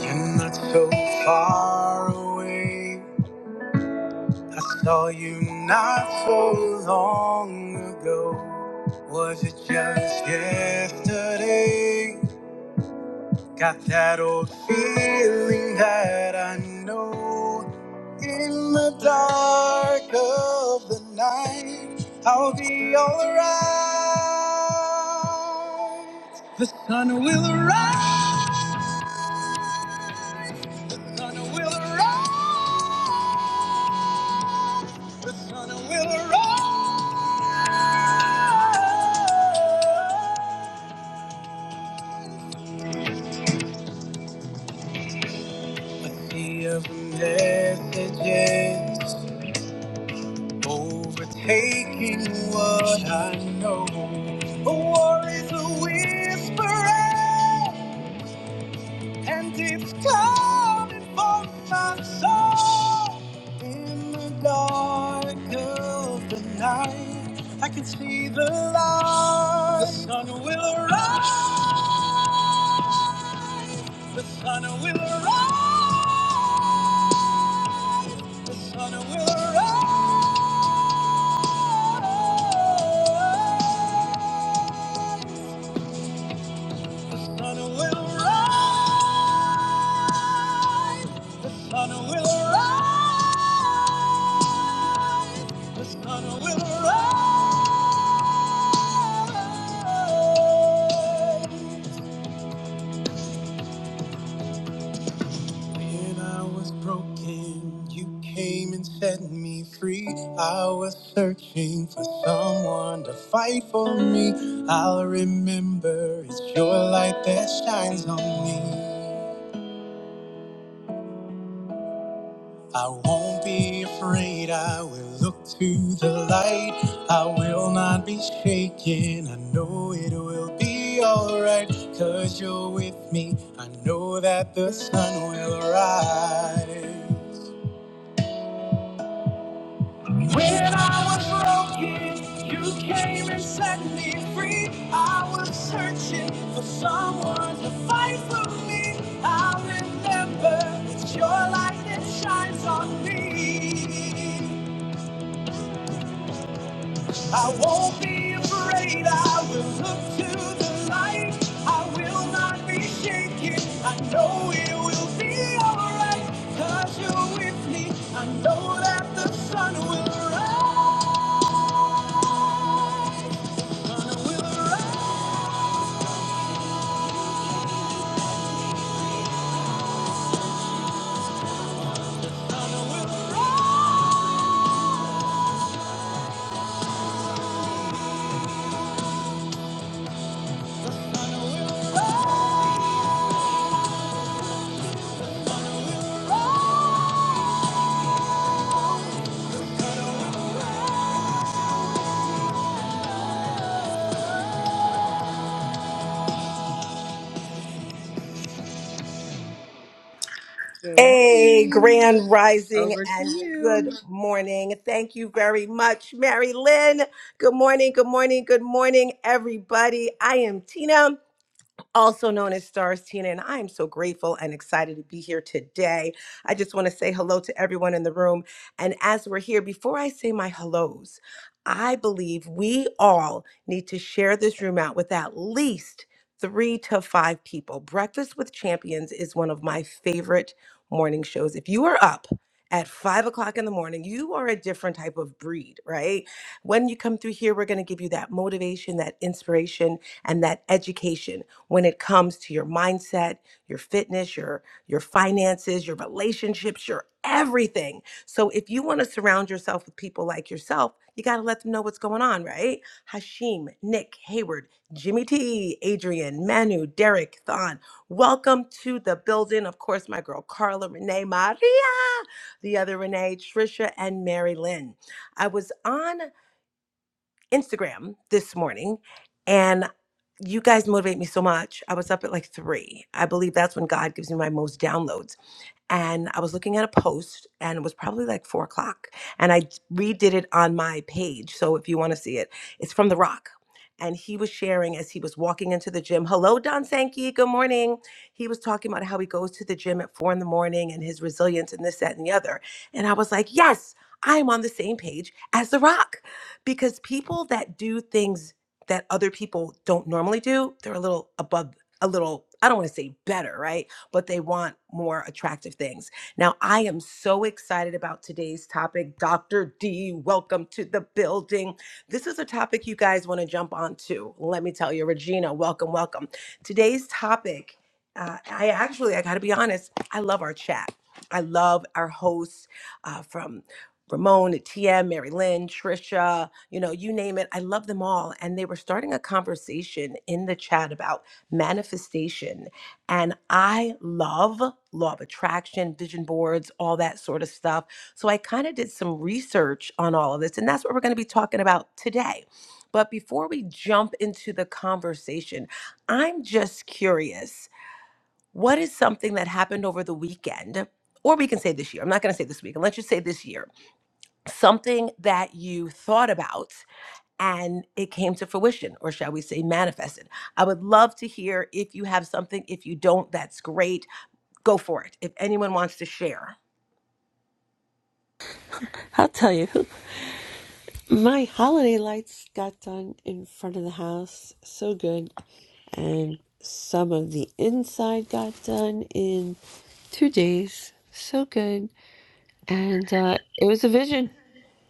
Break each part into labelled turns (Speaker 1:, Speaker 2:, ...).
Speaker 1: You're not so far away. I saw you not so long ago. Was it just yesterday? Got that old feeling that I know. In the dark of the night, I'll be alright. The sun will rise. sun will rise. Many of the messages overtaking what I know. A war is a whisper, and it's coming for my soul. In the dark of the night, I can see the light. The sun will rise. The sun will rise. The sun will rise. The sun will rise. The sun will rise. The sun will rise. When I was broken, you came and set me free. I was searching for someone to fight for me. I'll remember it's your light that shines on me. I won't be afraid. I will look to the light. I will not be shaken. I know it will be alright. Cause you're with me. I know that the sun will rise. When I was broken, you came and set me free. I was searching for someone to fight for me. I remember it's your light that shines on me. I won't be afraid. I will look to the light. I will not be shaken. I know it will be alright. you you're with me at the
Speaker 2: A grand rising and good morning. Thank you very much, Mary Lynn. Good morning, good morning, good morning, everybody. I am Tina also known as Stars Tina, and I am so grateful and excited to be here today. I just want to say hello to everyone in the room. And as we're here, before I say my hellos, I believe we all need to share this room out with at least three to five people. Breakfast with Champions is one of my favorite morning shows. If you are up, at five o'clock in the morning, you are a different type of breed, right? When you come through here, we're going to give you that motivation, that inspiration, and that education when it comes to your mindset, your fitness, your your finances, your relationships, your everything. So if you want to surround yourself with people like yourself, you got to let them know what's going on, right? Hashim, Nick, Hayward, Jimmy T, Adrian, Manu, Derek, Thon. Welcome to the building. Of course, my girl Carla, Renee, Maria, the other Renee, Trisha, and Mary Lynn. I was on. Instagram this morning and you guys motivate me so much. I was up at like three. I believe that's when God gives me my most downloads and I was looking at a post and it was probably like four o'clock. And I redid it on my page. So if you want to see it, it's from The Rock. And he was sharing as he was walking into the gym. Hello, Don Sankey. Good morning. He was talking about how he goes to the gym at four in the morning and his resilience and this, that, and the other. And I was like, yes, I am on the same page as The Rock because people that do things that other people don't normally do, they're a little above, a little, I don't want to say better, right? but they want more attractive things. Now, I am so excited about today's topic. Dr. D, welcome to the building. This is a topic you guys want to jump on to. Let me tell you, Regina, welcome, welcome. Today's topic, uh, I actually, I got to be honest, I love our chat. I love our hosts uh, from Ramon, TM, Mary Lynn, Trisha, you know, you name it. I love them all. And they were starting a conversation in the chat about manifestation and I love law of attraction, vision boards, all that sort of stuff. So I kind of did some research on all of this, and that's what we're going to be talking about today. But before we jump into the conversation, I'm just curious what is something that happened over the weekend? Or we can say this year. I'm not going to say this week. Let's just say this year. Something that you thought about and it came to fruition, or shall we say manifested. I would love to hear if you have something. If you don't, that's great go for it if anyone wants to share.
Speaker 3: I'll tell you, my holiday lights got done in front of the house. So good. And some of the inside got done in two days. So good. And uh, it was a vision.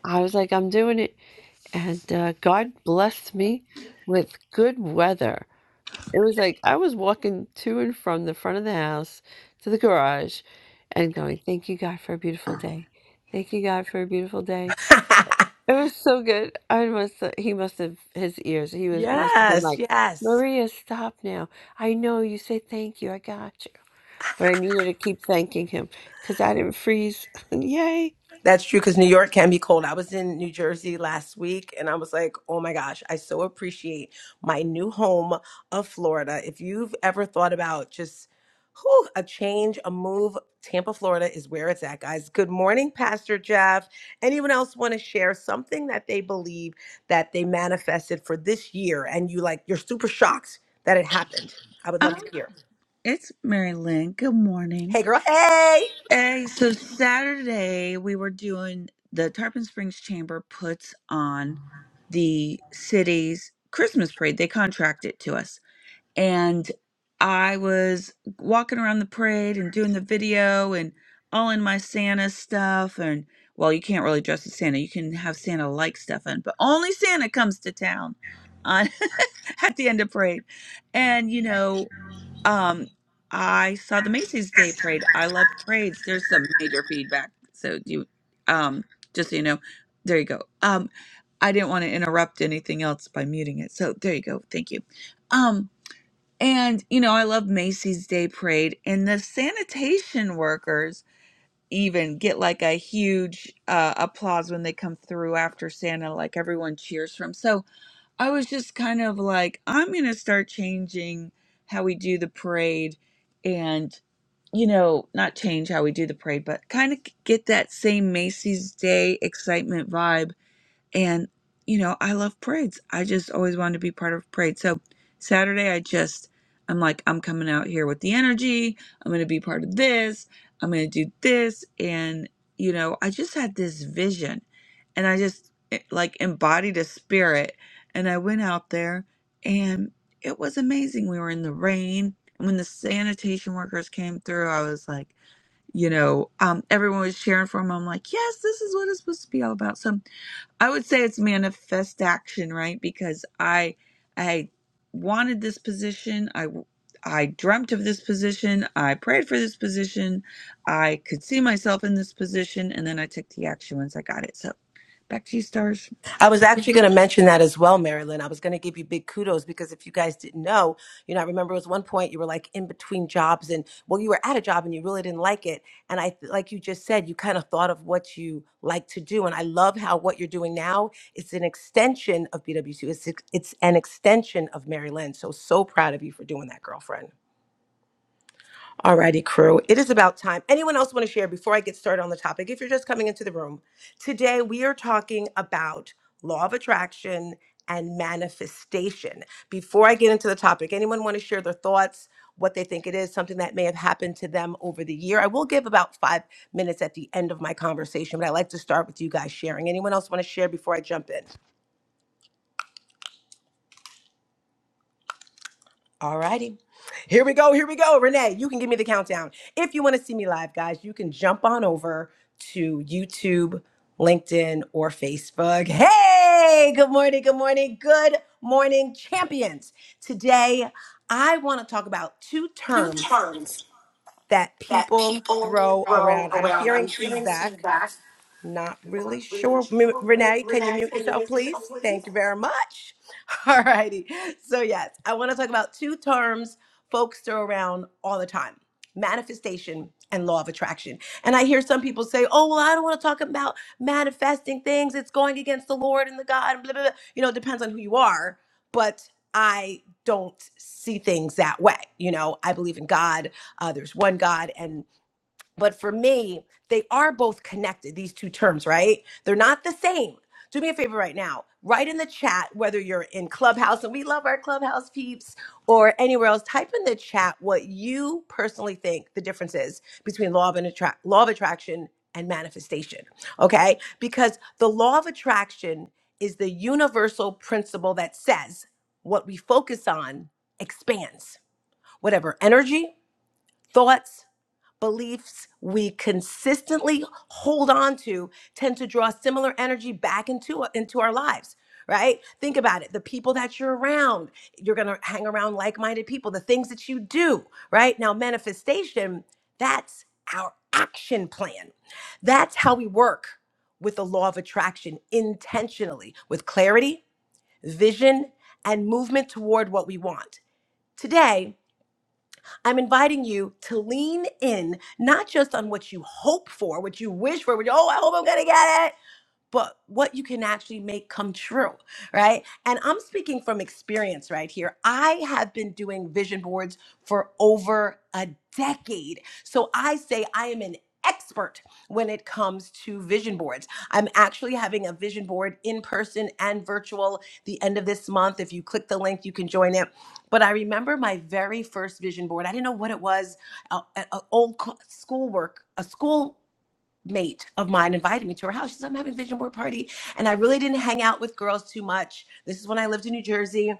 Speaker 3: I was like, I'm doing it. And uh, God blessed me with good weather. It was like I was walking to and from the front of the house to the garage and going, Thank you, God, for a beautiful day. Thank you, God, for a beautiful day. It was so good. I must he must have his ears. He was must have been
Speaker 2: yes,
Speaker 3: like,
Speaker 2: yes.
Speaker 3: Maria, stop now. I know you say thank you. I got you. But I needed to keep thanking him because I didn't freeze. Yay.
Speaker 2: That's true because New York can be cold. I was in New Jersey last week and I was like, oh my gosh, I so appreciate my new home of Florida. If you've ever thought about just whew, a change, a move, Tampa, Florida is where it's at, guys. Good morning, Pastor Jeff. Anyone else want to share something that they believe that they manifested for this year and you like, you're super shocked that it happened? I would love
Speaker 1: um,
Speaker 2: to hear.
Speaker 1: it's Mary Lynn. Good morning.
Speaker 2: Hey, girl. Hey.
Speaker 1: Hey, so Saturday we were doing the Tarpon Springs Chamber puts on the city's Christmas parade. They contract it to us. and I was walking around the parade and doing the video and all in my Santa stuff. And well, you can't really dress as Santa. You can have Santa like stuff in, but only Santa comes to town on at the end of parade. And you know, um, I saw the Macy's Day Parade. I love parades. There's some major feedback. So you, um, just so you know, there you go. Um, I didn't want to interrupt anything else by muting it. So there you go. Thank you. Um, and, you know, I love Macy's Day Parade, and the sanitation workers even get like a huge uh, applause when they come through after Santa, like everyone cheers for 'em. So I was just kind of like, I'm going to start changing how we do the parade and, you know, not change how we do the parade, but kind of get that same Macy's Day excitement vibe and, you know, I love parades. I just always wanted to be part of a parade. So Saturday, I just, I'm like, I'm coming out here with the energy. I'm going to be part of this. I'm going to do this. And, you know, I just had this vision and I just eh, like embodied a spirit. And I went out there and it was amazing. We were in the rain. And when the sanitation workers came through, I was like, you know, um, everyone was cheering for him. I'm like, yes, this is what it's supposed to be all about. So I would say it's manifest action, right? Because I I wanted this position. I I dreamt of this position. I prayed for this position. I could see myself in this position and then I took the action once I got it. So, back to you stars.
Speaker 2: I was actually going to mention that as well, Marilyn. I was going to give you big kudos because if you guys didn't know, you know, I remember it was one point you were like in between jobs and, well, you were at a job and you really didn't like it. And I, like you just said, you kind of thought of what you like to do. And I love how what you're doing now is an extension of BWC. It's, it's an extension of Marilyn. So, so proud of you for doing that, girlfriend. Alrighty, crew. It is about time. Anyone else want to share before I get started on the topic? If you're just coming into the room, today we are talking about law of attraction and manifestation. Before I get into the topic, anyone want to share their thoughts, what they think it is, something that may have happened to them over the year? I will give about five minutes at the end of my conversation, but I like to start with you guys sharing. Anyone else want to share before I jump in? All righty. Here we go. Here we go. Renee, you can give me the countdown. If you want to see me live, guys, you can jump on over to YouTube, LinkedIn, or Facebook. Hey, good morning. Good morning. Good morning, champions. Today, I want to talk about two
Speaker 4: two
Speaker 2: terms
Speaker 4: terms
Speaker 2: that
Speaker 4: that
Speaker 2: people
Speaker 4: people
Speaker 2: throw
Speaker 4: throw
Speaker 2: around. I'm
Speaker 4: around. I'm
Speaker 2: hearing
Speaker 4: hearing
Speaker 2: feedback.
Speaker 4: feedback.
Speaker 2: Not
Speaker 4: Not
Speaker 2: really
Speaker 4: really
Speaker 2: sure. M-
Speaker 4: sure.
Speaker 2: Renee, can you
Speaker 4: Renee,
Speaker 2: mute
Speaker 4: can you
Speaker 2: yourself,
Speaker 4: use the show,
Speaker 2: please?
Speaker 4: please?
Speaker 2: Thank you very much. All righty. So, yes, I want to talk about two terms folks throw around all the time manifestation and law of attraction. And I hear some people say, oh, well, I don't want to talk about manifesting things. It's going against the Lord and the God, and blah, blah, blah. You know, it depends on who you are. But I don't see things that way. You know, I believe in God. Uh, there's one God, but for me, they are both connected, these two terms, right? They're not the same. Do me a favor right now. Write in the chat whether you're in Clubhouse, and we love our Clubhouse peeps, or anywhere else. Type in the chat what you personally think the difference is between law of, an attract, law of attraction and manifestation, okay? Because the law of attraction is the universal principle that says what we focus on expands. Whatever energy, thoughts, beliefs we consistently hold on to tend to draw similar energy back into uh, into our lives right think about it the people that you're around you're going to hang around like-minded people the things that you do right now manifestation that's our action plan that's how we work with the law of attraction intentionally with clarity vision and movement toward what we want today I'm inviting you to lean in, not just on what you hope for, what you wish for, what you, oh, I hope I'm going to get it but what you can actually make come true, right? And I'm speaking from experience right here. I have been doing vision boards for over a decade. So I say I am an expert when it comes to vision boards. I'm actually having a vision board in person and virtual the end of this month. If you click the link, you can join it. But I remember my very first vision board. I didn't know what it was, an old co- schoolwork, a school mate of mine invited me to her house. She said, I'm having a vision board party. And I really didn't hang out with girls too much. This is when I lived in New Jersey,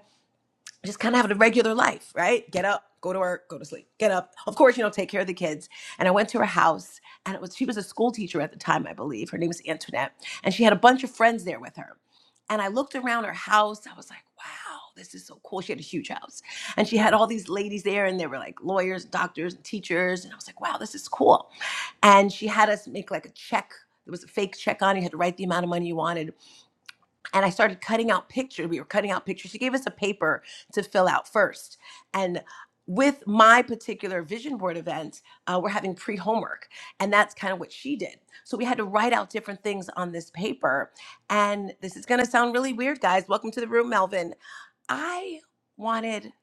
Speaker 2: just kind of having a regular life, right? Get up, go to work, go to sleep, get up. Of course, you know, take care of the kids. And I went to her house and it was, she was a school teacher at the time, I believe. Her name was Antoinette. And she had a bunch of friends there with her. And I looked around her house. I was like, wow, this is so cool. She had a huge house. And she had all these ladies there, and they were like lawyers, doctors, and teachers. And I was like, wow, this is cool and she had us make like a check there was a fake check on it. you had to write the amount of money you wanted and i started cutting out pictures we were cutting out pictures she gave us a paper to fill out first and with my particular vision board event uh, we're having pre-homework and that's kind of what she did so we had to write out different things on this paper and this is going to sound really weird guys welcome to the room melvin i wanted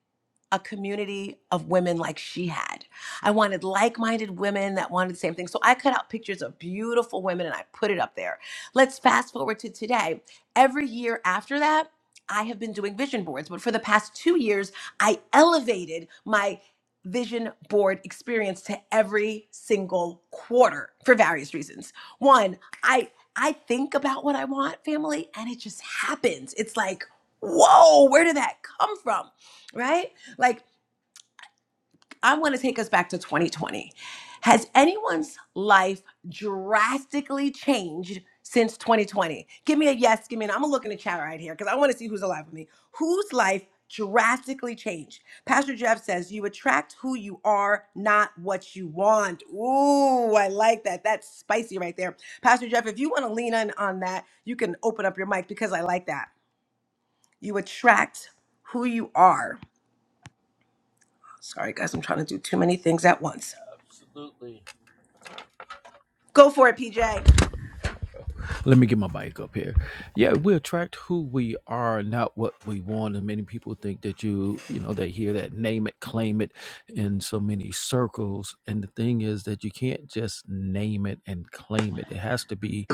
Speaker 2: a community of women like she had. I wanted like minded women that wanted the same thing. So I cut out pictures of beautiful women and I put it up there. Let's fast forward to today. Every year after that, I have been doing vision boards, but for the past two years, I elevated my vision board experience to every single quarter for various reasons. One, I I think about what I want, family, and it just happens. It's like, whoa, where did that come from? Right? Like, I want to take us back to 2020. Has anyone's life drastically changed since 2020? Give me a yes, give me an. I'm gonna look in the chat right here because I want to see who's alive with me. Whose life drastically changed? Pastor Jeff says, You attract who you are, not what you want. Ooh, I like that. That's spicy right there. Pastor Jeff, if you want to lean in on that, you can open up your mic because I like that. You attract who you are. Sorry, guys, I'm trying to do too many things at once. Go for it, PJ.
Speaker 5: Let me get my bike up here. Yeah, we attract who we are, not what we want. And many people think that you, you know, they hear that name it, claim it in so many circles. And the thing is that you can't just name it and claim it. It has to be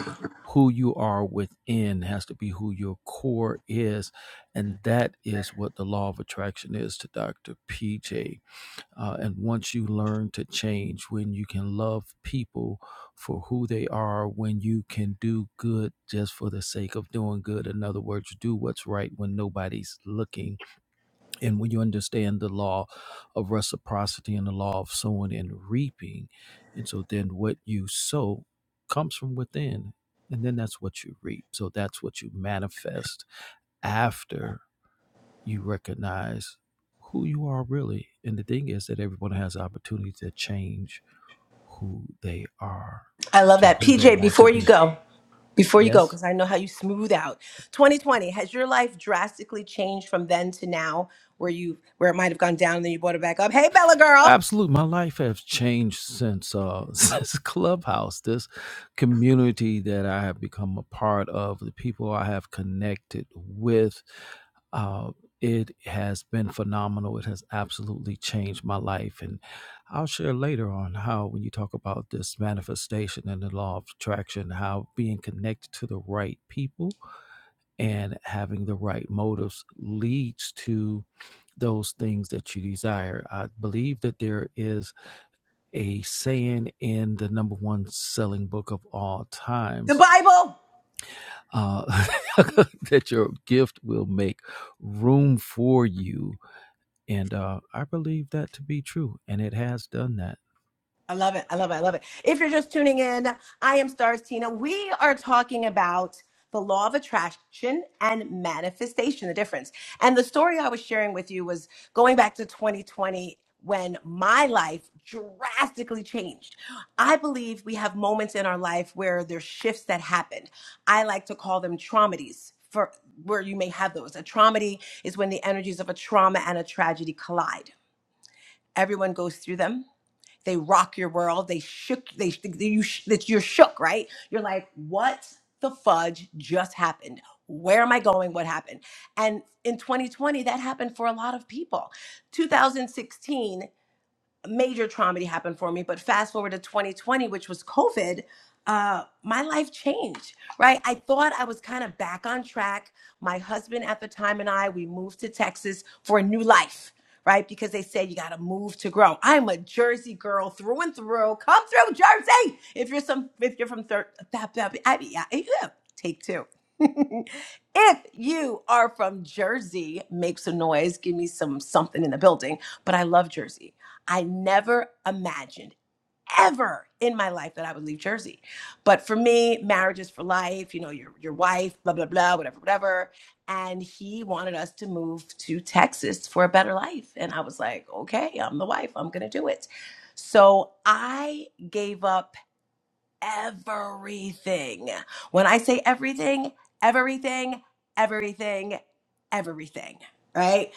Speaker 5: who you are within, has to be who your core is. And that is what the law of attraction is to Dr. PJ. Uh, and once you learn to change, when you can love people for who they are, when you can do good just for the sake of doing good, in other words, do what's right when nobody's looking, and when you understand the law of reciprocity and the law of sowing and reaping, and so then what you sow comes from within, and then that's what you reap. So that's what you manifest after you recognize who you are really. And the thing is that everyone has the opportunity to change who they are
Speaker 2: I love
Speaker 5: to
Speaker 2: that.
Speaker 5: who they
Speaker 2: PJ,
Speaker 5: want to
Speaker 2: before you
Speaker 5: be.
Speaker 2: go, before you go,
Speaker 5: Yes?
Speaker 2: because I know how you smooth out. 2020, has your life drastically changed from then to now where you where it might have gone down and then you brought it back up? Hey, Bella girl,
Speaker 5: Absolutely, my life has changed since uh since Clubhouse. This community that I have become a part of, the people I have connected with, uh, it has been phenomenal. It has absolutely changed my life, and I'll share later on how when you talk about this manifestation and the law of attraction, how being connected to the right people and having the right motives leads to those things that you desire. I believe that there is a saying in the number one selling book of all
Speaker 2: the
Speaker 5: times
Speaker 2: Bible.
Speaker 5: uh, that your gift will make room for you. And uh, I believe that to be true. And it has done that.
Speaker 2: I love it. I love it. I love it. If you're just tuning in, I am Stars Tina. We are talking about the law of attraction and manifestation, the difference. And the story I was sharing with you was going back to 2020 when my life drastically changed. I believe we have moments in our life where there's shifts that happen. I like to call them traumatides. For where you may have those. A traumedy is when the energies of a trauma and a tragedy collide. Everyone goes through them they rock your world. They shook. They they you that you're shook, right? You're like, what the fudge just happened? Where am I going? What happened? And in 2020, that happened for a lot of people. 2016 major trauma that happened for me. But fast forward to 2020, which was COVID, uh, my life changed, right? I thought I was kind of back on track. My husband at the time and I, we moved to Texas for a new life, right? Because they said you got to move to grow. I'm a Jersey girl through and through. Come through, Jersey. If you're some, if you're from third, yeah, yeah, yeah, take two. if you are from Jersey, make some noise. Give me some something in the building. But I love Jersey. I never imagined ever in my life that I would leave Jersey. But for me, marriage is for life, you know, your your wife, blah, blah, blah, whatever, whatever. And he wanted us to move to Texas for a better life. And I was like, okay, I'm the wife. I'm gonna do it. So I gave up everything. When I say everything, everything, everything, everything, right?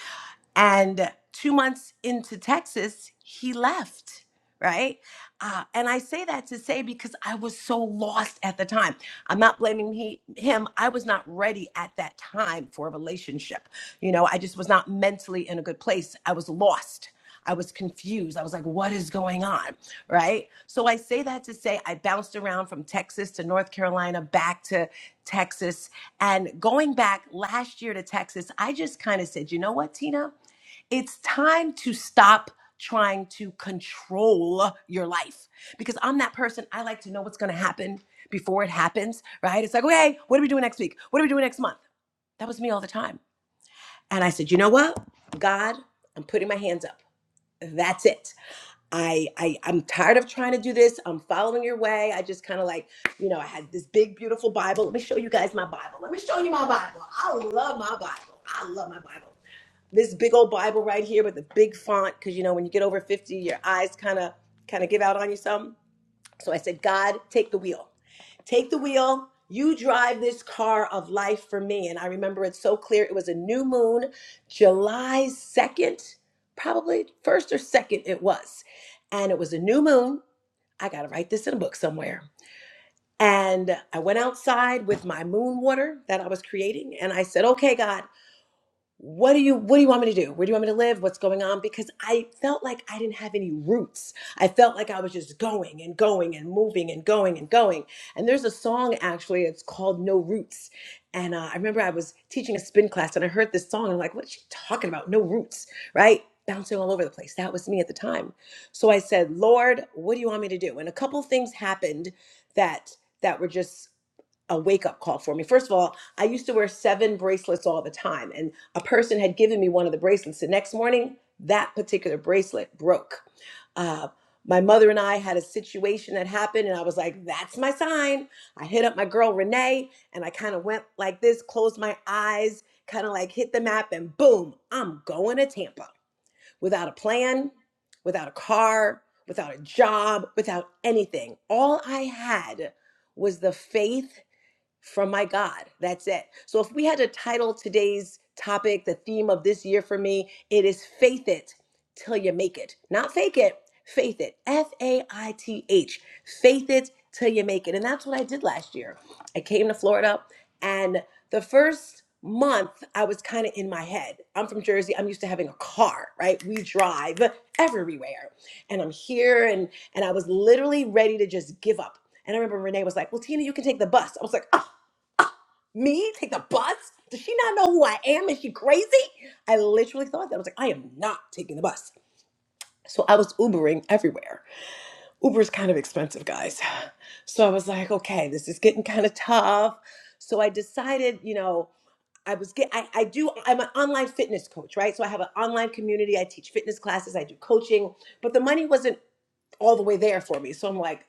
Speaker 2: And two months into Texas, he left, right? Uh, and I say that to say because I was so lost at the time. I'm not blaming he, him. I was not ready at that time for a relationship. You know, I just was not mentally in a good place. I was lost. I was confused. I was like, what is going on? Right. So I say that to say I bounced around from Texas to North Carolina, back to Texas. And going back last year to Texas, I just kind of said, you know what, Tina? it's time to stop trying to control your life because I'm that person. I like to know what's going to happen before it happens, right? It's like, okay, what are we doing next week? What are we doing next month? That was me all the time. And I said, you know what, God, I'm putting my hands up. That's it. I, I I'm tired of trying to do this. I'm following your way. I just kind of like, you know, I had this big beautiful Bible. Let me show you guys my Bible. Let me show you my Bible. I love my Bible. I love my Bible this big old Bible right here with the big font, because you know when you get over 50, your eyes kind of kind of give out on you some. So I said, God, take the wheel. Take the wheel. You drive this car of life for me. And I remember it so clear. It was a new moon, July 2nd, probably first or second it was. And it was a new moon. I gotta write this in a book somewhere. And I went outside with my moon water that I was creating, and I said, Okay, God what do you what do you want me to do where do you want me to live what's going on because i felt like i didn't have any roots i felt like i was just going and going and moving and going and going and there's a song actually it's called no roots and uh, i remember i was teaching a spin class and i heard this song and i'm like what's she talking about no roots right bouncing all over the place that was me at the time so i said lord what do you want me to do and a couple things happened that that were just a wake up call for me. First of all, I used to wear seven bracelets all the time. and a person had given me one of the bracelets. The next morning, that particular bracelet broke. Uh, my mother and I had a situation that happened, and I was like, that's my sign. I hit up my girl Renee, and I kind of went like this, closed my eyes, kind of like hit the map, and boom, I'm going to Tampa without a plan, without a car, without a job, without anything. All I had was the faith from my God. That's it. So if we had to title today's topic, the theme of this year for me, it is faith it till you make it. Not fake it, faith it. F A I T H. Faith it till you make it. And that's what I did last year. I came to Florida and the first month I was kind of in my head. I'm from Jersey. I'm used to having a car, right? We drive everywhere. And I'm here and and I was literally ready to just give up. And I remember Renee was like, Well, Tina, you can take the bus. I was like, Me? Take the bus? Does she not know who I am? Is she crazy? I literally thought that. I was like, I am not taking the bus. So I was Ubering everywhere. Uber is kind of expensive, guys. So I was like, okay, this is getting kind of tough. So I decided, you know, I was get I, I do I'm an online fitness coach, right? So I have an online community. I teach fitness classes, I do coaching, but the money wasn't all the way there for me. So I'm like,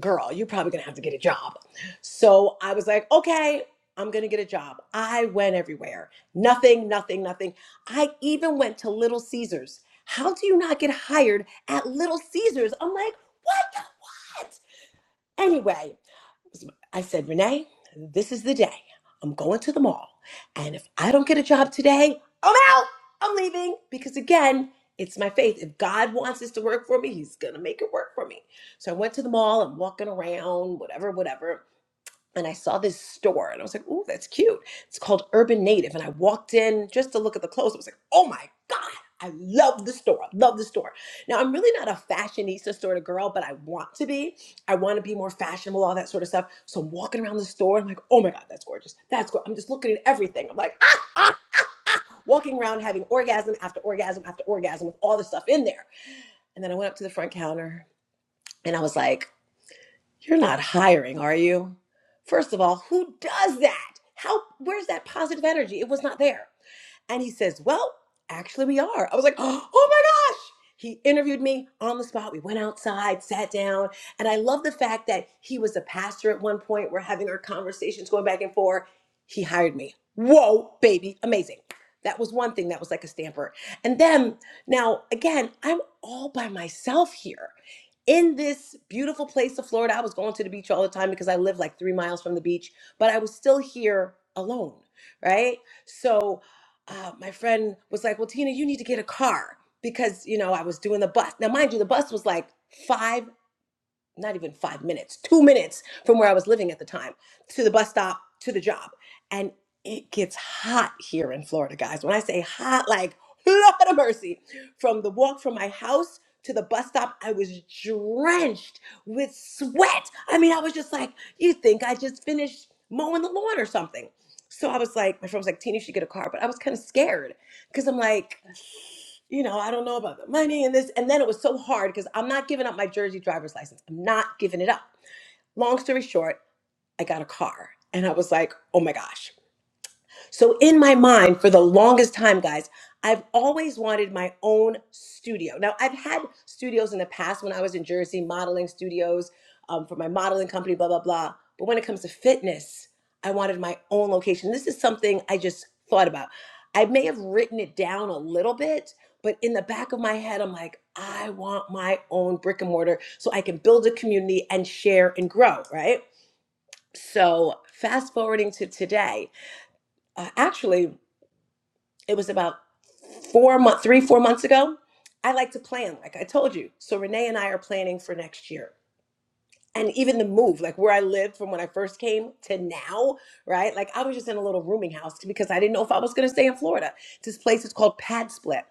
Speaker 2: girl, you're probably gonna have to get a job. So I was like, okay, I'm gonna get a job. I went everywhere. Nothing, nothing, nothing. I even went to Little Caesars. How do you not get hired at Little Caesars? I'm like, what the what? Anyway, I said, Renee, this is the day. I'm going to the mall. And if I don't get a job today, I'm out. I'm leaving. Because again, it's my faith. If God wants this to work for me, He's going to make it work for me. So I went to the mall. I'm walking around, whatever, whatever and I saw this store and I was like, "Ooh, that's cute." It's called Urban Native, and I walked in just to look at the clothes. I was like, "Oh my god, I love the store! I love the store." Now I'm really not a fashionista sort of girl, but I want to be. I want to be more fashionable, all that sort of stuff. So I'm walking around the store. I'm like, "Oh my god, that's gorgeous! That's gorgeous!" I'm just looking at everything. I'm like, ah, ah. Walking around having orgasm after orgasm after orgasm with all the stuff in there. And then I went up to the front counter and I was like. You're not hiring, are you? First of all, who does that? How where's that positive energy? It was not there. And he says, Well, actually, we are. I was like, Oh my gosh. He interviewed me on the spot. We went outside, sat down. And I love the fact that he was a pastor at one point. We're having our conversations going back and forth. He hired me. Whoa, baby, amazing. That was one thing that was like a stamper. And then now, again, I'm all by myself here in this beautiful place of Florida. I was going to the beach all the time because I live like three miles from the beach, but I was still here alone, right? So uh, my friend was like, "Well, Tina, you need to get a car because you know I was doing the bus. Now, mind you, the bus was like five not even five minutes, two minutes from where I was living at the time to the bus stop to the job. And it gets hot here in Florida, guys. When I say hot, like, Lord of mercy. From the walk from my house to the bus stop, I was drenched with sweat. I mean, I was just like, you think I just finished mowing the lawn or something. So I was like, my friend was like, Tina, you should get a car. But I was kind of scared because I'm like, you know, I don't know about the money and this. And then it was so hard because I'm not giving up my Jersey driver's license. I'm not giving it up. Long story short, I got a car and I was like, oh my gosh. So in my mind, for the longest time, guys, I've always wanted my own studio. Now I've had studios in the past when I was in Jersey, modeling studios um, for my modeling company, blah blah blah. But when it comes to fitness, I wanted my own location. This is something I just thought about. I may have written it down a little bit, but in the back of my head, I'm like, I want my own brick and mortar so I can build a community and share and grow, right? So fast forwarding to today, uh, actually it was about four month three four months ago i like to plan like i told you so renee and i are planning for next year and even the move like where i lived from when i first came to now right like i was just in a little rooming house because i didn't know if i was going to stay in florida this place is called pad split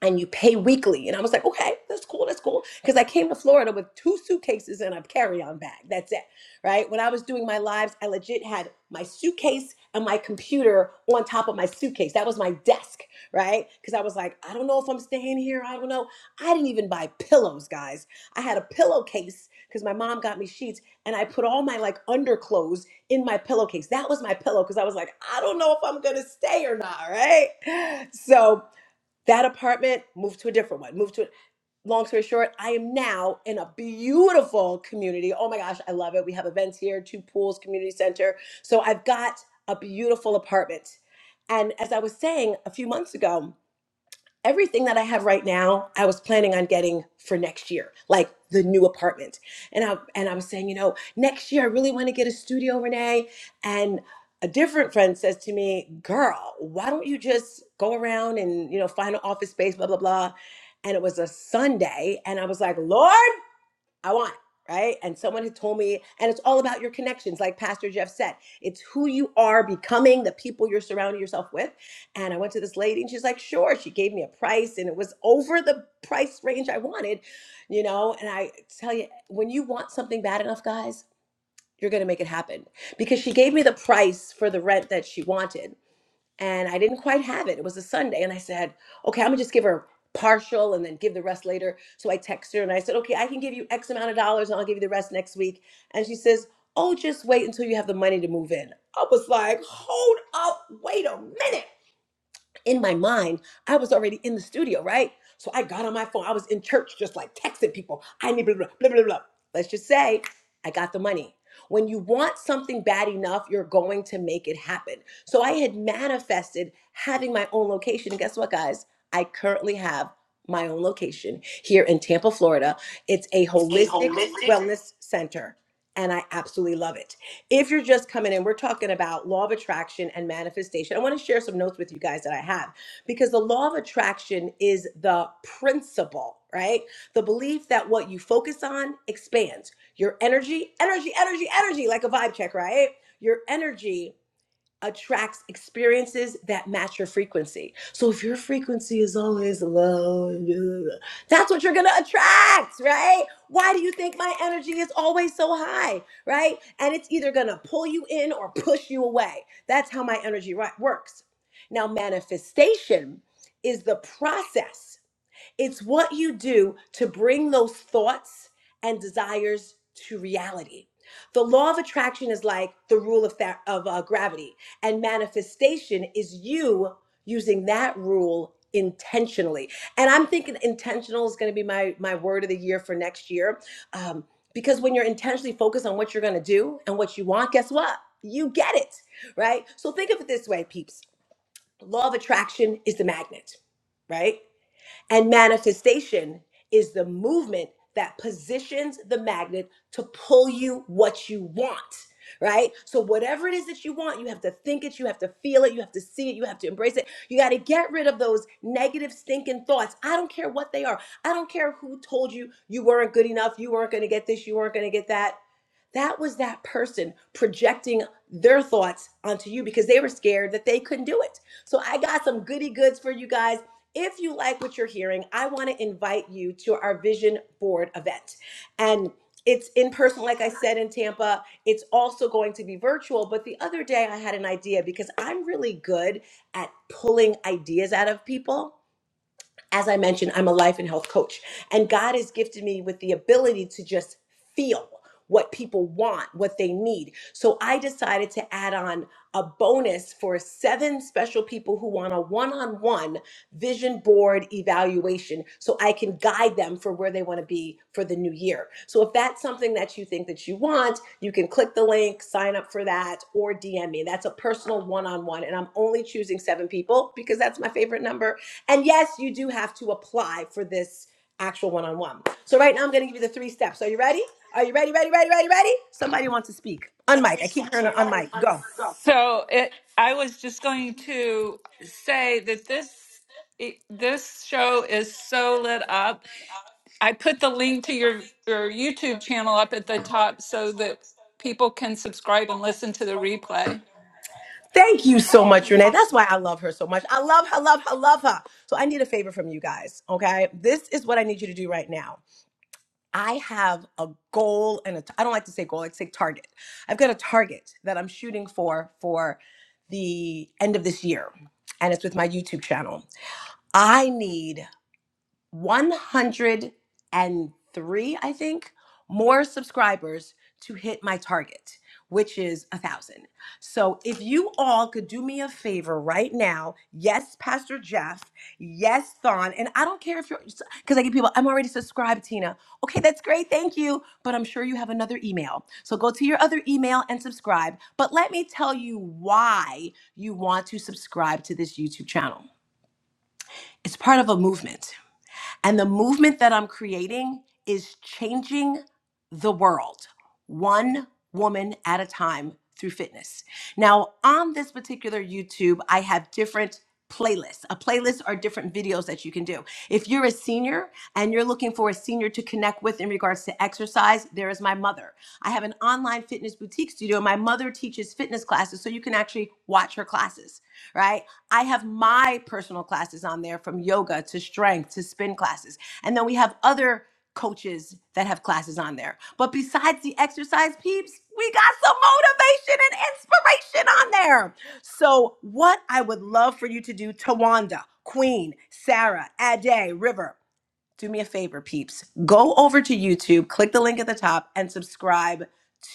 Speaker 2: and you pay weekly. And I was like, okay, that's cool, that's cool. Because I came to Florida with two suitcases and a carry on bag. That's it, right? When I was doing my lives, I legit had my suitcase and my computer on top of my suitcase. That was my desk, right? Because I was like, I don't know if I'm staying here. I don't know. I didn't even buy pillows, guys. I had a pillowcase because my mom got me sheets and I put all my like underclothes in my pillowcase. That was my pillow because I was like, I don't know if I'm going to stay or not, right? So, that apartment moved to a different one moved to it. long story short i am now in a beautiful community oh my gosh i love it we have events here two pools community center so i've got a beautiful apartment and as i was saying a few months ago everything that I have right now, I was planning on getting for next year, like the new apartment. And I and I was saying, you know, next year I really want to get a studio, Renee. And a different friend says to me, "Girl, why don't you just go around and you know find an office space, blah blah blah." And it was a Sunday, and I was like, "Lord." I want, right? And someone had told me, and it's all about your connections, like Pastor Jeff said. It's who you are becoming, the people you're surrounding yourself with. And I went to this lady and she's like, sure. She gave me a price and it was over the price range I wanted, you know? And I tell you, when you want something bad enough, guys, you're going to make it happen because she gave me the price for the rent that she wanted and I didn't quite have it. It was a Sunday, and I said, okay, I'm gonna just give her partial and then give the rest later. So I texted her and I said, okay, I can give you X amount of dollars and I'll give you the rest next week. And she says, oh, just wait until you have the money to move in. I was like, hold up, wait a minute in my mind, I was already in the studio, right? So I got on my phone. I was in church just like texting people. I need blah, blah, blah, blah, blah. Let's just say I got the money. When you want something bad enough, you're going to make it happen. So I had manifested having my own location. And guess what, guys? I currently have my own location here in Tampa, Florida. It's a
Speaker 4: It's a
Speaker 2: holistic
Speaker 4: holistic.
Speaker 2: wellness center, and I absolutely love it. If you're just coming in, we're talking about law of attraction and manifestation. I want to share some notes with you guys that I have because the law of attraction is the principle, right? The belief that what you focus on expands your energy, energy, energy, energy, like a vibe check, right? Your energy attracts experiences that match your frequency. So if your frequency is always low, that's what you're going to attract, right? Why do you think my energy is always so high, right? And it's either going to pull you in or push you away. That's how my energy ri- works. Now, manifestation is the process it's what you do to bring those thoughts and desires to reality. The law of attraction is like the rule of, fa- of uh, gravity, and manifestation is you using that rule intentionally. And I'm thinking intentional is going to be my my word of the year for next year, um, because when you're intentionally focused on what you're going to do and what you want, guess what? You get it, right? So think of it this way, peeps. Law of attraction is the magnet, right? And manifestation is the movement that positions the magnet to pull you what you want, right? So, whatever it is that you want, you have to think it, you have to feel it, you have to see it, you have to embrace it. You got to get rid of those negative, stinking thoughts. I don't care what they are. I don't care who told you you weren't good enough, you weren't going to get this, you weren't going to get that that was that person projecting their thoughts onto you because they were scared that they couldn't do it. So I got some goody goods for you guys. If you like what you're hearing, I want to invite you to our vision board event. And it's in person, like I said, in Tampa. It's also going to be virtual. But the other day I had an idea because I'm really good at pulling ideas out of people as I mentioned, I'm a life and health coach, and God has gifted me with the ability to just feel what people want, what they need. So I decided to add on a bonus for seven special people who want a one on one vision board evaluation so I can guide them for where they want to be for the new year. So if that's something that you think that you want, you can click the link, sign up for that, or DM me. That's a personal one on one. And I'm only choosing seven people because that's my favorite number and yes, you do have to apply for this actual one on one. So right now I'm going to give you the three steps. Are you ready? Are you ready, ready, ready, ready, ready? Somebody wants to speak.
Speaker 4: The
Speaker 2: Unmic.
Speaker 4: three
Speaker 2: I keep
Speaker 4: steps.
Speaker 2: hearing
Speaker 4: Are you
Speaker 2: on
Speaker 4: ready?
Speaker 2: mic.
Speaker 4: I'm ready.
Speaker 2: Go.
Speaker 4: Go. So it, I was just going to say that this it, this show is so lit up. I put the link to your your YouTube channel up at the top so that people can subscribe and listen to the replay.
Speaker 2: Thank you so
Speaker 4: Thank
Speaker 2: much,
Speaker 4: you.
Speaker 2: Renee. That's why I love her so much. I love her, love her, love her. So I need a favor from you guys, okay? This is what I need you to do right now. I have a goal and a. t- I don't like to say goal, I like to say target. I've got a target that I'm shooting for for the end of this year, and it's with my YouTube channel. I need 103, I think, more subscribers to hit my target, which is a thousand. So if you all could do me a favor right now, yes, Pastor Jeff, yes, Thon, and I don't care if you're because I get people, I'm already subscribed, Tina. Okay, that's great, thank you. But I'm sure you have another email. So go to your other email and subscribe. But let me tell you why you want to subscribe to this YouTube channel. It's part of a movement. And the movement that I'm creating is changing the world one woman at a time through fitness. Now, on this particular YouTube, I have different playlists. A playlist are different videos that you can do. If you're a senior and you're looking for a senior to connect with in regards to exercise, there is my mother. I have an online fitness boutique studio. My mother teaches fitness classes, so you can actually watch her classes, right? I have my personal classes on there from yoga to strength to spin classes. And then we have other coaches that have classes on there. But besides the exercise peeps, we got some motivation and inspiration on there. So, what I would love for you to do, Tawanda, Queen, Sarah, Ade, River, do me a favor, peeps. Go over to YouTube, click the link at the top, and subscribe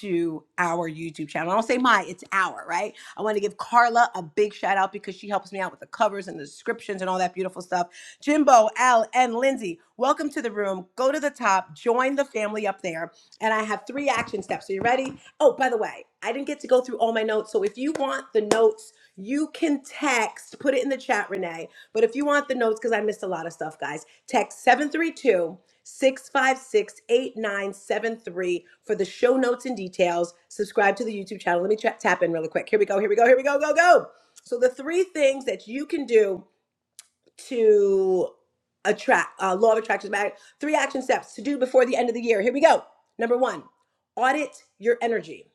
Speaker 2: to our YouTube channel. I don't say my, it's our, right? I want to give Carla a big shout out because she helps me out with the covers and the descriptions and all that beautiful stuff. Jimbo, Al, and Lindsay, welcome to the room. Go to the top, join the family up there. And I have three action steps. Are you ready? Oh, by the way, I didn't get to go through all my notes. So if you want the notes, you can text, put it in the chat, Renee but if you want the notes, because I missed a lot of stuff, guys, text 732 656 8973 for the show notes and details. Subscribe to the YouTube channel. Let me tra- tap in really quick. Here we go. Here we go. Here we go. Go, go. So, the three things that you can do to attract, uh, law of attraction, matter- three action steps to do before the end of the year. Here we go. Number one, audit your energy.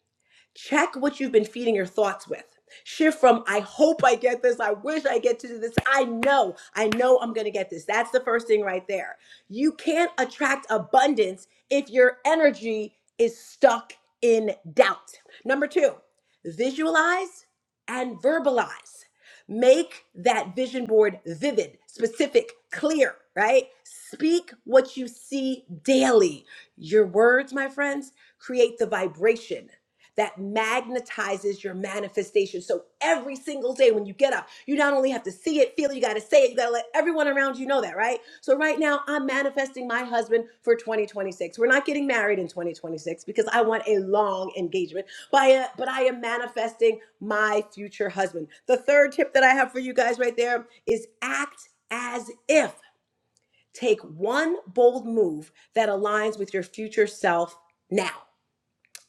Speaker 2: Check what you've been feeding your thoughts with. Shift from I hope I get this, I wish I get to do this, I know, I know I'm gonna get this. That's the first thing right there. You can't attract abundance if your energy is stuck in doubt. Number two, visualize and verbalize. Make that vision board vivid, specific, clear, right? Speak what you see daily. Your words, my friends, create the vibration that magnetizes your manifestation. So every single day when you get up, you not only have to see it, feel it, you got to say it, you got to let everyone around you know that, right? So right now, I'm manifesting my husband for 2026. We're not getting married in 2026 because I want a long engagement, but I, but I am manifesting my future husband. The third tip that I have for you guys right there is act as if. Take one bold move that aligns with your future self now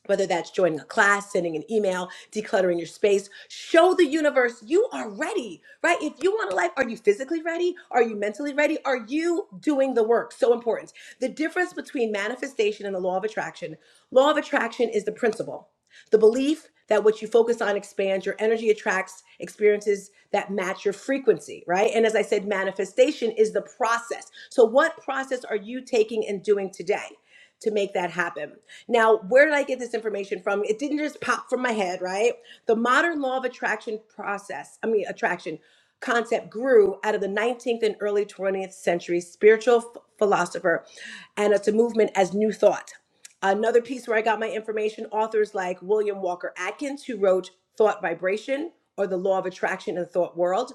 Speaker 2: whether that's joining a class, sending an email, decluttering your space, show the universe you are ready, right? If you want a life, are you physically ready? Are you mentally ready? Are you doing the work? So important. The difference between manifestation and the law of attraction law of attraction is the principle. The belief that what you focus on expands, your energy attracts experiences that match your frequency, right? And as I said, manifestation is the process. So, what process are you taking and doing today? To make that happen. Now, where did I get this information from? It didn't just pop from my head, right? The modern law of attraction process, I mean, attraction concept grew out of the 19th and early 20th century spiritual ph- philosopher and it's a movement as new thought another piece where I got my information, authors like William Walker Atkins, who wrote Thought Vibration or The Law of Attraction in the Thought World.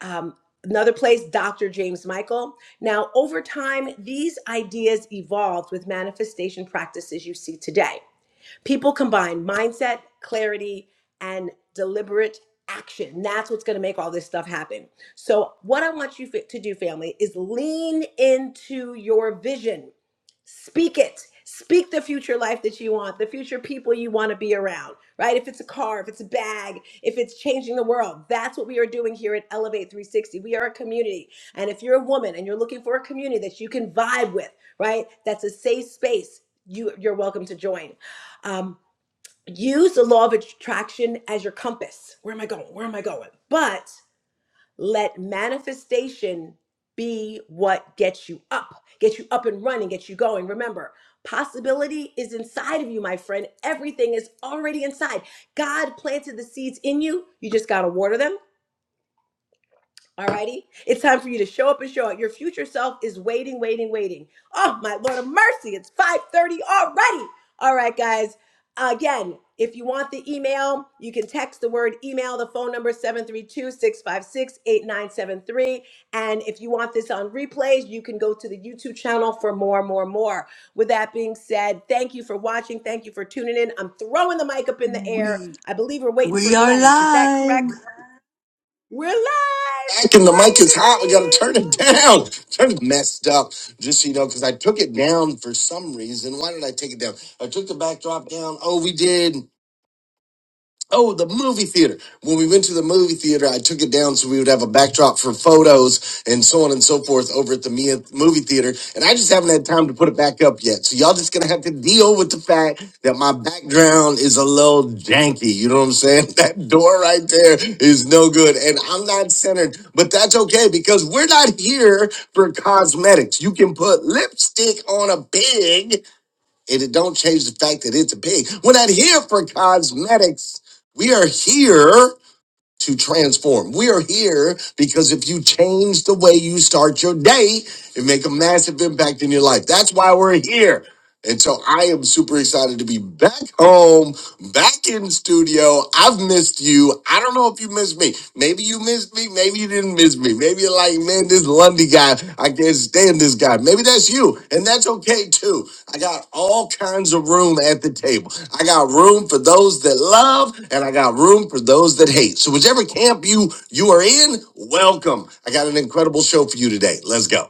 Speaker 2: Um, another place, Dr. James Michael. Now, over time, these ideas evolved with manifestation practices you see today. People combine mindset, clarity, and deliberate action. That's what's going to make all this stuff happen. So, what I want you to do, family, is lean into your vision Speak it. Speak the future life that you want, the future people you want to be around, right? If it's a car, if it's a bag, if it's changing the world, that's what we are doing here at Elevate 360. We are a community. And if you're a woman and you're looking for a community that you can vibe with, right? That's a safe space, you, you're welcome to join. Um, use the law of attraction as your compass. Where am I going? Where am I going? But let manifestation be what gets you up, gets you up and running, gets you going. Remember, possibility is inside of you, my friend. Everything is already inside. God planted the seeds in you. You just got to water them Alrighty? It's time for you to show up and show out. Your future self is waiting, waiting, waiting. Oh, my Lord of mercy. It's 5.30 already. All right, guys. Again, if you want the email, you can text the word email, the phone number seven three two six five six eight nine seven three. And if you want this on replays, you can go to the YouTube channel for more, more, more. With that being said, thank you for watching. Thank you for tuning in. I'm throwing the mic up in the air.
Speaker 6: We
Speaker 2: I believe we're waiting for
Speaker 6: we are
Speaker 2: Glenn. Is that
Speaker 6: live.
Speaker 2: correct? We're live.
Speaker 6: back and the mic
Speaker 2: Bye,
Speaker 6: is hot. We got to turn
Speaker 2: everybody.
Speaker 6: it down. Turn it messed up. Just so you know, because I took it down for some reason. Why did I take it down? I took the backdrop down. Oh, we did. Oh, the movie theater. When we went to the movie theater, I took it down so we would have a backdrop for photos and so on and so forth over at the Mia movie theater. And I just haven't had time to put it back up yet. So y'all just gonna have to deal with the fact that my background is a little janky. You know what I'm saying? That door right there is no good. And I'm not centered, but that's okay because we're not here for cosmetics. You can put lipstick on a pig and it don't change the fact that it's a pig. We're not here for cosmetics. We are here to transform. We are here because if you change the way you start your day, it make a massive impact in your life. That's why we're here. And so I am super excited to be back home, back in studio. I've missed you. I don't know if you missed me. Maybe you missed me. Maybe you didn't miss me. Maybe you're like, man, this Lundy guy, I can't stand this guy. Maybe that's you, and that's okay too. I got all kinds of room at the table. I got room for those that love, and I got room for those that hate. So whichever camp you you are in, welcome. I got an incredible show for you today. Let's go.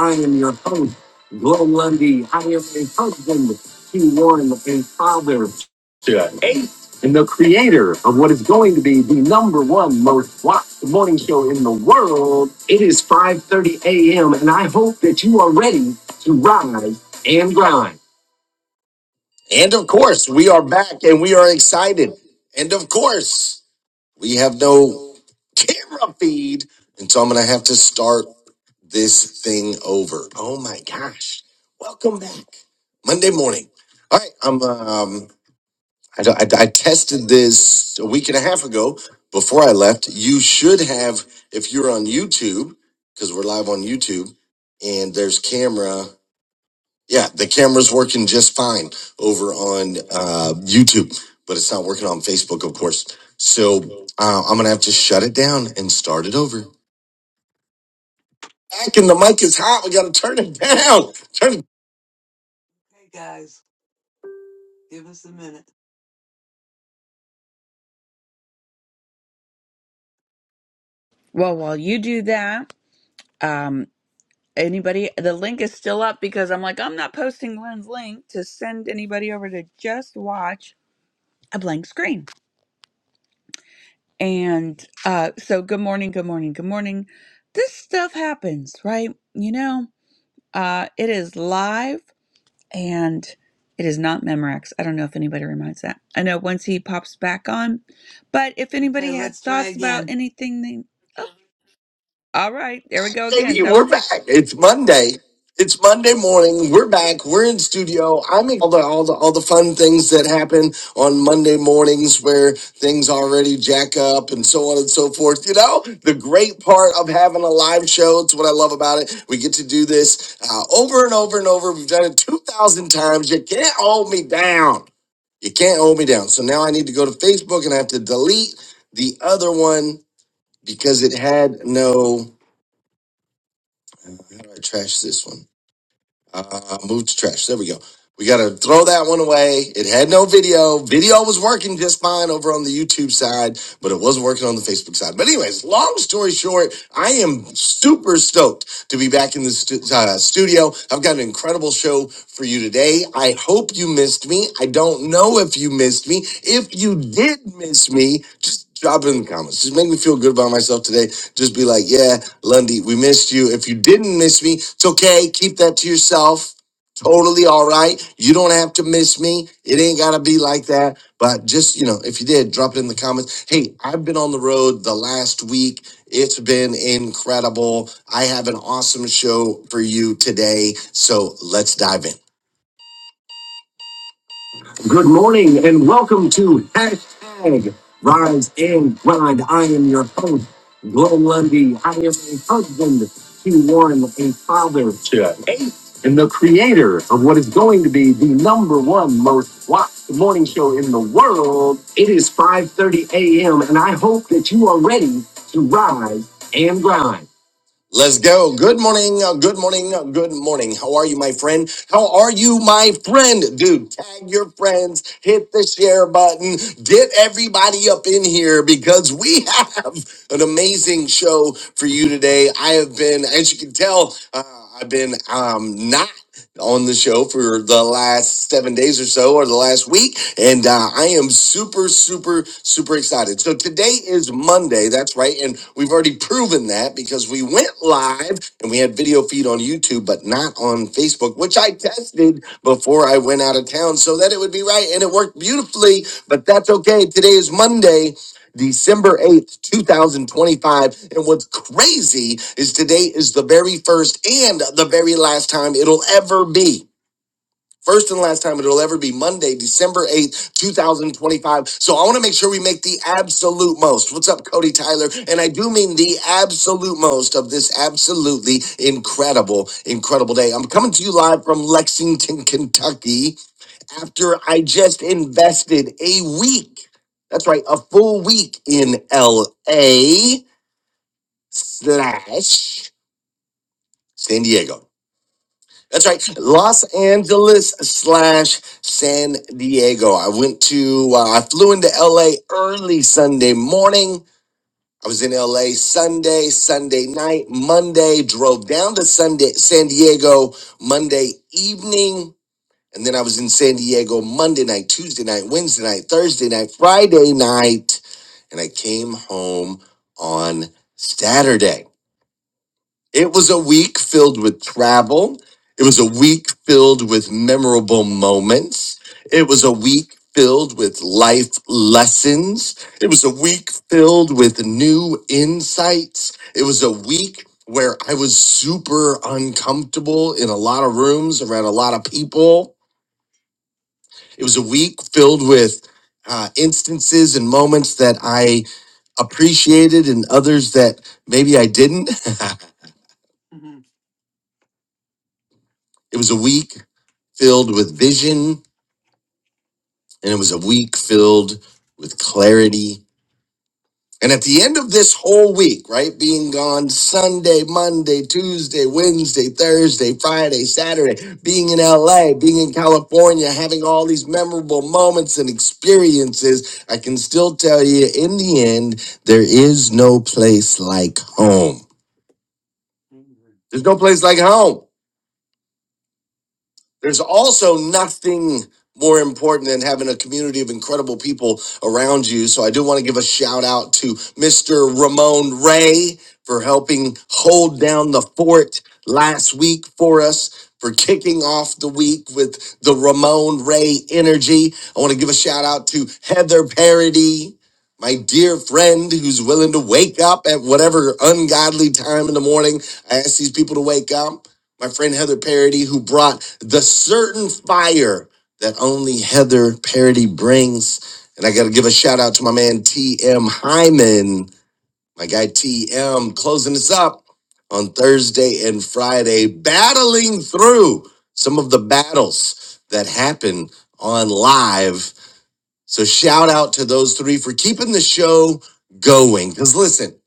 Speaker 6: I am your host, Glow Lundy. I am a husband, Q1, a father, eight, and the creator of what is going to be the number one most watched morning show in the world. It is 5.30 a.m., and I hope that you are ready to rise and grind. And of course, we are back and we are excited. And of course, we have no camera feed. And so I'm going to have to start this thing over. Oh my gosh. Welcome back. Monday morning. All right. I'm, um, I, I, I tested this a week and a half ago before I left. You should have, if you're on YouTube, because we're live on YouTube and there's camera. Yeah, the camera's working just fine over on uh, YouTube, but it's not working on Facebook, of course. So uh, I'm gonna have to shut it down and start it over. Back and the mic is hot. We gotta turn it down. Turn it. Hey guys, give us a minute.
Speaker 1: Well, while you do that, um, anybody, the link is still up because I'm like, I'm not posting Glenn's link to send anybody over to just watch a blank screen. And uh, so, good morning, good morning, good morning. This stuff happens, right? You know, uh, it is live and it is not Memorex. I don't know if anybody reminds that. I know once he pops back on, but if
Speaker 6: Okay,
Speaker 1: anybody had
Speaker 6: let's try
Speaker 1: thoughts about
Speaker 6: again.
Speaker 1: anything, they. Oh, all right, there we go again.
Speaker 6: Baby,
Speaker 1: That was
Speaker 6: we're
Speaker 1: quick.
Speaker 6: back. It's Monday. It's Monday morning. We're back. We're in studio. I make all the all the all the fun things that happen on Monday mornings where things already jack up and so on and so forth. You know, the great part of having a live show. It's what I love about it. We get to do this uh, over and over and over. We've done it two thousand times. You can't hold me down. You can't hold me down. So now I need to go to Facebook and I have to delete the other one because it had no. All right, trash this one. Uh, move to trash. There we go. We got to throw that one away. It had no video. Video was working just fine over on the YouTube side, but it wasn't working on the Facebook side. But anyways, long story short, I am super stoked to be back in the stu- uh, studio. I've got an incredible show for you today. I hope you missed me. I don't know if you missed me. If you did miss me, just drop it in the comments. Just make me feel good about myself today. Just be like, yeah. Lundy, we missed you. If you didn't miss me, it's okay. Keep that to yourself. Totally all right. You don't have to miss me. It ain't got to be like that. But just, you know, if you did, drop it in the comments. Hey, I've been on the road the last week. It's been incredible. I have an awesome show for you today. So let's dive in. Good morning and welcome to hashtag Rise and Grind. I am your host, Glenn Lundy. I am a husband to one, a father to eight, and the creator of what is going to be the number one most watched morning show in the world. It is 5.30 a.m. and I hope that you are ready to rise and grind. Let's go. Good morning. uh, Good morning. uh, Good morning. How are you, my friend? How are you, my friend? Dude, tag your friends, hit the share button, get everybody up in here because we have an amazing show for you today. I have been, as you can tell, uh, I've been um, not on the show for the last seven days or so, or the last week. And uh, I am super, super, super excited. So today is Monday. That's right. And we've already proven that because we went live and we had video feed on YouTube, but not on Facebook, which I tested before I went out of town so that it would be right. And it worked beautifully, but that's okay. Today is Monday. December 8th, 2025. And what's crazy is today is the very first and the very last time it'll ever be. First and last time it'll ever be Monday, December 8th, 2025. So I want to make sure we make the absolute most. What's up, Cody Tyler? And I do mean the absolute most of this absolutely incredible, incredible day. I'm coming to you live from Lexington, Kentucky after I just invested a week. That's right, a full week in LA slash San Diego. That's right, Los Angeles slash San Diego. I went to, uh, I flew into LA early Sunday morning. I was in LA Sunday, Sunday night, Monday, drove down to Sunday, San Diego Monday evening And then I was in San Diego Monday night, Tuesday night, Wednesday night, Thursday night, Friday night. And I came home on Saturday. It was a week filled with travel. It was a week filled with memorable moments. It was a week filled with life lessons. It was a week filled with new insights. It was a week where I was super uncomfortable in a lot of rooms around a lot of people it was a week filled with uh, instances and moments that I appreciated and others that maybe I didn't. Mhm. It was a week filled with vision and it was a week filled with clarity And at the end of this whole week, right, being gone Sunday, Monday, Tuesday, Wednesday, Thursday, Friday, Saturday, being in LA, being in California, having all these memorable moments and experiences, I can still tell you in the end, there is no place like home. There's no place like home. There's also nothing more important than having a community of incredible people around you. So I do want to give a shout out to Mr. Ramon Ray for helping hold down the fort last week for us. For kicking off the week with the Ramon Ray energy. I want to give a shout out to Heather Parody, my dear friend who's willing to wake up at whatever ungodly time in the morning. I ask these people to wake up my friend Heather Parody, who brought the certain fire that only Heather Parody brings. And I got to give a shout out to my man TM Hyman, my guy TM, closing us up on Thursday and Friday, battling through some of the battles that happen on live. So shout out to those three for keeping the show going. Because listen,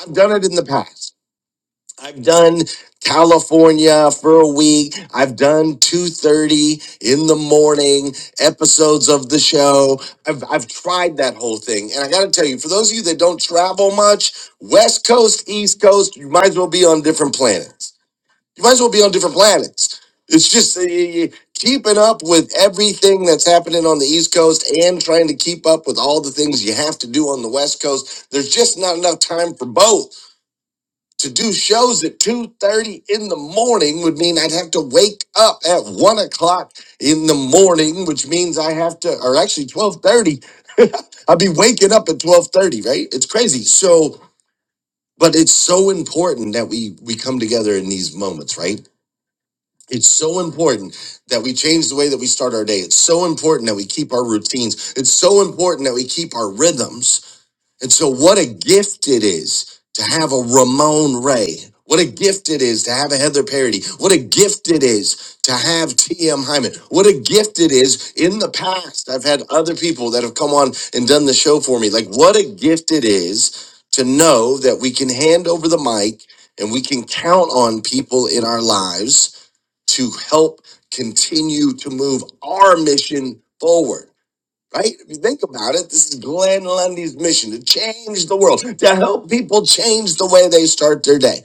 Speaker 6: I've done it in the past. I've done California for a week. I've done 2:30 in the morning episodes of the show. I've I've tried that whole thing. And I got to tell you, for those of you that don't travel much, West Coast, East Coast, you might as well be on different planets. You might as well be on different planets. It's just uh, you- you- keeping up with everything that's happening on the East Coast and trying to keep up with all the things you have to do on the West Coast. There's just not enough time for both to do shows at 2.30 in the morning would mean i'd have to wake up at 1 o'clock in the morning which means i have to or actually 12.30 i'd be waking up at 12.30 right it's crazy so but it's so important that we we come together in these moments right it's so important that we change the way that we start our day it's so important that we keep our routines it's so important that we keep our rhythms and so, what a gift it is to have a Ramon Ray. What a gift it is to have a Heather Parody. What a gift it is to have T.M. Hyman. What a gift it is. In the past, I've had other people that have come on and done the show for me. Like, what a gift it is to know that we can hand over the mic and we can count on people in our lives to help continue to move our mission forward. Right? If you think about it, this is Glenn Lundy's mission to change the world, to help people change the way they start their day.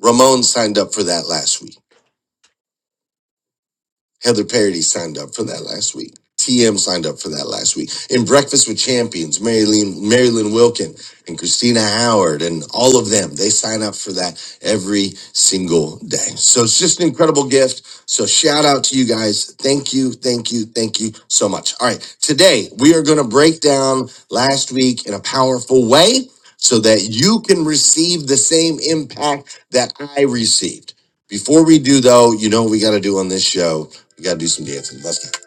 Speaker 6: Ramon signed up for that last week. Heather Parody signed up for that last week. TM signed up for that last week. In Breakfast with Champions, Marilyn, Marilyn Wilkin and Christina Howard and all of them, they sign up for that every single day. So it's just an incredible gift. So shout out to you guys. Thank you, thank you, thank you so much. All right. Today we are going to break down last week in a powerful way so that you can receive the same impact that I received. Before we do though, you know what we got to do on this show we gotta do some dancing. Let's go.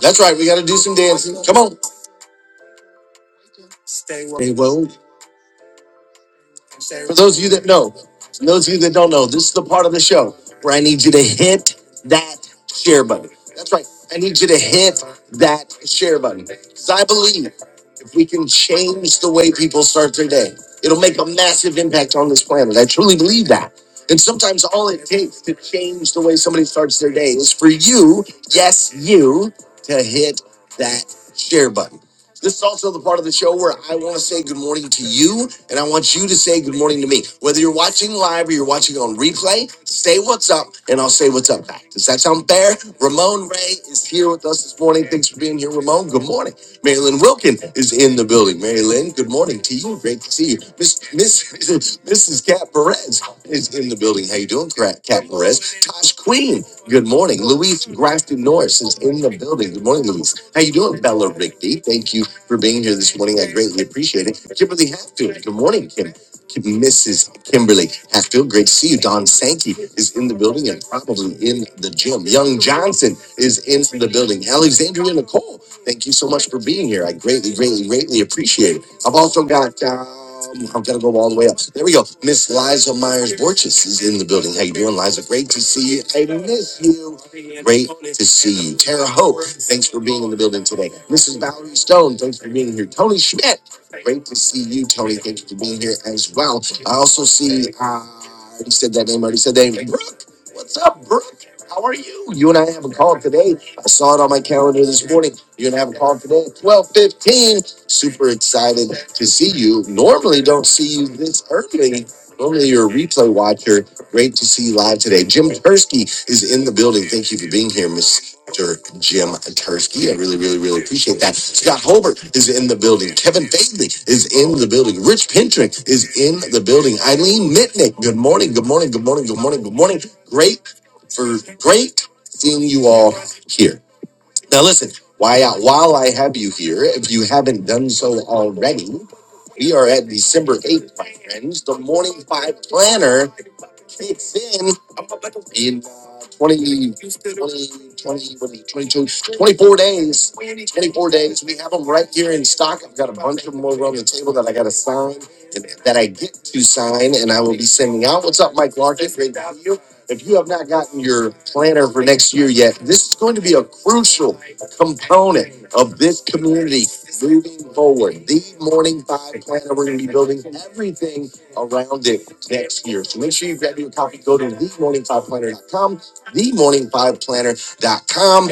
Speaker 6: That's right. We gotta do some dancing. Come on. Hey, well, for those of you that know, for those of you that don't know, this is the part of the show where I need you to hit that share button. That's right. I need you to hit that share button because I believe if we can change the way people start their day, it'll make a massive impact on this planet. I truly believe that. And sometimes all it takes to change the way somebody starts their day is for you, yes, you, to hit that share button. This is also the part of the show where I want to say good morning to you, and I want you to say good morning to me. Whether you're watching live or you're watching on replay, say what's up, and I'll say what's up back. Does that sound fair? Ramon Ray is here with us this morning. Thanks for being here, Ramon. Good morning. Marilyn Wilkin is in the building. Marilyn, good morning to you. Great to see you. Miss Miss Mrs. Cat Perez is in the building. How you doing, Cat Cat Perez? Tosh Queen, good morning. Luis Grafton Norris is in the building. Good morning, Luis. How you doing, Bella Rigby? Thank you for being here this morning. I greatly appreciate it. Kimberly Hatfield, good morning, Kim. Mrs. Kimberly Hatfield, great to see you. Don Sankey is in the building and probably in the gym. Young Johnson is in the building. Alexandria Nicole, thank you so much for being here. I greatly, greatly, greatly appreciate it. I've also got. Um, i have got to go all the way up. There we go. Miss Liza Myers Borges is in the building. How you doing, Liza? Great to see you. I miss you. Great to see you. Tara Hope, thanks for being in the building today. Mrs. Valerie Stone, thanks for being here. Tony Schmidt. Great to see you, Tony. Thank you for being here as well. I also see, uh, I already said that name, I already said that name. Brooke, what's up, Brooke? How are you? You and I have a call today. I saw it on my calendar this morning. You're going to have a call today at 12.15. Super excited to see you. Normally don't see you this early. Normally you're a replay watcher. Great to see you live today. Jim Tursky is in the building. Thank you for being here, Miss Dr. Jim Tursky. I really, really, really appreciate that. Scott Holbert is in the building. Kevin Fadley is in the building. Rich Pintrick is in the building. Eileen Mitnick, good morning, good morning, good morning, good morning, good morning. Great for great seeing you all here. Why, while I have you here, if you haven't done so already, we are at December 8th, my friends, the Morning Five Planner then in uh, 20, twenty, what is it, 22, twenty-four days, 24 days, we have them right here in stock. I've got a bunch of them over on the table that I got to sign, that I get to sign, and I will be sending out. What's up, Mike Larkin? Great to see you. If you have not gotten your planner for next year yet, this is going to be a crucial component of this community moving forward. The Morning Five planner, we're going to be building everything around it next year. So make sure you grab your copy. Go to themorning5planner.com, themorning5planner.com.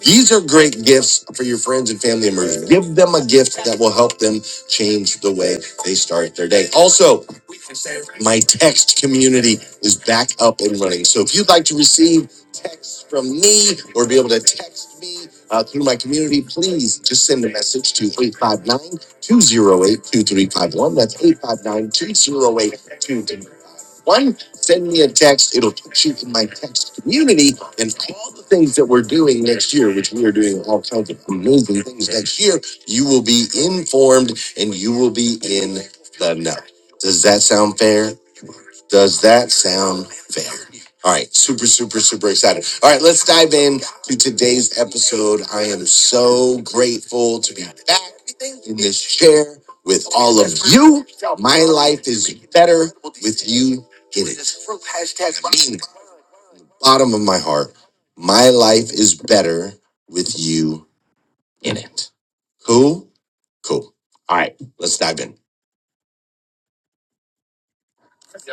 Speaker 6: These are great gifts for your friends and family members. Give them a gift that will help them change the way they start their day. Also, my text community is back up and running. So if you'd like to receive texts from me or be able to text me uh, through my community, please just send a message to 859 208 2351. That's 859 208 2351. Send me a text. It'll put you in my text community and all the things that we're doing next year, which we are doing all kinds of amazing things next year. You will be informed and you will be in the know. Does that sound fair? Does that sound fair? All right, super, super, super excited. All right, let's dive in to today's episode. I am so grateful to be back in this chair with all of you. My life is better with you in it. I mean, it. bottom of my heart, my life is better with you in it. Cool? Cool. All right, let's dive in.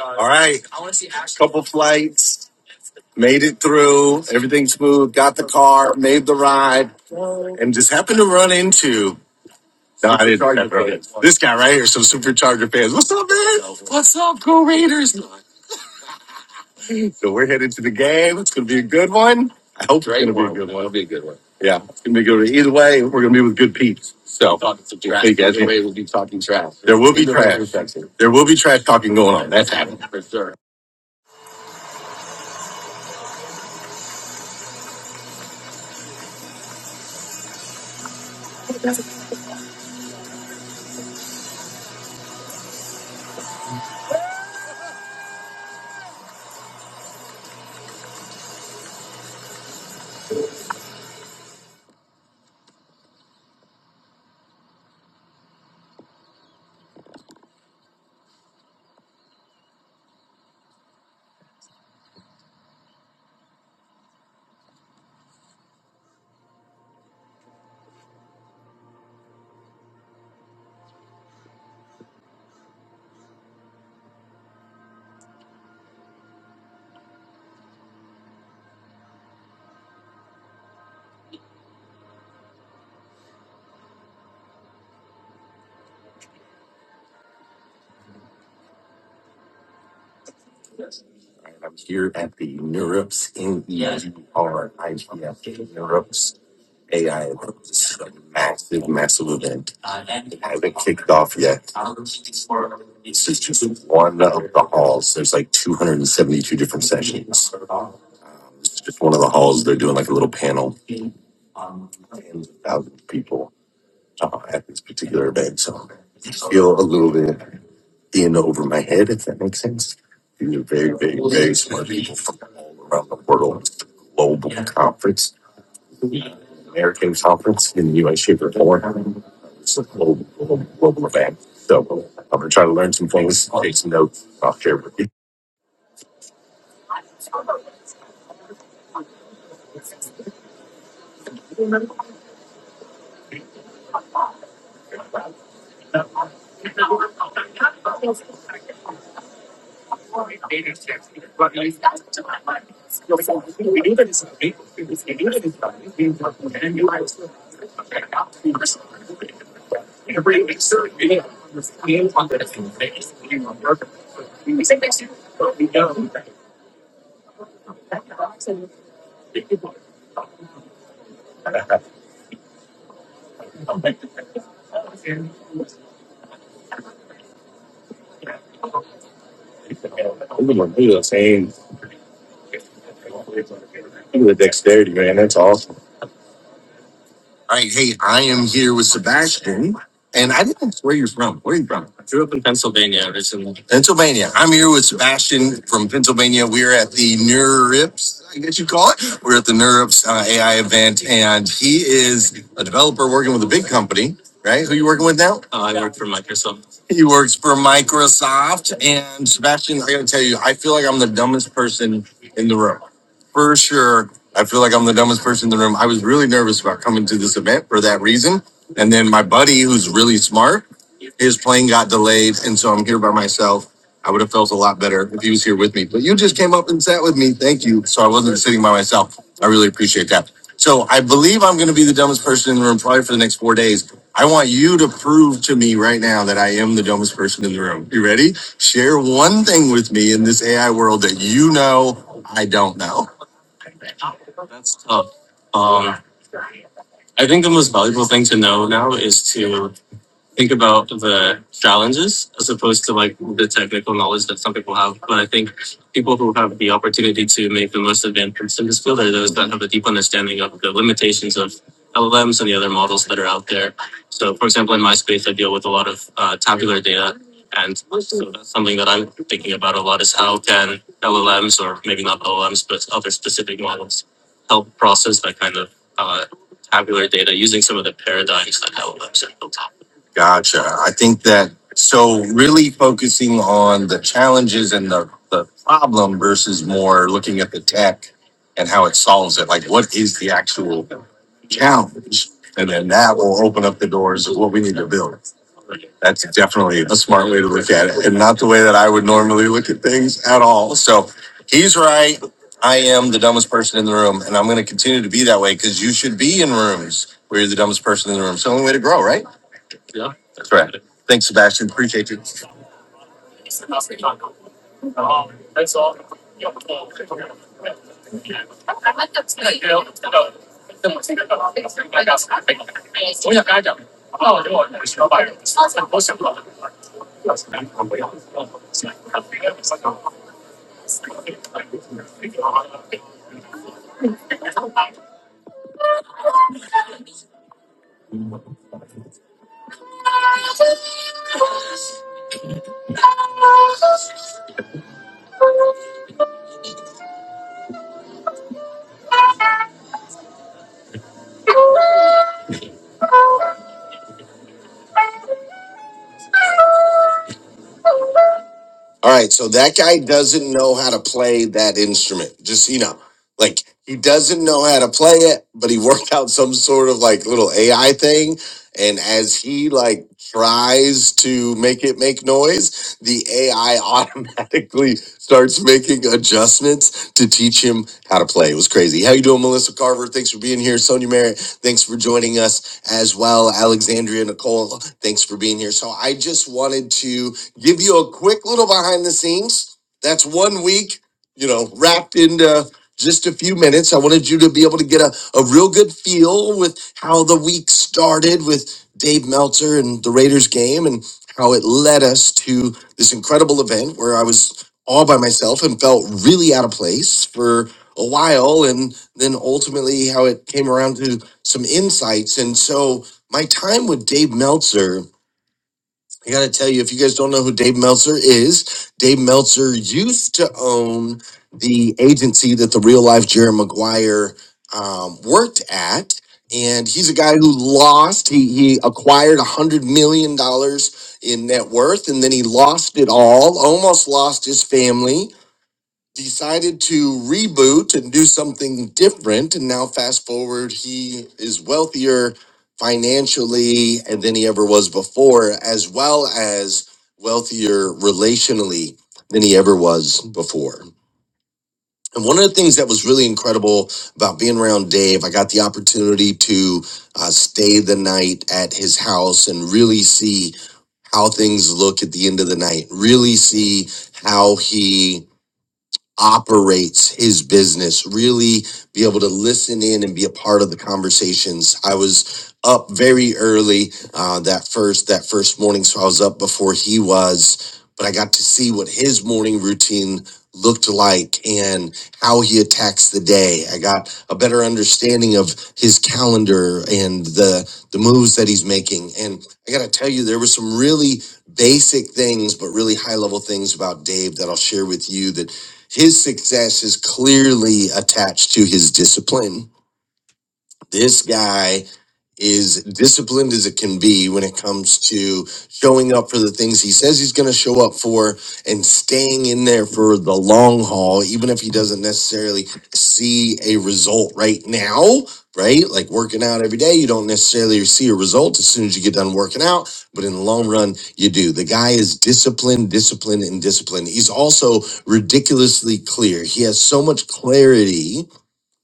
Speaker 6: All right, couple flights. made it through, everything smooth, got the car, made the ride, and just happened to run into. No, I didn't. Supercharger This guy right here, some supercharger fans. What's up, man? What's up, Raiders? So we're headed to the game. It's going to be a good one. I hope it's going to be a good one. It'll be a good one. Yeah, it's going to be a good. one. Either way, we're going to be with good peeps. So talking Hey, guys, Either way, we'll be talking trash. There will be trash. There will be trash talking going on. That's happening for sure. All right, I'm here at the Neurips in E R. I Neurips A I Absolutely. Off, yeah. Also, there's like 272 different. Um, this just one of the. They're doing like a little panel, and thousands of people uh, at this particular event. So I feel a little bit in over my head, if that makes sense. These are very big around the world. It's a global conference, American conference in the U.S. shape or form. It's a global, global, global event. So I'm gonna try to learn some things, make some notes. I'll share with you. All right. Hey, I am here with Sebastian, and I didn't ask where you're from. Where are you from? Pennsylvania originally. Pennsylvania. I'm here with Sebastian from Pennsylvania. We are at the NeurIPS, I guess you call it. We're at the NeurIPS uh, AI event, and he is a developer working with a big company, right? Who you working with now? He works for Microsoft. And Sebastian, I gotta tell you, I feel like I'm the dumbest person in the room. For sure. I feel like I'm the dumbest person in the room. I was really nervous about coming to this event for that reason. And then my buddy, who's really smart, his plane got delayed, and so I'm here by myself. I would have felt a lot better if he was here with me, but you just came up and sat with me. Thank you. So I wasn't sitting by myself. I really appreciate that. So I believe I'm going to be the dumbest person in the room probably for the next four days. I want you to prove to me right now that I am the dumbest person in the room. You ready? Share one thing with me in this AI world that you know I don't know. think about the challenges as opposed to like the technical knowledge that some people have. But I think people who have the opportunity to make the most advancements in this field are those that have a deep understanding of the limitations of LLMs and the other models that are out there. So, for example, in my space, I deal with a lot of uh, tabular data. And so that's something that I'm thinking about a lot is how can LLMs, or maybe not LLMs, but other specific models, help process that kind of uh, tabular data using some of the paradigms that LLMs have built up. Gotcha. I think that so really focusing on the challenges and the, the problem versus more looking at the tech and how it solves it. Like what is the actual challenge? And then that will open up the doors of what we need to build. That's definitely a smart way to look at it and not the way that I would normally look at things at all. So he's right. I am the dumbest person in the room and I'm going to continue to be that way because you should be in rooms where you're the dumbest person in the room. It's the only way to grow, right? Yeah, That's right. Thanks, Sebastian. Appreciate you. All right, so that guy doesn't know how to play that instrument. Just you know, like he doesn't know how to play it, but he worked out some sort of like little AI thing. And as he like tries to make it make noise, the AI automatically starts making adjustments to teach him how to play. It was crazy. How you doing, Melissa Carver? Thanks for being here. Sonia Merritt, thanks for joining us as well. Alexandria Nicole, thanks for being here. So I just wanted to give you a quick little behind the scenes. That's one week, you know, wrapped into just a few minutes. I wanted you to be able to get a, a real good feel with how the week started with Dave Meltzer and the Raiders game and how it led us to this incredible event where I was all by myself and felt really out of place for a while. And then ultimately, how it came around to some insights. And so, my time with Dave Meltzer I gotta tell you, if you guys don't know who Dave Meltzer is, Dave Meltzer used to own the agency that the real life Jerry Maguire um, worked at. And he's a guy who lost. He, he acquired $100 million dollars in net worth and then he lost it all, almost lost his family decided to reboot and do something different. And now, fast forward, he is wealthier financially and than he ever was before, as well as wealthier relationally than he ever was before. And one of the things that was really incredible about being around Dave, I got the opportunity to uh, stay the night at his house and really see how things look at the end of the night, really see how he operates his business, really be able to listen in and be a part of the conversations. I was up very early uh, that first that first morning, so I was up before he was, but I got to see what his morning routine looked like and how he attacks the day. I got a better understanding of his calendar and the the moves that he's making. And I got to tell you there were some really basic things but really high level things about Dave that I'll share with you that his success is clearly attached to his discipline this guy is disciplined as it can be when it comes to showing up for the things he says he's going to show up for and staying in there for the long haul, even if he doesn't necessarily see a result right now, right? Like working out every day, you don't necessarily see a result as soon as you get done working out, but in the long run, you do. The guy is disciplined, disciplined, and disciplined. He's also ridiculously clear. He has so much clarity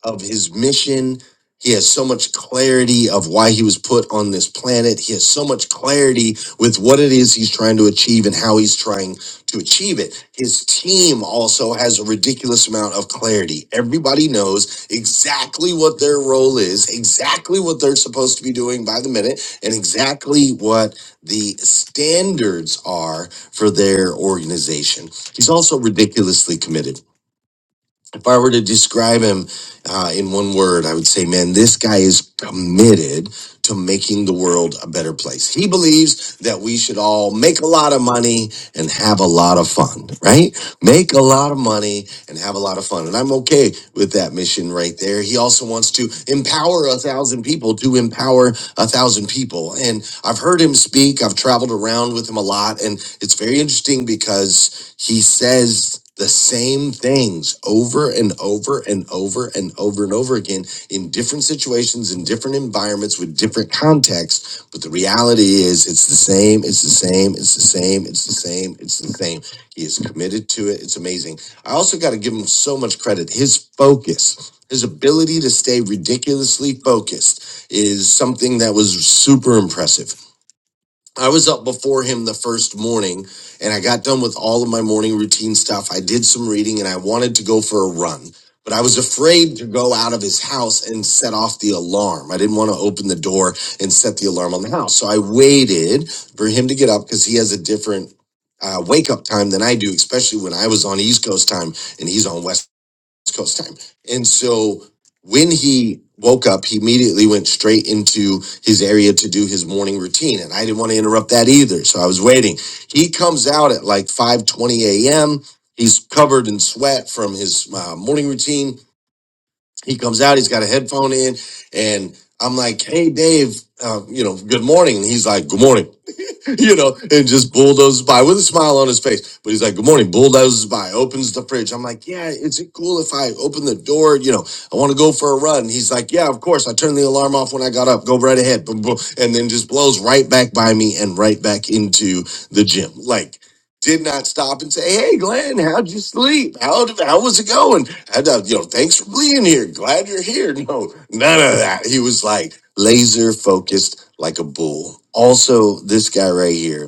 Speaker 6: of his mission. He has so much clarity of why he was put on this planet. He has so much clarity with what it is he's trying to achieve and how he's trying to achieve it. His team also has a ridiculous amount of clarity. Everybody knows exactly what their role is, exactly what they're supposed to be doing by the minute, and exactly what the standards are for their organization. He's also ridiculously committed if I were to describe him uh, in one word, I would say, man, this guy is committed to making the world a better place. He believes that we should all make a lot of money and have a lot of fun, right? Make a lot of money and have a lot of fun. And I'm okay with that mission right there. He also wants to empower a thousand people to empower a thousand people. And I've heard him speak, I've traveled around with him a lot. And it's very interesting because he says the same things over and over and over and over and over again in different situations, in different environments, with different contexts. But the reality is, it's the same, it's the same, it's the same, it's the same, it's the same. He is committed to it. It's amazing. I also got to give him so much credit. His focus, his ability to stay ridiculously focused is something that was super impressive I was up before him the first morning and I got done with all of my morning routine stuff. I did some reading and I wanted to go for a run, but I was afraid to go out of his house and set off the alarm. I didn't want to open the door and set the alarm on the house. So I waited for him to get up because he has a different uh, wake up time than I do, especially when I was on East Coast time and he's on West. West Coast time. And so when he woke up, he immediately went straight into his area to do his morning routine. And I didn't want to interrupt that either. So I was waiting. He comes out at like 5:20 a.m. He's covered in sweat from his uh, morning routine. He comes out, he's got a headphone in, and I'm like, hey, Dave, uh, you know, good morning. And he's like, good morning. you know, and just bulldozes by with a smile on his face. But he's like, Good morning, bulldozes by, opens the fridge. I'm like, Yeah, is it cool if I open the door? You know, I want to go for a run. He's like, Yeah, of course. I turned the alarm off when I got up. Go right ahead. Boom, boom. And then just blows right back by me and right back into the gym. Like, did not stop and say, "Hey, Glenn, how'd you sleep? How how was it going? And, uh, you know, thanks for being here. Glad you're here." No, none of that. He was like laser focused like a bull. Also, this guy right here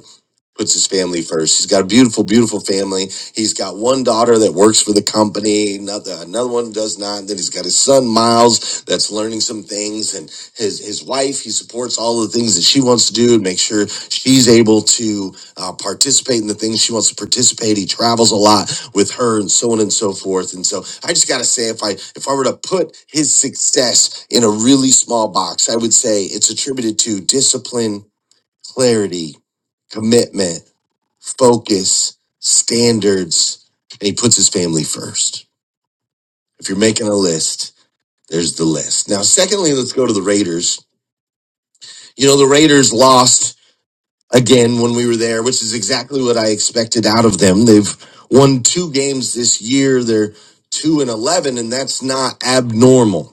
Speaker 6: puts his family first. He's got a beautiful, beautiful family. He's got one daughter that works for the company, another another one does not. Then he's got his son Miles that's learning some things, and his his wife. He supports all the things that she wants to do and make sure she's able to uh, participate in the things she wants to participate. He travels a lot with her, and so on and so forth. And so I just gotta say, if I if I were to put his success in a really small box, I would say it's attributed to discipline, clarity, commitment focus, standards, and he puts his family first. If you're making a list, there's the list. Now, secondly, let's go to the Raiders. You know, the Raiders lost again when we were there, which is exactly what I expected out of them. They've won two games this year. They're two and 11, and that's not abnormal.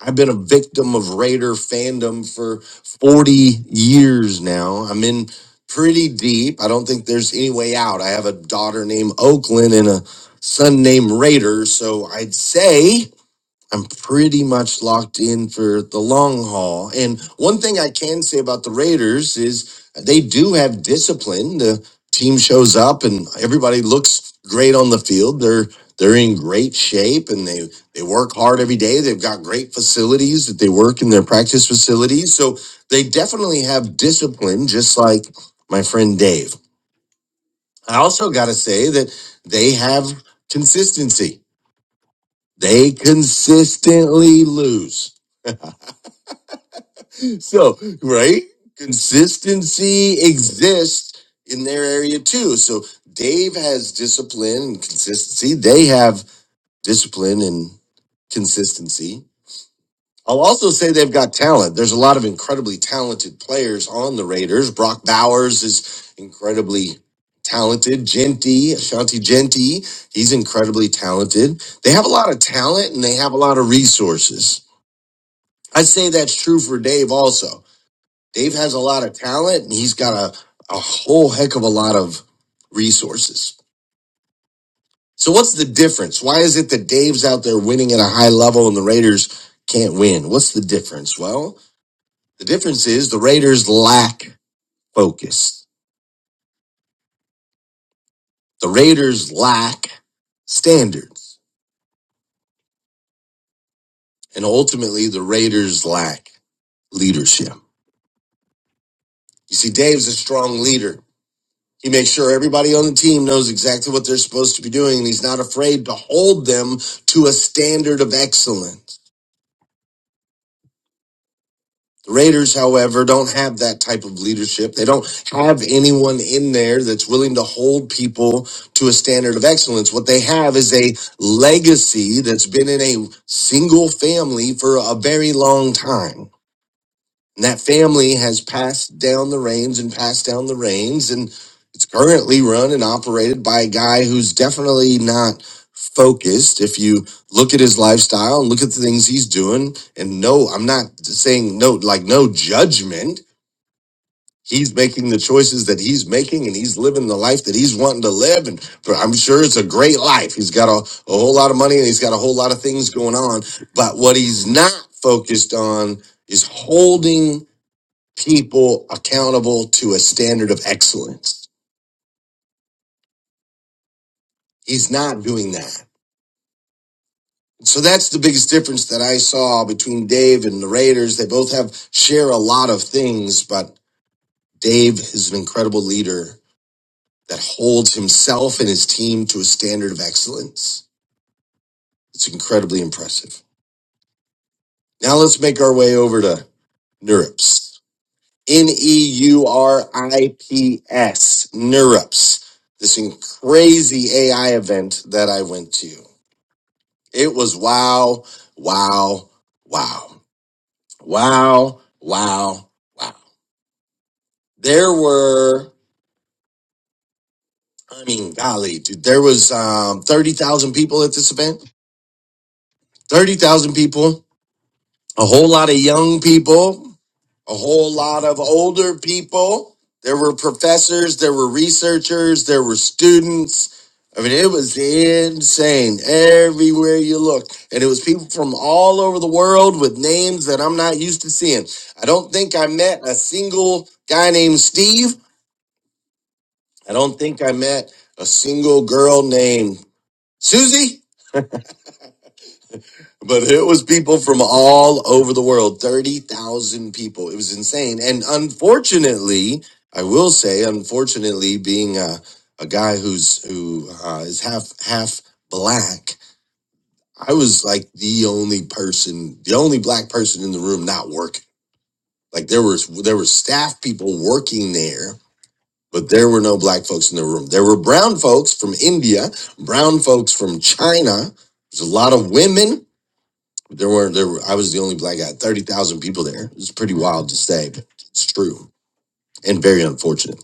Speaker 6: I've been a victim of Raider fandom for 40 years now. I'm in pretty deep. I don't think there's any way out. I have a daughter named Oakland and a son named Raider. So I'd say. I'm pretty much locked in for the long haul. And one thing I can say about the Raiders is they do have discipline. The team shows up and everybody looks great on the field. They're they're in great shape and they they work hard every day. They've got great facilities that they work in their practice facilities. So they definitely have discipline just like my friend Dave. I also got to say that they have consistency. They consistently lose. so right consistency exists in their area too so dave has discipline and consistency they have discipline and consistency i'll also say they've got talent there's a lot of incredibly talented players on the raiders brock bowers is incredibly talented genty ashanti genty he's incredibly talented they have a lot of talent and they have a lot of resources i say that's true for dave also Dave has a lot of talent and he's got a, a whole heck of a lot of resources. So what's the difference? Why is it that Dave's out there winning at a high level and the Raiders can't win? What's the difference? Well, the difference is the Raiders lack focus. The Raiders lack standards and ultimately the Raiders lack leadership. You see, Dave's a strong leader. He makes sure everybody on the team knows exactly what they're supposed to be doing, and he's not afraid to hold them to a standard of excellence. The Raiders, however, don't have that type of leadership. They don't have anyone in there that's willing to hold people to a standard of excellence. What they have is a legacy that's been in a single family for a very long time. And that family has passed down the reins and passed down the reins. And it's currently run and operated by a guy who's definitely not focused. If you look at his lifestyle and look at the things he's doing, and no, I'm not saying no, like no judgment. He's making the choices that he's making and he's living the life that he's wanting to live. And for, I'm sure it's a great life. He's got a, a whole lot of money and he's got a whole lot of things going on. But what he's not focused on is holding people accountable to a standard of excellence. He's not doing that. So that's the biggest difference that I saw between Dave and the Raiders. They both have share a lot of things, but Dave is an incredible leader that holds himself and his team to a standard of excellence. It's incredibly impressive. Now let's make our way over to NeurIPS. N E U R I P S. NeurIPS. This in- crazy AI event that I went to. It was wow, wow, wow, wow, wow, wow. There were, I mean, golly, dude, there was um, 30,000 people at this event. 30,000 people, a whole lot of young people. a whole lot of older people. There were professors, there were researchers, there were students. I mean, it was insane everywhere you looked. And it was people from all over the world with names that I'm not used to seeing. I don't think I met a single guy named Steve. I don't think I met a single girl named Susie. But it was people from all over the world, 30,000 people. It was insane. And unfortunately, I will say, unfortunately, being a, a guy who's who uh, is half half black, I was like the only person, the only black person in the room not working. Like there was there were staff people working there, but there were no black folks in the room. There were brown folks from India, brown folks from China. There's a lot of women there were there. Were, I was the only black guy. Thirty thousand people there. It's pretty wild to say, but it's true and very unfortunate.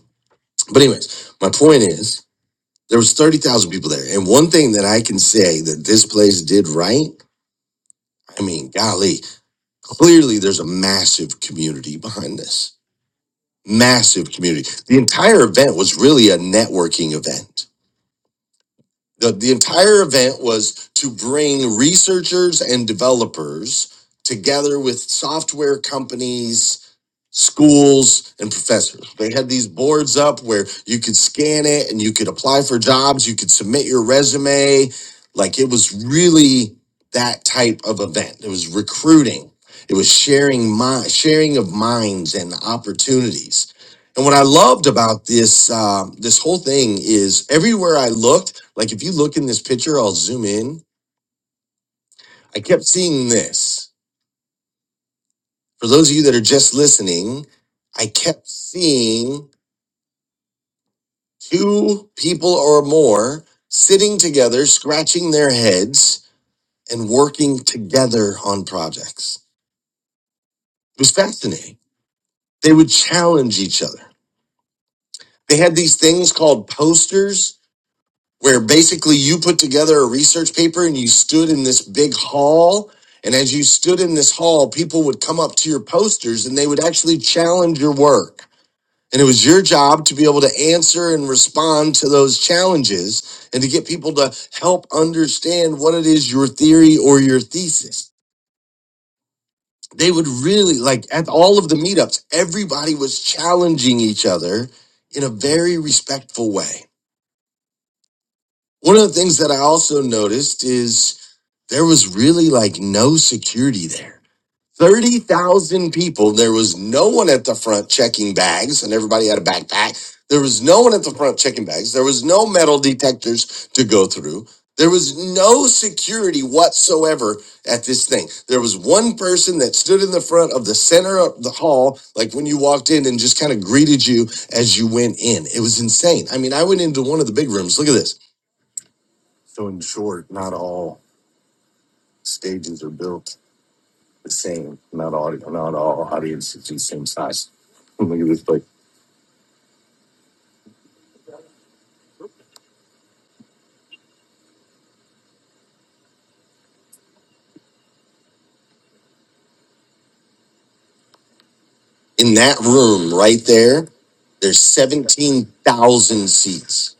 Speaker 6: But anyways, my point is there was thirty thousand people there, and one thing that I can say that this place did right. I mean, golly, clearly there's a massive community behind this. Massive community. The entire event was really a networking event. The, the entire event was to bring researchers and developers together with software companies schools and professors. They had these boards up where you could scan it and you could apply for jobs, you could submit your resume. Like it was really that type of event. It was recruiting. It was sharing mind, sharing of minds and opportunities. And what I loved about this um, this whole thing is everywhere I looked, like if you look in this picture, I'll zoom in. I kept seeing this. For those of you that are just listening, I kept seeing two people or more sitting together, scratching their heads, and working together on projects. It was fascinating. They would challenge each other. They had these things called posters where basically you put together a research paper and you stood in this big hall. And as you stood in this hall, people would come up to your posters and they would actually challenge your work. And it was your job to be able to answer and respond to those challenges and to get people to help understand what it is your theory or your thesis. They would really like at all of the meetups, everybody was challenging each other in a very respectful way. One of the things that I also noticed is there was really like no security there 30,000 people. There was no one at the front checking bags, and everybody had a backpack. There was no one at the front checking bags. There was no metal detectors to go through. There was no security whatsoever at this thing. There was one person that stood in the front of the center of the hall, like when you walked in and just kind of greeted you as you went in. It was insane. I mean, I went into one of the big rooms. Look at this. So, in short, not all stages are built the same. Not all, not all audiences are the same size. Look at this place. In that room right there, there's 17,000 seats.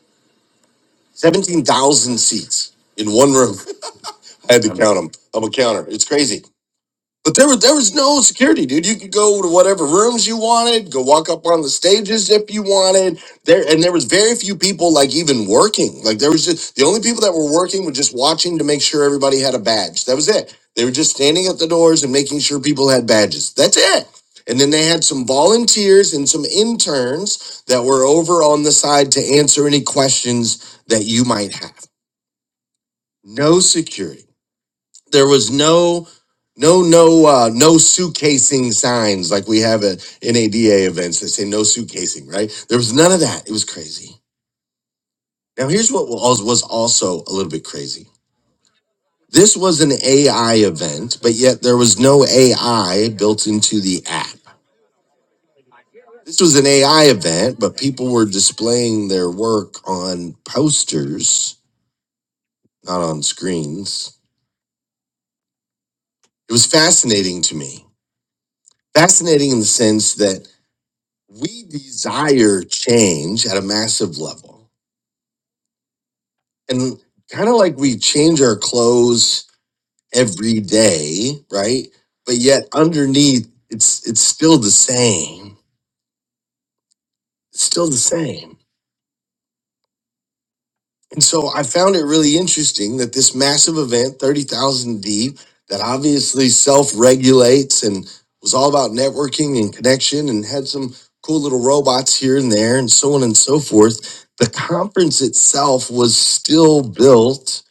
Speaker 6: 17,000 seats in one room. I had to count them. I'm a counter. It's crazy. But there was there was no security, dude. You could go to whatever rooms you wanted, go walk up on the stages if you wanted. There and there was very few people like even working. Like there was just the only people that were working were just watching to make sure everybody had a badge. That was it. They were just standing at the doors and making sure people had badges. That's it. And then they had some volunteers and some interns that were over on the side to answer any questions that you might have. No security there was no no no uh no suitcasing signs like we have at NADA events that say no suitcasing, right? There was none of that. It was crazy. Now here's what was was also a little bit crazy. This was an AI event, but yet there was no AI built into the app. This was an AI event, but people were displaying their work on posters, not on screens. It was fascinating to me. Fascinating in the sense that we desire change at a massive level. And kind of like we change our clothes every day, right? But yet underneath it's it's still the same. It's still the same. And so I found it really interesting that this massive event, 30,000 deep, that obviously self regulates and was all about networking and connection and had some cool little robots here and there and so on and so forth. The conference itself was still built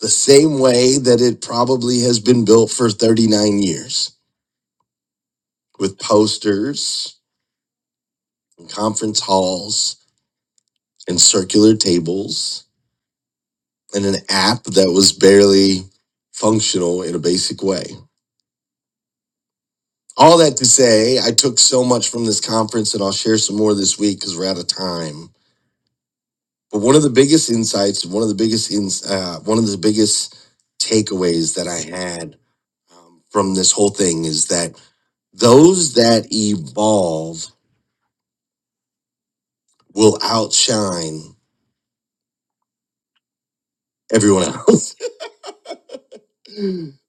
Speaker 6: the same way that it probably has been built for 39 years with posters and conference halls and circular tables and an app that was barely functional in a basic way. All that to say, I took so much from this conference, and I'll share some more this week because we're out of time. But one of the biggest insights, one of the biggest ins, uh, one of the biggest takeaways that I had um, from this whole thing is that those that evolve will outshine everyone else.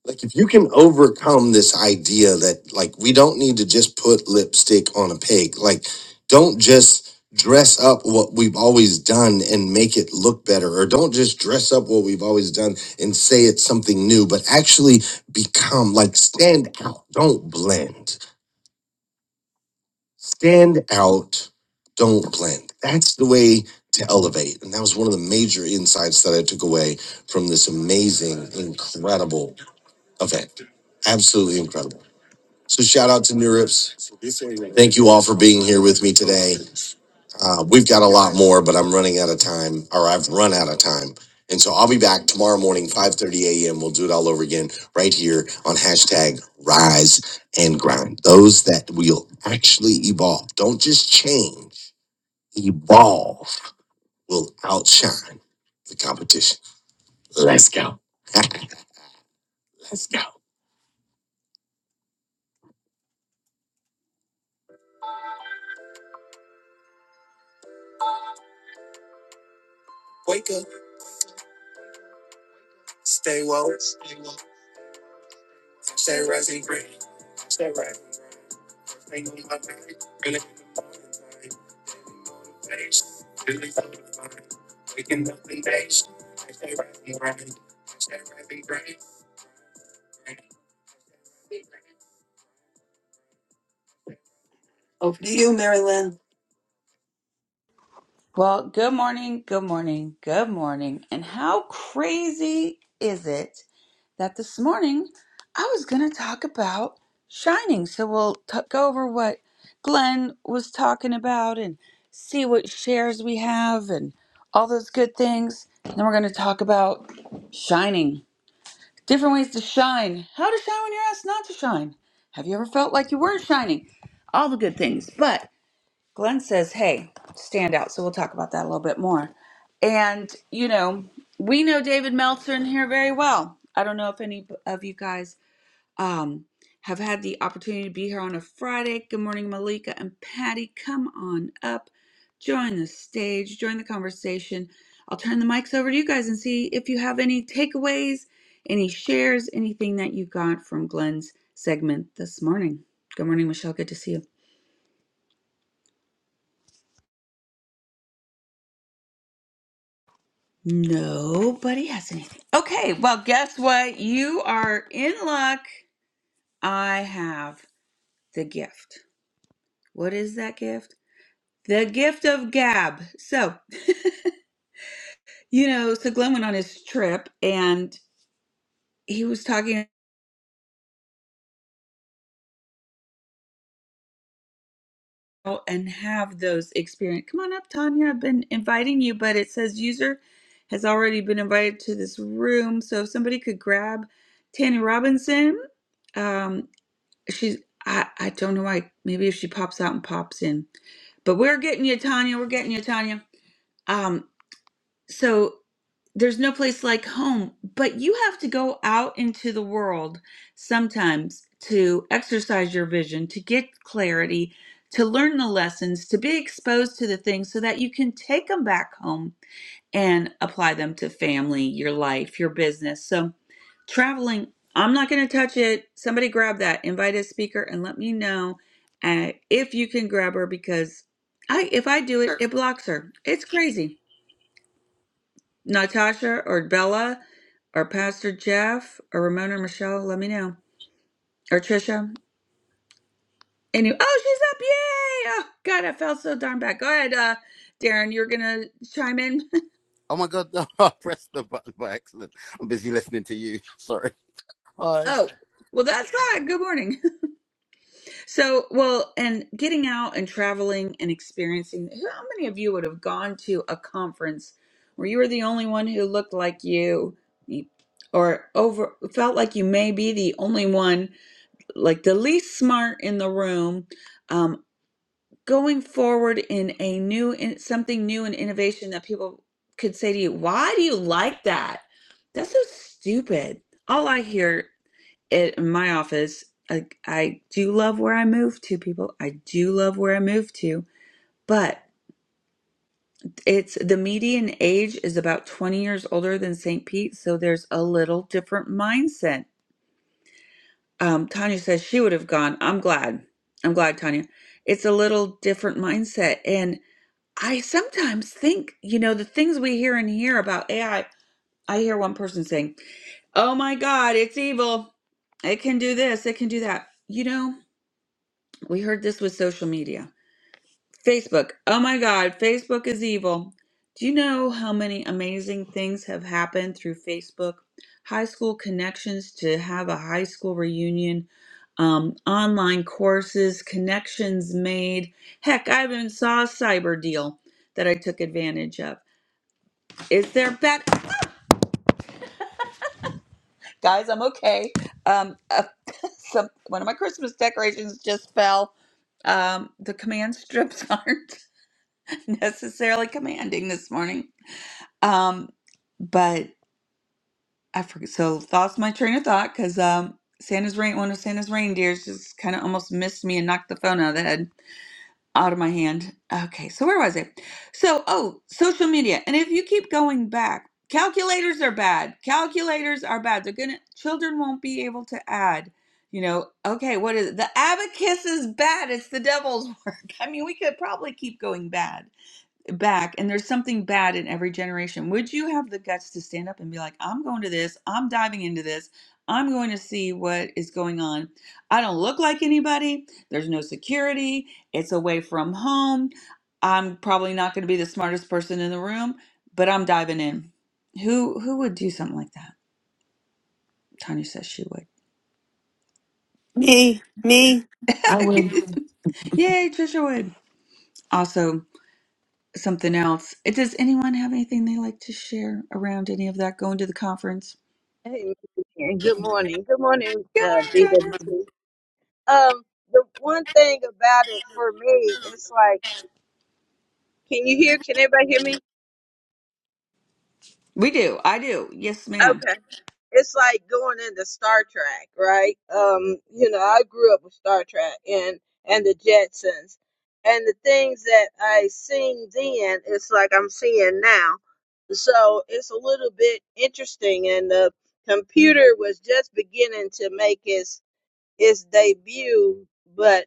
Speaker 6: like if you can overcome this idea that like we don't need to just put lipstick on a pig like don't just dress up what we've always done and make it look better or don't just dress up what we've always done and say it's something new but actually become like stand out don't blend stand out don't blend that's the way to elevate and that was one of the major insights that i took away from this amazing incredible event absolutely incredible so shout out to New Rips. Thank you all for being here with me today. Uh, we've got a lot more, but I'm running out of time, or I've run out of time. And so I'll be back tomorrow morning, 5.30 a.m. We'll do it all over again right here on hashtag rise and grind. Those that will actually evolve, don't just change, evolve will outshine the competition. over to you, Marilyn.
Speaker 1: Well, good morning, good morning, good morning. And how crazy is it? that this morning I was going to talk about shining. So we'll t- go over what Glenn was talking about and see what shares we have and all those good things. And then we're going to talk about shining, different ways to shine, how to shine when you're asked not to shine. Have you ever felt like you weren't shining? All the good things. But Glenn says, Hey, stand out. So we'll talk about that a little bit more. And, you know, we know David Meltzer in here very well. I don't know if any of you guys um, have had the opportunity to be here on a Friday. Good morning, Malika and Patty. Come on up, join the stage, join the conversation. I'll turn the mics over to you guys and see if you have any takeaways, any shares, anything that you got from Glenn's segment this morning. Good morning, Michelle. Good to see you. Nobody has anything. Okay, well, guess what? You are in luck. I have the gift. What is that gift? The gift of gab. So, you know, so Glenn went on his trip and he was talking about and have those experience. Come on up, Tanya. I've been inviting you, but it says user has already been invited to this room. So if somebody could grab Tanya Robinson, um. She's I I don't know why. Maybe if she pops out and pops in. But we're getting you, Tanya. We're getting you, Tanya. Um, so there's no place like home, but you have to go out into the world sometimes to exercise your vision, to get clarity, to learn the lessons, to be exposed to the things so that you can take them back home and apply them to family, your life, your business. So Traveling, I'm not going to touch it. Somebody grab that. Invite a speaker and let me know uh, if you can grab her because I if I do it, it blocks her. It's crazy. Natasha or Bella or Pastor Jeff or Ramona or Michelle, let me know. Or Trisha. And oh, she's up. Yay. Oh, God, I felt so darn bad. Go ahead, uh, Darren. You're going to chime in.
Speaker 7: Oh my god, no, I pressed the button by accident. I'm busy listening to you. Sorry. Hi.
Speaker 1: oh, well, that's fine. Good morning. So, well, and getting out and traveling and experiencing, how many of you would have gone to a conference where you were the only one who looked like you you- or over felt like you may be the only one, like the least smart in the room, um, going forward in a new, in something new and innovation that people could say to you, why do you like that? That's so stupid. All I hear it in my office I, I do love where i moved to people i do love where i moved to but it's the median age is about 20 years older than st pete so there's a little different mindset um, tanya says she would have gone i'm glad i'm glad tanya it's a little different mindset and i sometimes think you know the things we hear and hear about ai i I hear one person saying oh my god it's evil it can do this it can do that you know We heard this with social media. Facebook. Oh my God, Facebook is evil. Do you know how many amazing things have happened through Facebook? High school connections to have a high school reunion, um, online courses, connections made. Heck, I even saw a cyber deal that I took advantage of. Is there bet? Guys, I'm okay. Um, uh, some, one of my Christmas decorations just fell. Um, the command strips aren't. necessarily commanding this morning. Um, but I forget. So lost my train of thought because um, Santa's rain, one of Santa's reindeers, just kind of almost missed me and knocked the phone out of the head, out of my hand. Okay, so where was I? So oh, social media, and if you keep going back, calculators are bad. Calculators are bad. They're gonna children won't be able to add. You know, okay, what is it? The abacus is bad. It's the devil's work. I mean, we could probably keep going bad back and there's something bad in every generation would you have the guts to stand up and be like i'm going to this i'm diving into this i'm going to see what is going on i don't look like anybody there's no security it's away from home i'm probably not going to be the smartest person in the room but i'm diving in who who would do something like that tanya says she would yay trisha would also something else does anyone have anything they like to share around any of that going to the conference
Speaker 8: Hey, and good morning. Good morning,
Speaker 1: Good
Speaker 8: uh,
Speaker 1: morning, Tanya.
Speaker 8: BWT. Um, the one thing about it for me, it's like, can you hear? Can everybody hear me?
Speaker 1: We do. I do. Yes, ma'am.
Speaker 8: Okay. It's like going into Star Trek, right? Um, you know, I grew up with Star Trek and and the Jetsons, and the things that I seen then, it's like I'm seeing now. So it's a little bit interesting, and the computer was just beginning to make its its debut, but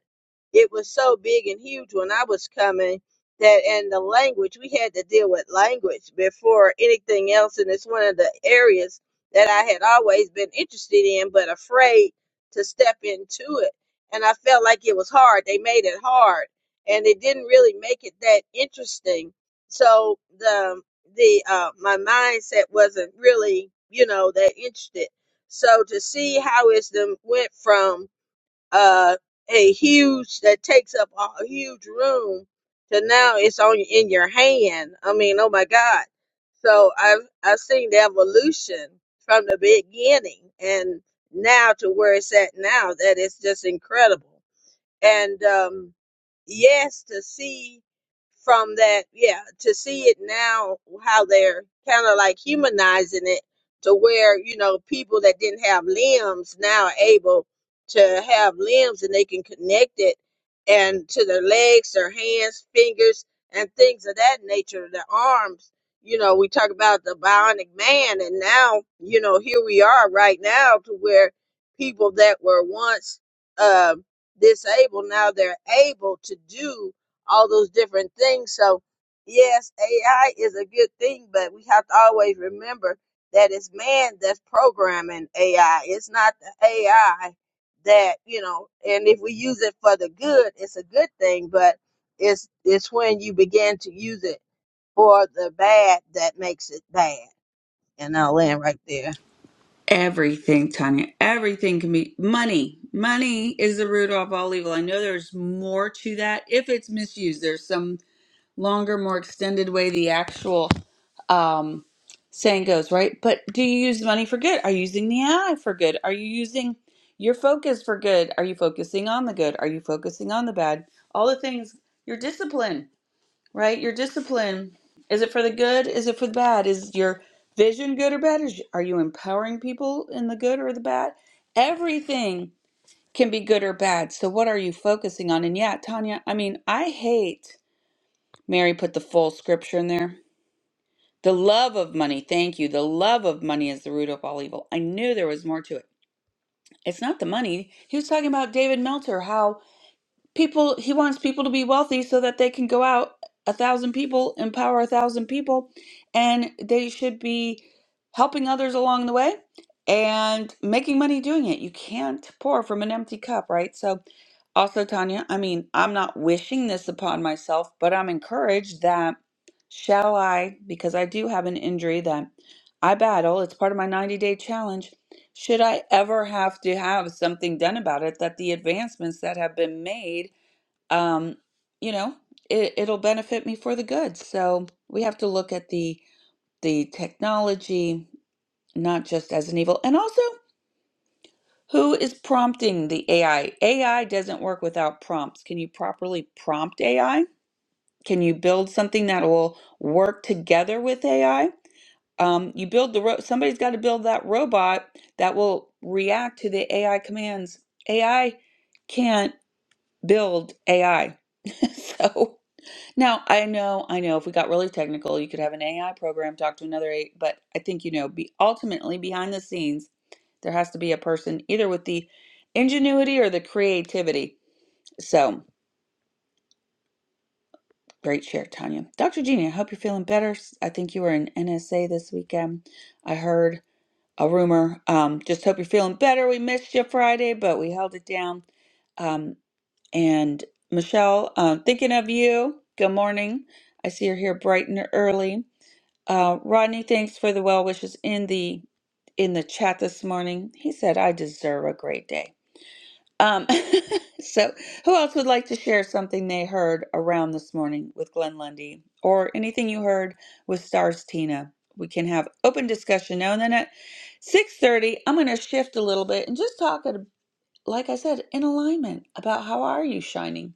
Speaker 8: it was so big and huge when I was coming that and the language we had to deal with language before anything else and it's one of the areas that I had always been interested in but afraid to step into it and I felt like it was hard they made it hard and it didn't really make it that interesting so the the uh my mindset wasn't really you know that interested so to see how it's them went from uh, a huge that takes up a a huge room to now it's on in your hand. I mean, oh my God! So I've I've seen the evolution from the beginning and now to where it's at now. That is just incredible and um, yes, to see from that, yeah, to see it now how they're kind of like humanizing it to where you know people that didn't have limbs now are able to have limbs and they can connect it and to their legs, their hands, fingers, and things of that nature, their arms. You know, we talk about the bionic man, and now you know here we are right now to where people that were once. um, disabled now they're able to do all those different things so yes ai is a good thing but we have to always remember that it's man that's programming ai it's not the ai that you know and if we use it for the good it's a good thing but it's it's when you begin to use it for the bad that makes it bad and i'll land right there
Speaker 1: Everything, Tanya. Everything can be money. Money is the root of all evil. I know there's more to that if it's misused. There's some longer, more extended way the actual um, saying goes, right? But do you use money for good? Are you using the eye for good? Are you using your focus for good? Are you focusing on the good? Are you focusing on the bad? All the things, your discipline. right? Your discipline is it for the good? Is it for the bad? Is your vision good or bad? Is, are you empowering people in the good or the bad? Everything can be good or bad. So, what are you focusing on? And yeah, Tanya, I mean, I hate Mary put the full scripture in there. The love of money, thank you. The love of money is the root of all evil. I knew there was more to it. It's not the money. He was talking about David Meltzer, how people he wants people to be wealthy so that they can go out a thousand people empower a thousand people and they should be helping others along the way and making money doing it you can't pour from an empty cup right so also tanya i mean i'm not wishing this upon myself but i'm encouraged that shall i because i do have an injury that i battle it's part of my 90 day challenge should i ever have to have something done about it that the advancements that have been made um, you know, it, it'll benefit me for the good. So we have to look at the the technology not just as an evil, and also who is prompting the AI. AI doesn't work without prompts. Can you properly prompt AI? Can you build something that will work together with AI? Um, you build the ro- somebody's got to build that robot that will react to the AI commands. AI can't build AI. so Now, I know, I know if we got really technical, you could have an AI program talk to another AI, but I think, you know, be ultimately behind the scenes, there has to be a person either with the ingenuity or the creativity. So great share, Tanya. Dr. Jeannie, I hope you're feeling better. S- I think you were in NSA this weekend. I heard a rumor. Um, just hope you're feeling better. We missed you Friday, but we held it down. Um, and Michelle, um, thinking of you. Good morning. I see you're here bright and early. Uh, Rodney, thanks for the well wishes in the in the chat this morning. He said, "I deserve a great day." Um, so, who else would like to share something they heard around this morning with Glenn Lundy, or anything you heard with Stars Tina? We can have open discussion now. And then at six thirty, I'm going to shift a little bit and just talk, at, like I said, in alignment about how are you shining.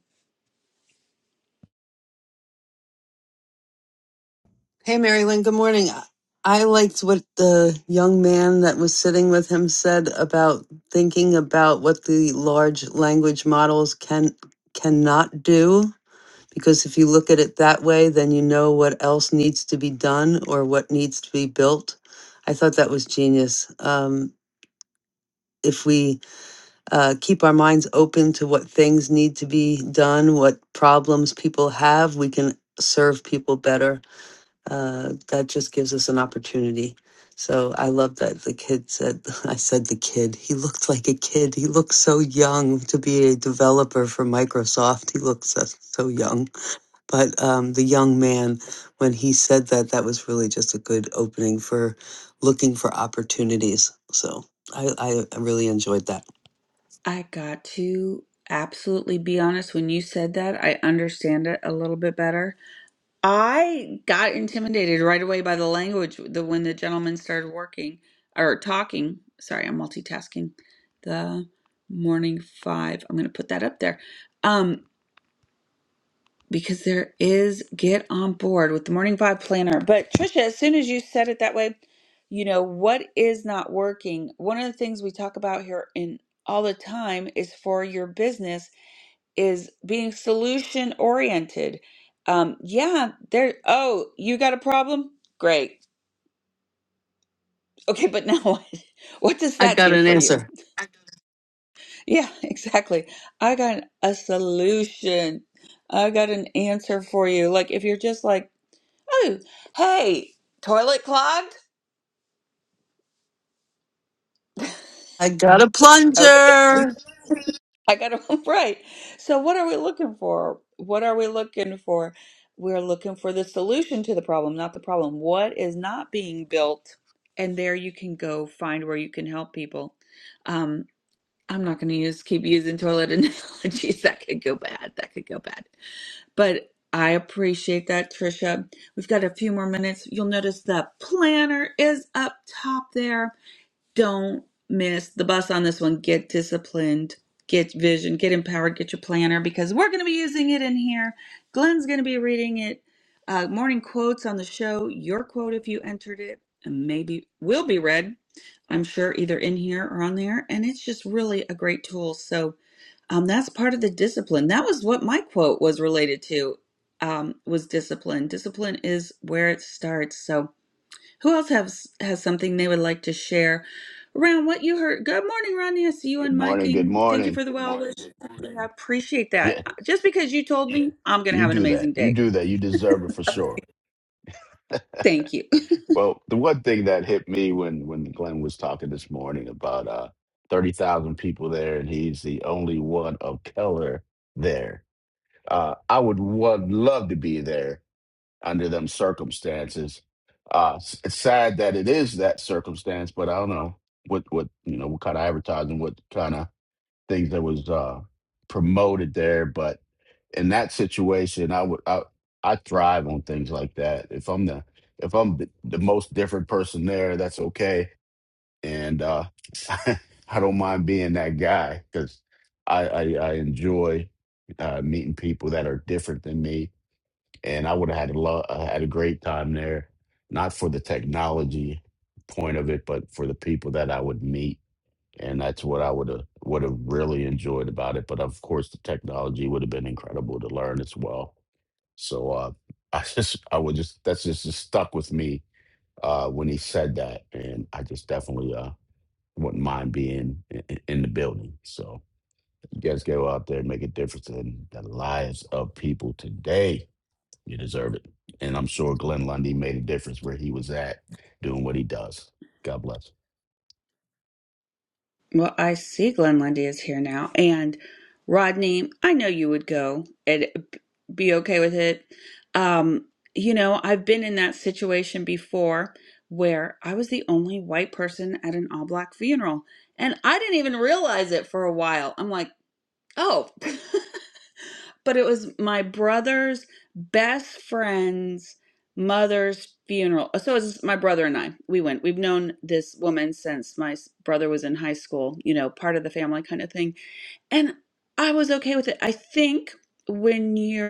Speaker 6: Hey, Marilyn, good morning. I liked what the young man that was sitting with him said about thinking about what the large language models can cannot do because if you look at it that way, then you know what else needs to be done or what needs to be built. I thought that was genius. Um, if we uh, keep our minds open to what things need to be done, what problems people have, we can serve people better uh, that just gives us an opportunity. So I love that the kid said, I said the kid, he looked like a kid. He looked so young to be a developer for Microsoft. He looked so, so young. But um, the young man, when he said that, that was really just a good opening for looking for opportunities. So I, I really enjoyed that.
Speaker 1: I got to absolutely be honest. When you said that, I understand it a little bit better I got intimidated right away by the language the when the gentleman started working or talking. Sorry, I'm multitasking. The morning five. I'm gonna put that up there. Um, because there is get on board with the morning five planner. But Trisha, as soon as you said it that way, you know, what is not working? One of the things we talk about here in all the time is for your business is being solution oriented. Um, yeah, there. Oh, you got a problem? Great. Okay, but now what? What does
Speaker 6: I
Speaker 1: that
Speaker 6: got
Speaker 1: do
Speaker 6: an
Speaker 1: for you?
Speaker 6: answer.
Speaker 1: Yeah, exactly. I got a solution. I got an answer for you. Like if you're just like, oh, hey, toilet clogged.
Speaker 6: I got a
Speaker 1: Okay.
Speaker 6: plunger.
Speaker 1: I got it all right. So, what are we looking for? What are we looking for? We're looking for the solution to the problem, not the problem. What is not being built? And there you can go find where you can help people. Um, I'm not going to use keep using toilet analogies. That could go bad. That could go bad. But I appreciate that, Trisha. We've got a few more minutes. You'll notice the planner is up top there don't miss the bus on this one. Get disciplined, get vision, get empowered, get your planner because we're going to be using it in here. Glenn's going to be reading it. Uh, morning quotes on the show, your quote if you entered it, and maybe will be read, I'm sure, either in here or on there. And it's just really a great tool. So um, that's part of the discipline. That was what my quote was related to. Um, was discipline. Discipline is where it starts. So who else has has something they would like to share around what you heard? Good morning, Ronnie. I see you
Speaker 9: Good
Speaker 1: and
Speaker 9: morning. Good
Speaker 1: Miking. Thank you
Speaker 9: morning.
Speaker 1: for the Good well morning. wish. I appreciate that.
Speaker 9: Yeah,
Speaker 1: Just because you told me, I'm gonna
Speaker 9: you
Speaker 1: have an
Speaker 9: do that.
Speaker 1: amazing
Speaker 9: You
Speaker 1: day.
Speaker 9: do that. You deserve it for sure.
Speaker 1: Thank you.
Speaker 9: Well, the one thing that hit me when when Glenn was talking this morning about uh thirty thousand people there, and he's the only one of color there. Uh, I would would love to be there under them circumstances. Uh, s- it's sad that it is that circumstance, but I don't know what what you know what kind of advertising, what kind of things that was uh, promoted there. But in that situation, I would I, I thrive on things like that. If I'm the if I'm the, the most different person there, that's okay, and uh, I don't mind being that guy because I, I I enjoy uh, meeting people that are different than me, and I would have had a lo- I had a great time there, not for the technology point of it, but for the people that I would meet and that's what I would have would have really enjoyed about it. But of course, the technology would have been incredible to learn as well. So uh, I just I would just that's just, just stuck with me uh, when he said that, and I just definitely uh, wouldn't mind being in, in the building. So you guys go out there and make a difference in the lives of people today. You deserve it, and I'm sure Glenn Lundy made a difference where he was at doing what he does. God bless.
Speaker 1: Well, I see Glenn Lundy is here now, and Rodney, I know you would go and be okay with it. Um, you know, I've been in that situation before where I was the only white person at an all black funeral. And I didn't even realize it for a while. I'm like, Oh, but it was my brother's best friend's mother's funeral. Uh, So it was my brother and I. We went. We've known this woman since my s- brother was in high school, you know, part of the family kind of thing. And I was okay with it. I think when you're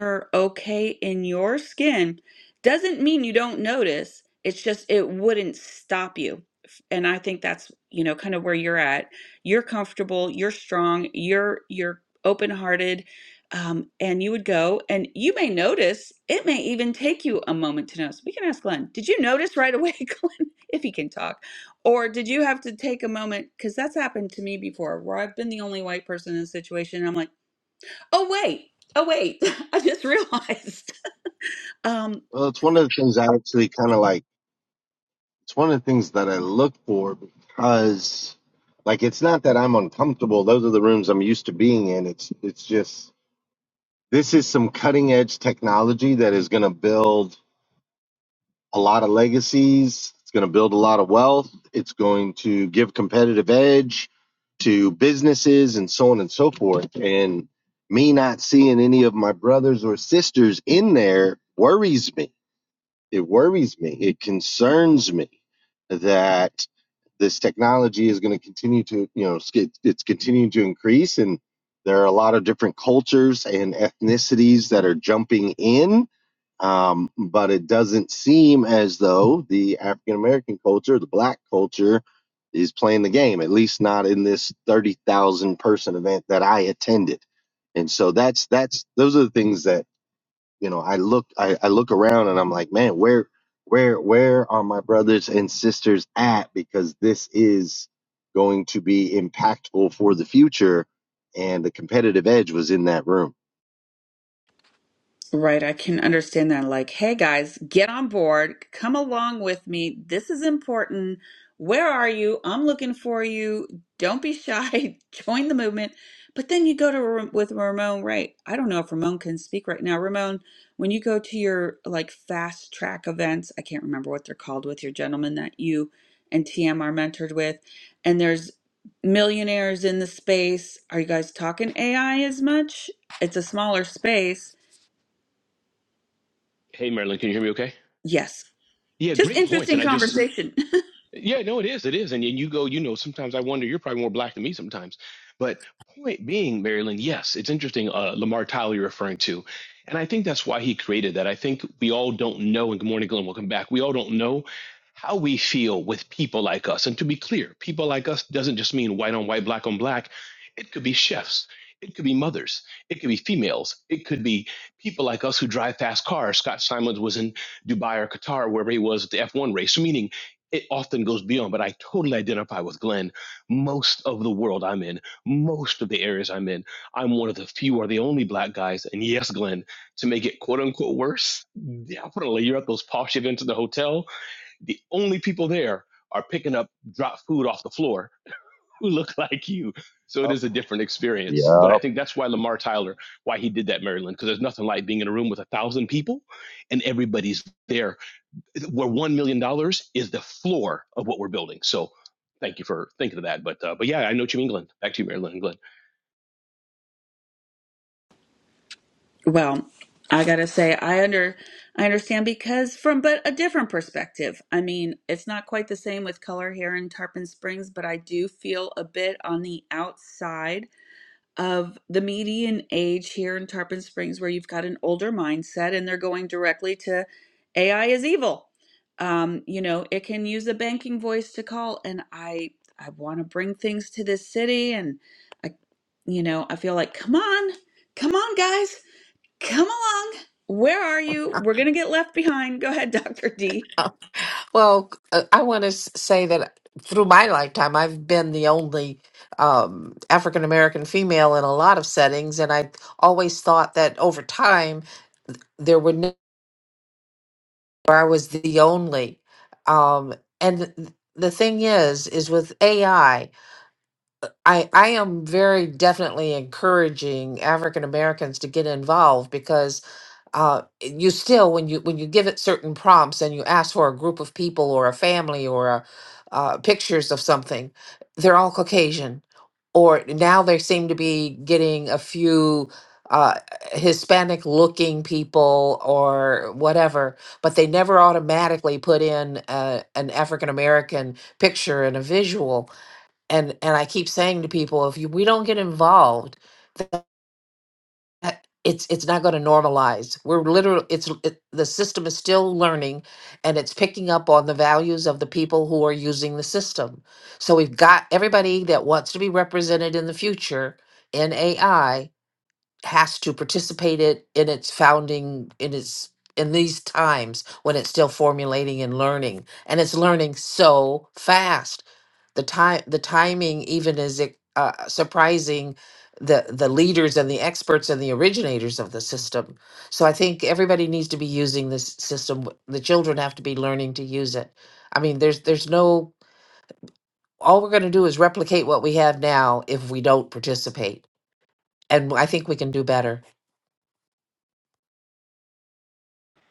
Speaker 1: are okay in your skin doesn't mean you don't notice. It's just it wouldn't stop you. And I think that's, you know, kind of where you're at. You're comfortable, you're strong, you're you're open-hearted, um, and you would go and you may notice it may even take you a moment to notice. We can ask Glenn, did you notice right away, Glenn, if he can talk? Or did you have to take a moment? Because that's happened to me before where I've been the only white person in a situation. and I'm like, Oh wait. Oh wait. I just realized. Um
Speaker 10: Well, it's one of the things I actually kind of like. It's one of the things that I look for because, like, it's not that I'm uncomfortable. Those are the rooms I'm used to being in. It's it's just this is some cutting edge technology that is going to build a lot of legacies. It's going to build a lot of wealth. It's going to give competitive edge to businesses and so on and so forth. And me not seeing any of my brothers or sisters in there worries me it worries me. It concerns me that this technology is going to continue to, you know, it's continuing to increase, and there are a lot of different cultures and ethnicities that are jumping in. Um, but it doesn't seem as though the African American culture, the Black culture, is playing the game. At least not in this thirty thousand person event that I attended. And so that's that's those are the things that you know i look I, I look around and i'm like man where where where are my brothers and sisters at because this is going to be impactful for the future and the competitive edge was in that room
Speaker 1: Right, I can understand that. Like, hey guys, get on board, come along with me. This is important. Where are you? I'm looking for you. Don't be shy. Join the movement. But then you go to Ra- with Ramon, right? I don't know if Ramon can speak right now. Ramon, when you go to your like fast track events, I can't remember what they're called with your gentleman that you and TM are mentored with, and there's millionaires in the space. Are you guys talking AI as much? It's a smaller space
Speaker 11: Hey, Marilyn, can you hear me okay?
Speaker 1: Yes.
Speaker 11: Yeah,
Speaker 1: Just
Speaker 11: great points. And
Speaker 1: interesting
Speaker 11: I just,
Speaker 1: conversation.
Speaker 11: yeah, no, it is. It is. And, and you go, you know, sometimes I wonder, you're probably more black than me sometimes. But point being, Marilyn, yes, it's interesting. Uh, Lamar Tyler you're referring to. And I think that's why he created that. I think we all don't know. And good morning, Glenn. Welcome back. We all don't know how we feel with people like us. And to be clear, people like us doesn't just mean white on white, black on black. It could be chefs. It could be mothers. It could be females. It could be people like us who drive fast cars. Scott Simons was in Dubai or Qatar, wherever he was at the F1 race. so Meaning, it often goes beyond, but I totally identify with Glenn. Most of the world I'm in, most of the areas I'm in, I'm one of the few or the only black guys. And yes, Glenn, to make it quote unquote worse, definitely you're at those posh events at the hotel. The only people there are picking up drop food off the floor who look like you. So it is a different experience.
Speaker 10: Yep.
Speaker 11: But I think that's why Lamar Tyler, why he did that, Maryland, because there's nothing like being in a room with a thousand people and everybody's there where one million dollars is the floor of what we're building. So thank you for thinking of that. But uh, but yeah, I know what you mean, Glenn. Back to you, Marilyn and Glenn.
Speaker 1: well, I got to say I under I understand because from but a different perspective. I mean, it's not quite the same with color here in Tarpon Springs, but I do feel a bit on the outside of the median age here in Tarpon Springs, where you've got an older mindset and they're going directly to AI is evil. Um, you know, it can use a banking voice to call, and I I want to bring things to this city, and I, you know, I feel like come on, come on, guys, come along. Where are you? We're gonna get left behind. Go ahead, Doctor D.
Speaker 12: Well, uh, I want to say that through my lifetime, I've been the only um, African American female in a lot of settings, and I always thought that over time there were no, I was the only. Um, and th- the thing is, is with AI, I I I am very definitely encouraging African Americans to get involved uh, you still when you when you give it certain prompts and you ask for a group of people or a family or a, uh, pictures of something, they're all Caucasian. Or now they seem to be getting a few uh, Hispanic looking people or whatever, but they never automatically put in uh an African American picture and a visual. And and I keep saying to people, if you, we don't get involved uh, it's it's not going to normalize we're literally it's it, the system is still learning and it's picking up on the values of the people who are using the system so we've got everybody that wants to be represented in the future in ai has to participate it in its founding in its in these times when it's still formulating and learning and it's learning so fast the time the timing even is ex- uh, surprising the the leaders and the experts and the originators of the system so i think everybody needs to be using this system W- the children have to be learning to use it i mean there's there's no all we're going to do is replicate what we have now if we don't participate and i think we can do better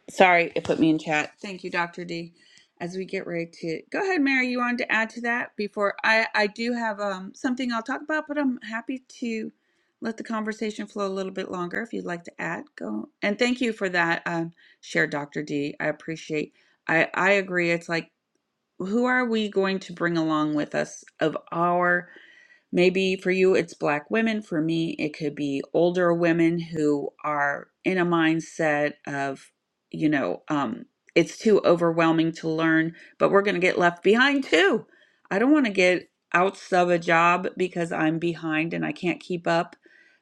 Speaker 1: Sorry, it put me in chat. Thank you, Dr. D. As we get ready to go ahead, Mary, you wanted to add to that before I, I do have um, something I'll talk about, but I'm happy to let the conversation flow a little bit longer if you'd like to add. Go and thank you for that um, share, Dr. D. I appreciate. I I agree. It's like who are we going to bring along with us of our maybe for you it's black women for me it could be older women who are in a mindset of you know um it's too overwhelming to learn but we're going to get left behind too i don't want to get out of a job because i'm behind and i can't keep up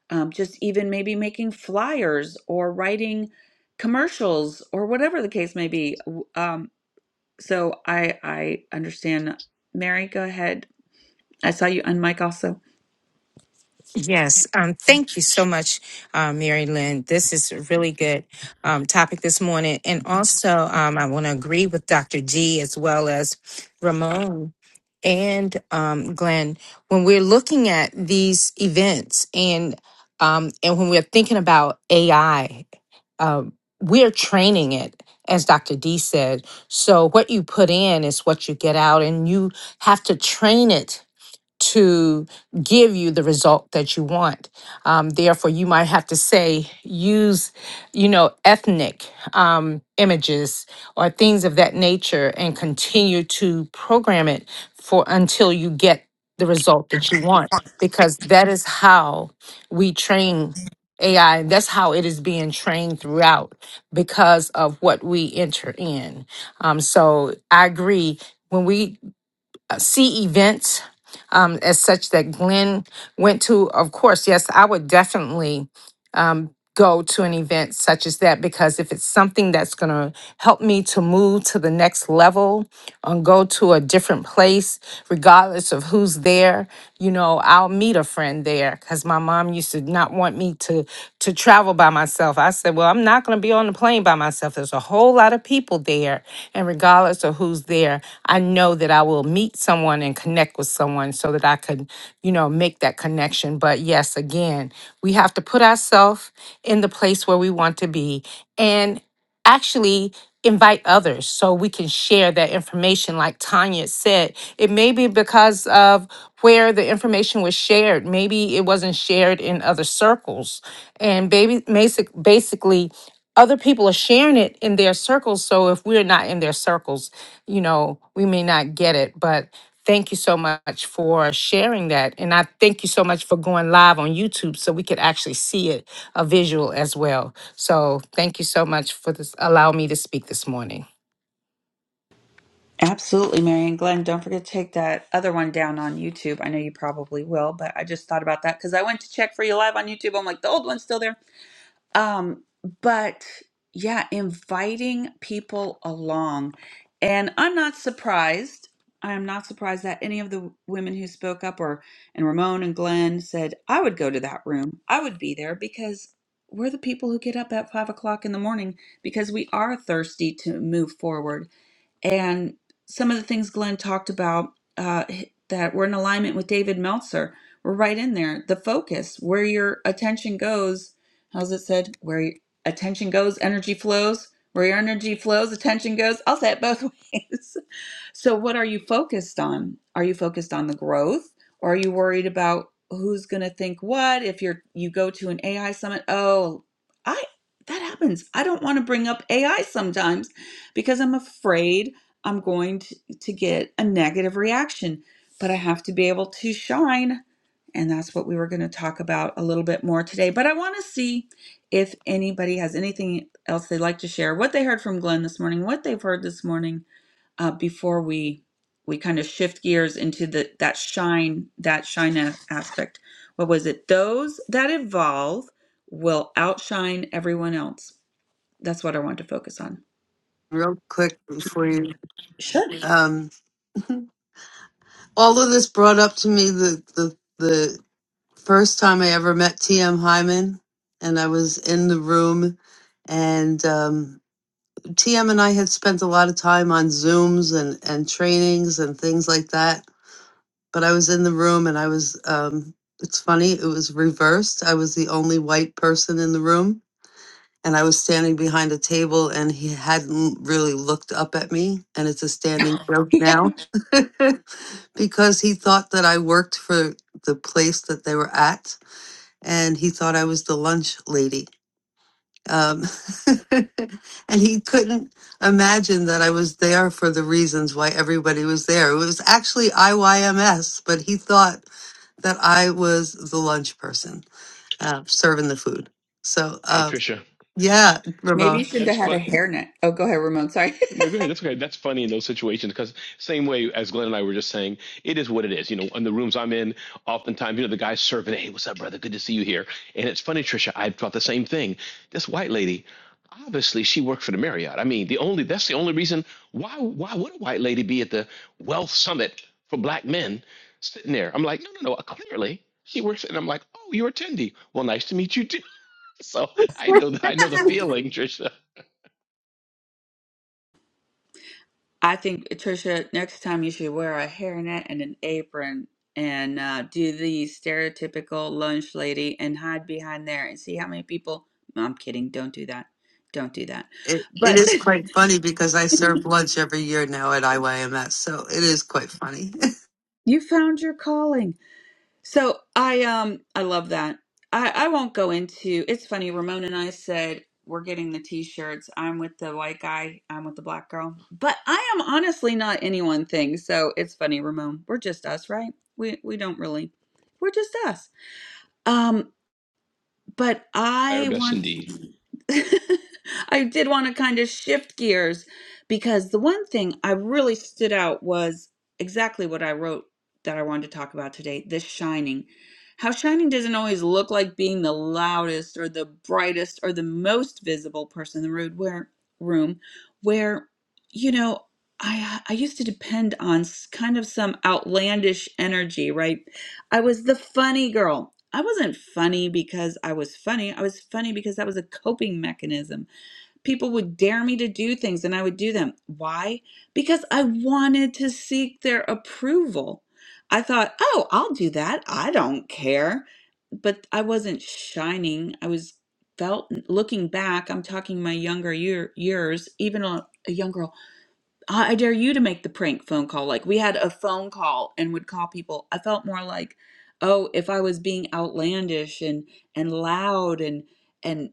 Speaker 1: um, just even maybe making flyers or writing commercials or whatever the case may be W- Um, so I I understand. Mary, go ahead. I saw you on also.
Speaker 13: Yes, um, thank you so much, uh, Mary Lynn. This is a really good um, topic this morning. And also, um, I want to agree with Dr. G as well as Ramon and um, Glenn when we're looking at these events and um, and when we're thinking about AI, um, we're training it, as Dr. D said. So what you put in is what you get out, and you have to train it to give you the result that you want. Um, therefore, you might have to say, use, you know, ethnic um, images or things of that nature and continue to program it for until you get the result that you want, because that is how we train. AI, that's how it is being trained throughout because of what we enter in. Um, so I agree. When we see events um, as such that Glenn went to, of course, yes, I would definitely go to an event such as that because if it's something that's going to help me to move to the next level and go to a different place, regardless of who's there, you know, I'll meet a friend there because my mom used to not want me to to travel by myself. I said, well, I'm not going to be on the plane by myself. There's a whole lot of people there, and regardless of who's there, I know that I will meet someone someone and connect with someone so that I could, you know, make that connection. But yes, again, we have to put ourselves in the place where we want to be and actually invite others so we can share that information like Tanya said. It may be because of where the information was shared. Maybe it wasn't shared in other circles. And baby basic basically other people are sharing it in their circles. So if we're not in their circles, you know, we may not get it. But thank you so much for sharing that. And I thank you so much for going live on YouTube so we could actually see it, a visual as well. So thank you so much for this, allow me to speak this morning.
Speaker 1: Absolutely, Mary and Glenn. Don't forget to take that other one down on YouTube. I know you probably will, but I just thought about that because I went to check for you live on YouTube. I'm like, the old one's still there. Um, but yeah, inviting people along. And I'm not surprised. I'm not surprised that any of the women who spoke up or and Ramon and Glenn said, I would go to that room. I would be there because we're the people who get up at five o'clock in the morning because we are thirsty to move forward and some of the things Glenn talked about uh, that were in alignment with David Meltzer were right in there. The focus, where your attention goes, how's it said? Where your attention goes, energy flows. Where your energy flows, attention goes. I'll say it both ways. So, what are you focused on? Are you focused on the growth, or are you worried about who's going to think what? If you're you go to an AI summit, oh, I that happens. I don't want to bring up AI sometimes because I'm afraid I'm going to, to get a negative reaction, but I have to be able to shine. And that's what we were going to talk about a little bit more today. But I want to see if anybody has anything else they'd like to share, what they heard from Glenn this morning, what they've heard this morning, uh, before we we kind of shift gears into the that shine that shine a- aspect. What was it? Those that evolve will outshine everyone else. That's what I want to focus on.
Speaker 6: Real quick before you.
Speaker 1: Sure.
Speaker 6: Um, all of this brought up to me the, the the first time I ever met TM Hyman, and I was in the room, and um, TM and I had spent a lot of time on Zooms and and trainings and things like that. But I was in the room, and I was. Um, it's funny, it was reversed. I was the only white person in the room and I was standing behind a table and he hadn't really looked up at me. And it's a standing joke now because he thought that I worked for the place that they were at and he thought I was the lunch lady. Um, and he couldn't imagine that I was there for the reasons why everybody was there. It was actually IYMS, but he thought that I was the lunch person uh, serving the food. So,
Speaker 11: Hey
Speaker 6: uh,
Speaker 11: Tricia,
Speaker 6: yeah,
Speaker 1: Maybe
Speaker 6: Ramon.
Speaker 1: you should
Speaker 11: that's
Speaker 1: have had
Speaker 11: fun.
Speaker 1: a hairnet. Oh, go ahead, Ramon. Sorry.
Speaker 11: No, go ahead. That's okay. That's funny in those situations because same way as Glenn and I were just saying, it is what it is. You know, in the rooms I'm in, oftentimes, you know, the guy's serving, hey, what's up, brother? Good to see you here. And it's funny, Trisha, I thought the same thing. This white lady, obviously she worked for the Marriott. I mean, the only that's the only reason why why would a white lady be at the wealth summit for black men sitting there? I'm like, no, no, no, uh, clearly she works and I'm like, oh, you're attendee. Well, nice to meet you too. So I know that I know the feeling, Trisha.
Speaker 1: I think Trisha, next time you should wear a hairnet and an apron and uh, do the stereotypical lunch lady and hide behind there and see how many people. No, I'm kidding. Don't do that. Don't do that.
Speaker 6: It, it
Speaker 1: But
Speaker 6: is quite funny because I serve lunch every year now at IYMS, so it is quite funny.
Speaker 1: you found your calling. So I um I love that. I I won't go into. It's funny. Ramon and I said we're getting the t-shirts. I'm with the white guy. I'm with the black girl. But I am honestly not any one thing. So it's funny, Ramon. We're just us, right? We we don't really. We're just us. um but
Speaker 11: Our
Speaker 1: I
Speaker 11: best
Speaker 1: want
Speaker 11: indeed.
Speaker 1: I did want to kind of shift gears because the one thing I really stood out was exactly what I wrote that I wanted to talk about today this shining. How shining doesn't always look like being the loudest or the brightest or the most visible person in the room where room where you know I I used to depend on s- kind of some outlandish energy, right? I was the funny girl. I wasn't funny because I was funny. I was funny because that was a coping mechanism. People would dare me to do things and I would do them. Why? Because I wanted to seek their approval. I thought, oh, I'll do that. I don't care. But I wasn't shining. I was felt looking back. I'm talking my younger year, years, even a, a young girl. I I dare you to make the prank phone call. Like we had a phone call and would call people. I felt more like, oh, if I was being outlandish and and loud and and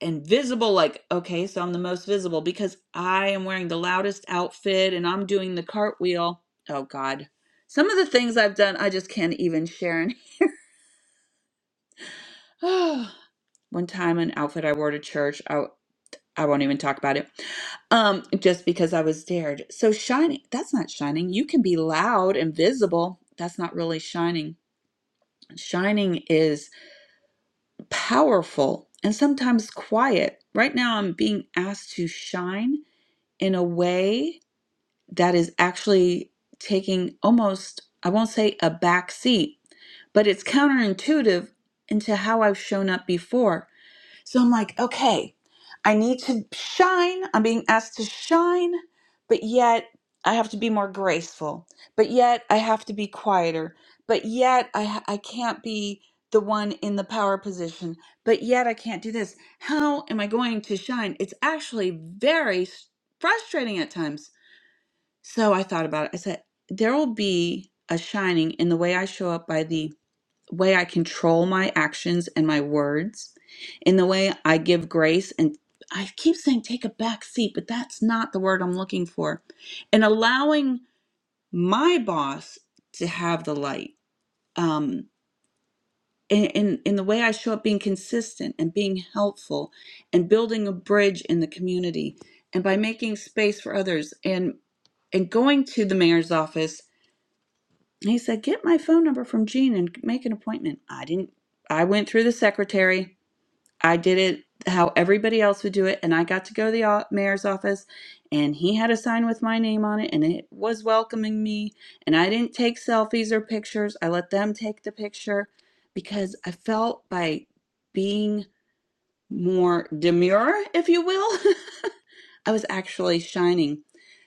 Speaker 1: and visible, like okay, so I'm the most visible because I am wearing the loudest outfit and I'm doing the cartwheel. Oh God, some of the things I've done, I just can't even share. And One time, an outfit I wore to church. I I won't even talk about it. Um, just because I was dared. So shining, that's not shining. You can be loud and visible. That's not really shining. Shining is powerful and sometimes quiet. Right now I'm being asked to shine in a way that is actually taking almost, I won't say a back seat, but it's counterintuitive into how I've shown up before so I'm like, okay, I need to shine. I'm being asked to shine, but yet I have to be more graceful. But yet I have to be quieter. But yet I ha- I can't be the one in the power position. But yet I can't do this. How am I going to shine? It's actually very s- frustrating at times so I thought about it. I said, there will be a shining in the way I show up by the way I control my actions and my words, in the way I give grace and I keep saying take a back seat, but that's not the word I'm looking for. And allowing my boss to have the light. um, in, in in the way I show up being consistent and being helpful and building a bridge in the community and by making space for others and and going to the mayor's office and he said get my phone number from Jean and make an appointment I didn't I went through the secretary I did it how everybody else would do it, and I got to go to the o- mayor's office, and he had a sign with my name on it, and it was welcoming me. And I didn't take selfies or pictures, I let them take the picture because I felt by being more demure, if you will, I was actually shining.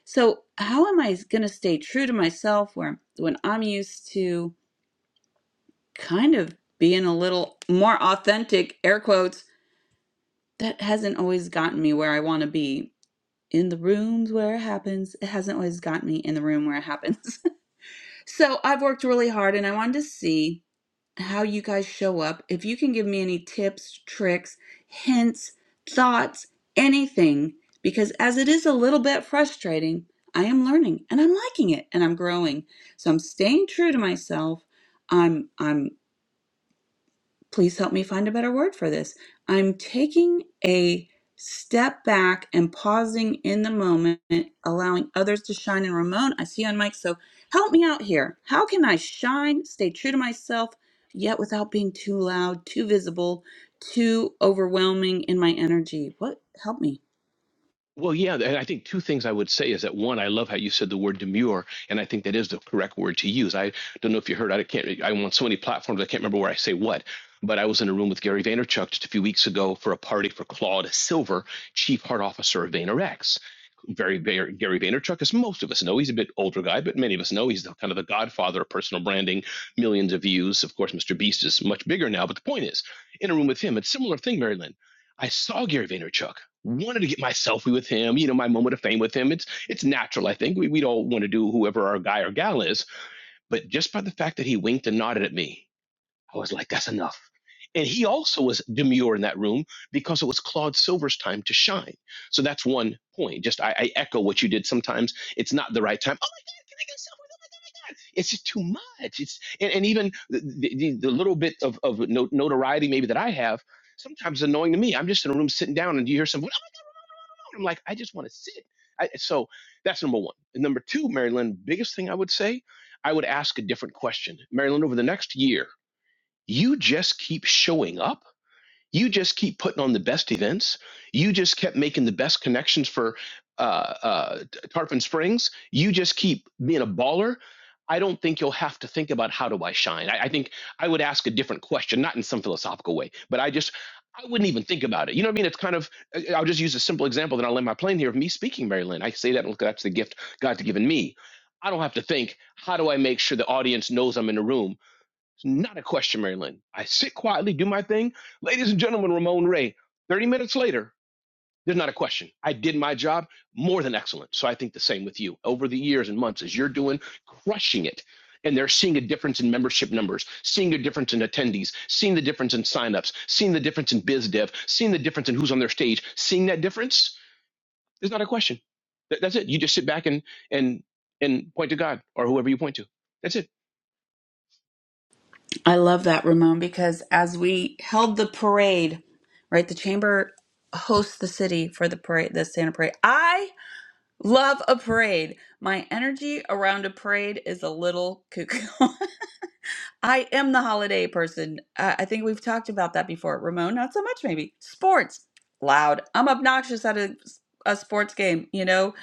Speaker 1: So, how am I going to stay true to myself where, when I'm used to kind of being a little more authentic, air quotes? that hasn't always gotten me where I want to be in the rooms where it happens. It hasn't always gotten me in the room where it happens. so I've worked really hard and I wanted to see how you guys show up. If you can give me any tips, tricks, hints, thoughts, anything, because as it is a little bit frustrating, I am learning and I'm liking it and I'm growing. So I'm staying true to myself. I'm I'm please help me find a better word for this. I'm taking a step back and pausing in the moment, allowing others to shine. And Ramon, I see you on mic, so help me out here. How can I shine, stay true to myself, yet without being too loud, too visible, too overwhelming in my energy? What help me?
Speaker 11: Well, yeah, and I think two things I would say is that one, I love how you said the word demure, and I think that is the correct word to use. I don't know if you heard, I can't, I'm on so many platforms, I can't remember where I say what, but I was in a room with Gary Vaynerchuk just a few weeks ago for a party for Claude Silver, Chief Heart Officer of VaynerX. Very, very Gary Vaynerchuk, as most of us know, he's a bit older guy, but many of us know he's the, kind of the godfather of personal branding, millions of views. Of course, Mr. Beast is much bigger now, but the point is, in a room with him, it's a similar thing, Mary Lynn. I saw Gary Vaynerchuk wanted to get my selfie with him, you know, my moment of fame with him. It's it's natural, I think. We we don't want to do whoever our guy or gal is, but just by the fact that he winked and nodded at me, I was like, that's enough. And he also was demure in that room because it was Claude Silver's time to shine. So that's one point. Just I, I echo what you did. Sometimes it's not the right time. Oh my God, can I get a selfie? Oh my God, oh my God. It's just too much. It's and, and even the, the, the little bit of, of no- notoriety maybe that I have sometimes is annoying to me. I'm just in a room sitting down and you hear someone. I'm like, I just want to sit. I, so that's number one. And number two, Marilyn, biggest thing I would say, I would ask a different question. Marilyn, over the next year, you just keep showing up you just keep putting on the best events you just kept making the best connections for uh, uh, tarpon springs you just keep being a baller i don't think you'll have to think about how do i shine I, I think i would ask a different question not in some philosophical way but i just i wouldn't even think about it you know what i mean it's kind of I- will just use a simple example then i'll land my plane here of me speaking mary lynn i say that look that's the gift god's given me i don't have to think how do i make sure the audience knows i'm in the room it's Not a question, Mary Lynn. I sit quietly, do my thing. Ladies and gentlemen, Ramon Ray, 30 minutes later, there's not a question. I did my job more than excellent. So I think the same with you. Over the years and months, as you're doing, crushing it. And they're seeing a difference in membership numbers, seeing a difference in attendees, seeing the difference in signups, seeing the difference in biz dev, seeing the difference in who's on their stage, seeing that difference, there's not a question. Th- That's it. You just sit back and and and point to God or whoever you point to. That's it.
Speaker 1: I love that, Ramon, because as we held the parade, right, the chamber hosts the city for the parade, the Santa parade. I Love a parade. My energy around a parade is a little cuckoo. I am the holiday person. Uh, I think we've talked about that before. Ramon, not so much, maybe. Sports, loud. I'm obnoxious at a, a sports game, you know?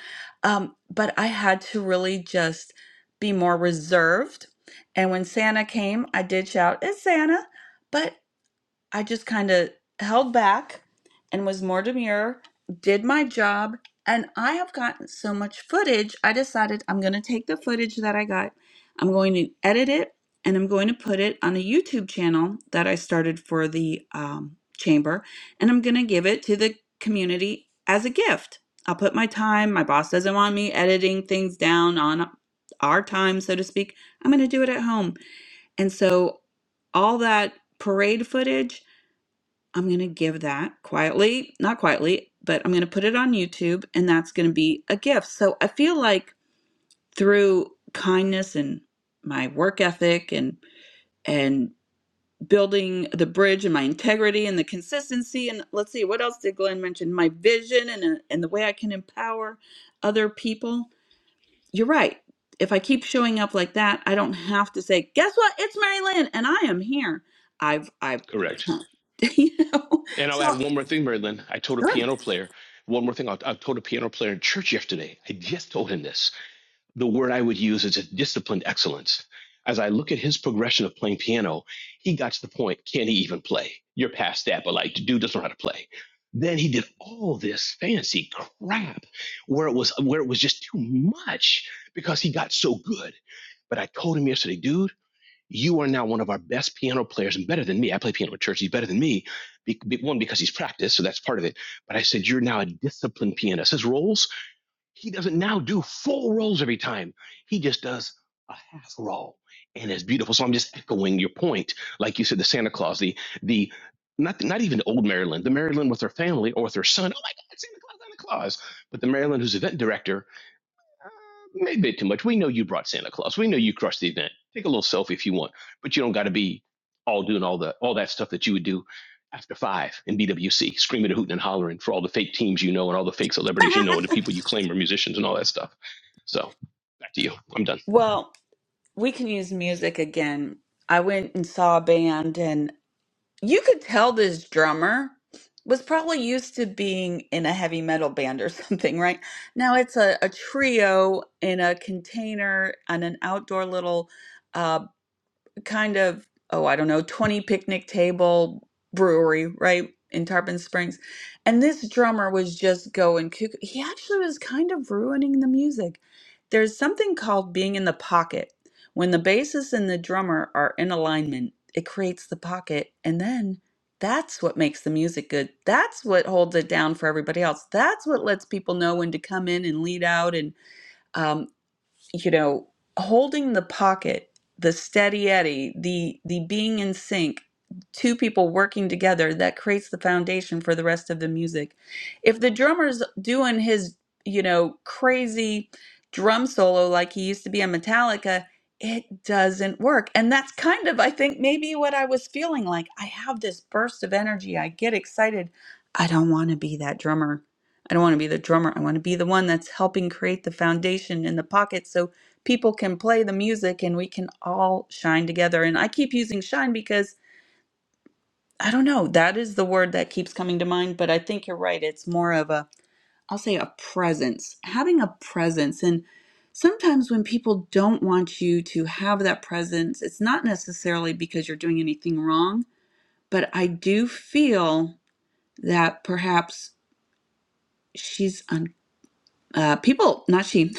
Speaker 1: Um, but I had to really just be more reserved. And when Santa came, I did shout, It's Santa. but. I just kind of held back and was more demure, did my job, and I have gotten so much footage. I decided I'm going to take the footage that I got, I'm going to edit it, and I'm going to put it on a YouTube channel that I started for the um, chamber, and I'm going to give it to the community as a gift. I'll put my time, my boss doesn't want me editing things down on our time, so to speak. I'm going to do it at home. And so all that parade footage I'm going to give that quietly, not quietly, but I'm going to put it on YouTube and that's going to be a gift. So I feel like through kindness and my work ethic and and building the bridge and my integrity and the consistency and let's see what else did Glenn mention my vision and uh, and the way I can empower other people. You're right. If I keep showing up like that, I don't have to say, "Guess what? It's Mary Lynn and I am here." I've I've
Speaker 11: Correct.
Speaker 1: you know.
Speaker 11: And I'll
Speaker 1: So
Speaker 11: add one more thing, Mary Lynn. I told a
Speaker 1: sure.
Speaker 11: piano player, one more thing. I, I told a piano player in church yesterday. I just told him this. The word I would use is a disciplined excellence. As I look at his progression of playing piano, he got to the point, can he even play? You're past that, but like, the dude doesn't know how to play. Then he did all this fancy crap where it was where it was just too much because he got so good. But I told him yesterday, dude you are now one of our best piano players and better than me. I play piano at church. He's better than me. Be, be- one, because he's practiced, so that's part of it. But I said, You're now a disciplined pianist. His rolls he doesn't now do full rolls every time, he just does a half roll. And it's beautiful. So I'm just echoing your point. Like you said, the Santa Claus, the, the, not, not even old Maryland, the Maryland with her family or with her son. Oh my God, Santa Claus, Santa Claus. But the Maryland who's event director maybe too much. We know you brought Santa Claus. We know you crushed the event. Take a little selfie if you want, but you don't got to be all doing all the all that stuff that you would do after five in BWC, screaming and hooting and hollering for all the fake teams you know and all the fake celebrities you know and the people you claim are musicians and all that stuff. So back to you. I'm done.
Speaker 1: Well, we can use music again. I went and saw a band, and you could tell this drummer was probably used to being in a heavy metal band or something, right? Now it's a, a trio in a container on an outdoor little uh, kind of, oh, I don't know, 20 picnic table brewery, right? In Tarpon Springs. And this drummer was just going cuckoo. He actually was kind of ruining the music. There's something called being in the pocket. When the bassist and the drummer are in alignment, it creates the pocket. And then that's what makes the music good. That's what holds it down for everybody else. That's what lets people know when to come in and lead out. And um, you know, holding the pocket, the steady eddy, the the being in sync, two people working together that creates the foundation for the rest of the music. If the drummer's doing his, you know, crazy drum solo like he used to be in Metallica, it doesn't work. And that's kind of I think maybe what I was feeling like. I have this burst of energy. I get excited. I don't want to be that drummer I don't want to be the drummer. I want to be the one that's helping create the foundation in the pocket so people can play the music and we can all shine together. And I keep using shine because I don't know, that is the word that keeps coming to mind, but I think you're right. It's more of a, I'll say a presence, having a presence. And sometimes when people don't want you to have that presence, it's not necessarily because you're doing anything wrong, but I do feel that perhaps. She's uncomfortable Uh, people, not she.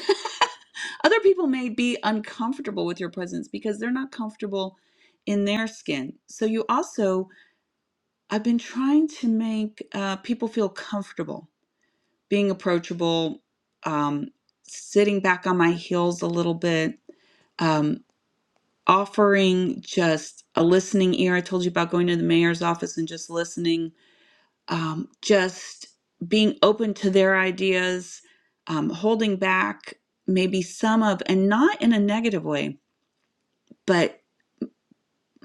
Speaker 1: Other people may be uncomfortable with your presence because they're not comfortable in their skin. So you also, I've been trying to make uh, people feel comfortable, being approachable, um, sitting back on my heels a little bit, um, offering just a listening ear. I told you about going to the mayor's office and just listening um, just being open to their ideas, um, holding back maybe some of, and not in a negative way, but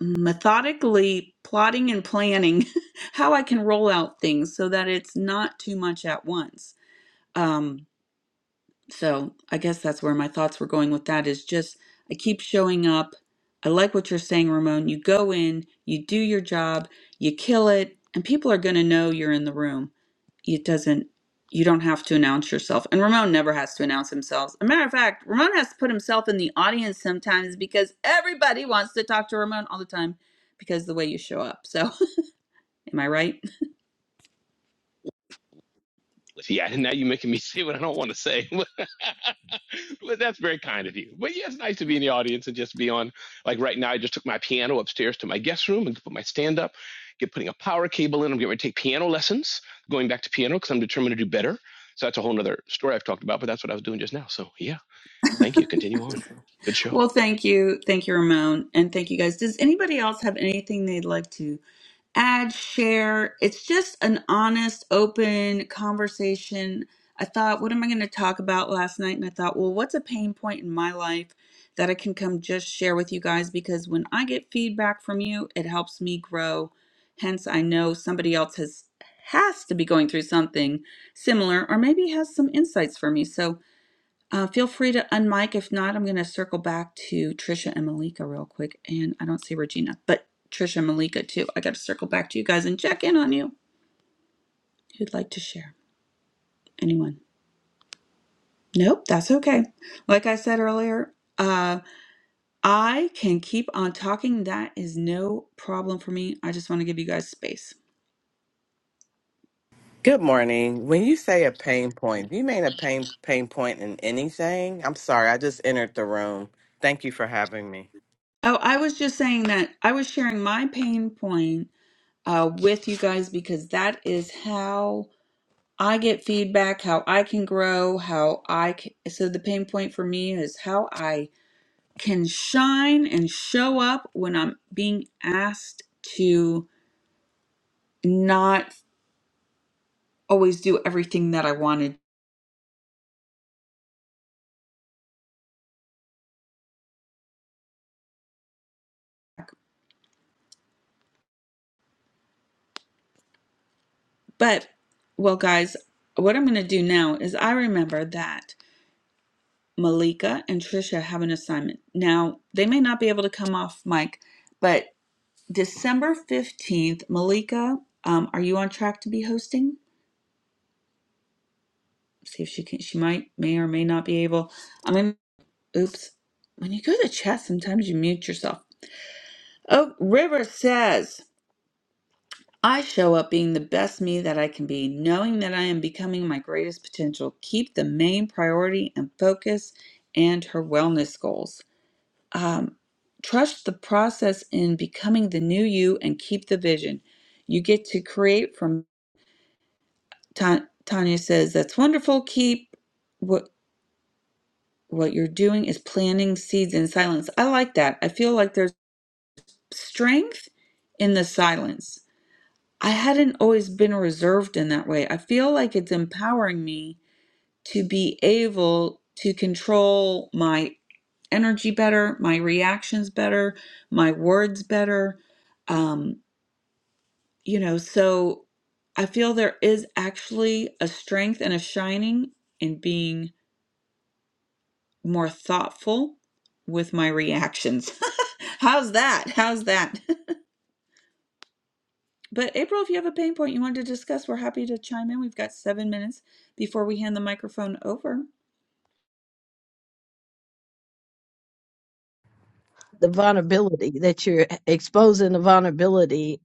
Speaker 1: methodically plotting and planning how I can roll out things so that it's not too much at once. Um, so I guess that's where my thoughts were going with that is just I keep showing up. I like what you're saying, Ramon. You go in, you do your job, you kill it, and people are going to know you're in the room it doesn't you don't have to announce yourself and ramon never has to announce himself As a matter of fact ramon has to put himself in the audience sometimes because everybody wants to talk to ramon all the time because of the way you show up so am i right
Speaker 11: Yeah, now you're making me say what I don't want to say. but that's very kind of you. But yeah, it's nice to be in the audience and just be on. Like right now, I just took my piano upstairs to my guest room and put my stand up. Get putting a power cable in. I'm getting ready to take piano lessons. Going back to piano because I'm determined to do better. So that's a whole other story I've talked about. But that's what I was doing just now. So yeah, thank you. Continue on. Good show.
Speaker 1: Well, thank you. Thank you, Ramon. And thank you guys. Does anybody else have anything they'd like to add, share? It's just an honest, open conversation. I thought, what am I going to talk about last night? And I thought, well, what's a pain point in my life that I can come just share with you guys? Because when I get feedback from you, it helps me grow. Hence, I know somebody else has has to be going through something similar or maybe has some insights for me. So uh, feel free to unmic. If not, I'm going to circle back to Trisha and Malika real quick. And I don't see Regina, but Trisha and Malika too. I got to circle back to you guys and check in on you. Who'd like to share? Anyone? Nope, that's okay. Like I said earlier, uh, I can keep on talking. That is no problem for me. I just want to give you guys space.
Speaker 14: Good morning. When you say a pain point, do you mean a pain pain point in anything? I'm sorry, I just entered the room. Thank you for having me.
Speaker 1: Oh, I was just saying that I was sharing my pain point uh, with you guys because that is how I get feedback, how I can grow, how I can. So, the pain point for me is how I can shine and show up when I'm being asked to not always do everything that I wanted. But, well, guys, what I'm going to do now is I remember that Malika and Trisha have an assignment. Now, they may not be able to come off mic, but December 15th, Malika, um, are you on track to be hosting? see if she can she might may or may not be able i mean oops when you go to chat sometimes you mute yourself oh river says i show up being the best me that i can be knowing that i am becoming my greatest potential keep the main priority and focus and her wellness goals um, trust the process in becoming the new you and keep the vision you get to create from Ta- tanya says that's wonderful keep what." What you're doing is planting seeds in silence. I like that. I feel like there's strength in the silence. I hadn't always been reserved in that way. I feel like it's empowering me to be able to control my energy better, my reactions better, my words better. Um, you know, so I feel there is actually a strength and a shining in being more thoughtful with my reactions. How's that? How's that? But April, if you have a pain point you want to discuss, we're happy to chime in. We've got seven minutes before we hand the microphone over.
Speaker 8: the vulnerability that you're exposing the vulnerability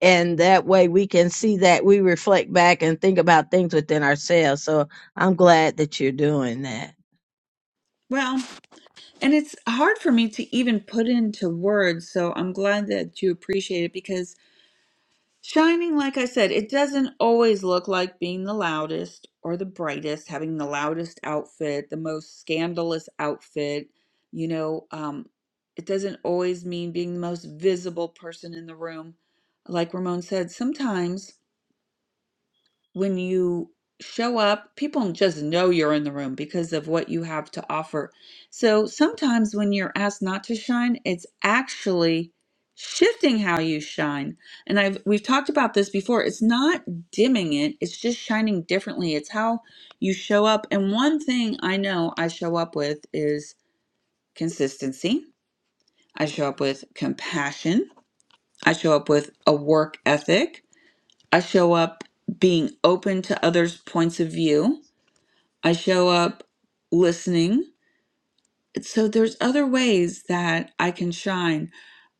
Speaker 8: and that way we can see that we reflect back and think about things within ourselves. So I'm glad that you're doing that.
Speaker 1: Well, and it's hard for me to even put into words, so I'm glad that you appreciate it because. Shining, like I said, it doesn't always look like being the loudest or the brightest, having the loudest outfit, the most scandalous outfit. You know, um, it doesn't always mean being the most visible person in the room. Like Ramon said, sometimes when you show up, people just know you're in the room because of what you have to offer. So sometimes when you're asked not to shine, it's actually shifting how you shine. And I've we've talked about this before. It's not dimming it, it's just shining differently. It's how you show up. And one thing I know I show up with is consistency. I show up with compassion. I show up with a work ethic. I show up being open to others' points of view. I show up listening. So there's other ways that I can shine.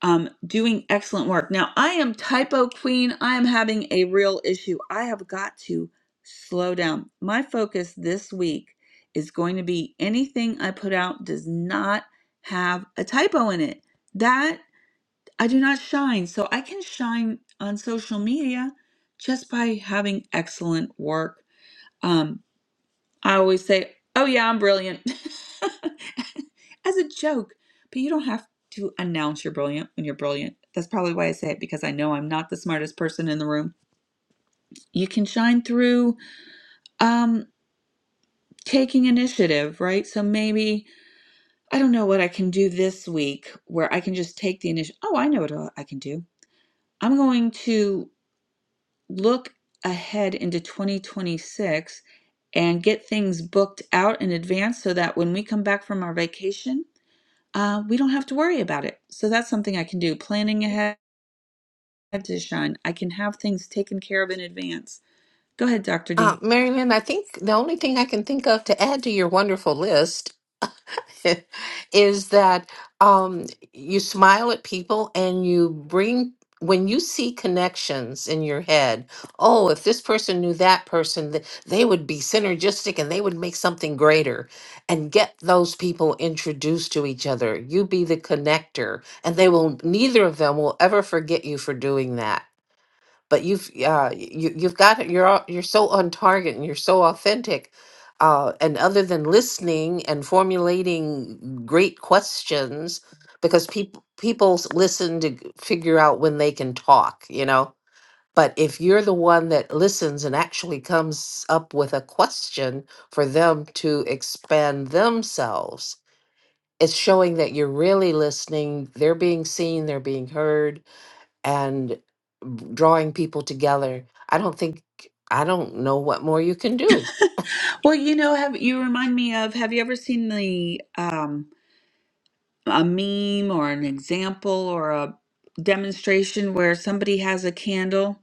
Speaker 1: Um, doing excellent work. Now I am typo queen. I am having a real issue. I have got to slow down. My focus this week is going to be anything I put out does not have a typo in it. That I do not shine. So I can shine on social media just by having excellent work. Um, I always say, "Oh yeah, I'm brilliant," as a joke. But you don't have to announce you're brilliant when you're brilliant. That's probably why I say it because I know I'm not the smartest person in the room. You can shine through um, taking initiative, right? So maybe I don't know what I can do this week where I can just take the initiative. Oh, I know what uh, I can do. I'm going to look ahead into 2026 and get things booked out in advance so that when we come back from our vacation uh, we don't have to worry about it. So that's something I can do. Planning ahead to shine. I can have things taken care of in advance. Go ahead, Dr.
Speaker 12: Uh,
Speaker 1: D.
Speaker 12: Marianne, I think the only thing I can think of to add to your wonderful list is that um, you smile at people and you bring when you see connections in your head oh if this person knew that person th- they would be synergistic and they would make something greater and get those people introduced to each other you be the connector and they will neither of them will ever forget you for doing that but you've uh you you've got it- you're all- you're so on target and you're so authentic uh and other than listening and formulating great questions because people people s- listen to g- figure out when they can talk you know but if you're the one that listens and actually comes up with a question for them to expand themselves it's showing that you're really listening they're being seen they're being heard and b- drawing people together. I don't think I don't know what more you can do
Speaker 1: Well, you know, have you remind me of have you ever seen the um a meme or an example or a demonstration where somebody has a candle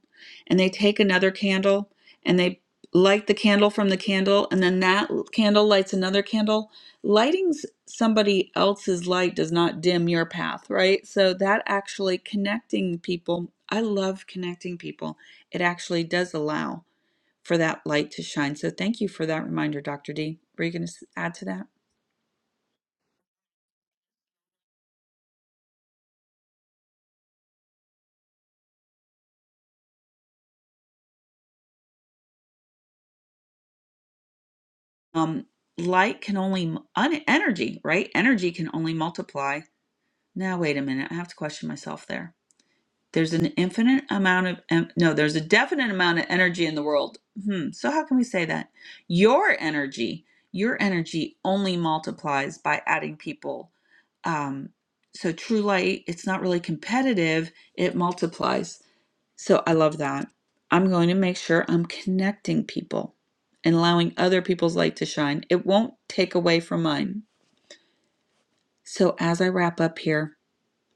Speaker 1: and they take another candle and they light the candle from the candle and then that l- candle lights another candle lighting s- somebody else's light does not dim your path right so that actually connecting people i love connecting people it actually does allow for that light to shine so thank you for that reminder dr d were you going to add to that um light can only energy right energy can only multiply now wait a minute i have to question myself there there's an infinite amount of no there's a definite amount of energy in the world hmm so how can we say that your energy your energy only multiplies by adding people um so true light it's not really competitive it multiplies so I love that. I'm going to make sure I'm connecting people and allowing other people's light to shine. It won't take away from mine. So as I wrap up here,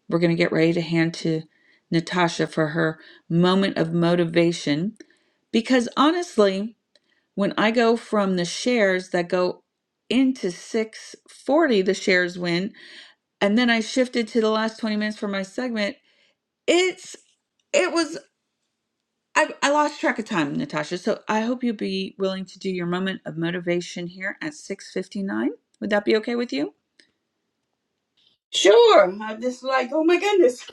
Speaker 1: we're going to get ready to hand to Natasha for her moment of motivation because honestly, when I go from the shares that go into 640 the shares win and then I shifted to the last 20 minutes for my segment, it's it was I, I lost track of time, Natasha. So I hope you'll be willing to do your moment of motivation here at 6:59. Would that be okay with you?
Speaker 15: Sure. I'm just like, oh my goodness.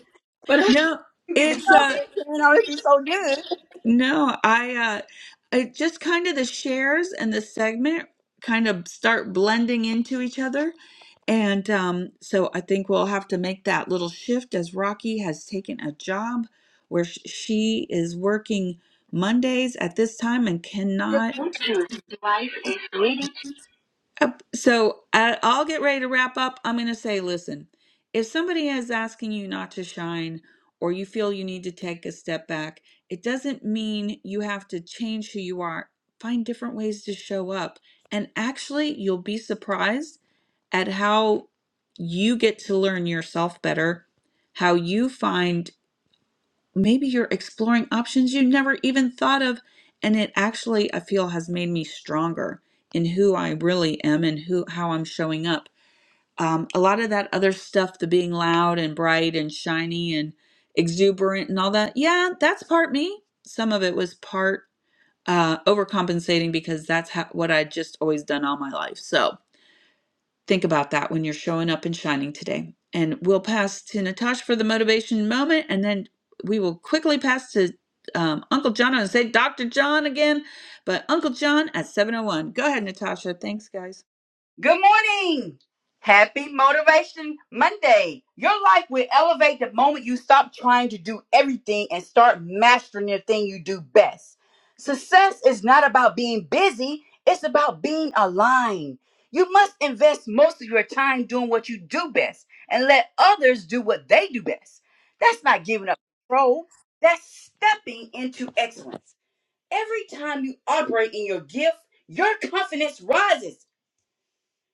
Speaker 15: But I
Speaker 1: No,
Speaker 15: didn't get to
Speaker 1: it's
Speaker 15: talking.
Speaker 1: uh
Speaker 15: It turned out to be so good.
Speaker 1: no, I uh I just kind of the shares and the segment kind of start blending into each other. And um, so I think we'll have to make that little shift as Rocky has taken a job where sh- she is working Mondays at this time and cannot. Uh, So I- I'll get ready to wrap up. I'm going to say, listen, if somebody is asking you not to shine or you feel you need to take a step back, it doesn't mean you have to change who you are. Find different ways to show up. And actually, you'll be surprised at how you get to learn yourself better, how you find maybe you're exploring options you never even thought of and it actually i feel has made me stronger in who i really am and who how i'm showing up um, a lot of that other stuff the being loud and bright and shiny and exuberant and all that yeah that's part me some of it was part uh, overcompensating because that's how, what i would just always done all my life so Think about that when you're showing up and shining today. And we'll pass to Natasha for the motivation moment, and then we will quickly pass to um, Uncle John and say Dr. John again, but Uncle John at 701. Go ahead, Natasha. Thanks, guys.
Speaker 15: Good morning. Happy Motivation Monday. Your life will elevate the moment you stop trying to do everything and start mastering the thing you do best. Success is not about being busy, it's about being aligned. You must invest most of your time doing what you do best and let others do what they do best. That's not giving up control, that's stepping into excellence. Every time you operate in your gift, your confidence rises,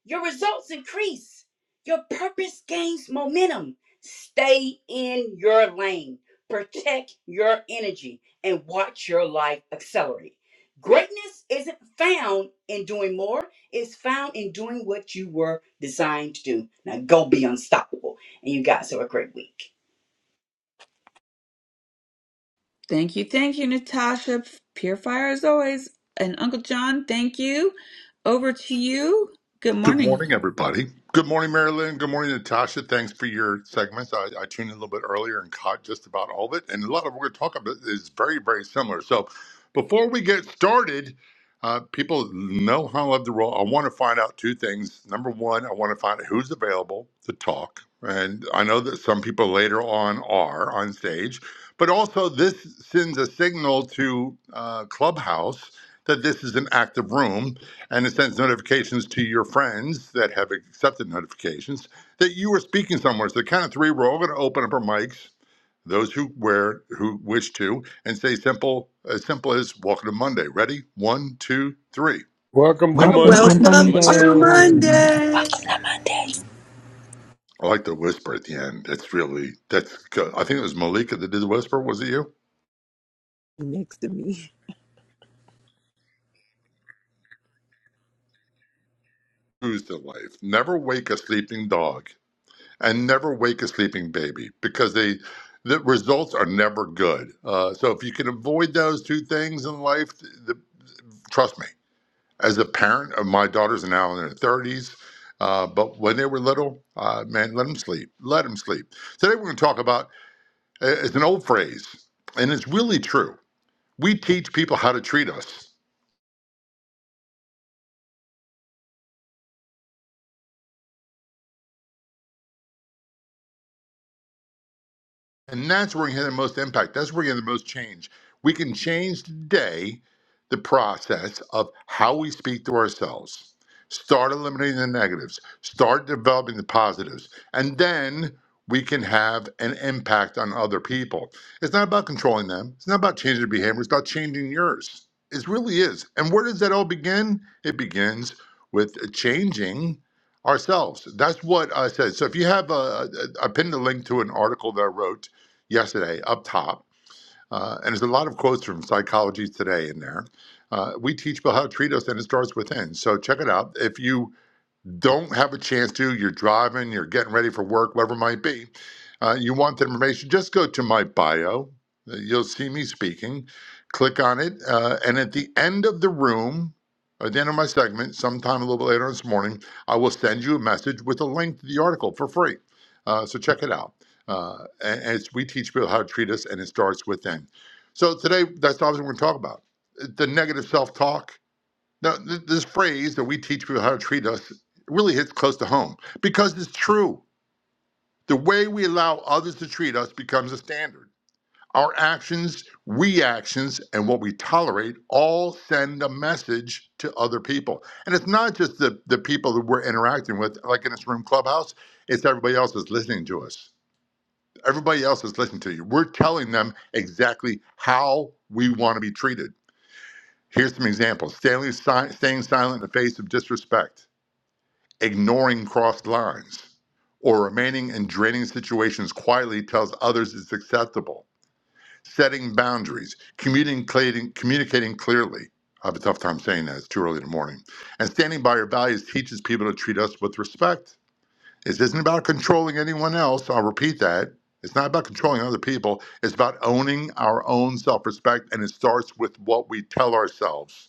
Speaker 15: your results increase, your purpose gains momentum. Stay in your lane, protect your energy, and watch your life accelerate. Greatness isn't found in doing more, it's found in doing what you were designed to do. Now go be unstoppable. And you guys have a great week.
Speaker 1: Thank you. Thank you, Natasha. Pure fire as always. And Uncle John, thank you. Over to you. Good
Speaker 16: Good
Speaker 1: morning.
Speaker 16: morning, everybody. Good morning, Marilyn. Good morning, Natasha. Thanks for your segments. I, I tuned in a little bit earlier and caught just about all of it. And a lot of what we're going to talk about is very, very similar. So before we get started, uh, people know how I love the role. I want to find out two things. Number one, I want to find out who's available to talk. And I know that some people later on are on stage, but also this sends a signal to uh, Clubhouse that this is an active room and it sends notifications to your friends that have accepted notifications that you are speaking somewhere. So the count of three, we're all going to open up our mics, those who wear who wish to, and say simple as simple as "Welcome to Monday." Ready? One, two, three.
Speaker 17: Welcome to
Speaker 15: Welcome to
Speaker 18: Welcome to
Speaker 15: Monday.
Speaker 17: Monday.
Speaker 11: Welcome to
Speaker 6: Welcome
Speaker 15: Welcome
Speaker 11: Monday.
Speaker 15: to
Speaker 6: to
Speaker 15: Monday.
Speaker 19: Welcome to
Speaker 18: Monday.
Speaker 19: you,
Speaker 6: Monday.
Speaker 16: I like the whisper at the end. It's really that's good. I think it was Malika that did the whisper. Was it you?
Speaker 20: next to me.
Speaker 16: Who's the life? Never wake a sleeping dog. and never wake a sleeping baby because they the results are never good. Uh, so if you can avoid those two things in life, the, trust me. As a parent of my daughters are now in their thirties, uh, but when they were little, uh, man, let them sleep. Let them sleep. Today we're going to talk about uh, it's an old phrase, and it's really true. We teach people how to treat us. And that's where we have the most impact. That's where we can have the most change. We can change today the process of how we speak to ourselves. Start eliminating the negatives, start developing the positives, and then we can have an impact on other people. It's not about controlling them, it's not about changing their behavior, it's about changing yours. It really is. And where does that all begin? It begins with changing ourselves. That's what I said. So if you have a, I pinned a link to an article that I wrote yesterday up top. Uh, and there's a lot of quotes from Psychology Today in there. Uh, we teach people how to treat us, and it starts within. So check it out. If you don't have a chance to, you're driving, you're getting ready for work, whatever it might be, uh, you want the information, just go to my bio. Uh, You'll see me speaking. Click on it. Uh, and at the end of the room, at the end of my segment, sometime a little bit later this morning, I will send you a message with a link to the article for free. Uh, so check it out. Uh, and, and it's, we teach people how to treat us, and it starts within. So today, that's not what we're going to talk about. The negative self talk now, th- this phrase that we teach people how to treat us really hits close to home because it's true. The way we allow others to treat us becomes a standard. Our actions, reactions, and what we tolerate all send a message to other people. And it's not just the, the people that we're interacting with, like in this room clubhouse, it's everybody else that's listening to us. Everybody else is listening to you. We're telling them exactly how we want to be treated. Here's some examples Stanley si- staying silent in the face of disrespect. Ignoring crossed lines or remaining in draining situations quietly tells others it's acceptable. Setting boundaries, communicating, communicating clearly. I have a tough time saying that. It's too early in the morning. And standing by your values teaches people to treat us with respect. This isn't about controlling anyone else. I'll repeat that. It's not about controlling other people. It's about owning our own self respect, and it starts with what we tell ourselves.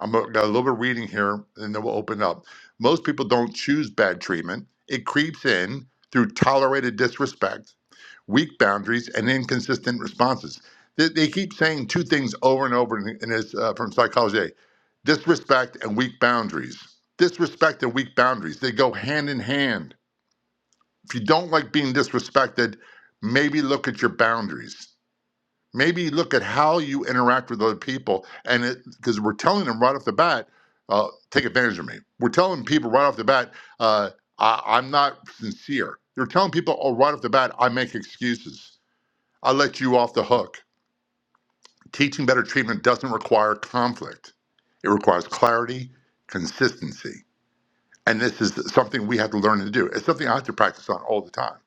Speaker 16: I'm gonna- got a little bit of reading here, and then we'll open up. Most people don't choose bad treatment. It creeps in through tolerated disrespect, weak boundaries, and inconsistent responses. They, they keep saying two things over and over in, in this uh, from psychology: disrespect and weak boundaries. Disrespect and weak boundaries. They go hand in hand. If you don't like being disrespected, maybe look at your boundaries maybe look at how you interact with other people and because we're telling them right off the bat uh, take advantage of me we're telling people right off the bat uh, I, i'm not sincere they're telling people oh, right off the bat i make excuses i let you off the hook teaching better treatment doesn't require conflict it requires clarity consistency and this is something we have to learn to do it's something i have to practice on all the time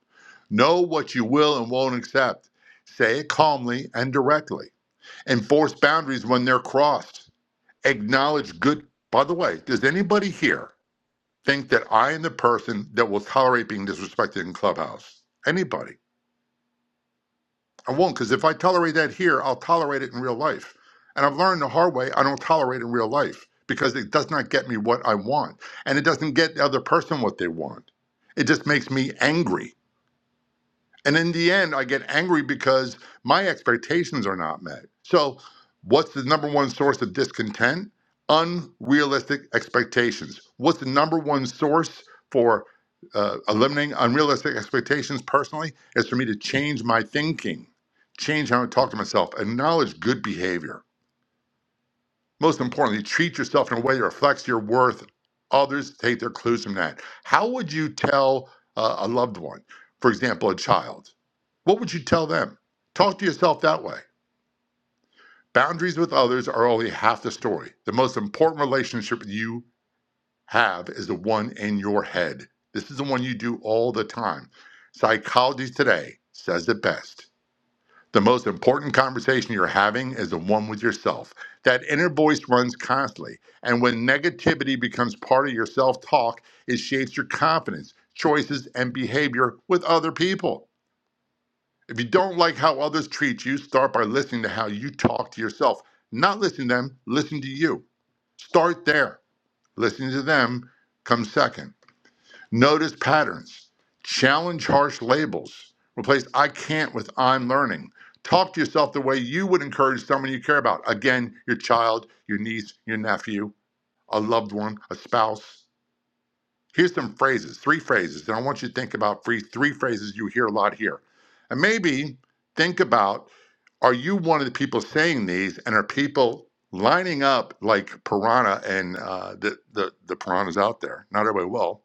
Speaker 16: know what you will and won't accept say it calmly and directly enforce boundaries when they're crossed, acknowledge good. By the way, does anybody here think that I am the person that will tolerate being disrespected in Clubhouse? Anybody? I won't, because if I tolerate that here, I'll tolerate it in real life. And I've learned the hard way I don't tolerate in real life because it does not get me what I want. And it doesn't get the other person what they want. It just makes me angry And in the end, I get angry because my expectations are not met. So, what's the number one source of discontent? Unrealistic expectations. What's the number one source for uh, eliminating unrealistic expectations personally? Is for me to change my thinking, change how I talk to myself, acknowledge good behavior most importantly, treat yourself in a way that reflects your worth. Others take their clues from that. How would you tell uh, a loved one, for example, a child? What would you tell them? Talk to yourself that way. Boundaries with others are only half the story. The most important relationship you have is the one in your head. This is the one you do all the time. Psychology Today says it best. The most important conversation you're having is the one with yourself. That inner voice runs constantly. And when negativity becomes part of your self talk, it shapes your confidence, choices, and behavior with other people. If you don't like how others treat you, start by listening to how you talk to yourself. Not listen to them, listen to you. Start there. Listening to them comes second. Notice patterns. Challenge harsh labels. Replace I can't with I'm learning. Talk to yourself the way you would encourage someone you care about. Again, your child, your niece, your nephew, a loved one, a spouse. Here's some phrases, three phrases. And I want you to think about three, three phrases you hear a lot here. And maybe think about are you one of the people saying these and are people lining up like piranha and uh, the, the, the piranhas out there? Not everybody will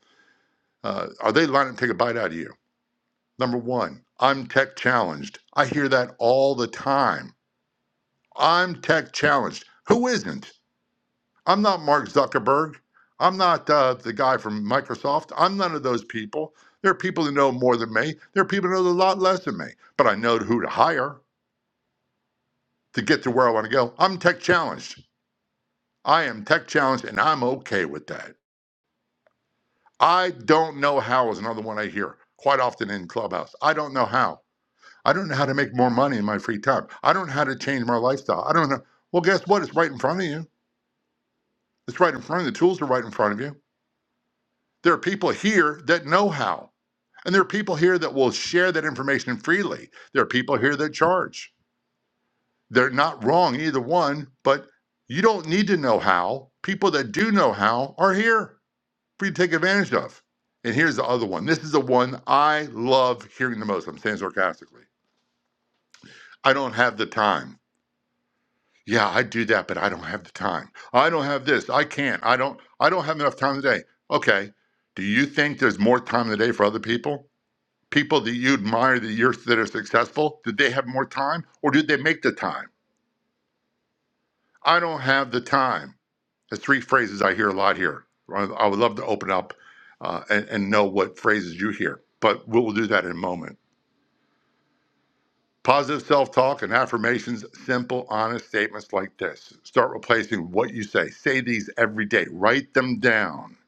Speaker 16: uh, are they lining to take a bite out of you? Number one, I'm tech challenged. I hear that all the time. I'm tech challenged. Who isn't? I'm not Mark Zuckerberg. I'm not uh, the guy from Microsoft. I'm none of those people. There are people who know more than me. There are people who know a lot less than me. But I know who to hire to get to where I want to go. I'm tech challenged. I am tech challenged, and I'm okay with that. I don't know how is another one I hear quite often in Clubhouse. I don't know how. I don't know how to make more money in my free time. I don't know how to change my lifestyle. I don't know. Well, guess what? It's right in front of you. It's right in front of you. The tools are right in front of you. There are people here that know how, and there are people here that will share that information freely. There are people here that charge. They're not wrong, either one, but you don't need to know how. People that do know how are here for you to take advantage of. And here's the other one. This is the one I love hearing the most. I'm saying sarcastically. I don't have the time. Yeah, I do that, but I don't have the time. I don't have this. I can't. I don't I don't have enough time today. Okay. Do you think there's more time in the day for other people? People that you admire that you're that are successful, did they have more time or did they make the time? I don't have the time. There's three phrases I hear a lot here. I I would love to open up uh, and, and know what phrases you hear, but we'll do that in a moment. Positive self talk and affirmations, simple, honest statements like this. Start replacing what you say. Say these every day. Write them down.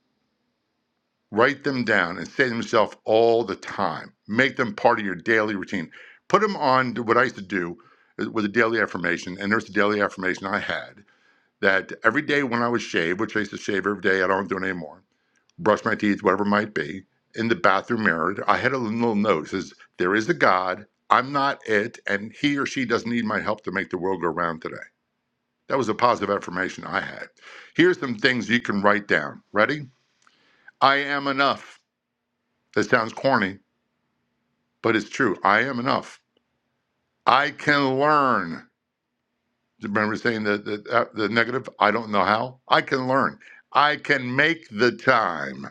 Speaker 16: Write them down and say them to yourself all the time. Make them part of your daily routine. Put them on to what I used to do uh, with a daily affirmation. And there's a daily affirmation I had that every day when I would shave, which I used to shave every day, I don't do it anymore brush my teeth, whatever it might be, in the bathroom mirror, I had a little note that says, There is a God, I'm not it, and he or she doesn't need my help to make the world go round today. That was a positive affirmation I had. Here's some things you can write down. Ready? I am enough. That sounds corny, but it's true. I am enough. I can learn. Remember saying the, the, uh, the negative? I don't know how. I can learn. I can make the time.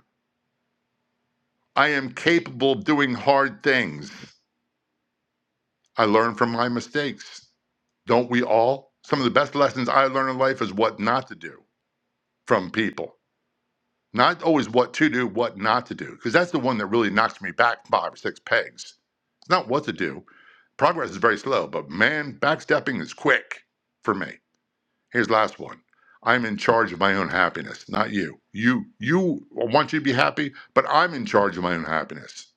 Speaker 16: I am capable of doing hard things. I learn from my mistakes. Don't we all? Some of the best lessons I learn in life is what not to do from people. Not always what to do, what not to do, because that's the one that really knocks me back five or six pegs. It's not what to do. Progress is very slow, but man, backstepping is quick for me. Here's the last one. I'm in charge of my own happiness, not you. You you I want you to be happy, but I'm in charge of my own happiness.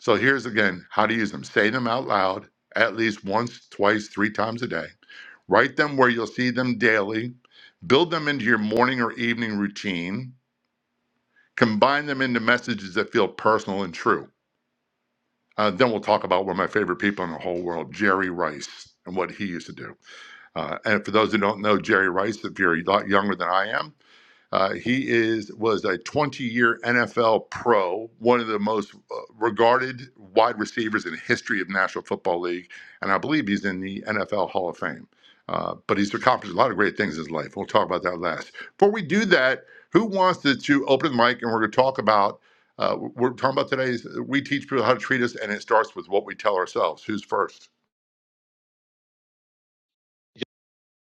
Speaker 16: So here's again how to use them. Say them out loud at least once, twice, three times a day. Write them where you'll see them daily. Build them into your morning or evening routine. Combine them into messages that feel personal and true. Uh, then we'll talk about one of my favorite people in the whole world, Jerry Rice, and what he used to do. Uh, and for those who don't know Jerry Rice, if you're a lot younger than I am, uh, he is was a 20-year NFL pro, one of the most uh, regarded wide receivers in the history of National Football League, and I believe he's in the NFL Hall of Fame. Uh, but he's accomplished a lot of great things in his life. We'll talk about that last. Before we do that, who wants to, to open the mic and we're going to talk about uh, we're talking about today's we teach people how to treat us, and it starts with what we tell ourselves. Who's first?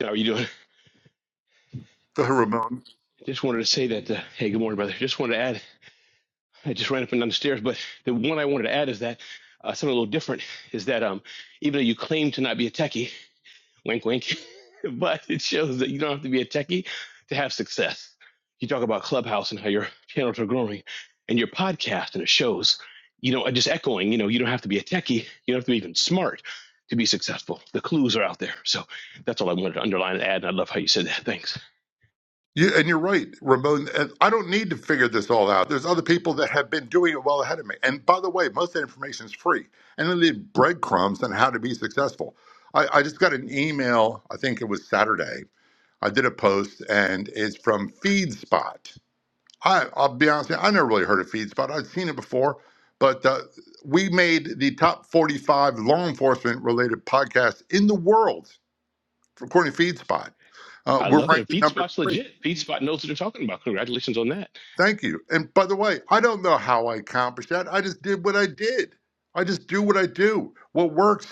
Speaker 11: How are you doing?
Speaker 16: Go ahead, Ramon.
Speaker 11: Just wanted to say that. Uh, hey, good morning, brother. Just wanted to add. I just ran up and down the stairs, but the one I wanted to add is that uh, something a little different is that um, even though you claim to not be a techie, wink, wink, but it shows that you don't have to be a techie to have success. You talk about Clubhouse and how your channels are growing, and your podcast, and it shows. You know, just echoing. You know, you don't have to be a techie. You don't have to be even smart to be successful. The clues are out there. So that's all I wanted to underline and add. And I love how you said that. Thanks.
Speaker 16: You, and you're right, Ramon. And I don't need to figure this all out. There's other people that have been doing it well ahead of me. And by the way, most of that information is free. And then the breadcrumbs on how to be successful. I, I just got an email, I think it was Saturday. I did a post, and it's from FeedSpot. I, I'll be honest, with you, I never really heard of FeedSpot. I'd seen it before, but uh, we made the top 45 law enforcement related podcasts in the world, according to FeedSpot. Uh,
Speaker 11: I
Speaker 16: we're
Speaker 11: love it. And
Speaker 16: ranked at
Speaker 11: Feed
Speaker 16: number
Speaker 11: Spot's
Speaker 16: three.
Speaker 11: legit. Feed Spot knows what they're talking about. Congratulations on that.
Speaker 16: Thank you. And by the way, I don't know how I accomplished that. I just did what I did. I just do what I do. What works,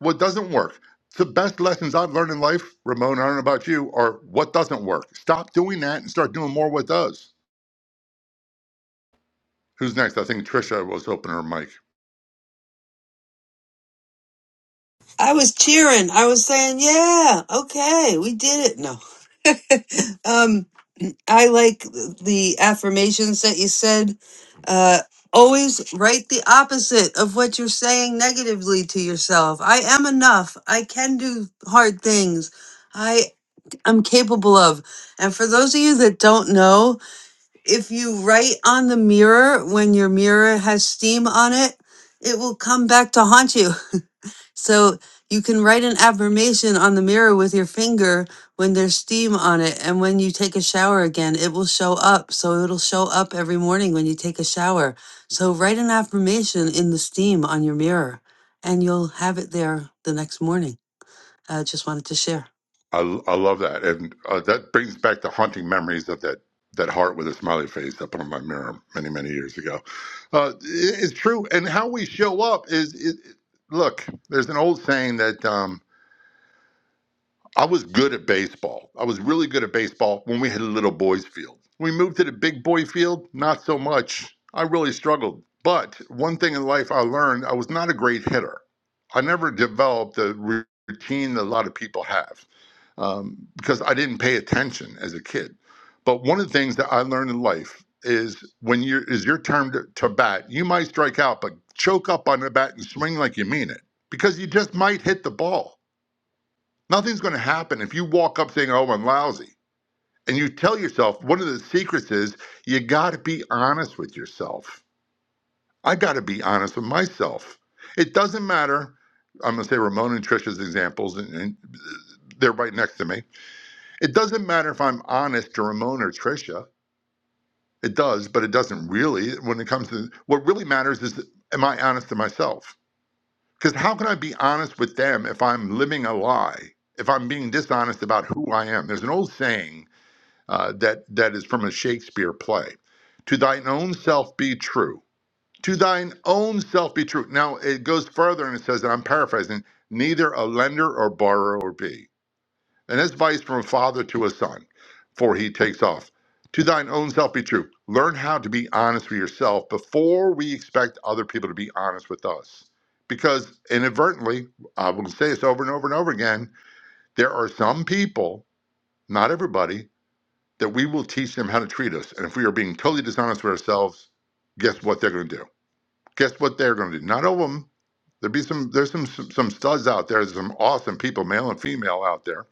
Speaker 16: what doesn't work. The best lessons I've learned in life, Ramon, I don't know about you, are what doesn't work. Stop doing that and start doing more what does. Who's next? I think Trisha was opening her mic.
Speaker 6: I was cheering. I was saying, "Yeah, okay, we did it." No, um, I like the affirmations that you said. Uh, always write the opposite of what you're saying negatively to yourself. I am enough. I can do hard things. I. I'm capable of. And for those of you that don't know, if you write on the mirror when your mirror has steam on it, it will come back to haunt you. So you can write an affirmation on the mirror with your finger when there's steam on it. And when you take a shower again, it will show up. So it'll show up every morning when you take a shower. So write an affirmation in the steam on your mirror and you'll have it there the next morning. I just wanted to share.
Speaker 16: I, I love that. And uh, that brings back the haunting memories of that, that heart with a smiley face up on my mirror many, many years ago. Uh, it- it's true. And how we show up is, is look, there's an old saying that. Um, I was good at baseball. I was really good at baseball when we had a little boys' field. We moved to the big boy field, not so much. I really struggled. But one thing in life I learned, I was not a great hitter. I never developed the routine that a lot of people have um, because I didn't pay attention as a kid. But one of the things that I learned in life is when you is your turn to, to bat, you might strike out, but choke up on the bat and swing like you mean it because you just might hit the ball Nothing's going to happen if you walk up saying, "Oh, I'm lousy," and you tell yourself one of the secrets is you got to be honest with yourself. I got to be honest with myself. It doesn't matter. I'm going to say Ramon and Trisha's examples, and, and they're right next to me. It doesn't matter if I'm honest to Ramon or Trisha. It does, but it doesn't really. When it comes to what really matters is, am I honest to myself? Because how can I be honest with them if I'm living a lie? If I'm being dishonest about who I am? There's an old saying uh, that that is from a Shakespeare play. To thine own self be true. To thine own self be true. Now it goes further and it says, and I'm paraphrasing, neither a lender or borrower be. And that's advice from a father to a son, for he takes off. To thine own self be true. Learn how to be honest with yourself before we expect other people to be honest with us. Because inadvertently, I will say this over and over and over again, there are some people, not everybody, that we will teach them how to treat us. And if we are being totally dishonest with ourselves, guess what they're going to do? Guess what they're going to do? Not all of them. There be some. There's some some some studs out there. There's some awesome people, male and female, out there.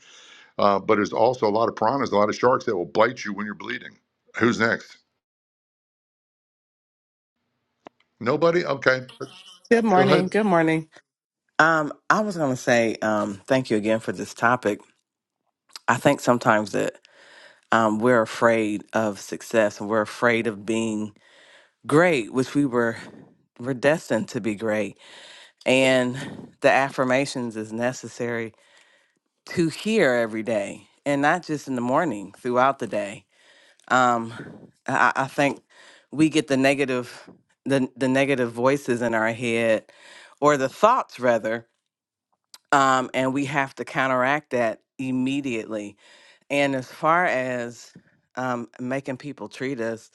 Speaker 16: Uh, but there's also a lot of piranhas, a lot of sharks that will bite you when you're bleeding. Who's next? Nobody. Okay,
Speaker 14: Good
Speaker 16: go
Speaker 14: morning.
Speaker 16: ahead.
Speaker 14: Good morning. Um, I was going to say um, thank you again for this topic. I think sometimes that um, we're afraid of success and we're afraid of being great, which we were we're destined to be great, and the affirmations is necessary to hear every day, and not just in the morning, throughout the day Um, I, I think we get the negative, the the negative voices in our head, or the thoughts rather, um, and we have to counteract that immediately. And as far as um, making people treat us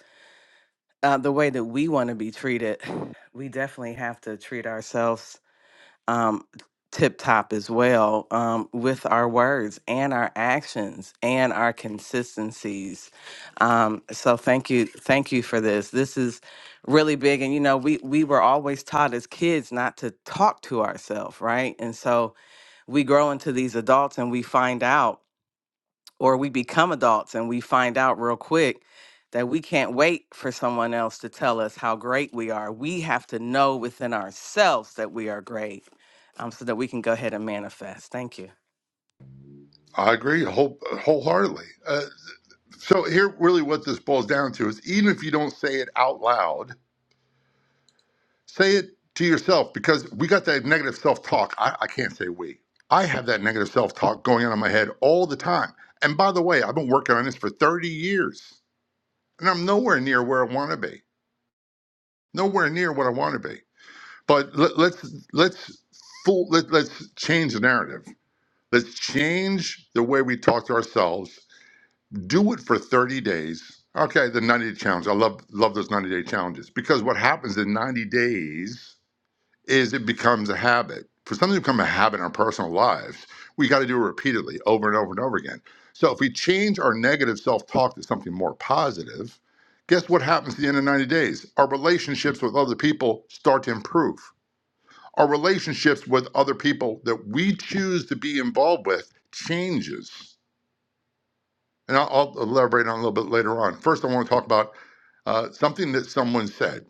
Speaker 14: uh, the way that we want to be treated, we definitely have to treat ourselves um, tip top as well um, with our words and our actions and our consistencies. Um, so thank you, thank you for this. This is really big, and you know we we were always taught as kids not to talk to ourselves, right? And so we grow into these adults and we find out or we become adults and we find out real quick that we can't wait for someone else to tell us how great we are. We have to know within ourselves that we are great um, so that we can go ahead and manifest. Thank you.
Speaker 16: I agree whole, wholeheartedly. Uh, so here, really, what this boils down to is, even if you don't say it out loud, Say it to yourself because we got that negative self talk. I, I can't say we. I have that negative self talk going on in my head all the time. And by the way, I've been working on this for 30 years and I'm nowhere near where I want to be, nowhere near what I want to be. But let, let's, let's, fool, let, let's change the narrative. Let's change the way we talk to ourselves. Do it for 30 days. Okay, the 90 day challenge. I love love those 90 day challenges because what happens in 90 days is it becomes a habit. For something to become a habit in our personal lives, we got to do it repeatedly, over and over and over again. So if we change our negative self-talk to something more positive, guess what happens at the end of 90 days? Our relationships with other people start to improve. Our relationships with other people that we choose to be involved with changes. And I'll, I'll elaborate on it a little bit later on. First, I want to talk about uh, something that someone said.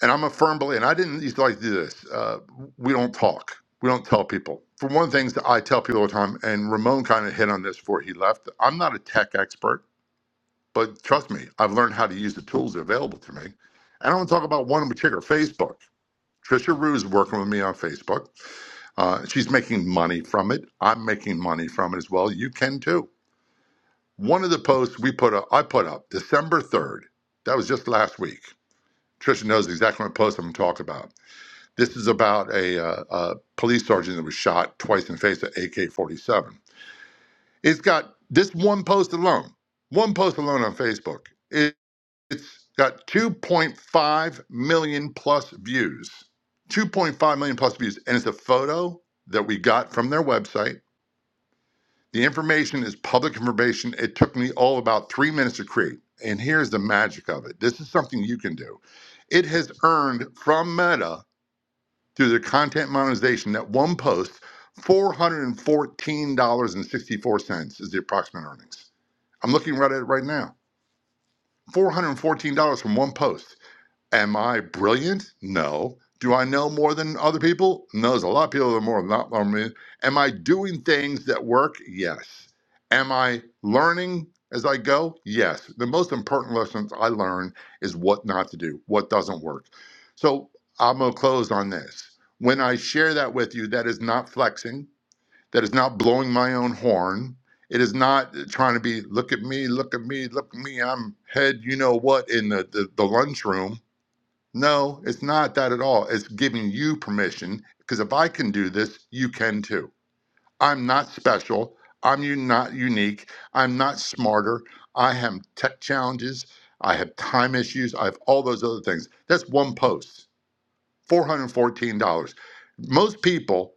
Speaker 16: and I'm a firm believer, and I didn't used to like to do this. Uh, we don't talk. We don't tell people. For one thing, I tell people all the time, and Ramon kind of hit on this before he left. I'm not a tech expert, but trust me, I've learned how to use the tools that are available to me. And I want to talk about one in particular, Facebook. Trisha Rue is working with me on Facebook. Uh, she's making money from it. I'm making money from it as well. You can too. One of the posts we put up, I put up December 3rd. That was just last week. Trisha knows exactly what post I'm talking about. This is about a, uh, a police sergeant that was shot twice in the face at AK 47. It's got this one post alone, one post alone on Facebook. It, it's got 2.5 million plus views. 2.5 million plus views. And it's a photo that we got from their website. The information is public information. It took me all about three minutes to create. And here's the magic of it this is something you can do. It has earned from Meta through their content monetization that one post, $414.64 is the approximate earnings. I'm looking right at it right now. $414 from one post. Am I brilliant? No. Do I know more than other people? No, there's a lot of people that are more not than me. Am I doing things that work? Yes. Am I learning as I go? Yes. The most important lessons I learn is what not to do, what doesn't work. So I'm gonna close on this. When I share that with you, that is not flexing, that is not blowing my own horn. It is not trying to be, look at me, look at me, look at me, I'm head, you know what, in the, the, the lunchroom no, it's not that at all. It's giving you permission because if I can do this, you can too. I'm not special. I'm u- not unique. I'm not smarter. I have tech challenges. I have time issues. I have all those other things. That's one post, $414. Most people,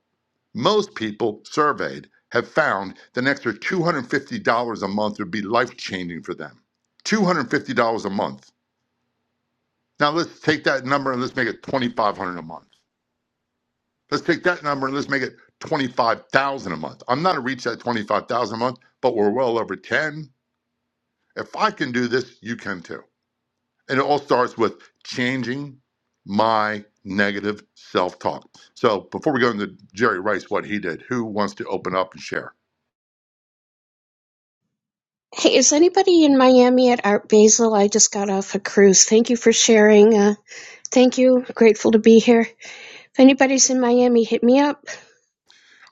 Speaker 16: most people surveyed have found that an extra $250 a month would be life changing for them. $250 a month. Now let's take that number and let's make it $2,500 a month. Let's take that number and let's make it 25,000 a month. I'm not gonna reach that 25,000 a month, but we're well over 10. If I can do this, you can too. And it all starts with changing my negative self-talk. So before we go into Jerry Rice, what he did, who wants to open up and share?
Speaker 21: Hey, is anybody in Miami at Art Basel? I just got off a cruise. Thank you for sharing. Uh, thank you. Grateful to be here. If anybody's in Miami, hit me up.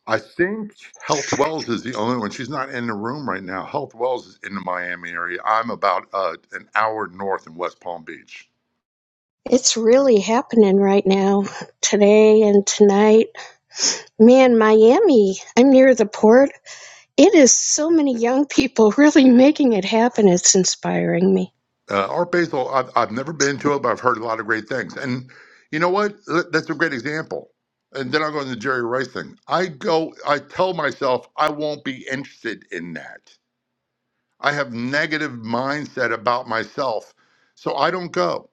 Speaker 16: I think Health Wells is the only one. She's not in the room right now. Health Wells is in the Miami area. I'm about uh, an hour north in West Palm Beach.
Speaker 21: It's really happening right now, today and tonight. Man, Miami, I'm near the port. It is so many young people really making it happen. It's inspiring me.
Speaker 16: Uh, Art Basel, I've, I've never been to it, but I've heard a lot of great things. And you know what? Th- That's a great example. And then I'll go into the Jerry Rice thing. I go, I tell myself I won't be interested in that. I have negative mindset about myself, so I don't go.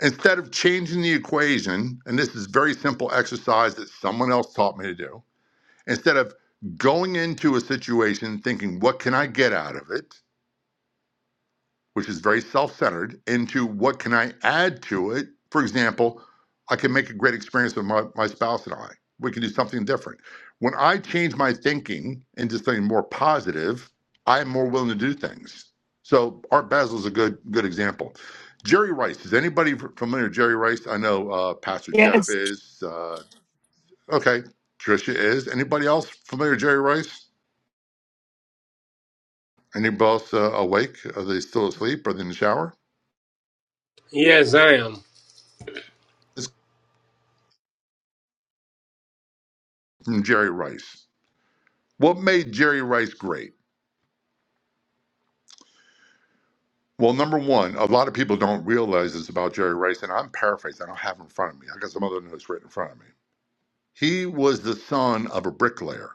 Speaker 16: Instead of changing the equation, and this is very simple exercise that someone else taught me to do, instead of going into a situation thinking, what can I get out of it? which is very self centered, into what can I add to it? For example, I can make a great experience with my, my spouse and I. We can do something different. When I change my thinking into something more positive, I'm more willing to do things. So Art Basel is a good good example. Jerry Rice. Is anybody familiar with Jerry Rice? I know uh, Pastor Jeff is. Uh, okay, Tricia is. Anybody else familiar with Jerry Rice? Anybody else uh, awake? Are they still asleep? Are they in the shower?
Speaker 17: Yes, I am.
Speaker 16: This is from Jerry Rice. What made Jerry Rice great? Well, number one, a lot of people don't realize this about Jerry Rice, and I'm paraphrasing. I don't have it in front of me. I got some other notes written in front of me. He was the son of a bricklayer,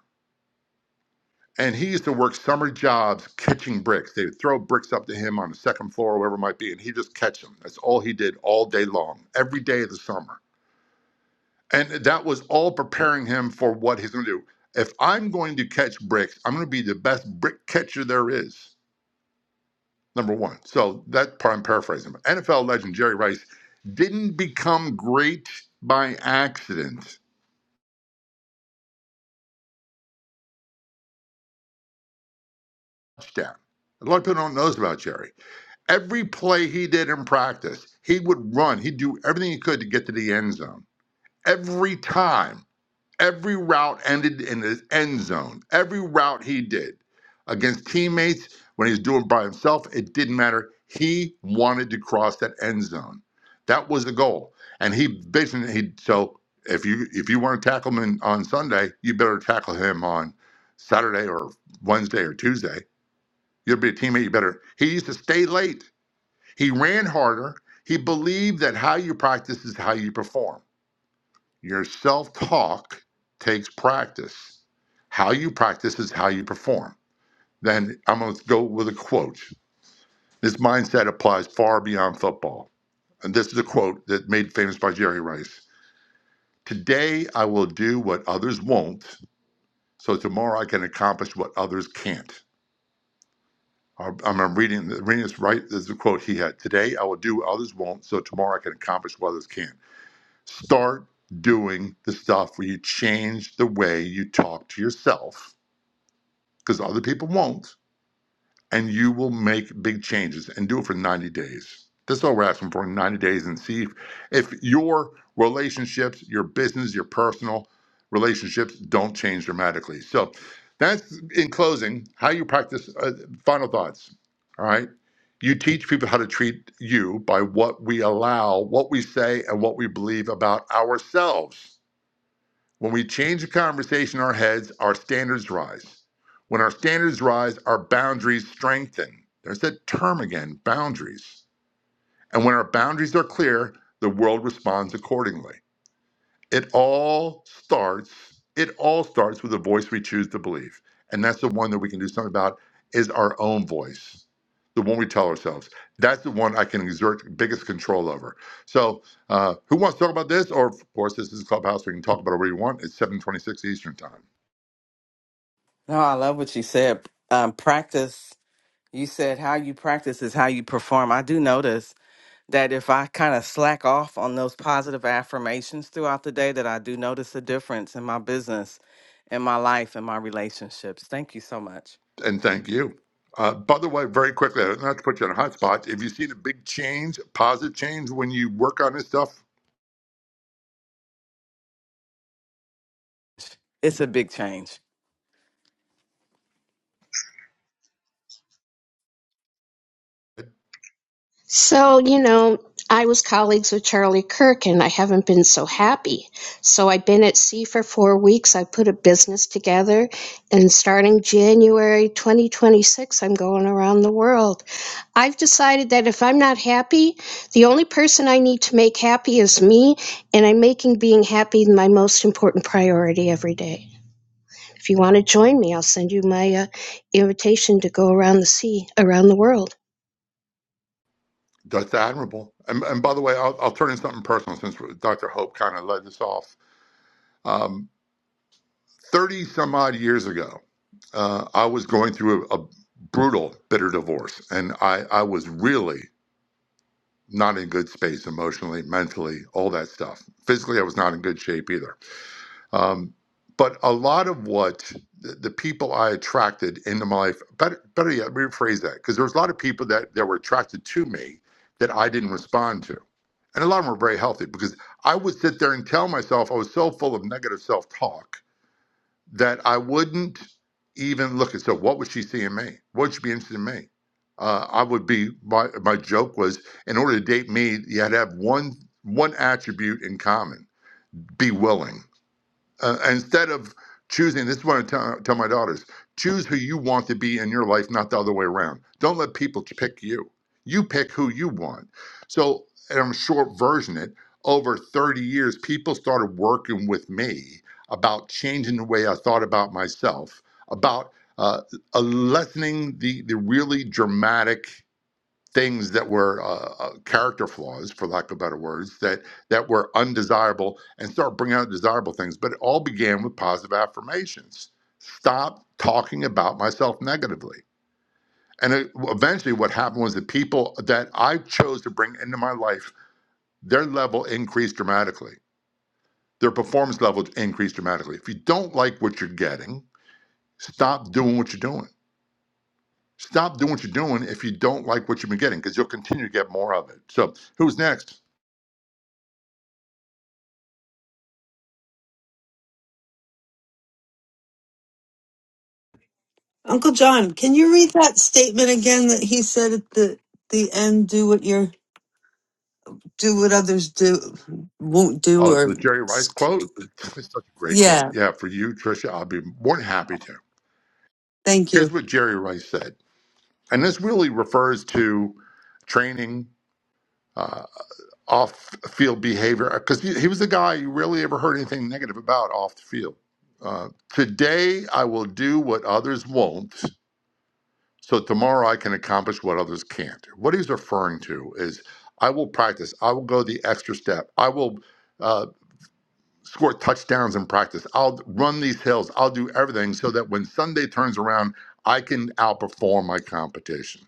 Speaker 16: and he used to work summer jobs catching bricks. They would throw bricks up to him on the second floor, or wherever it might be, and he just catch them. That's all he did all day long, every day of the summer. And that was all preparing him for what he's going to do. If I'm going to catch bricks, I'm going to be the best brick catcher there is. number one. So that part I'm paraphrasing. But NFL legend Jerry Rice didn't become great by accident. Touchdown. A lot of people don't know this about Jerry. Every play he did in practice, he would run. He'd do everything he could to get to the end zone. Every time. Every route ended in the end zone. Every route he did against teammates, when he was doing it by himself, it didn't matter. He wanted to cross that end zone. That was the goal. And he basically he so if you if you want to tackle him in, on Sunday, you better tackle him on Saturday or Wednesday or Tuesday. You'll be a teammate. You better. He used to stay late. He ran harder. He believed that how you practice is how you perform. Your self talk takes practice. How you practice is how you perform. Then I'm going to go with a quote. This mindset applies far beyond football. And this is a quote that made famous by Jerry Rice Today I will do what others won't, so tomorrow I can accomplish what others can't. I'm I'm reading, reading this right. This is a quote he had Today I will do what others won't, so tomorrow I can accomplish what others can't. Start doing the stuff where you change the way you talk to yourself because other people won't, and you will make big changes and do it for 90 days. That's all we're asking for 90 days and see if, if your relationships, your business, your personal relationships don't change dramatically. So that's in closing how you practice uh, final thoughts. All right. You teach people how to treat you by what we allow, what we say, and what we believe about ourselves. When we change the conversation in our heads, our standards rise. When our standards rise, our boundaries strengthen. There's that term again boundaries. And when our boundaries are clear, the world responds accordingly it all starts it all starts with the voice we choose to believe and that's the one that we can do something about is our own voice the one we tell ourselves that's the one i can exert biggest control over so uh, who wants to talk about this or of course this is clubhouse we can talk about it where you want it's 726 eastern time
Speaker 14: No, I love what you said. Um, practice, you said how you practice is how you perform. I do notice that if I kind of slack off on those positive affirmations throughout the day, that I do notice a difference in my business, in my life, in my relationships. Thank you so much.
Speaker 16: and thank you uh, by the way, very quickly, not to put you on a hot spot, have you seen a big change, positive change, when you work on this stuff?
Speaker 14: It's a big change.
Speaker 21: So, you know, I was colleagues with Charlie Kirk and I haven't been so happy. So I've been at sea for four weeks. I put a business together and starting January 2026, I'm going around the world. I've decided that if I'm not happy, the only person I need to make happy is me. And I'm making being happy my most important priority every day. If you want to join me, I'll send you my uh, invitation to go around the sea, around the world.
Speaker 16: That's admirable. And, and by the way, I'll, I'll turn in something personal since Dr. Hope kind of led this off. Um, 30 some odd years ago, uh, I was going through a, a brutal, bitter divorce, and I, I was really not in good space emotionally, mentally, all that stuff. Physically, I was not in good shape either. Um, but a lot of what the, the people I attracted into my life, better, better yet, rephrase that, because there was a lot of people that, that were attracted to me that I didn't respond to. And a lot of them were very healthy because I would sit there and tell myself I was so full of negative self talk that I wouldn't even look at. So, what would she see in me? What would she be interested in me? Uh, I would be, my, my joke was in order to date me, you had to have one, one attribute in common be willing uh, instead of choosing this is what i tell, tell my daughters choose who you want to be in your life not the other way around don't let people pick you you pick who you want so and i'm short version it over 30 years people started working with me about changing the way i thought about myself about uh, uh, lessening the the really dramatic things that were uh, uh, character flaws, for lack of better words, that that were undesirable, and start bringing out desirable things. But it all began with positive affirmations. Stop talking about myself negatively. And it, eventually, what happened was the people that I chose to bring into my life, their level increased dramatically. Their performance level increased dramatically. If you don't like what you're getting, stop doing what you're doing. Stop doing what you're doing if you don't like what you've been getting, because you'll continue to get more of it. So, who's next?
Speaker 6: Uncle John, can you read that statement again that he said at the the end? Do what you're do what others do won't do,
Speaker 16: Oh,
Speaker 6: or
Speaker 16: the Jerry Rice quote? It's such a great quote.
Speaker 6: yeah.
Speaker 16: Yeah, for you, Tricia, I'll be more than happy to.
Speaker 6: Thank
Speaker 16: Here's
Speaker 6: you.
Speaker 16: what Jerry Rice said, and this really refers to training uh, off field behavior because he, he was the guy you rarely ever heard anything negative about off the field. Uh, Today, I will do what others won't, so tomorrow I can accomplish what others can't. What he's referring to is I will practice, I will go the extra step, I will. uh, score touchdowns in practice. I'll run these hills. I'll do everything so that when Sunday turns around, I can outperform my competition.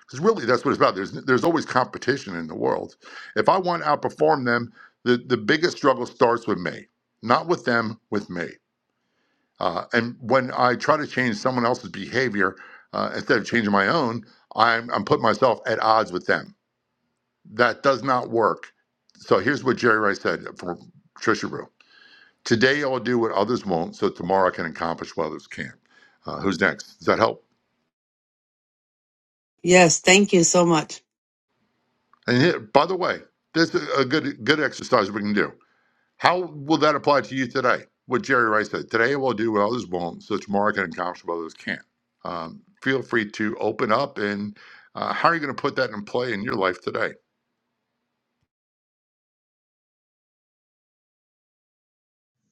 Speaker 16: Because really, that's what it's about. There's there's always competition in the world. If I want to outperform them, the the biggest struggle starts with me, not with them, with me. Uh, and when I try to change someone else's behavior uh, instead of changing my own, I'm I'm putting myself at odds with them. That does not work. So here's what Jerry Rice said from Trisha Rue. Today I'll do what others won't, so tomorrow I can accomplish what others can't. Uh, who's next? Does that help?
Speaker 6: Yes, thank you so much.
Speaker 16: And here, by the way, this is a good good exercise we can do. How will that apply to you today? What Jerry Rice said: Today I will do what others won't, so tomorrow I can accomplish what others can't. Um, feel free to open up and uh, how are you going to put that in play in your life today?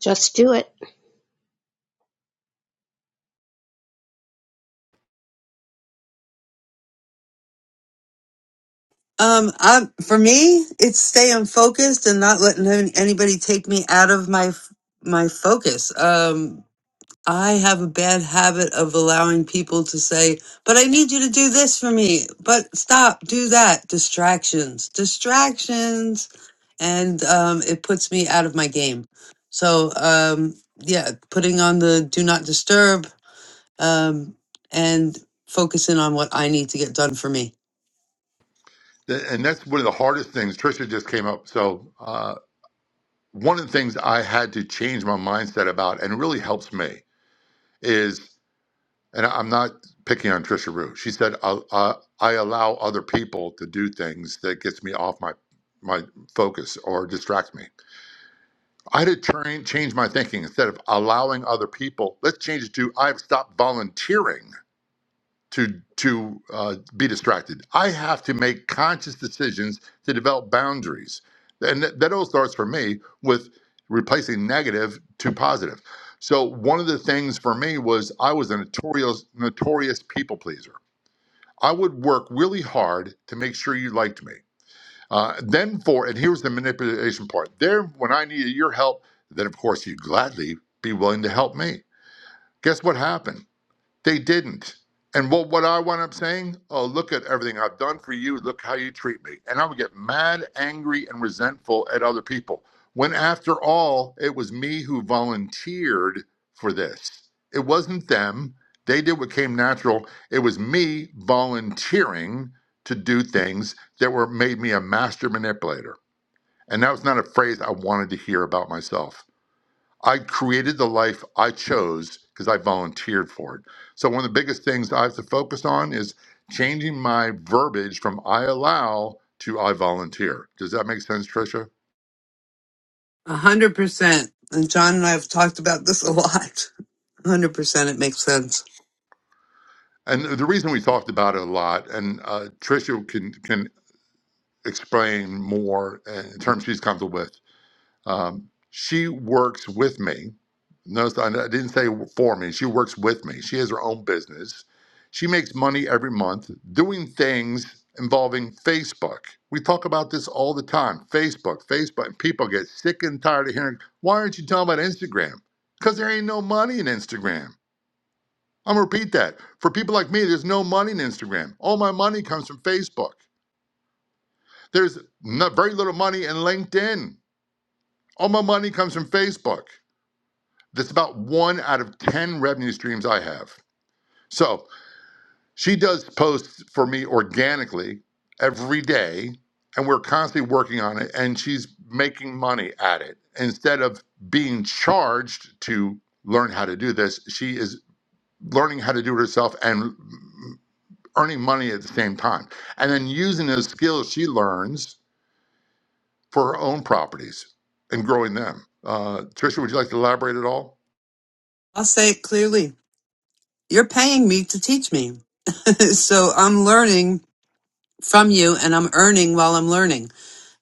Speaker 21: Just do it.
Speaker 6: Um, i for me, it's staying focused and not letting any- anybody take me out of my f- my focus. Um, I have a bad habit of allowing people to say, but I need you to do this for me. But stop, do that. Distractions, distractions. And um, it puts me out of my game. So, um, yeah, putting on the do not disturb um, and focusing on what I need to get done for me.
Speaker 16: Th- And that's one of the hardest things. Trisha just came up, so uh, one of the things I had to change my mindset about, and it really helps me, is. and I'm not picking on Trisha Rue. She said, I, uh, "I allow other people to do things that gets me off my my focus or distracts me." I had to train, change my thinking instead of allowing other people. Let's change it to I've stopped volunteering to to uh, be distracted. I have to make conscious decisions to develop boundaries, and that, that all starts for me with replacing negative to positive. So one of the things for me was I was a notorious notorious people pleaser. I would work really hard to make sure you liked me. Uh, then for and here's the manipulation part. There, when I needed your help, then of course you'd gladly be willing to help me. Guess what happened? They didn't. And what, what I wound up saying, oh, look at everything I've done for you. Look how you treat me. And I would get mad, angry, and resentful at other people. When after all, it was me who volunteered for this. It wasn't them. They did what came natural. It was me volunteering to do things that were made me a master manipulator. And that was not a phrase I wanted to hear about myself. I created the life I chose because I volunteered for it. So, one of the biggest things I have to focus on is changing my verbiage from I allow to I volunteer. Does that make sense, Tricia?
Speaker 6: A hundred percent. And John and I have talked about this a lot. A hundred percent. It makes sense.
Speaker 16: And the reason we talked about it a lot, and uh, Tricia can, can explain more uh, in terms she's comfortable with, Um, she works with me. Notice I didn't say for me. She works with me. She has her own business. She makes money every month doing things involving Facebook. We talk about this all the time. Facebook, Facebook. People get sick and tired of hearing, why aren't you talking about Instagram? Because there ain't no money in Instagram. I'm gonna repeat that. For people like me, there's no money in Instagram. All my money comes from Facebook. There's not, very little money in LinkedIn. All my money comes from Facebook. That's about one out of 10 revenue streams I have. So she does posts for me organically every day, and we're constantly working on it, and she's making money at it. Instead of being charged to learn how to do this, she is learning how to do it herself and earning money at the same time. And then using those skills she learns for her own properties and growing them. Uh, Trisha, would you like to elaborate at all?
Speaker 6: I'll say it clearly. You're paying me to teach me. so I'm learning from you and I'm earning while I'm learning.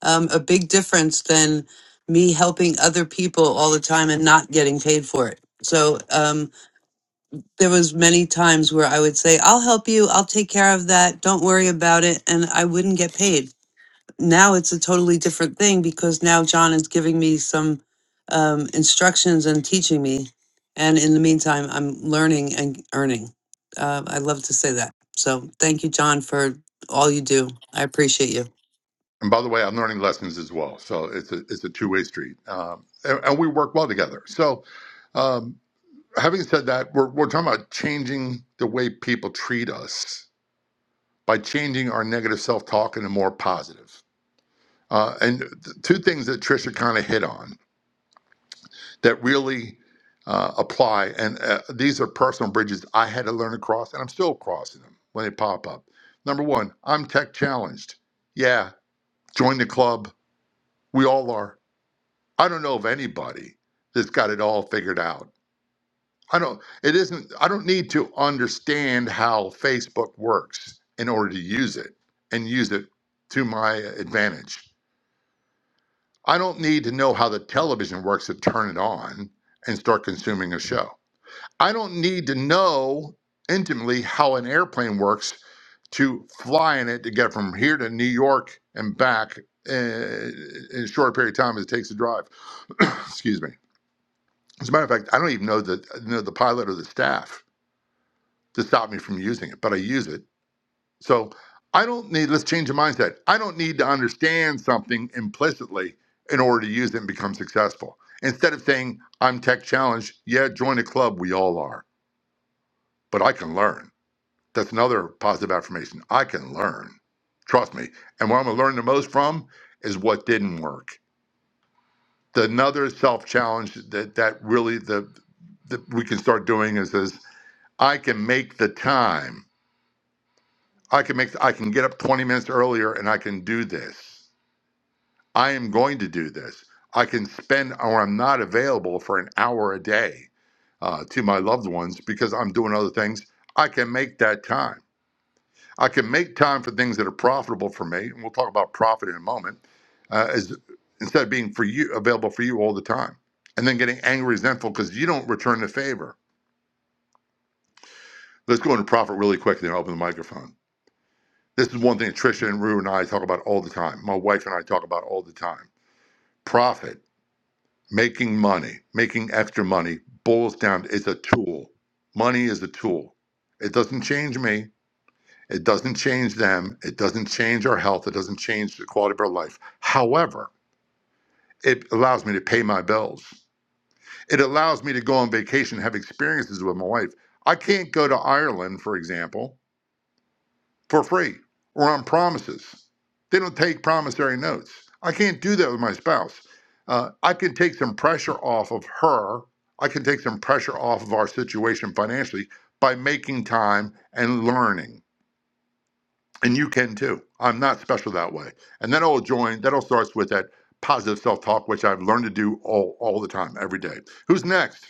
Speaker 6: Um, a big difference than me helping other people all the time and not getting paid for it. So um, there was many times where I would say, "I'll help you. I'll take care of that. Don't worry about it," and I wouldn't get paid now it's a totally different thing because now John is giving me some um, instructions and teaching me. And in the meantime, I'm learning and earning. Uh, I love to say that. So thank you, John, for all you do. I appreciate you.
Speaker 16: And by the way, I'm learning lessons as well. So it's a it's a two way street, um, and, and we work well together. So, um, having said that, we're we're talking about changing the way people treat us by changing our negative self talk into more positive. Uh, and th- two things that Trisha kind of hit on that really uh, apply, and uh, these are personal bridges I had to learn to cross, and I'm still crossing them when they pop up. Number one, I'm tech challenged. Yeah, join the club. We all are I don't know of anybody that's got it all figured out. I don't it isn't I don't need to understand how Facebook works in order to use it and use it to my advantage. I don't need to know how the television works to turn it on and start consuming a show. I don't need to know intimately how an airplane works to fly in it to get from here to New York and back uh, in a short period of time as it takes to drive. Excuse me. As a matter of fact, I don't even know the know the pilot or the staff to stop me from using it, but I use it. So I don't need. Let's change the mindset. I don't need to understand something implicitly in order to use it and become successful. Instead of saying I'm tech challenged, yeah, join a club. We all are, but I can learn. That's another positive affirmation. I can learn. Trust me. And what I'm gonna learn the most from is what didn't work. The another self challenge that that really the that we can start doing is this I can make the time. I can make I can get up 20 minutes earlier and I can do this. I am going to do this. I can spend or I'm not available for an hour a day uh, to my loved ones because I'm doing other things. I can make that time. I can make time for things that are profitable for me, and we'll talk about profit in a moment. Uh, as instead of being for you available for you all the time, and then getting angry, resentful because you don't return the favor. Let's go into profit really quick, and then I'll open the microphone. This is one thing Trisha and Rue and I talk about all the time. My wife and I talk about all the time. Profit, making money, making extra money boils down to, it's a tool. Money is a tool. It doesn't change me. It doesn't change them. It doesn't change our health. It doesn't change the quality of our life. However, it allows me to pay my bills. It allows me to go on vacation, have experiences with my wife. I can't go to Ireland, for example, for free or on promises. They don't take promissory notes. I can't do that with my spouse. Uh, I can take some pressure off of her. I can take some pressure off of our situation financially by making time and learning. And you can too. I'm not special that way. And that all join, that all starts with that positive self talk, which I've learned to do all, all the time, every day. Who's next?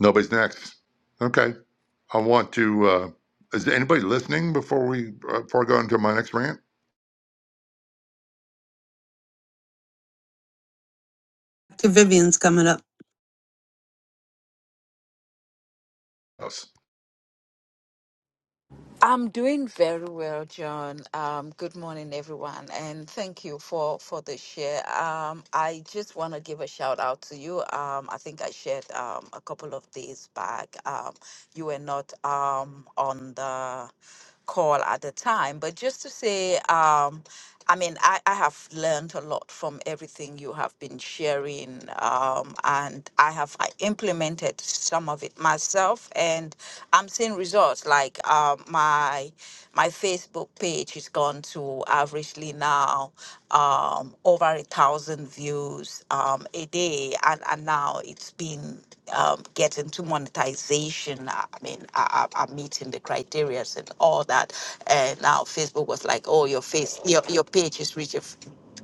Speaker 16: Nobody's next. Okay. I want to, uh, is anybody listening before we, uh, before I go into my next rant?
Speaker 6: Okay, Vivian's coming up.
Speaker 16: House.
Speaker 22: I'm doing very well, John. Um, good morning, everyone, and thank you for for the share. Um, I just want to give a shout out to you. Um, I think I shared um, a couple of days back. Um, you were not um, on the call at the time, but just to say. Um, I mean, I, I have learned a lot from everything you have been sharing, um, and I have I implemented some of it myself, and I'm seeing results. Like uh, my my Facebook page has gone to averagely now um, over a thousand views um, a day, and and now it's been um, getting to monetization. I mean, I, I, I'm meeting the criteria and all that. And now Facebook was like, oh, your face, your, your page is reaching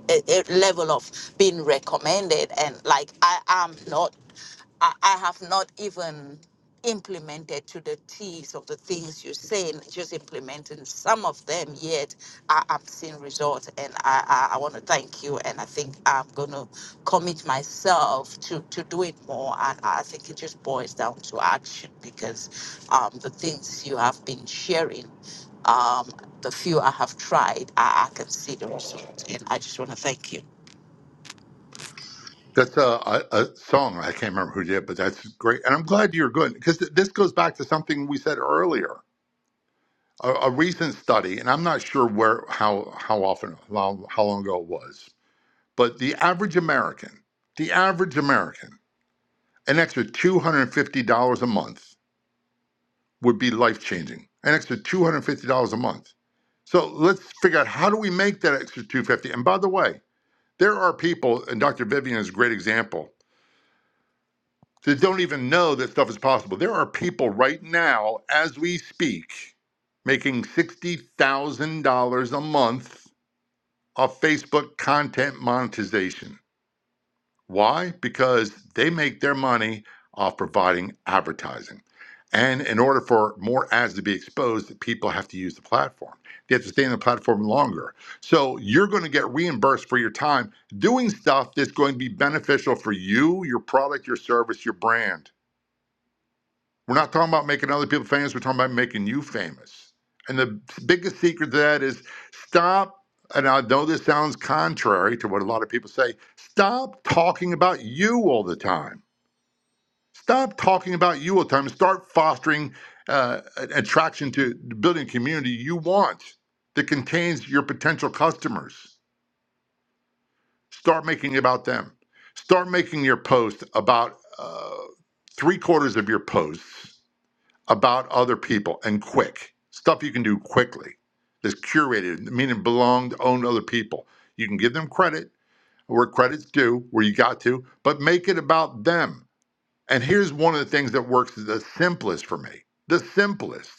Speaker 22: a a level of being recommended. And like, I am not, I, I have not even implemented to the teeth of the things you're saying, just implementing some of them yet I, I'm seeing results and I, I, I want to thank you and I think I'm gonna commit myself to, to do it more and I think it just boils down to action because um, the things you have been sharing um, the few I have tried I, I can see the results and I just want to thank you
Speaker 16: That's a, a, a song. I can't remember who did, but that's great. And I'm glad you're good because th- this goes back to something we said earlier. A, a recent study, and I'm not sure where, how, how often, how, how long ago it was, but the average American, the average American, an extra $250 a month would be life changing. An extra $250 a month. So let's figure out how do we make that extra 250. And by the way, there are people, and Dr. Vivian is a great example that don't even know that stuff is possible. There are people right now, as we speak, making $60,000 a month off Facebook content monetization. Why? Because they make their money off providing advertising. And in order for more ads to be exposed, people have to use the platform. They have to stay on the platform longer. So you're going to get reimbursed for your time doing stuff that's going to be beneficial for you, your product, your service, your brand. We're not talking about making other people famous. We're talking about making you famous. And the biggest secret to that is stop. And I know this sounds contrary to what a lot of people say. Stop talking about you all the time. Stop talking about you all the time. and Start fostering uh, attraction to building a community you want that contains your potential customers. Start making it about them. Start making your post about uh, three quarters of your posts about other people and quick stuff you can do quickly that's curated meaning belonged owned other people you can give them credit where credit's due where you got to but make it about them and here's one of the things that works the simplest for me the simplest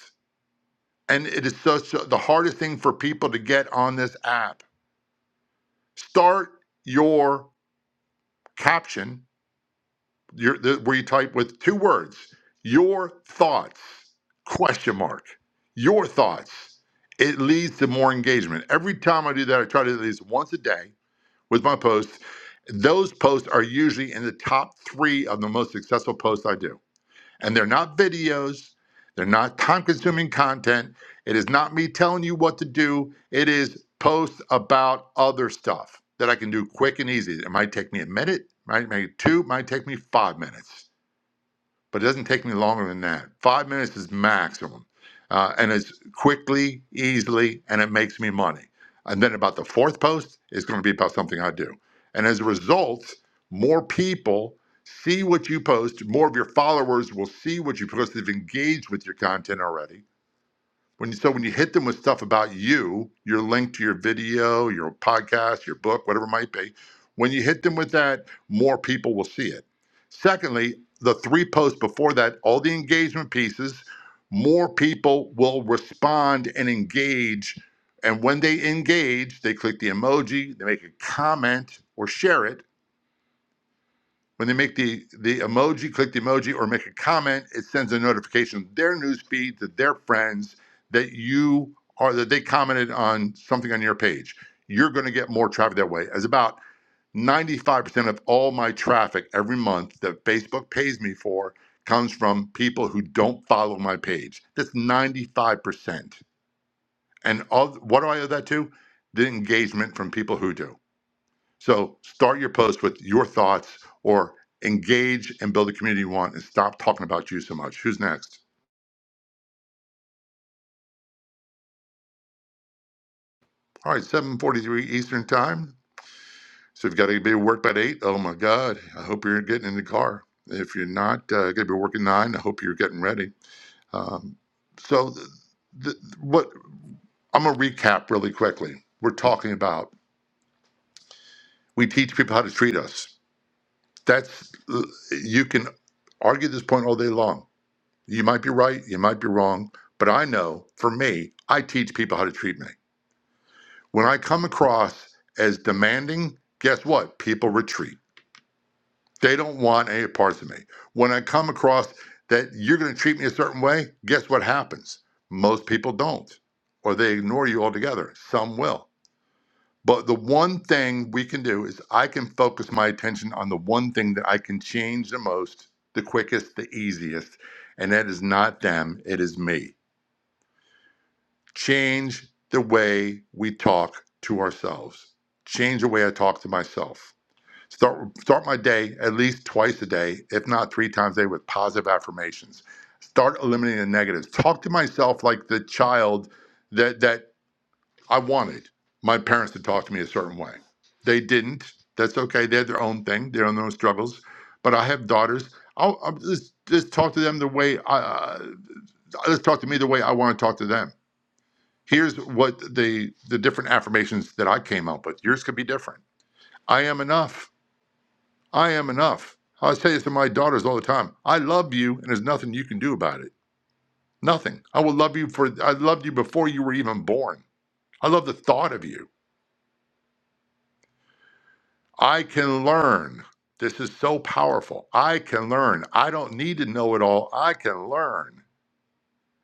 Speaker 16: and it is such a, the hardest thing for people to get on this app start your caption your the, where you type with two words your thoughts question mark your thoughts it leads to more engagement every time i do that i try to do this once a day with my posts those posts are usually in the top three of the most successful posts i do and they're not videos, they're not time consuming content. It is not me telling you what to do, it is posts about other stuff that I can do quick and easy. It might take me a minute, might take two, might take me five minutes but it doesn't take me longer than that. Five minutes is maximum. Uh, and it's quickly, easily, and it makes me money. And then about the fourth post is going to be about something I do. And as a result, more people see what you post, more of your followers will see what you post. They've engaged with your content already when you, so when you hit them with stuff about you, your link to your video, your podcast, your book, whatever it might be, when you hit them with that, more people will see it. Secondly, the three posts before that, all the engagement pieces, more people will respond and engage. And when they engage, they click the emoji, they make a comment or share it when they make the, the emoji, click the emoji or make a comment, it sends a notification to their news feed to their friends that you are that they commented on something on your page. You're going to get more traffic that way. As about 95% of all my traffic every month that Facebook pays me for comes from people who don't follow my page. That's 95%. And all, what do I owe that to? The engagement from people who do. So start your post with your thoughts or engage and build the community you want and stop talking about you so much. Who's next? All right, 743 Eastern time. So you've got to be at work by eight. Oh my God. I hope you're getting in the car. If you're not uh, going to be working nine, I hope you're getting ready. Um, so the, the, what I'm going to recap really quickly. We're talking about, we teach people how to treat us. That's, uh, you can argue this point all day long You might be right, you might be wrong, but I know for me, I teach people how to treat me. When I come across as demanding, guess what? People retreat. They don't want any parts of me. When I come across that you're going to treat me a certain way, guess what happens? Most people don't, or they ignore you altogether. Some will. But the one thing we can do is I can focus my attention on the one thing that I can change the most, the quickest, the easiest, and that is not them, it is me change the way we talk to ourselves. Change the way I talk to myself. Start start my day at least twice a day, if not three times a day, with positive affirmations. Start eliminating the negatives. Talk to myself like the child that that I wanted my parents to talk to me a certain way. They didn't. That's okay. They had their own thing. They own their own struggles. But I have daughters. I'll, I'll just just talk to them the way I uh, let talk to me the way I want to talk to them Here's what the the different affirmations that I came up with. Yours could be different. I am enough. I am enough. I say this to my daughters all the time. I love you, and there's nothing you can do about it. Nothing. I will love you for. I loved you before you were even born. I love the thought of you. I can learn. This is so powerful. I can learn. I don't need to know it all. I can learn.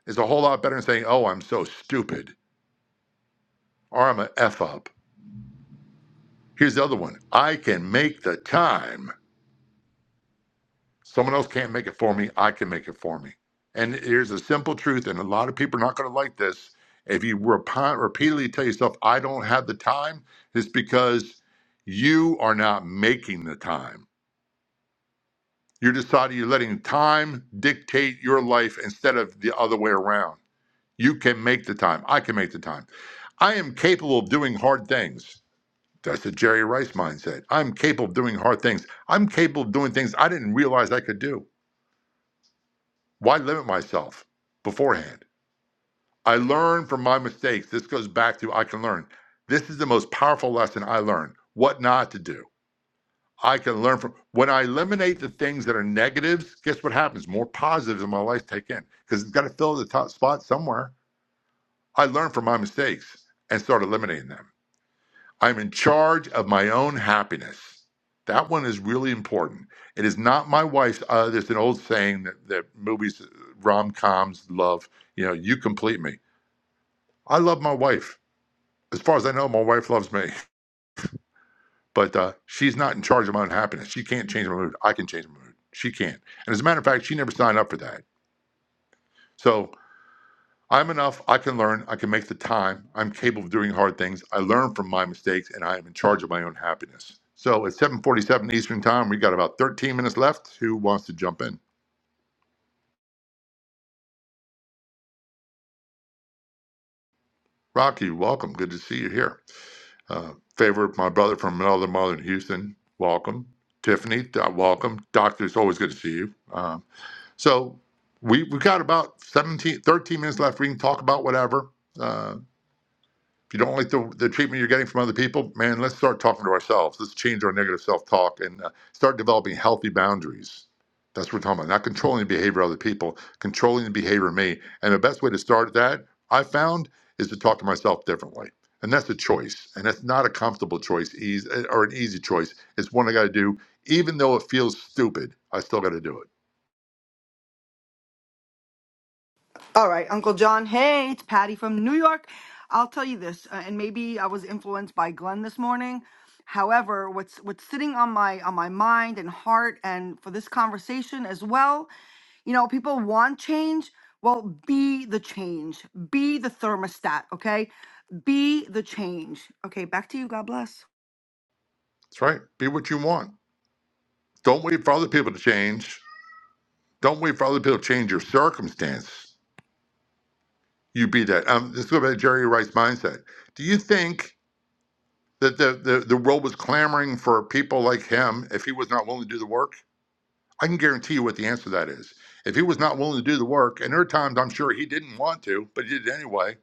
Speaker 16: It's a whole lot better than saying, "Oh, I'm so stupid," or "I'm a an f up." Here's the other one. I can make the time. Someone else can't make it for me. I can make it for me. And here's a simple truth, and a lot of people are not going to like this. If you repi- repeatedly tell yourself, I don't have the time, it's because you are not making the time. You're deciding you're letting time dictate your life instead of the other way around. You can make the time. I can make the time. I am capable of doing hard things. That's the Jerry Rice mindset. I'm capable of doing hard things. I'm capable of doing things I didn't realize I could do. Why limit myself beforehand? I learn from my mistakes. This goes back to I can learn. This is the most powerful lesson I learned what not to do. I can learn from when I eliminate the things that are negatives. Guess what happens? More positives in my life take in because it's got to fill the top spot somewhere. I learn from my mistakes and start eliminating them. I'm in charge of my own happiness. That one is really important. It is not my wife's. Uh, there's an old saying that, that movies, rom coms, love, you know, you complete me. I love my wife. As far as I know, my wife loves me, but uh, she's not in charge of my own happiness. She can't change my mood. I can change my mood. She can't. And as a matter of fact, she never signed up for that. So I'm enough. I can learn. I can make the time. I'm capable of doing hard things. I learn from my mistakes, and I am in charge of my own happiness. So it's 7:47 Eastern Time. We got about 13 minutes left. Who wants to jump in? Rocky, welcome. Good to see you here. Uh, favorite, my brother from another mother in Houston. Welcome, Tiffany. uh, welcome, Doctor. It's always good to see you. Um, so we we got about 17, 13 minutes left. We can talk about whatever. Uh, If you don't like the, the treatment you're getting from other people, man, let's start talking to ourselves. Let's change our negative self talk and uh, start developing healthy boundaries. That's what we're talking about. Not controlling the behavior of other people, controlling the behavior of me. And the best way to start that, I found, is to talk to myself differently. And that's a choice. And that's not a comfortable choice easy or an easy choice. It's one I got to do. Even though it feels stupid, I still got to do it.
Speaker 23: All right, Uncle John. Hey, it's Patty from New York. I'll tell you this, uh, and maybe I was influenced by Glenn this morning. However, what's what's sitting on my on my mind and heart, and for this conversation as well, you know, people want change. Well, be the change. Be the thermostat. Okay, be the change. Okay, back to you. God bless.
Speaker 16: That's right. Be what you want. Don't wait for other people to change. Don't wait for other people to change your circumstance. You beat that. Um, let's go back to Jerry Rice mindset. Do you think that the, the, the world was clamoring for people like him if he was not willing to do the work? I can guarantee you what the answer to that is. If he was not willing to do the work, and there are times I'm sure he didn't want to, but he did it anyway,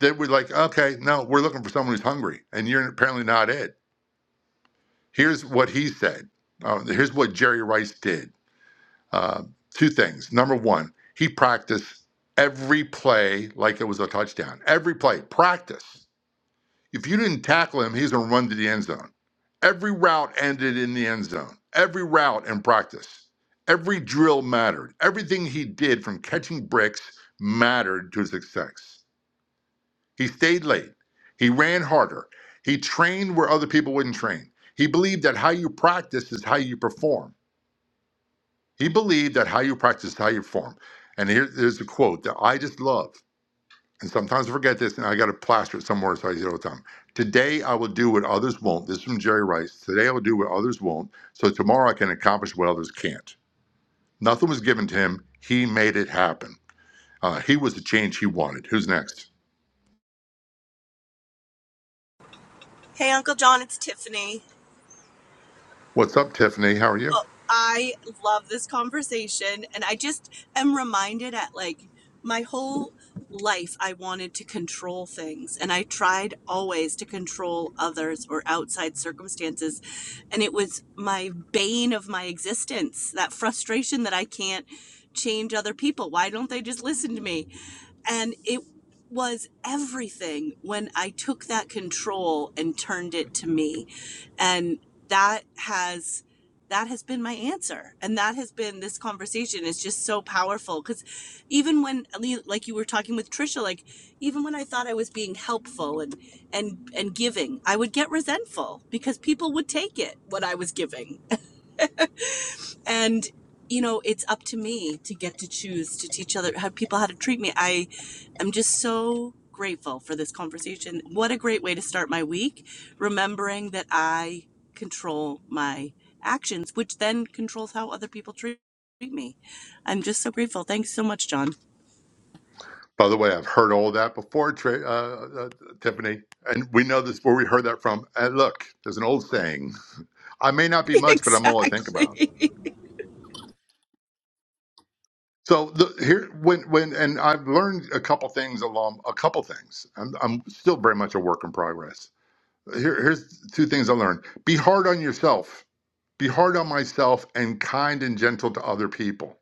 Speaker 16: that we're like, okay, no, we're looking for someone who's hungry, and you're apparently not it. Here's what he said. Uh, here's what Jerry Rice did. Uh, two things. Number one, he practiced every play like it was a touchdown. Every play, practice. If you didn't tackle him, he's going to run to the end zone. Every route ended in the end zone, every route in practice. Every drill mattered. Everything he did from catching bricks mattered to his success. He stayed late. He ran harder. He trained where other people wouldn't train. He believed that how you practice is how you perform. He believed that how you practice is how you perform. And here, there's a quote that I just love and sometimes I forget this, and I got to plaster it somewhere so I say it all the time. Today I will do what others won't. This is from Jerry Rice. Today I will do what others won't, so tomorrow I can accomplish what others can't. Nothing was given to him. He made it happen. Uh, he was the change he wanted. Who's next?
Speaker 24: Hey, Uncle John, it's Tiffany.
Speaker 16: What's up, Tiffany? How are you?
Speaker 24: I love this conversation and I just am reminded at like my whole life I wanted to control things and I tried always to control others or outside circumstances and it was my bane of my existence that frustration that I can't change other people why don't they just listen to me and it was everything when I took that control and turned it to me and that has that has been my answer and that has been this conversation is just so powerful because even when like you were talking with trisha like even when i thought i was being helpful and and and giving i would get resentful because people would take it what i was giving and you know it's up to me to get to choose to teach other how people how to treat me i am just so grateful for this conversation what a great way to start my week remembering that i control my actions which then controls how other people treat treat me i'm just so grateful thanks so much john
Speaker 16: By the way, I've heard all that before, Tra- uh, uh, Tiffany, and we know this where we heard that from. And look, there's an old saying: "I may not be much, but I'm all I think about."
Speaker 24: exactly
Speaker 16: So the, here, when when, and I've learned a couple things along a couple things. I'm I'm still very much a work in progress. Here, here's two things I learned: be hard on yourself, be hard on myself, and kind and gentle to other people.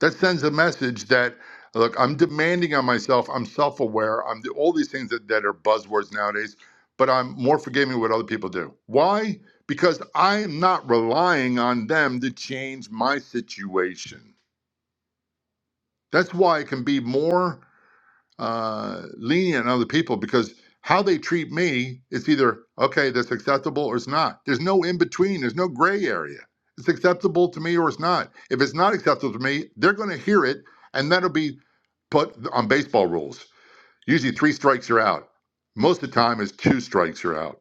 Speaker 16: That sends a message that look, I'm demanding on myself. I'm self-aware. I'm all these things that that are buzzwords nowadays. But I'm more forgiving with what other people do. Why? Because I'm not relying on them to change my situation. That's why it can be more uh, lenient on other people because how they treat me is either okay, that's acceptable or it's not. There's no in between. There's no gray area. It's acceptable to me or it's not. If it's not acceptable to me, they're going to hear it, and that'll be put on baseball rules. Usually, three strikes are out. Most of the time, it's two strikes are out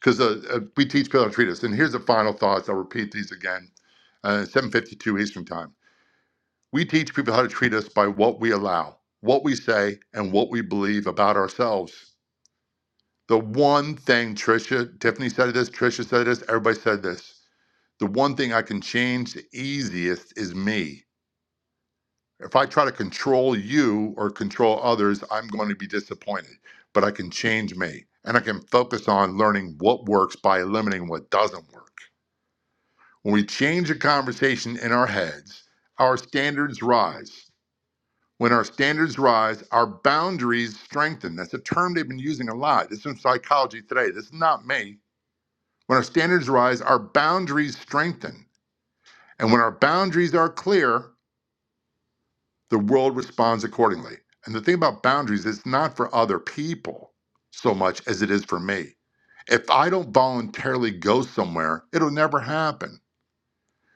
Speaker 16: because uh, uh, we teach people how to treat us. And here's the final thoughts. I'll repeat these again. Uh, 7:52 Eastern Time. We teach people how to treat us by what we allow, what we say, and what we believe about ourselves. The one thing Trisha, Tiffany said this, Trisha said this, everybody said this. The one thing I can change the easiest is me. If I try to control you or control others, I'm going to be disappointed. But I can change me and I can focus on learning what works by eliminating what doesn't work. When we change the conversation in our heads, our standards rise. When our standards rise, our boundaries strengthen. That's a term they've been using a lot. This is from psychology today. This is not me. When our standards rise, our boundaries strengthen. And when our boundaries are clear, the world responds accordingly. And the thing about boundaries is it's not for other people so much as it is for me. If I don't voluntarily go somewhere, it'll never happen.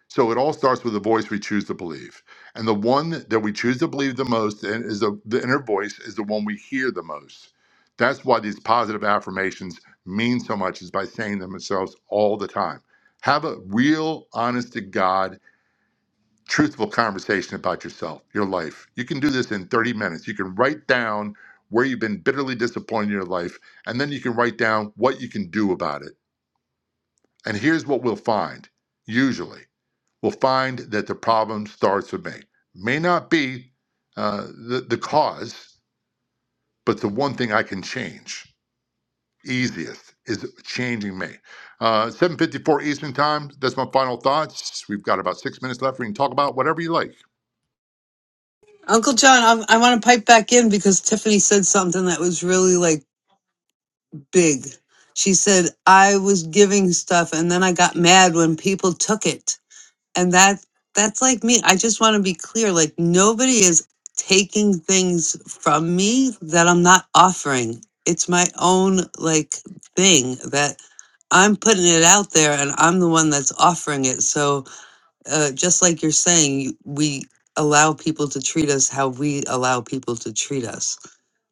Speaker 16: So it all starts with the voice we choose to believe. And the one that we choose to believe the most and is the, the inner voice is the one we hear the most. That's why these positive affirmations mean so much is by saying them themselves all the time. Have a real, honest to God, truthful conversation about yourself, your life. You can do this in 30 minutes. You can write down where you've been bitterly disappointed in your life, and then you can write down what you can do about it. And here's what we'll find usually will find that the problem starts with me. May not be uh, the, the cause, but the one thing I can change easiest is changing me. Uh, 7.54 Eastern Time, that's my final thoughts. We've got about six minutes left. We can talk about whatever you like.
Speaker 6: Uncle John, I, I want to pipe back in because Tiffany said something that was really like big. She said, I was giving stuff and then I got mad when people took it. and that that's like me i just want to be clear like nobody is taking things from me that i'm not offering it's my own like thing that i'm putting it out there and i'm the one that's offering it so uh, just like you're saying you- we allow people to treat us how we allow people to treat us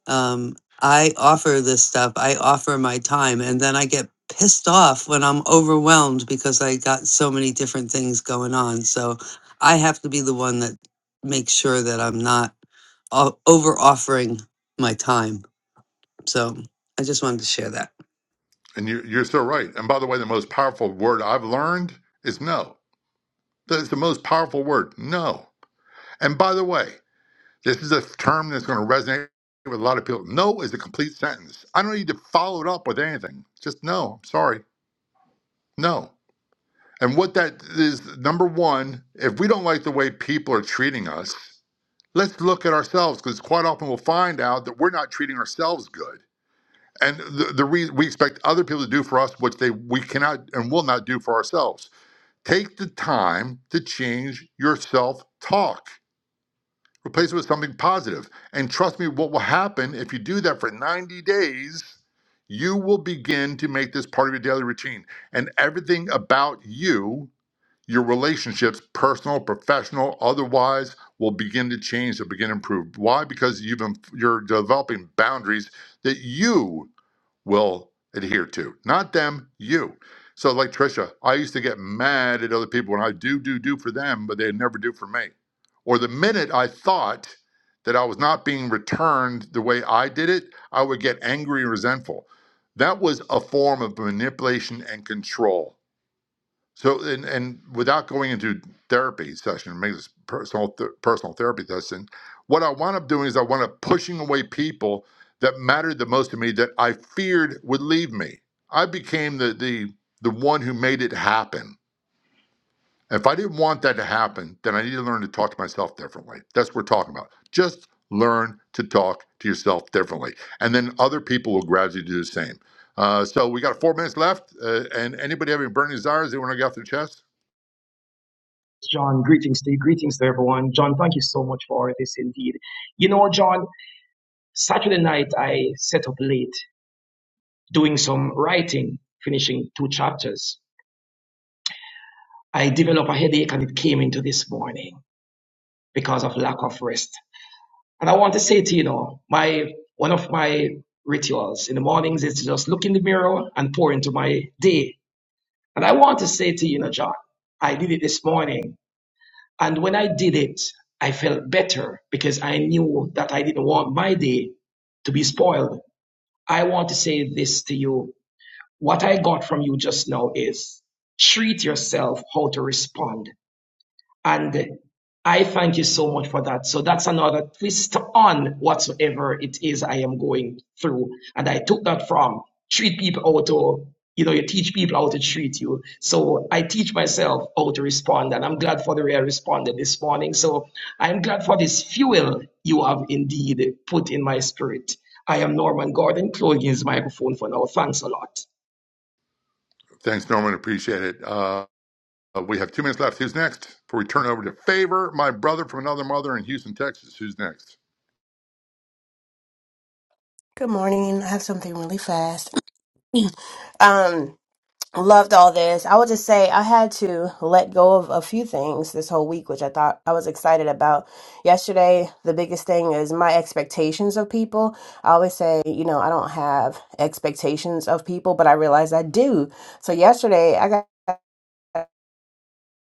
Speaker 6: um, I offer this stuff. I offer my time, and then I get pissed off when I'm overwhelmed because I got so many different things going on. So I have to be the one that makes sure that I'm not o- over offering my time. So I just wanted to share that.
Speaker 16: And you're, you're so right. And by the way, the most powerful word I've learned is no. That's the most powerful word, no. And by the way, This is a term that's going to resonate with a lot of people. No is a complete sentence. I don't need to follow it up with anything. Just no. I'm sorry. No. And what that is, number one, if we don't like the way people are treating us, let's look at ourselves because quite often we'll find out that we're not treating ourselves good. And the, the re- we expect other people to do for us what they we cannot and will not do for ourselves. Take the time to change your self talk. Replace it with something positive. And trust me, what will happen if you do that for 90 days, you will begin to make this part of your daily routine. And everything about you, your relationships, personal, professional, otherwise, will begin to change, will begin to improve. Why? Because you've been, you're developing boundaries that you will adhere to. Not them, you. So, like Trisha, I used to get mad at other people when I do, do, do for them, but they never do for me. Or the minute I thought that I was not being returned the way I did it, I would get angry and resentful. That was a form of manipulation and control so, and, and without going into therapy session, make this personal th- personal therapy session, what I wound up doing is I wound up pushing away people that mattered the most to me that I feared would leave me. I became the the the one who made it happen. If I didn't want that to happen, then I need to learn to talk to myself differently. That's what we're talking about. Just learn to talk to yourself differently, and then other people will gradually do the same. Uh, so we got four minutes left, uh, and anybody have any burning desires they want to get off their chest?
Speaker 19: John. Greetings to you. Greetings to everyone. John, thank you so much for this indeed. You know, John, Saturday night I set up late doing some writing, finishing two chapters. I developed a headache and it came into this morning because of lack of rest. And I want to say to you, you know, my one of my rituals in the mornings is to just look in the mirror and pour into my day. And I want to say to you, you know, John, I did it this morning And when I did it, I felt better because I knew that I didn't want my day to be spoiled. I want to say this to you. What I got from you just now is treat yourself how to respond and I thank you so much for that. So that's another twist on whatsoever it is I am going through. And I took that from treat people how to, you know, you teach people how to treat you. So I teach myself how to respond. And I'm glad for the way I responded this morning. So I'm glad for this fuel you have indeed put in my spirit. I am Norman Gordon, closing his microphone for now. Thanks a lot.
Speaker 16: Thanks, Norman. Appreciate it. Uh, we have two minutes left. Who's next? Before we turn over to Favor, my brother from another mother in Houston, Texas. Who's next?
Speaker 25: Good morning. I have something really fast. Um, loved all this. I would just say I had to let go of a few things this whole week, which I thought I was excited about. Yesterday, the biggest thing is my expectations of people. I always say, you know, I don't have expectations of people, but I realized I do. So yesterday, I got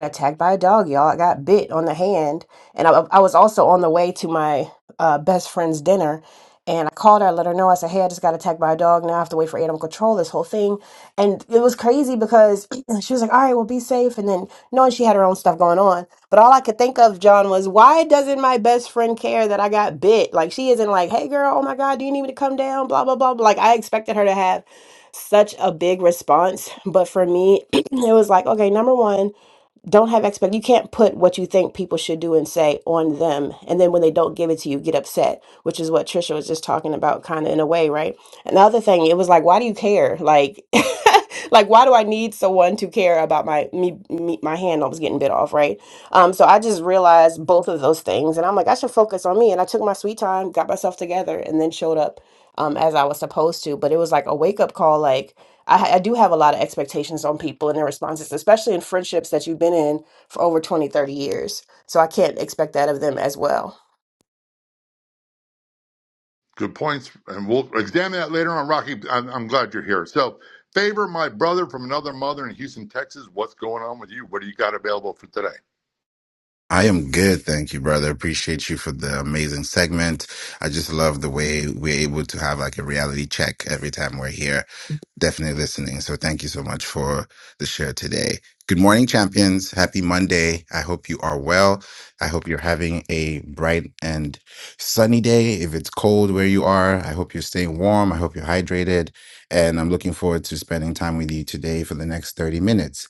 Speaker 25: got attacked by a dog, y'all. I got bit on the hand, and I, I was also on the way to my uh, best friend's dinner. And I called her, I let her know. I said, "Hey, I just got attacked by a dog. Now I have to wait for animal control. This whole thing." And it was crazy because she was like, "All right, well, be safe." And then knowing she had her own stuff going on, but all I could think of, John, was why doesn't my best friend care that I got bit? Like she isn't like, "Hey, girl, oh my God, do you need me to come down?" blah blah. blah. Like I expected her to have such a big response. But for me, it was like, okay, number one, don't have expect you can't put what you think people should do and say on them and then when they don't give it to you get upset which is what trisha was just talking about kind of in a way right another thing it was like why do you care like like why do i need someone to care about my me, me my hand that was getting bit off right um so i just realized both of those things and i'm like i should focus on me and i took my sweet time got myself together and then showed up um, as I was supposed to. But it was like a wake up call. Like I, ha- I do have a lot of expectations on people and their responses, especially in friendships that you've been in for over 20, 30 years. So I can't expect that of them as well.
Speaker 16: Good points, and we'll examine that later on. Rocky, I'm, I'm glad you're here. So, Favor, my brother from another mother in Houston, Texas. What's going on with you? What do you got available for today?
Speaker 26: I am good, thank you, brother. Appreciate you for the amazing segment. I just love the way we're able to have like a reality check every time we're here. Definitely listening. So thank you so much for the share today. Good morning, champions. Happy Monday. I hope you are well. I hope you're having a bright and sunny day. If it's cold where you are, I hope you're staying warm. I hope you're hydrated. And I'm looking forward to spending time with you today for the next 30 minutes.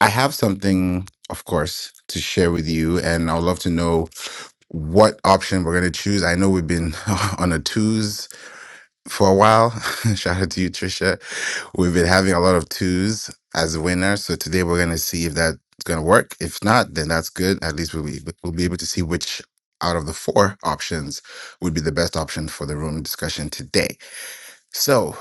Speaker 26: I have something, of course, to share with you, and I would love to know what option we're going to choose. I know we've been on a twos for a while. Shout out to you, Trisha. We've been having a lot of twos as a winner. So today we're going to see if that's going to work. If not, then that's good. At least we'll be, we'll be able to see which out of the four options would be the best option for the room discussion today. So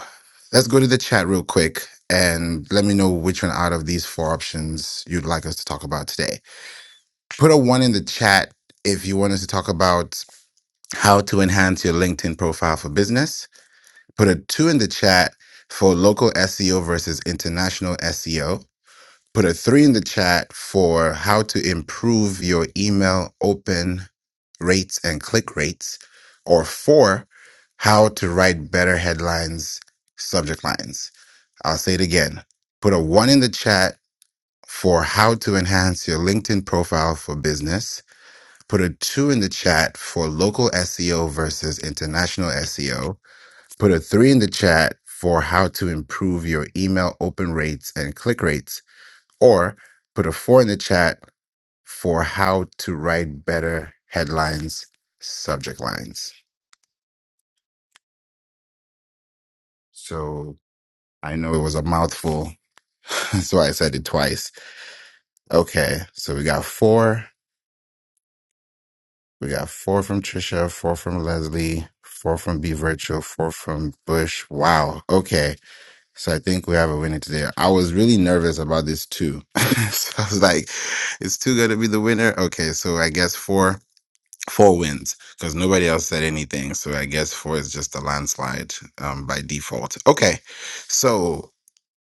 Speaker 26: let's go to the chat real quick and let me know which one out of these four options you'd like us to talk about today. Put a one in the chat if you want us to talk about how to enhance your LinkedIn profile for business. Put a two in the chat for local SEO versus international SEO. Put a three in the chat for how to improve your email open rates and click rates. Or four, how to write better headlines, subject lines. I'll say it again. Put a one in the chat for how to enhance your LinkedIn profile for business. Put a two in the chat for local SEO versus international SEO. Put a three in the chat for how to improve your email open rates and click rates. Or put a four in the chat for how to write better headlines, subject lines. So I know it was a mouthful. That's why I said it twice. Okay. So we got four We got four from Trisha, four from Leslie, four from B Virtual, four from Bush. Wow. Okay. So I think we have a winner today. I was really nervous about this too. so I was like, is two going to be the winner? Okay. So I guess four, four wins because nobody else said anything. So I guess four is just a landslide um, by default. Okay. So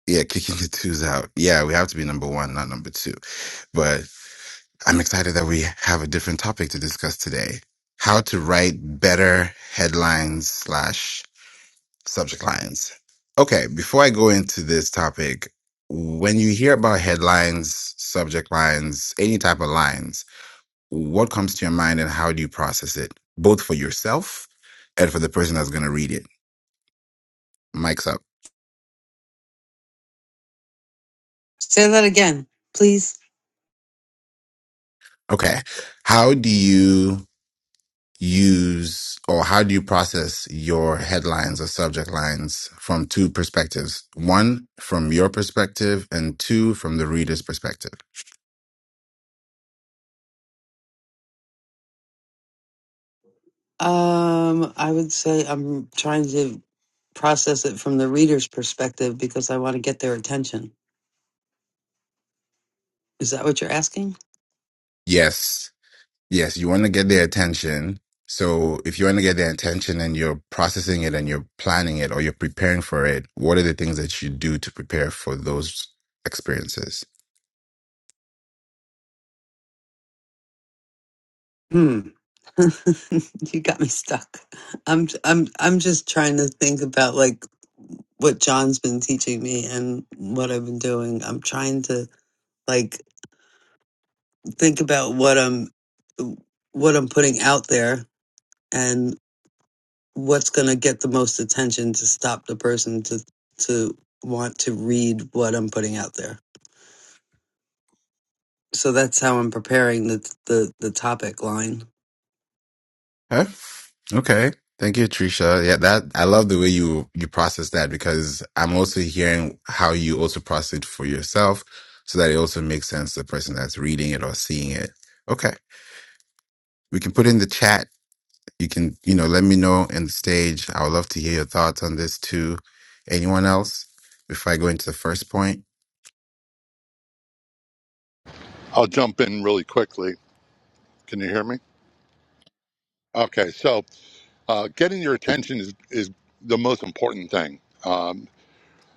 Speaker 26: yeah, kicking the twos out. Yeah, we have to be number one, not number two. But. I'm excited that we have a different topic to discuss today. How to write better headlines slash subject lines. Okay, before I go into this topic, when you hear about headlines, subject lines, any type of lines, what comes to your mind and how do you process it, both for yourself and for the person that's going to read it? Mike's up.
Speaker 6: Say that again, please.
Speaker 26: Okay. How do you use or how do you process your headlines or subject lines from two perspectives? One, from your perspective, and two, from the reader's perspective.
Speaker 6: Um, I would say I'm trying to process it from the reader's perspective because I want to get their attention. Is that what you're asking?
Speaker 26: Yes, yes, you want to get their attention. So if you want to get their attention and you're processing it and you're planning it or you're preparing for it, what are the things that you do to prepare for those experiences?
Speaker 6: you got me stuck. I'm I'm I'm just trying to think about like what John's been teaching me and what I've been doing. I'm trying to like think about what I'm what I'm putting out there and what's going to get the most attention to stop the person to to want to read what I'm putting out there. So that's how I'm preparing the the, the topic line.
Speaker 26: Okay. Okay. Thank you, Trisha. Yeah, that I love the way you you process that because I'm also hearing how you also process it for yourself, so that it also makes sense to the person that's reading it or seeing it. Okay, we can put in the chat. You can you know let me know in the stage. I would love to hear your thoughts on this too. Anyone else before I go into the first point?
Speaker 16: I'll jump in really quickly. Can you hear me? Okay, so uh, getting your attention is is the most important thing. Um,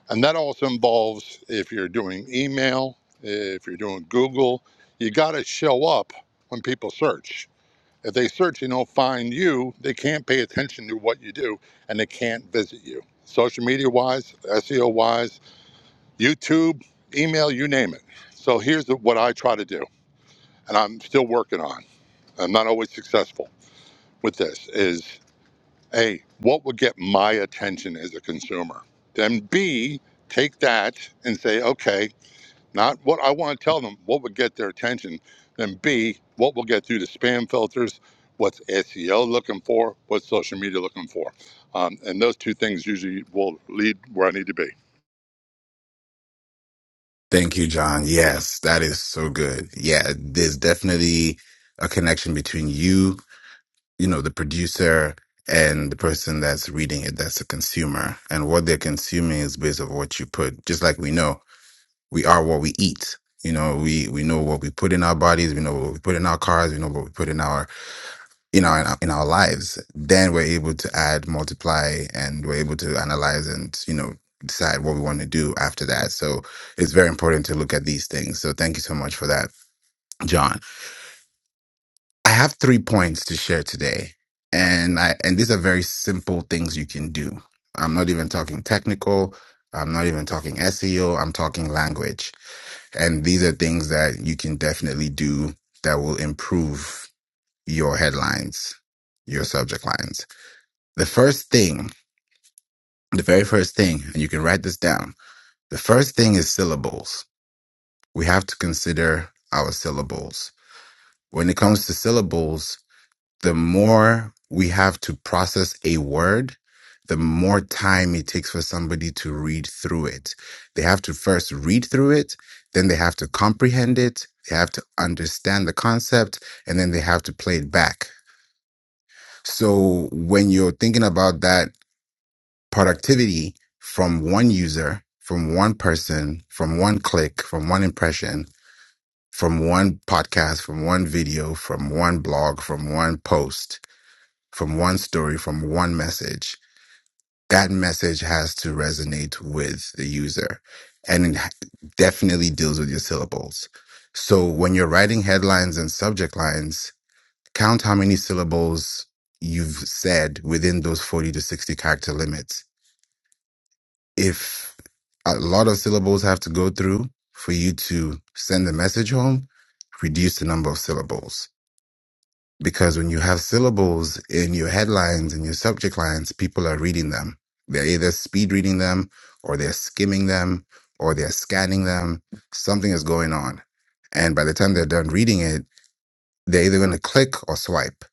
Speaker 16: And that also involves if you're doing email, if you're doing Google, you got to show up when people search. If they search and don't find you, they can't pay attention to what you do and they can't visit you. Social media wise, SEO wise, YouTube, email, you name it. So here's the, what I try to do, and I'm still working on. I'm not always successful with this is A, what would get my attention as a consumer? Then B, take that and say, okay, Not what I want to tell them, what would get their attention, then B, what will get through the spam filters, what's SEO looking for, what's social media looking for. Um, and those two things usually will lead where I need to be.
Speaker 26: Thank you, John. Yes, that is so good. Yeah, there's definitely a connection between you you know the producer and the person that's reading it that's a consumer and what they're consuming is based on what you put just like we know we are what we eat you know we we know what we put in our bodies we know what we put in our cars we know what we put in our you know in our, in our lives then we're able to add multiply and we're able to analyze and you know decide what we want to do after that so it's very important to look at these things so thank you so much for that john I have three points to share today, and I and these are very simple things you can do. I'm not even talking technical. I'm not even talking SEO. I'm talking language, and these are things that you can definitely do that will improve your headlines, your subject lines. The first thing, the very first thing, and you can write this down. The first thing is syllables. We have to consider our syllables. When it comes to syllables, the more we have to process a word, the more time it takes for somebody to read through it. They have to first read through it, then they have to comprehend it, they have to understand the concept, and then they have to play it back. So when you're thinking about that productivity from one user, from one person, from one click, from one impression, from one podcast, from one video, from one blog, from one post, from one story, from one message. That message has to resonate with the user and it ha- definitely deals with your syllables. So when you're writing headlines and subject lines, count how many syllables you've said within those 40 to 60 character limits. If a lot of syllables have to go through for you to send the message home, reduce the number of syllables because when you have syllables in your headlines and your subject lines, people are reading them. They're either speed reading them or they're skimming them or they're scanning them. Something is going on. And by the time they're done reading it, they're either going to click or swipe.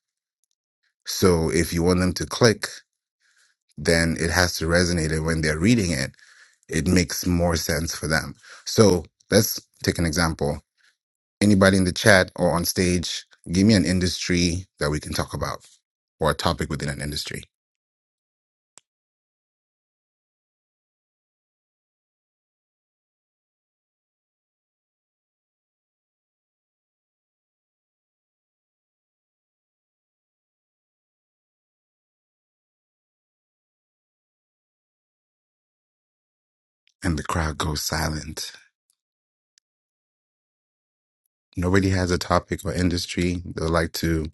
Speaker 26: So if you want them to click, then it has to resonate. And when they're reading it, it makes more sense for them. So let's take an example. Anybody in the chat or on stage, give me an industry that we can talk about or a topic within an industry. And the crowd goes silent. Nobody has a topic or industry they would like to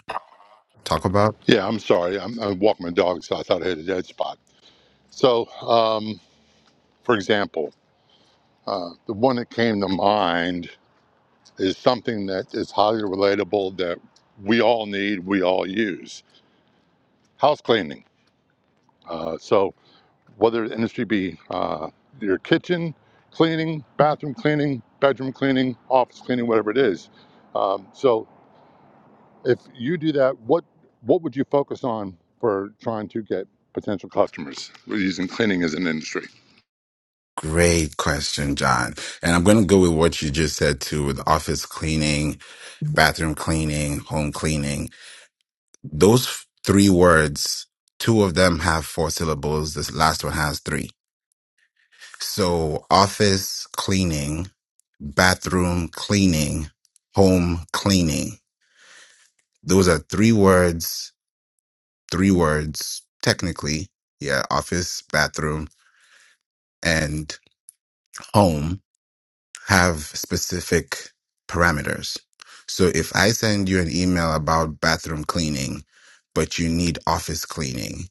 Speaker 26: talk about?
Speaker 16: Yeah, I'm sorry. I'm, I'm walking my dog, so I thought I hit a dead spot. So, um, for example, uh, the one that came to mind is something that is highly relatable that we all need, we all use house cleaning. Uh, so, whether the industry be uh, your kitchen cleaning, bathroom cleaning, bedroom cleaning, office cleaning, whatever it is. Um, so if you do that, what what would you focus on for trying to get potential customers? We're using cleaning as an industry.
Speaker 26: Great question, John. And I'm going to go with what you just said too with office cleaning, bathroom cleaning, home cleaning. Those three words, two of them have four syllables. This last one has three. So office cleaning, bathroom cleaning, home cleaning. Those are three words, three words, technically. Yeah, office, bathroom, and home have specific parameters. So if I send you an email about bathroom cleaning, but you need office cleaning,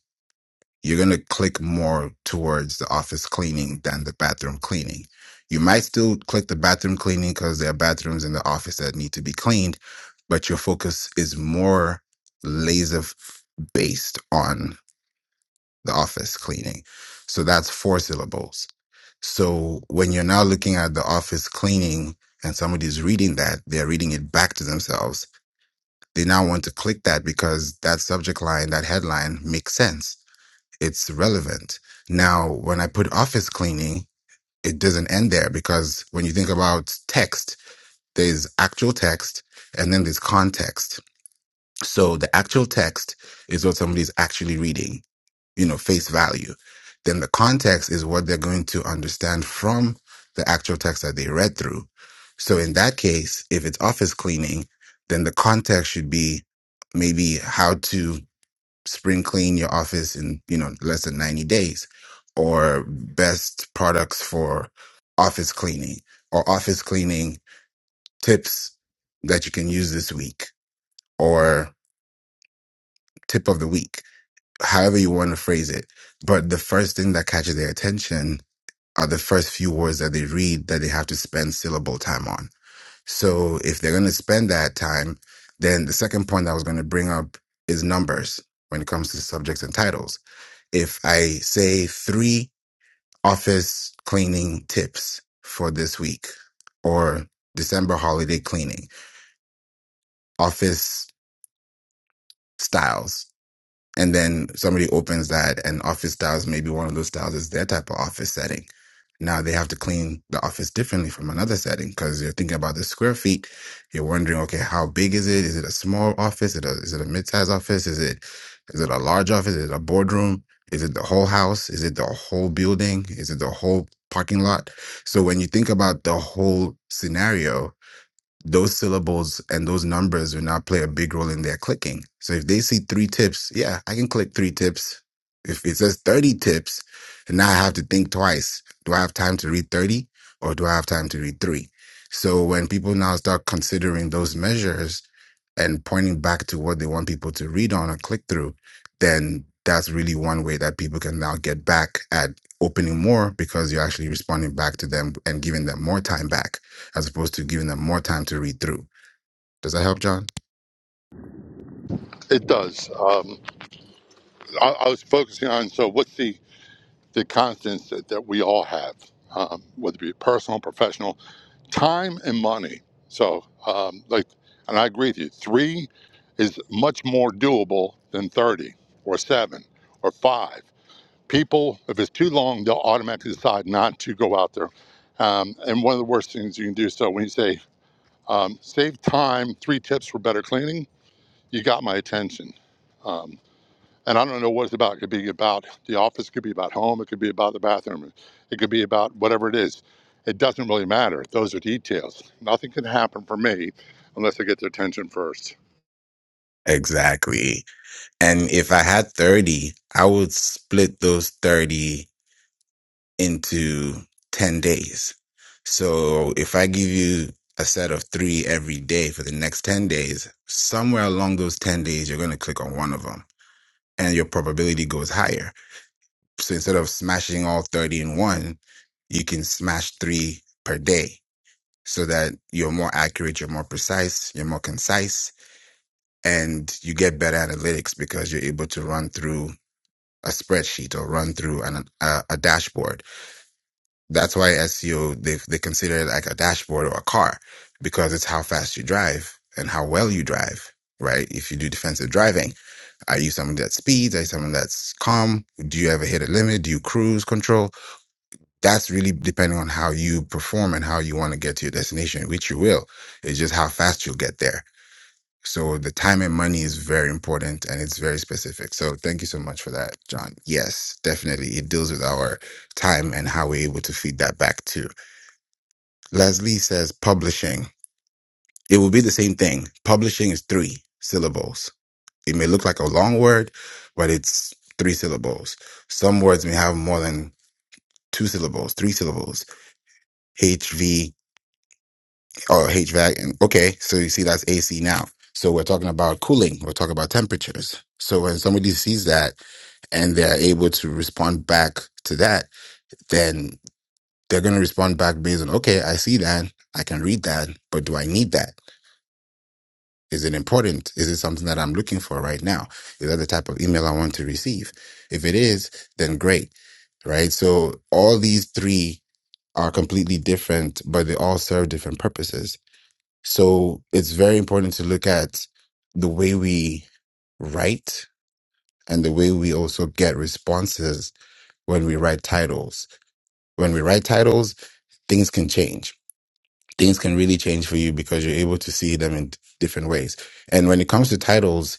Speaker 26: you're going to click more towards the office cleaning than the bathroom cleaning. You might still click the bathroom cleaning because there are bathrooms in the office that need to be cleaned, but your focus is more laser f- based on the office cleaning. So that's four syllables. So when you're now looking at the office cleaning and somebody's reading that, they're reading it back to themselves. They now want to click that because that subject line, that headline makes sense it's relevant. Now, when I put office cleaning, it doesn't end there because when you think about text, there's actual text and then there's context. So the actual text is what somebody's actually reading, you know, face value. Then the context is what they're going to understand from the actual text that they read through. So in that case, if it's office cleaning, then the context should be maybe how to spring clean your office in you know less than 90 days or best products for office cleaning or office cleaning tips that you can use this week or tip of the week however you want to phrase it but the first thing that catches their attention are the first few words that they read that they have to spend syllable time on so if they're going to spend that time then the second point i was going to bring up is numbers when it comes to subjects and titles if I say three office cleaning tips for this week or December holiday cleaning, office styles, and then somebody opens that and office styles maybe one of those styles is their type of office setting now they have to clean the office differently from another setting because you're thinking about the square feet you're wondering okay how big is it is it a small office is it a, is it a mid-sized office is it is it a large office is it a boardroom is it the whole house is it the whole building is it the whole parking lot so when you think about the whole scenario those syllables and those numbers will now play a big role in their clicking. So if they see three tips, yeah, I can click three tips. If it says 30 tips, and now I have to think twice. Do I have time to read 30 or do I have time to read three? So when people now start considering those measures and pointing back to what they want people to read on or click through, then that's really one way that people can now get back at opening more because you're actually responding back to them and giving them more time back as opposed to giving them more time to read through. Does that help, John?
Speaker 16: It does. Um, I, I was focusing on so what's the the constants that, that we all have, um, whether it be personal, professional, time and money. So, um, like, and I agree with you. Three is much more doable than thirty or seven or five. People, if it's too long, they'll automatically decide not to go out there. Um, and one of the worst things you can do. So when you say um, save time, three tips for better cleaning, you got my attention. And I don't know what it's about. It could be about the office, it could be about home, it could be about the bathroom, it could be about whatever it is. It doesn't really matter. Those are details. Nothing can happen for me unless I get their attention first.
Speaker 26: Exactly. And if I had 30, I would split those 30 into 10 days. So if I give you a set of three every day for the next 10 days, somewhere along those 10 days, you're going to click on one of them and your probability goes higher. So instead of smashing all 30 in one, you can smash three per day so that you're more accurate, you're more precise, you're more concise, and you get better analytics because you're able to run through a spreadsheet or run through an, a, a dashboard. That's why SEO, they, they consider it like a dashboard or a car because it's how fast you drive and how well you drive, right? If you do defensive driving, are you someone that speeds? Are you someone that's calm? Do you ever hit a limit? Do you cruise control? That's really depending on how you perform and how you want to get to your destination, which you will. It's just how fast you'll get there so the time and money is very important and it's very specific. So thank you so much for that, John. Yes, definitely. It deals with our time and how we're able to feed that back too. Leslie says publishing. It will be the same thing. Publishing is three syllables. It may look like a long word, but it's three syllables. Some words may have more than two syllables, three syllables. HV or HVAC. And okay, so you see that's AC now. So we're talking about cooling. We're talking about temperatures. So when somebody sees that and they're able to respond back to that, then they're going to respond back based on, okay, I see that. I can read that, but do I need that? Is it important? Is it something that I'm looking for right now? Is that the type of email I want to receive? If it is, then great, right? So all these three are completely different, but they all serve different purposes. So it's very important to look at the way we write and the way we also get responses when we write titles. When we write titles, things can change. Things can really change for you because you're able to see them in different ways. And when it comes to titles,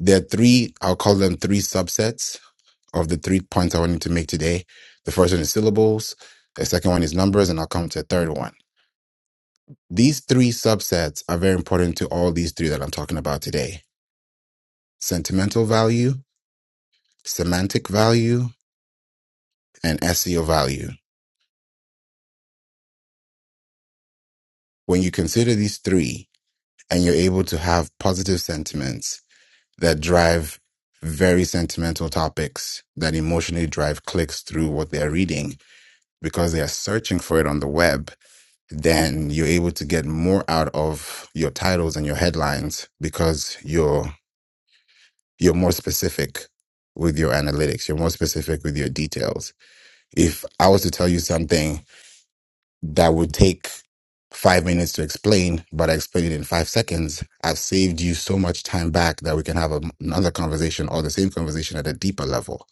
Speaker 26: there are three, I'll call them three subsets of the three points I wanted to make today. The first one is syllables. The second one is numbers, and I'll come to a third one. These three subsets are very important to all these three that I'm talking about today sentimental value, semantic value, and SEO value. When you consider these three and you're able to have positive sentiments that drive very sentimental topics that emotionally drive clicks through what they're reading because they are searching for it on the web, then you're able to get more out of your titles and your headlines because you're you're more specific with your analytics, you're more specific with your details. If I was to tell you something that would take five minutes to explain, but I explained it in five seconds. I've saved you so much time back that we can have a, another conversation or the same conversation at a deeper level.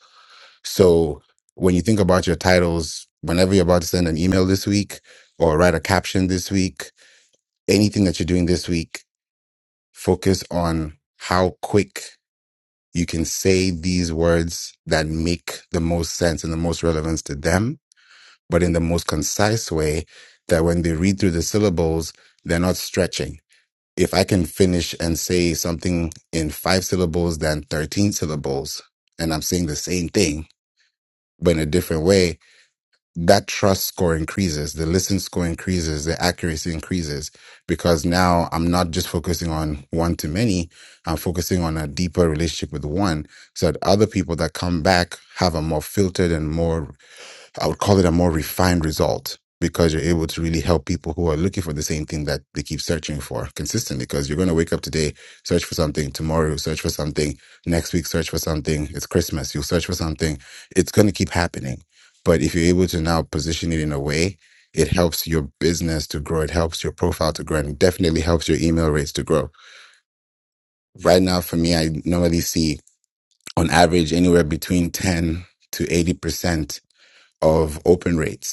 Speaker 26: So when you think about your titles, whenever you're about to send an email this week or write a caption this week, anything that you're doing this week, focus on how quick you can say these words that make the most sense and the most relevance to them but in the most concise way that when they read through the syllables, they're not stretching. If I can finish and say something in five syllables than 13 syllables, and I'm saying the same thing, but in a different way, that trust score increases, the listen score increases, the accuracy increases, because now I'm not just focusing on one to many, I'm focusing on a deeper relationship with one so that other people that come back have a more filtered and more I would call it a more refined result because you're able to really help people who are looking for the same thing that they keep searching for consistently. Because you're going to wake up today, search for something, tomorrow, search for something, next week, search for something. It's Christmas, you'll search for something. It's going to keep happening. But if you're able to now position it in a way, it helps your business to grow, it helps your profile to grow, and it definitely helps your email rates to grow. Right now, for me, I normally see on average anywhere between 10 to 80% of open rates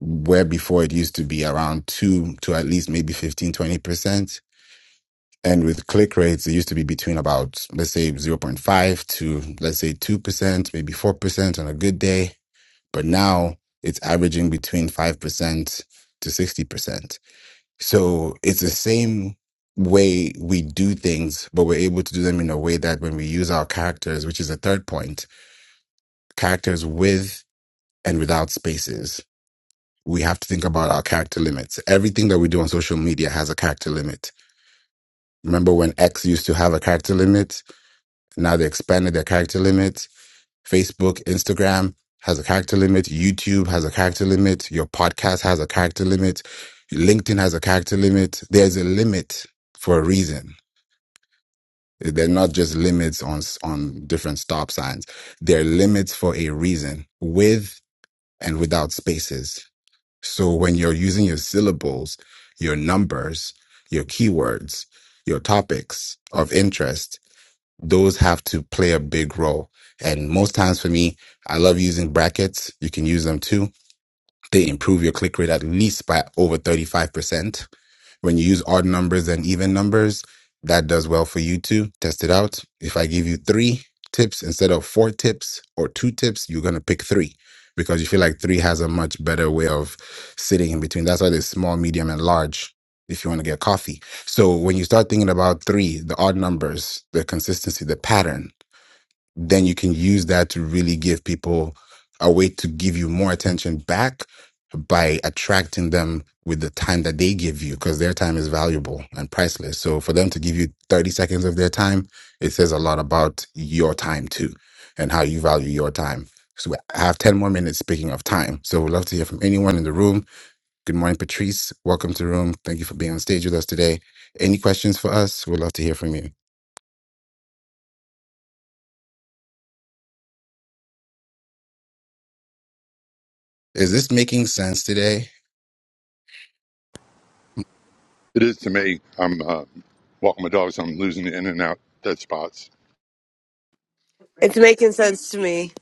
Speaker 26: where before it used to be around 2 to at least maybe fifteen twenty percent and with click rates it used to be between about let's say zero point 0.5 to let's say 2% maybe 4% on a good day but now it's averaging between 5% to 60% so it's the same way we do things but we're able to do them in a way that when we use our characters which is the third point characters with and without spaces we have to think about our character limits. Everything that we do on social media has a character limit. Remember when X used to have a character limit? Now they expanded their character limit. Facebook, Instagram has a character limit. YouTube has a character limit. Your podcast has a character limit. LinkedIn has a character limit. There's a limit for a reason. They're not just limits on on different stop signs. They're limits for a reason with and without spaces. So when you're using your syllables, your numbers, your keywords, your topics of interest, those have to play a big role. And most times for me, I love using brackets. You can use them too. They improve your click rate at least by over 35%. When you use odd numbers and even numbers, that does well for you too. Test it out. If I give you three tips instead of four tips or two tips, you're going to pick three because you feel like three has a much better way of sitting in between. That's why there's small, medium, and large if you want to get coffee. So when you start thinking about three, the odd numbers, the consistency, the pattern, then you can use that to really give people a way to give you more attention back by attracting them with the time that they give you because their time is valuable and priceless. So for them to give you 30 seconds of their time, it says a lot about your time too and how you value your time. So I have 10 more minutes speaking of time. So we'd love to hear from anyone in the room. Good morning, Patrice. Welcome to the room. Thank you for being on stage with us today. Any questions for us? We'd love to hear from you. Is this making sense today?
Speaker 16: It is to me. I'm uh, walking my dogs. I'm losing the in and out dead spots.
Speaker 27: It's making sense to me.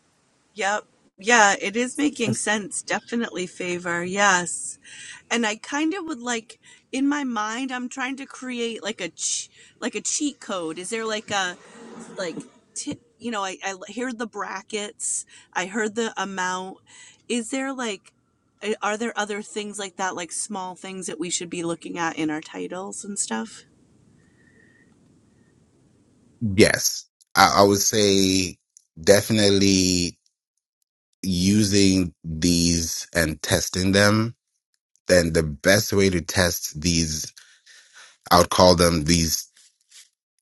Speaker 24: Yep. Yeah, it is making sense. Definitely favor. Yes. And I kind of would like in my mind I'm trying to create like a ch- like a cheat code. Is there like a like t- you know, I I hear the brackets. I heard the amount. Is there like a- are there other things like that like small things that we should be looking at in our titles and stuff?
Speaker 26: Yes, I, I would say definitely using these and testing them. Then the best way to test these, I would call them these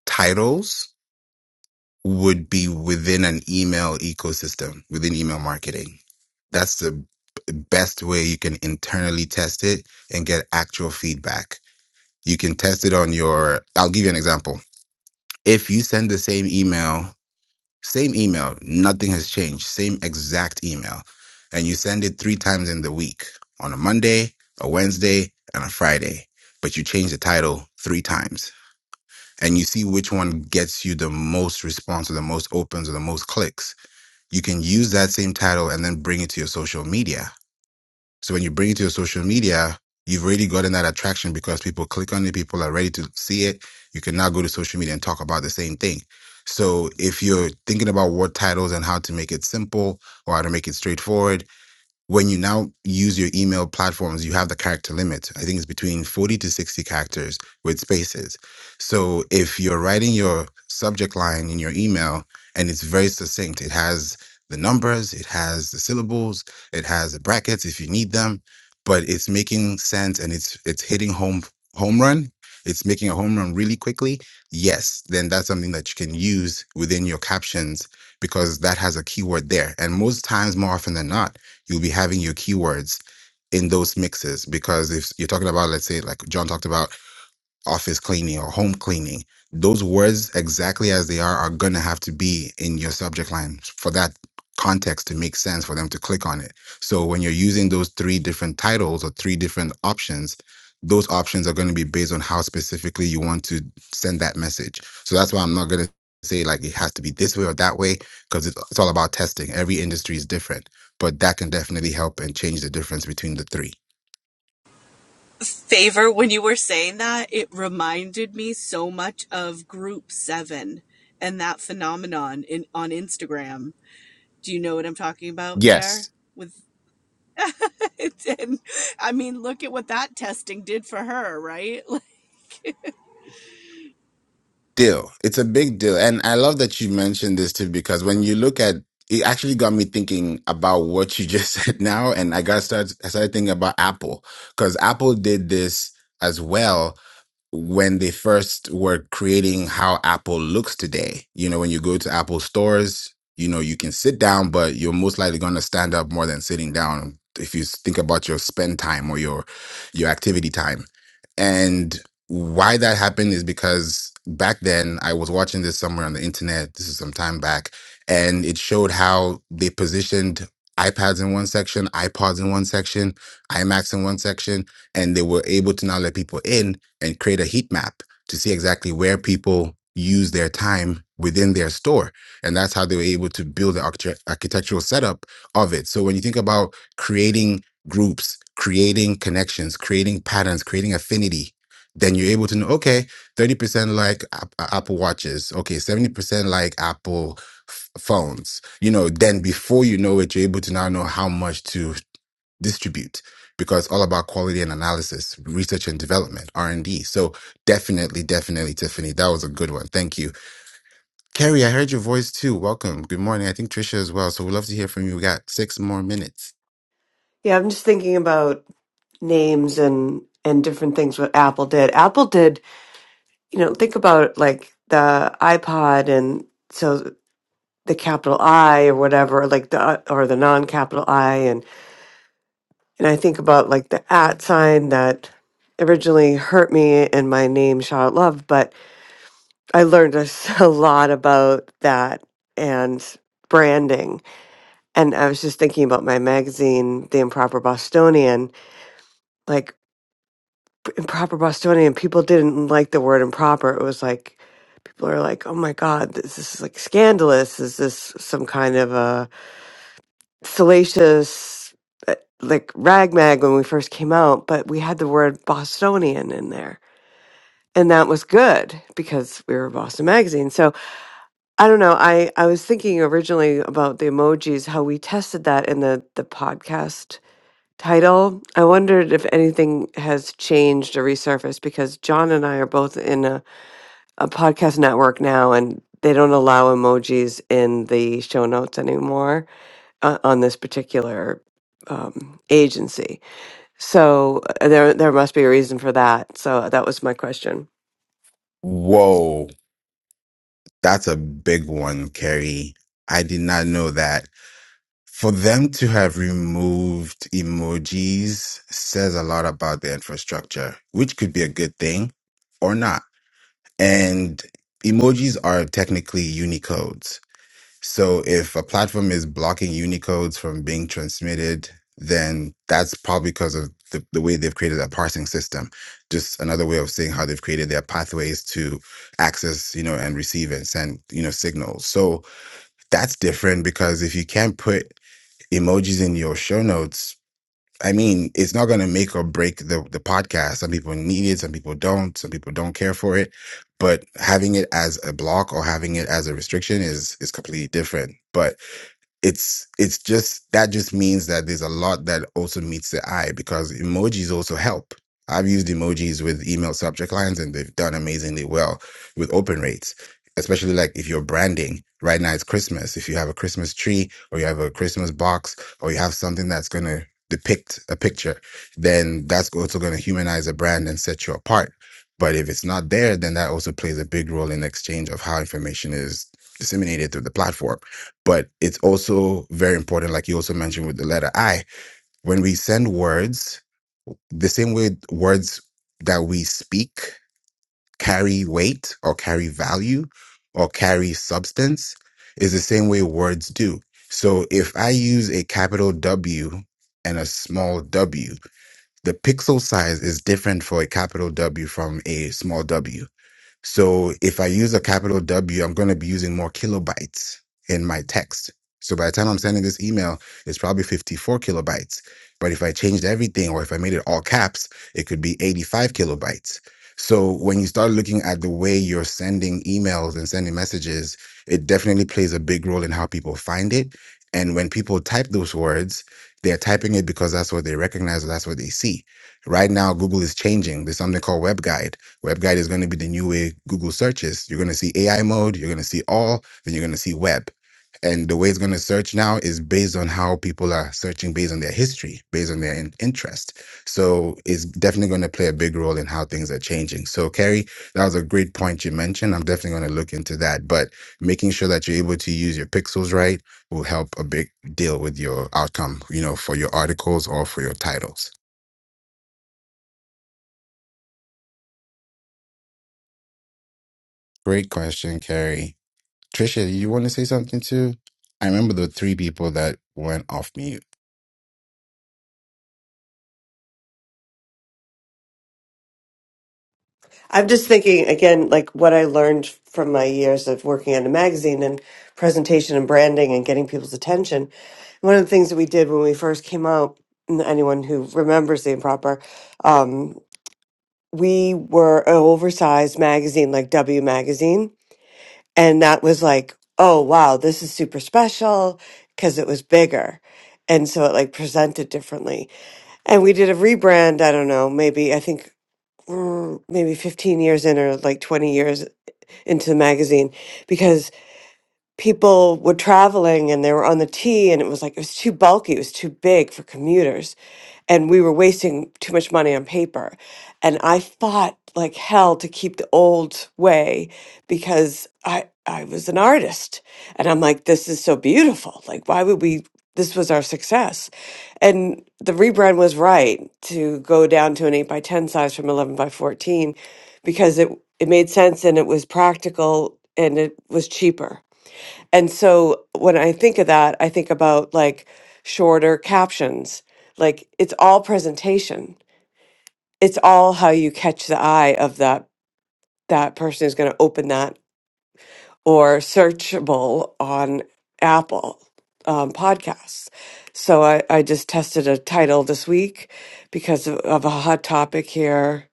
Speaker 26: titles, would be within an email ecosystem, within email marketing. That's the b- best way you can internally test it and get actual feedback. You can test it on your, I'll give you an example. If you send the same email, same email, nothing has changed, same exact email, and you send it three times in the week on a Monday, a Wednesday, and a Friday, but you change the title three times and you see which one gets you the most response or the most opens or the most clicks, you can use that same title and then bring it to your social media so when you bring it to your social media, you've already gotten that attraction because people click on it, people are ready to see it. You can now go to social media and talk about the same thing. So if you're thinking about what titles and how to make it simple or how to make it straightforward, when you now use your email platforms, you have the character limit. I think it's between 40 to 60 characters with spaces. So if you're writing your subject line in your email and it's very succinct, it has the numbers, it has the syllables, it has the brackets if you need them, but it's making sense and it's it's hitting home home run. It's making a home run really quickly. Yes, then that's something that you can use within your captions because that has a keyword there. And most times, more often than not, you'll be having your keywords in those mixes because if you're talking about let's say like john talked about office cleaning or home cleaning those words exactly as they are are going to have to be in your subject line for that context to make sense for them to click on it so when you're using those three different titles or three different options those options are going to be based on how specifically you want to send that message so that's why i'm not going to say like it has to be this way or that way because it's, it's all about testing every industry is different but that can definitely help and change the difference between the three
Speaker 24: favor when you were saying that, it reminded me so much of Group Seven and that phenomenon in on Instagram. Do you know what I'm talking about
Speaker 26: yes
Speaker 24: there? With and I mean, look at what that testing did for her, right?
Speaker 26: deal. It's a big deal. And I love that you mentioned this too, because when you look at it actually got me thinking about what you just said now. And I got started, I started thinking about Apple because Apple did this as well when they first were creating how Apple looks today. You know, when you go to Apple stores, you know, you can sit down, but you're most likely going to stand up more than sitting down if you think about your spend time or your your activity time. And why that happened is because back then I was watching this somewhere on the internet. This is some time back, and it showed how they positioned iPads in one section, iPods in one section, iMacs in one section, and they were able to now let people in and create a heat map to see exactly where people use their time within their store. And that's how they were able to build the architect- architectural setup of it. So when you think about creating groups, creating connections, creating patterns, creating affinity, then you're able to know, okay, 30% like App- Apple Watches, okay, 70% like Apple f- phones. You know, then before you know it, you're able to now know how much to distribute because it's all about quality and analysis, research and development, R and D. So definitely, definitely, Tiffany, that was a good one. Thank you, Carrie. I heard your voice too. Welcome. Good morning. I think Trisha as well. So we'd love to hear from you. We got six more minutes.
Speaker 27: Yeah, I'm just thinking about names and and different things what Apple did. Apple did, you know, think about like the iPod and so the capital I or whatever, like the or the non-capital I and and I think about like the at sign that originally hurt me in my name Charlotte Love, but I learned a, s- a lot about that and branding. And I was just thinking about my magazine, The Improper Bostonian, like. improper Bostonian, people didn't like the word improper. It was like people are like, "Oh my God, this, is like scandalous. Is this some kind of a salacious uh, like rag mag?" When we first came out, but we had the word Bostonian in there, and that was good because we were Boston Magazine. So I don't know. I I was thinking originally about the emojis, how we tested that in the the podcast title. I wondered if anything has changed or resurfaced because John and I are both in a a podcast network now and they don't allow emojis in the show notes anymore uh, on this particular um, agency. So uh, there there must be a reason for that. So that was my question.
Speaker 26: Whoa, that's a big one, Carrie. I did not know that. For them to have removed emojis says a lot about the infrastructure, which could be a good thing or not. And emojis are technically Unicodes. So if a platform is blocking Unicodes from being transmitted, then that's probably because of the, the way they've created that parsing system. Just another way of saying how they've created their pathways to access, you know, and receive and send, you know, signals. So that's different because if you can't put emojis in your show notes, I mean, it's not going to make or break the, the podcast. Some people need it, some people don't, some people don't care for it. But having it as a block or having it as a restriction is is completely different. But it's it's just that just means that there's a lot that also meets the eye because emojis also help. I've used emojis with email subject lines and they've done amazingly well with open rates, especially like if you're branding. Right now it's Christmas. If you have a Christmas tree or you have a Christmas box or you have something that's going to depict a picture, then that's also going to humanize a brand and set you apart. But if it's not there, then that also plays a big role in exchange of how information is disseminated through the platform but it's also very important like you also mentioned with the letter i when we send words the same way words that we speak carry weight or carry value or carry substance is the same way words do so if i use a capital w and a small w the pixel size is different for a capital w from a small w so if I use a capital W, I'm going to be using more kilobytes in my text. So by the time I'm sending this email, it's probably 54 kilobytes. But if I changed everything or if I made it all caps, it could be 85 kilobytes. So when you start looking at the way you're sending emails and sending messages, it definitely plays a big role in how people find it. And when people type those words, they're typing it because that's what they recognize or that's what they see. Right now, Google is changing. There's something called WebGuide WebGuide is going to be the new way Google searches. You're going to see AI mode, you're going to see all, then you're going to see web. And the way it's going to search now is based on how people are searching based on their history, based on their in- interest. So it's definitely going to play a big role in how things are changing. So, Carrie, that was a great point you mentioned. I'm definitely going to look into that. But making sure that you're able to use your pixels right will help a big deal with your outcome, you know, for your articles or for your titles. Great question, Carrie. Trisha, you want to say something too? I remember the three people that went off mute.
Speaker 27: I'm just thinking again like what I learned from my years of working on a magazine and presentation and branding and getting people's attention. One of the things that we did when we first came out and anyone who remembers the improper um, we were an oversized magazine like W Magazine. And that was like, oh, wow, this is super special because it was bigger. And so it like presented differently. And we did a rebrand, I don't know, maybe, I think mm, maybe 15 years in or like 20 years into the magazine because people were traveling and they were on the T and it was like it was too bulky, it was too big for commuters and we were wasting too much money on paper. And I fought like hell to keep the old way because I I was an artist and I'm like this is so beautiful. Like why would we this was our success. And the rebrand was right to go down to an 8 by 10 size from 11 by 14 because it it made sense and it was practical and it was cheaper and so when I think of that, I think about like shorter captions. Like it's all presentation. It's all how you catch the eye of that that person who's going to open that or searchable on Apple um, podcasts. So I, I just tested a title this week because of, of a hot topic here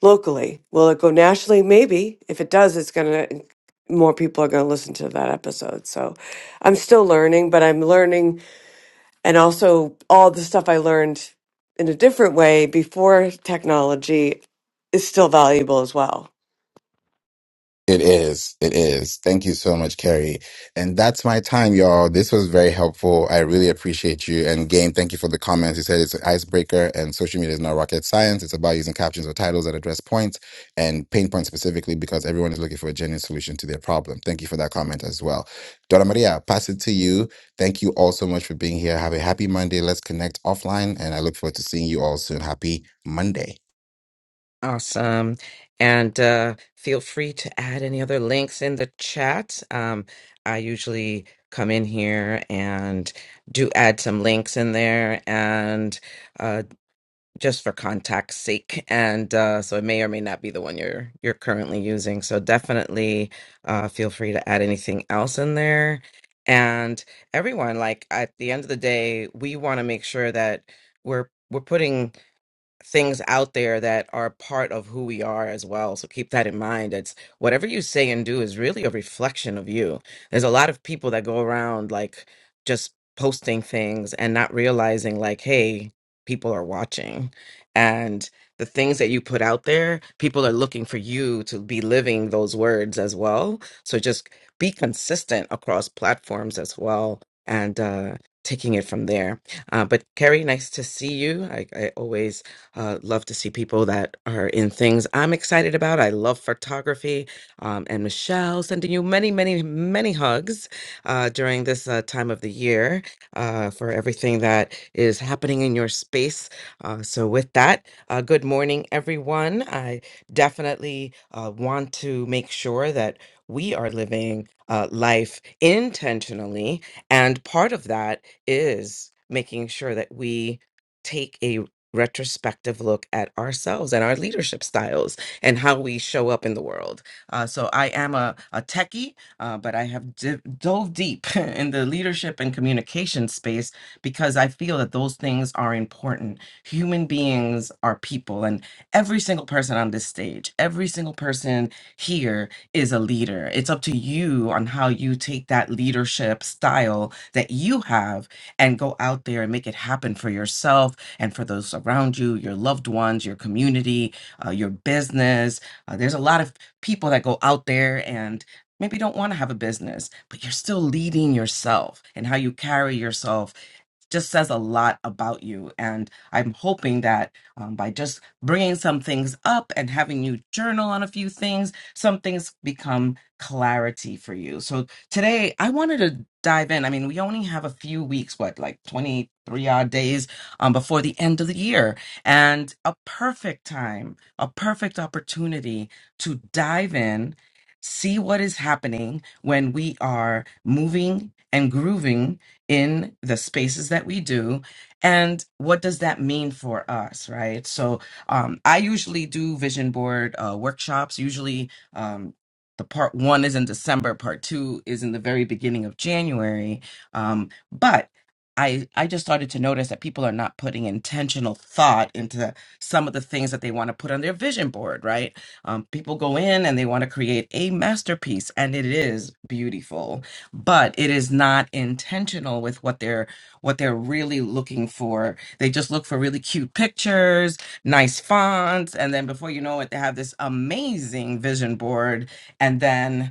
Speaker 27: locally. Will it go nationally? Maybe. If it does, it's going to, more people are going to listen to that episode. So I'm still learning, but I'm learning and also all the stuff I learned in a different way before technology is still valuable as well.
Speaker 26: It is. It is. Thank you so much, Kerry. And that's my time, y'all. This was very helpful. I really appreciate you. And Game, thank you for the comments. You said it's an icebreaker and social media is not rocket science. It's about using captions or titles that address points and pain points specifically because everyone is looking for a genuine solution to their problem. Thank you for that comment as well. Dora Maria, pass it to you. Thank you all so much for being here. Have a happy Monday. Let's connect offline. And I look forward to seeing you all soon. Happy Monday.
Speaker 28: Awesome. And uh, feel free to add any other links in the chat. Um, I usually come in here and do add some links in there and uh, just for contact's sake. And uh, so it may or may not be the one you're you're currently using. So definitely uh, feel free to add anything else in there. And everyone, like at the end of the day, we want to make sure that we're we're putting things out there that are part of who we are as well. So keep that in mind. It's whatever you say and do is really a reflection of you. There's a lot of people that go around like just posting things and not realizing, like, hey, people are watching. And the things that you put out there, people are looking for you to be living those words as well. So just be consistent across platforms as well and uh, taking it from there. Uh, but Kerry, nice to see you. I, I always uh, love to see people that are in things I'm excited about. I love photography. Um, and Michelle, sending you many, many, many hugs uh, during this uh, time of the year uh, for everything that is happening in your space. Uh, so, with that, uh, good morning, everyone. I definitely uh, want to make sure that we are living uh, life intentionally. And part of that is making sure that we take a retrospective look at ourselves and our leadership styles and how we show up in the world. Uh, so I am a, a techie, uh, but I have di- dove deep in the leadership and communication space because I feel that those things are important. Human beings are people, and every single person on this stage, every single person here is a leader. It's up to you on how you take that leadership style that you have and go out there and make it happen for yourself and for those around you, your loved ones, your community, uh, your business. Uh, there's a lot of people that go out there and maybe don't want to have a business, but you're still leading yourself and how you carry yourself just says a lot about you. And I'm hoping that um, by just bringing some things up and having you journal on a few things, some things become clarity for you. So today I wanted to dive in. I mean, we only have a few weeks, what, like 23 odd days um, before the end of the year. And a perfect time, a perfect opportunity to dive in. See what is happening when we are moving and grooving in the spaces that we do and what does that mean for us right so um, i usually do vision board uh, workshops usually um, the part one is in december part two is in the very beginning of january um, but I, I just started to notice that people are not putting intentional thought into some of the things that they want to put on their vision board, right? Um, people go in and they want to create a masterpiece, and it is beautiful but it is not intentional with what they're what they're really looking for. They just look for really cute pictures, nice fonts, and then before you know it, they have this amazing vision board, and then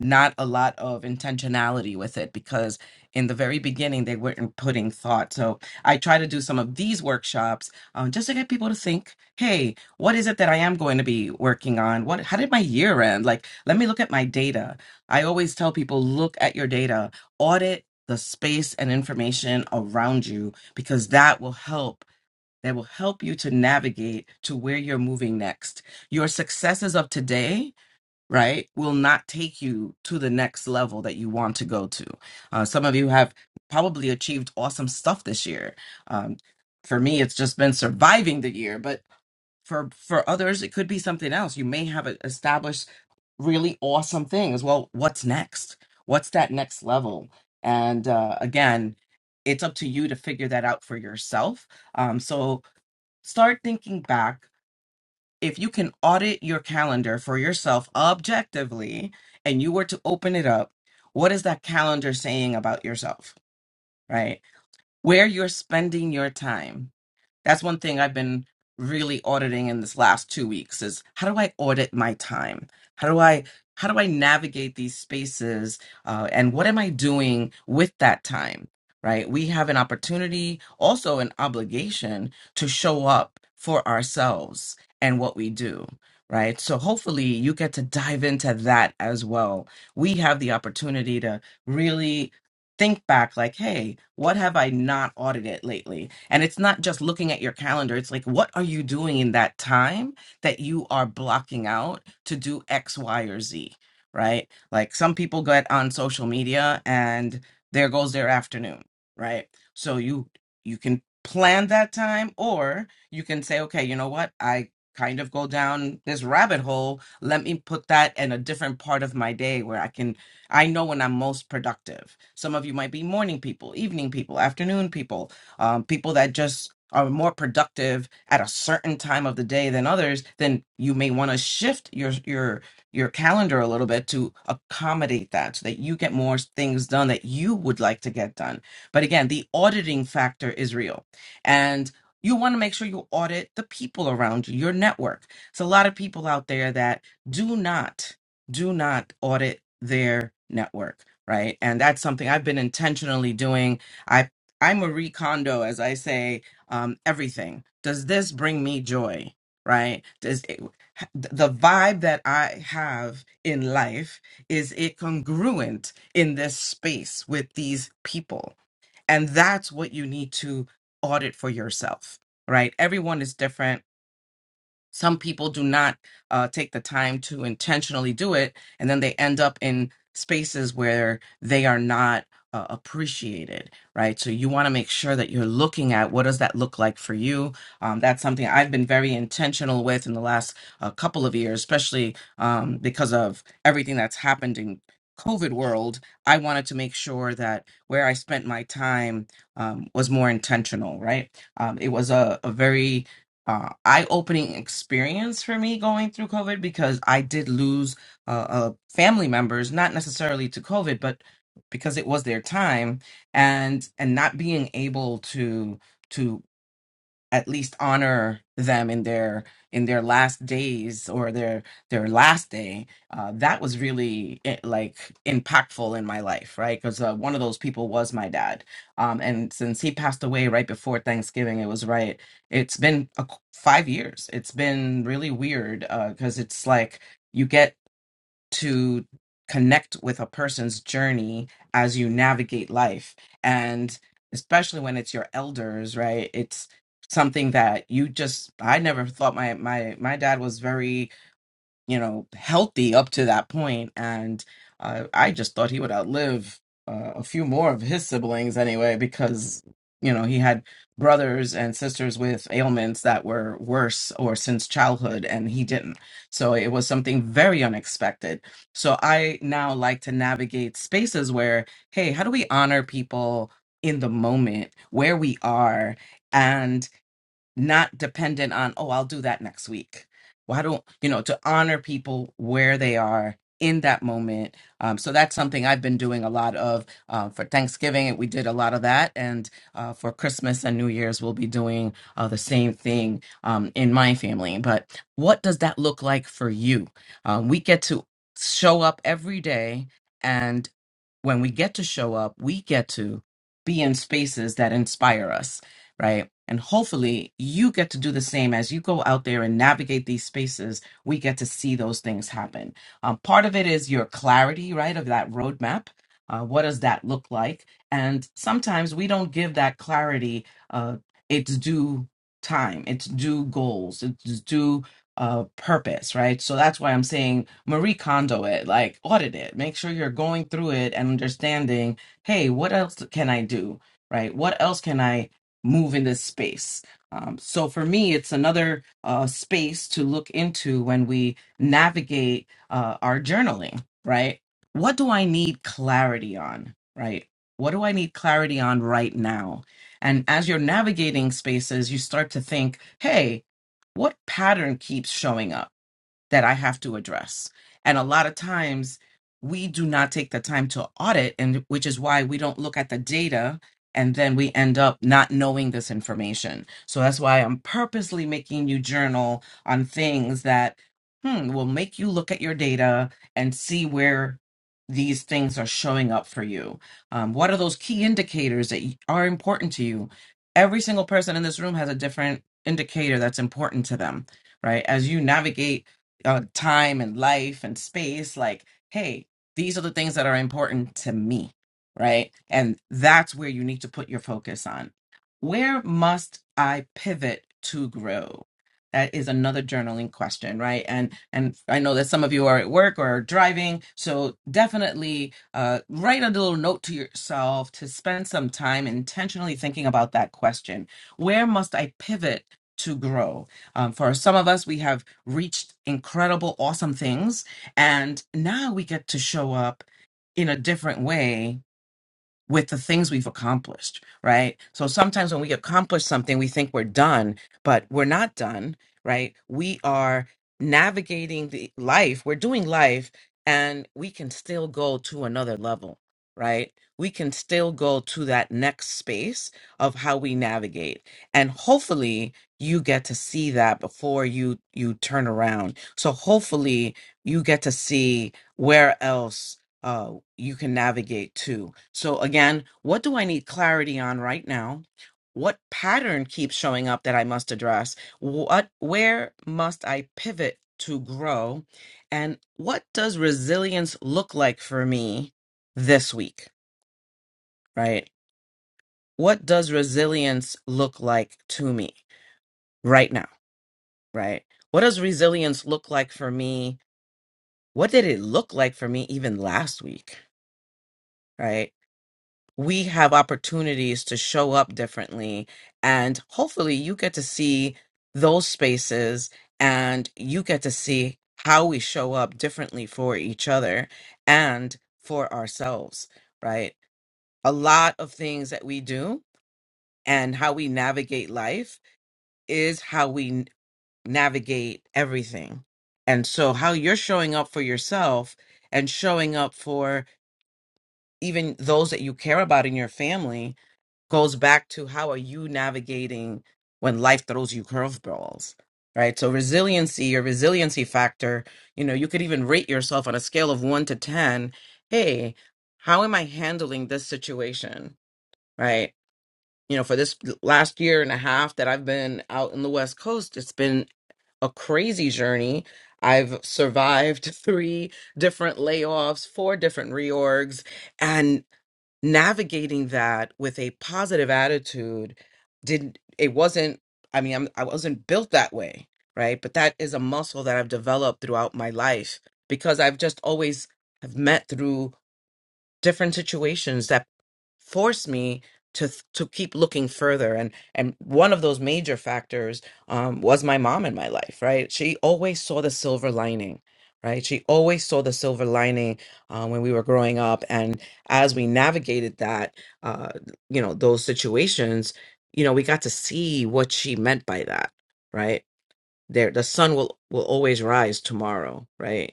Speaker 28: not a lot of intentionality with it because in the very beginning they weren't putting thought. So I try to do some of these workshops um, just to get people to think, hey, what is it that I am going to be working on? What how did my year end? Like, let me look at my data. I always tell people, look at your data, audit the space and information around you because that will help. That will help you to navigate to where you're moving next. Your successes of today right, will not take you to the next level that you want to go to. Uh, some of you have probably achieved awesome stuff this year. Um, for me, it's just been surviving the year, but for for others, it could be something else. You may have e- established really awesome things. Well, what's next? What's that next level? And uh, again, it's up to you to figure that out for yourself. Um, so start thinking back if you can audit your calendar for yourself objectively and you were to open it up, what is that calendar saying about yourself, right? Where you're spending your time that's one thing I've been really auditing in this last two weeks is how do I audit my time? How do I how do I navigate these spaces uh, and what am I doing with that time? Right? We have an opportunity, also an obligation to show up for ourselves and what we do. Right. So hopefully you get to dive into that as well. We have the opportunity to really think back like hey what have i not audited lately and it's not just looking at your calendar it's like what are you doing in that time that you are blocking out to do x y or z right like some people get on social media and there goes their afternoon right so you you can plan that time or you can say okay you know what i kind of go down this rabbit hole let me put that in a different part of my day where i can I know when I'm most productive. Some of you might be morning people, evening people, afternoon people, um, people that just are more productive at a certain time of the day than others. Then you may want to shift your your your calendar a little bit to accommodate that, so that you get more things done that you would like to get done. But again, the auditing factor is real, and you want to make sure you audit the people around you, your network. It's a lot of people out there that do not do not audit their network right and that's something i've been intentionally doing i i'm a recondo as i say um everything does this bring me joy right does it, the vibe that i have in life is it congruent in this space with these people and that's what you need to audit for yourself right everyone is different some people do not uh, take the time to intentionally do it and then they end up in spaces where they are not uh, appreciated right so you want to make sure that you're looking at what does that look like for you um, that's something i've been very intentional with in the last uh, couple of years especially um, because of everything that's happened in covid world i wanted to make sure that where i spent my time um, was more intentional right um, it was a, a very uh, eye-opening experience for me going through COVID because I did lose uh, uh, family members, not necessarily to COVID, but because it was their time, and and not being able to to at least honor them in their in their last days or their their last day uh, that was really eh, like impactful in my life right because uh, one of those people was my dad um, and since he passed away right before thanksgiving it was right it's been a, qu- five years it's been really weird because it's like you get to connect with a person's journey as you navigate life and especially when it's your elders right it's something that you just i never thought my my my dad was very you know, healthy up to that point, and uh, I just thought he would outlive uh, a few more of his siblings anyway, because you know he had brothers and sisters with ailments that were worse or since childhood, and he didn't. So it was something very unexpected. So I now like to navigate spaces where, hey, how do we honor people in the moment where we are? not dependent on oh i'll do that next week why don't you know to honor people where they are in that moment um, so that's something i've been doing a lot of uh, for thanksgiving we did a lot of that and uh, for christmas and new year's we'll be doing uh, the same thing um, in my family but what does that look like for you um, we get to show up every day when we get to show up, we get to be in spaces that inspire us, right? And hopefully you get to do the same as you go out there and navigate these spaces. We get to see those things happen. Um, part of it is your clarity, right, of that roadmap. Uh, what does that look like? And sometimes we don't give that clarity uh, its due time, its due goals, its due uh purpose right so that's why i'm saying marie kondo it like audit it make sure you're going through it and understanding hey what else can i do right what else can i move in this space um, so for me it's another uh, space to look into when we navigate uh, our journaling right what do i need clarity on right what do i need clarity on right now and as you're navigating spaces you start to think hey what pattern keeps showing up? that I have to address. And a lot of times we do not take the time to audit, and which is why we don't look at the data and then we end up not knowing this information. So that's why I'm purposely making you journal on things that hmm, will make you look at your data and see where these things are showing up for you. Um, what are those key indicators that y- are important to you? Every single person in this room has a different indicator that's important to them, right? As you navigate uh, time and life and space like hey these are the things that are important to me right and that's where you need to put your focus on where must i pivot to grow that is another journaling question right and and i know that some of you are at work or driving so definitely uh, write a little note to yourself to spend some time intentionally thinking about that question where must i pivot to grow um, for some of us we have reached incredible, awesome things. And now we get to show up in a different way with the things we've accomplished, right? So sometimes when we accomplish something, we think we're done, but we're not done, right? We are navigating the life, we're doing life, and we can still go to another level, right? We can still go to that next space of how we navigate. And hopefully you get to see that before you you turn around. So hopefully you get to see where else uh, you can navigate to. So again, what do I need clarity on right now? What pattern keeps showing up that I must address? What where must I pivot to grow? And what does resilience look like for me this week, right? What does resilience look like to me right now, right? What does resilience look like for me? What did it look like for me even last week, right? we have opportunities to show up differently. And hopefully, you get to see those spaces and you get to see how we show up differently for each other and for ourselves, right? A lot of things that we do and how we navigate life is how we n- navigate everything. And so, how you're showing up for yourself and showing up for even those that you care about in your family goes back to how are you navigating when life throws you curveballs right so resiliency your resiliency factor you know you could even rate yourself on a scale of 1 to 10 hey how am i handling this situation right you know for this last year and a half that i've been out in the west coast it's been a crazy journey i've survived three different layoffs four different reorgs navigating that with a positive attitude didn't it wasn't i mean I'm, i wasn't built that way right but that is a muscle that i've developed throughout my life because i've just always have met through different situations that force me to th- to keep looking further and and one of those major factors um was my mom in my life right she always saw the silver lining right she always saw the silver lining uh, when we were growing up and as we navigated that uh you know those situations you know we got to see what she meant by that right there the sun will will always rise tomorrow right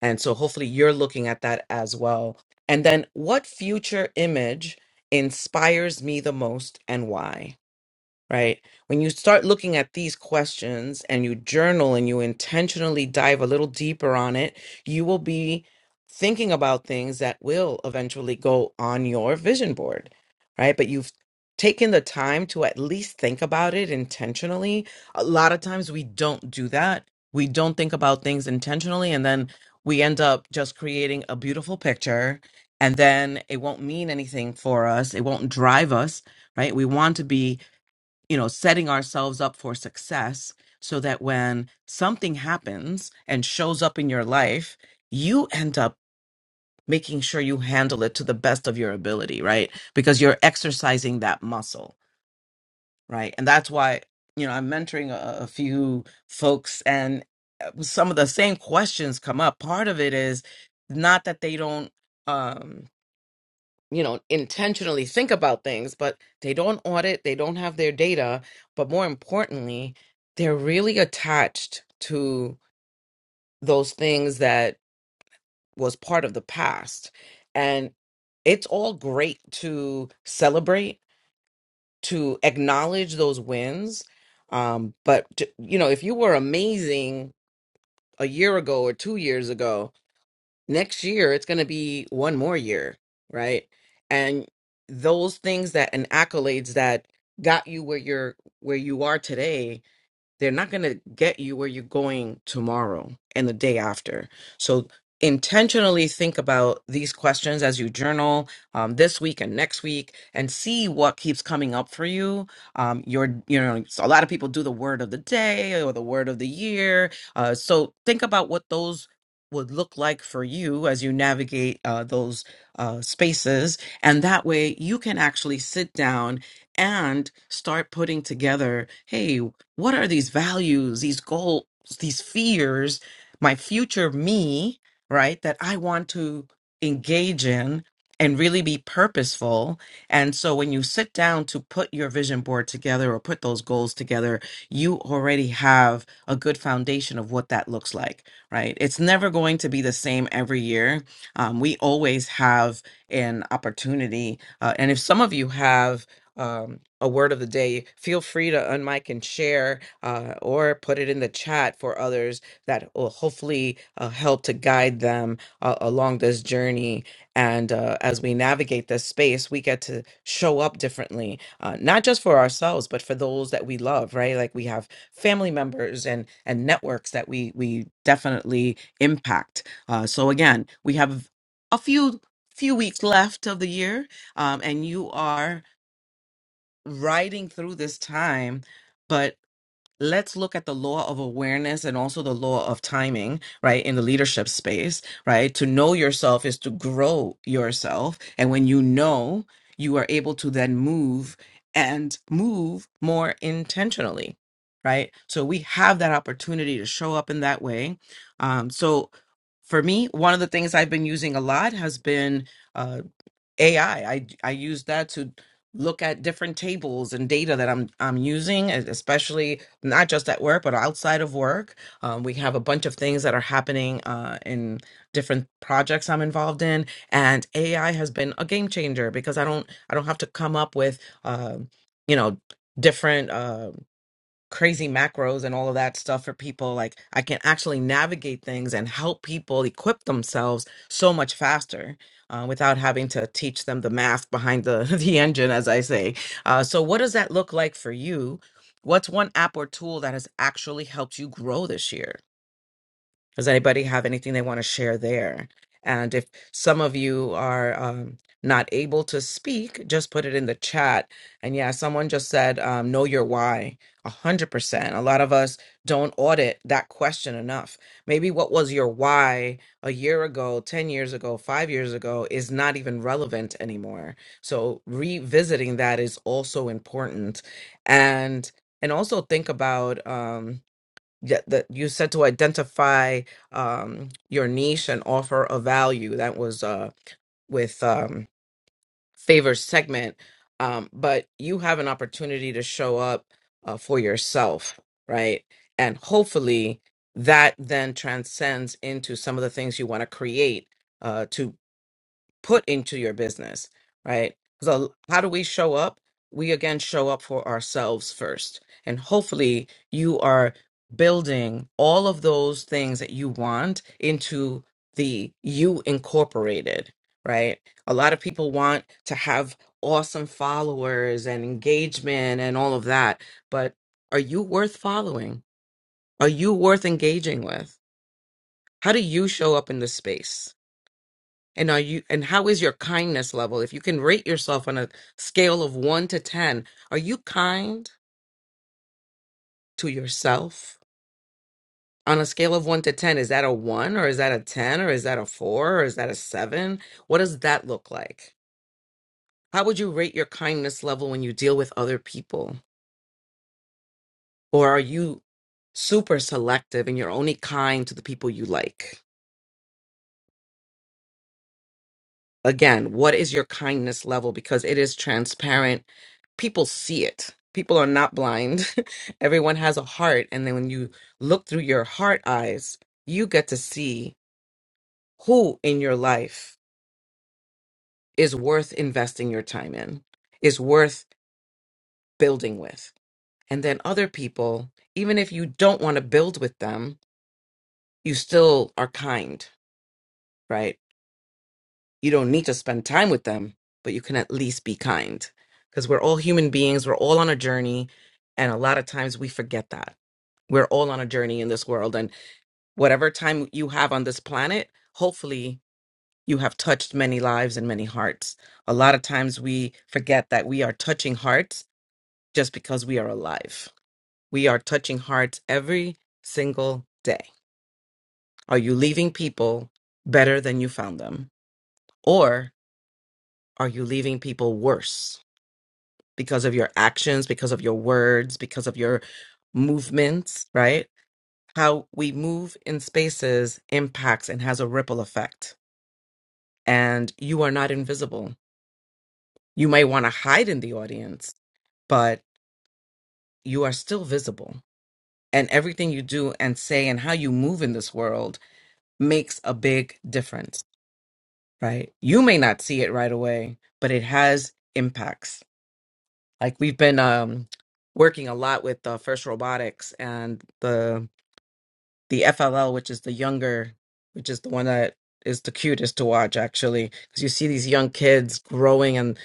Speaker 28: and so hopefully you're looking at that as well. And then what future image inspires me the most and why? right? When you start looking at these questions and you journal and you intentionally dive a little deeper on it, you will be thinking about things that will eventually go on your vision board, right? But you've taken the time to at least think about it intentionally. A lot of times we don't do that. We don't think about things intentionally and then we end up just creating a beautiful picture and then it won't mean anything for us. It won't drive us, right? We want to be you know, setting ourselves up for success so that when something happens and shows up in your life, you end up making sure you handle it to the best of your ability, right? Because you're exercising that muscle, right? And that's why, you know, I'm mentoring a, a few folks and uh, some of the same questions come up. Part of it is not that they don't. um you know intentionally think about things but they don't audit they don't have their data but more importantly they're really attached to those things that was part of the past and it's all great to celebrate to acknowledge those wins um but to- you know if you were amazing a year ago or 2 years ago next year it's going to be one more year right and those things that and accolades that got you where you're where you are today they're not going to get you where you're going tomorrow and the day after. So intentionally think about these questions as you journal um, this week and next week and see what keeps coming up for you. Um, your, you know, so a lot of people do the word of the day or the word of the year. Uh, so think about what those would look like for you as you navigate uh, those uh, spaces. And that way you can actually sit down and start putting together hey what are these values, these goals, these fears, my future me, right, that I want to engage in and really be purposeful. And so when you sit down to put your vision board together or put those goals together, you already have a good foundation of what that looks like, right? It's never going to be the same every year. Um, we always have an opportunity. Uh, and if some of you have, um, a word of the day, feel free to unmic and share uh, or put it in the chat for others that will hopefully uh, help to guide them uh, along this journey. And uh, as we navigate this space, we get to show up differently, uh, not just for ourselves, but for those that we love, right? Like we have family members and and networks that we we definitely impact. Uh, so again, we have a few few weeks left of the year, um, and you are riding through this time, but let's look at the law of awareness and also the law of timing, right? In the leadership space, right? To know yourself is to grow yourself. And when you know, you are able to then move and move more intentionally, right? So we have that opportunity to show up in that way. Um, so for me, one of the things I've been using a lot has been uh, AI. I I I use that to look at different tables and data that I'm I'm using, es- especially not just at work but outside of work. Um, we have a bunch of things that are happening uh, in different projects I'm involved in, and AI has been a game changer because I don't I don't have to come up with um, you know different. uh, crazy macros and all of that stuff for people like i can actually navigate things and help people equip themselves so much faster uh, without having to teach them the math behind the the engine as i say uh, so what does that look like for you what's one app or tool that has actually helped you grow this year does anybody have anything they want to share there? And if some of you are um, not able to speak, just put it in the chat. And yeah, someone just said, um, know your why. A hundred percent. A lot of us don't audit that question enough. Maybe what was your why a year ago, 10 years ago, five years ago is not even relevant anymore. So revisiting that is also important. And and also think about um, yeah, that you said to identify um, your niche and offer a value. That was uh, with um, favors segment, um, but you have an opportunity to show up uh, for yourself, right? And hopefully that then transcends into some of the things you want to create. Uh, to put into your business, right? So, how do we show up? We again show up for ourselves first. And hopefully, you are building all of those things that you want into the you incorporated, right? A lot of people want to have awesome followers and engagement and all of that, but are you worth following? Are you worth engaging with? How do you show up in the space? And are you and how is your kindness level? If you can rate yourself on a scale of 1 to 10, are you kind to yourself? On a scale of 1 to 10, is that a 1 or is that a 10 or is that a 4 or is that a 7? What does that look like? How would you rate your kindness level when you deal with other people? Or are you super selective and you're only kind to the people you like? again, what is your kindness level? Because it is transparent. People see it. People are not blind. Everyone has a heart. And then when you look through your heart eyes, you get to see who in your life is worth investing your time in, is worth building with. And then other people, even if you don't want to build with them, you still are kind, right? You don't need to spend time with them, but you can at least be kind because we're all human beings. We're all on a journey. And a lot of times we forget that. We're all on a journey in this world. And whatever time you have on this planet, hopefully you have touched many lives and many hearts. A lot of times we forget that we are touching hearts just because we are alive. We are touching hearts every single day. Are you leaving people better than you found them? Or are you leaving people worse? because of your actions, because of your words, because of your movements, right? How we move in spaces impacts and has a ripple effect. And you are not invisible. You may want to hide in the audience, but you are still visible. And everything you do and say and how you move in this world makes a big difference, right? You may not see it right away, but it has impacts. Like we've been um, working a lot with uh, First Robotics and the the FLL, which is the younger, which is the one that is the cutest to watch actually, because you see these young kids growing and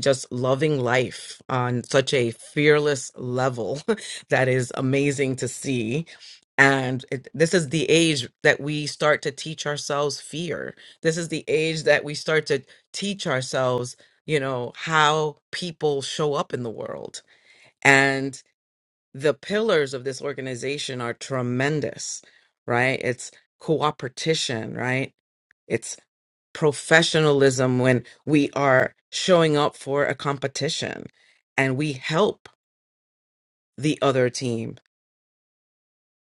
Speaker 28: just loving life on such a fearless level that is amazing to see. And it, this is the age that we start to teach ourselves fear. This is the age that we start to teach ourselves, you know, how people show up in the world the pillars of this organization are tremendous, right? It's cooperation, right? It's professionalism when we are showing up for a competition and we help the other team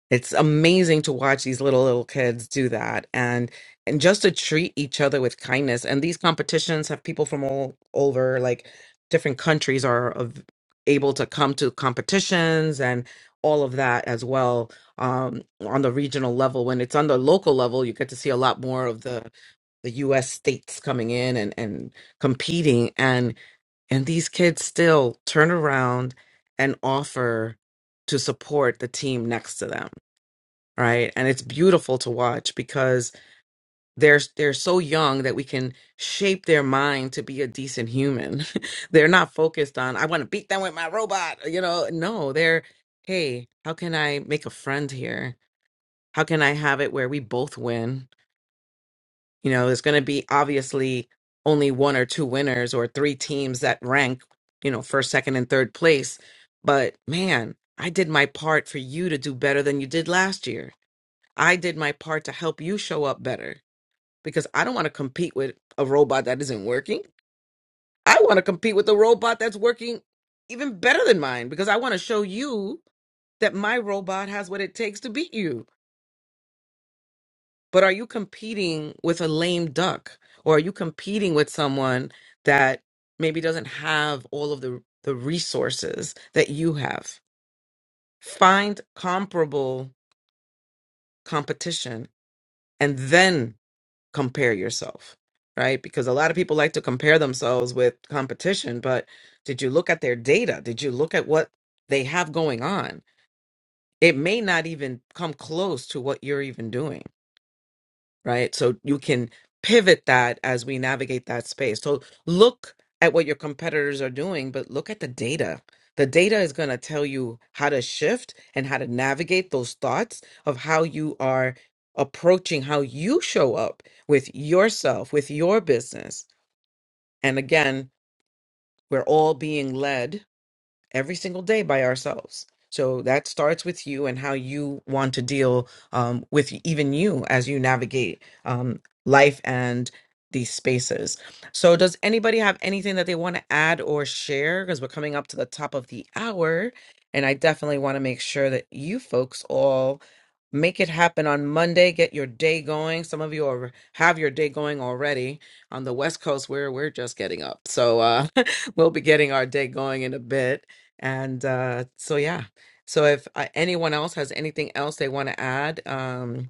Speaker 28: it's amazing to watch these little little kids do that and and just to treat each other with kindness. And these competitions have people from all over, like different countries are of, able to come to competitions and all of that as well um, on the regional level. When it's on the local level, you get to see a lot more of the the US states coming in and, and competing and and these kids still turn around and offer to support the team next to them right and it's beautiful to watch because they're they're so young that we can shape their mind to be a decent human they're not focused on i want to beat them with my robot you know no they're hey how can i make a friend here how can i have it where we both win you know there's going to be obviously only one or two winners or three teams that rank you know first second and third place but man i did my part for you to do better than you did last year I did my part to help you show up better because I don't want to compete with a robot that isn't working. I want to compete with a robot that's working even better than mine because I want to show you that my robot has what it takes to beat you. But are you competing with a lame duck or are you competing with someone that maybe doesn't have all of the the resources that you have? Find comparable competition and then compare yourself, right? Because a lot of people like to compare themselves with competition, but did you look at their data? Did you look at what they have going on? It may not even come close to what you're even doing right? So you can pivot that as we navigate that space. So look at what your competitors are doing, but look at the data. The data is going to tell you how to shift and how to navigate those thoughts of how you are approaching how you show up with yourself, with your business. And again, we're all being led every single day by ourselves. So that starts with you and how you want to deal um, with even you as you navigate um, life and these spaces. So, does anybody have anything that they want to add or share? Because we're coming up to the top of the hour, and I definitely want to make sure that you folks all make it happen on Monday. Get your day going. Some of you are, have your day going already on the West Coast, where we're just getting up. So, uh, we'll be getting our day going in a bit. And uh, so, yeah. So if uh, anyone else has anything else they want to add, um,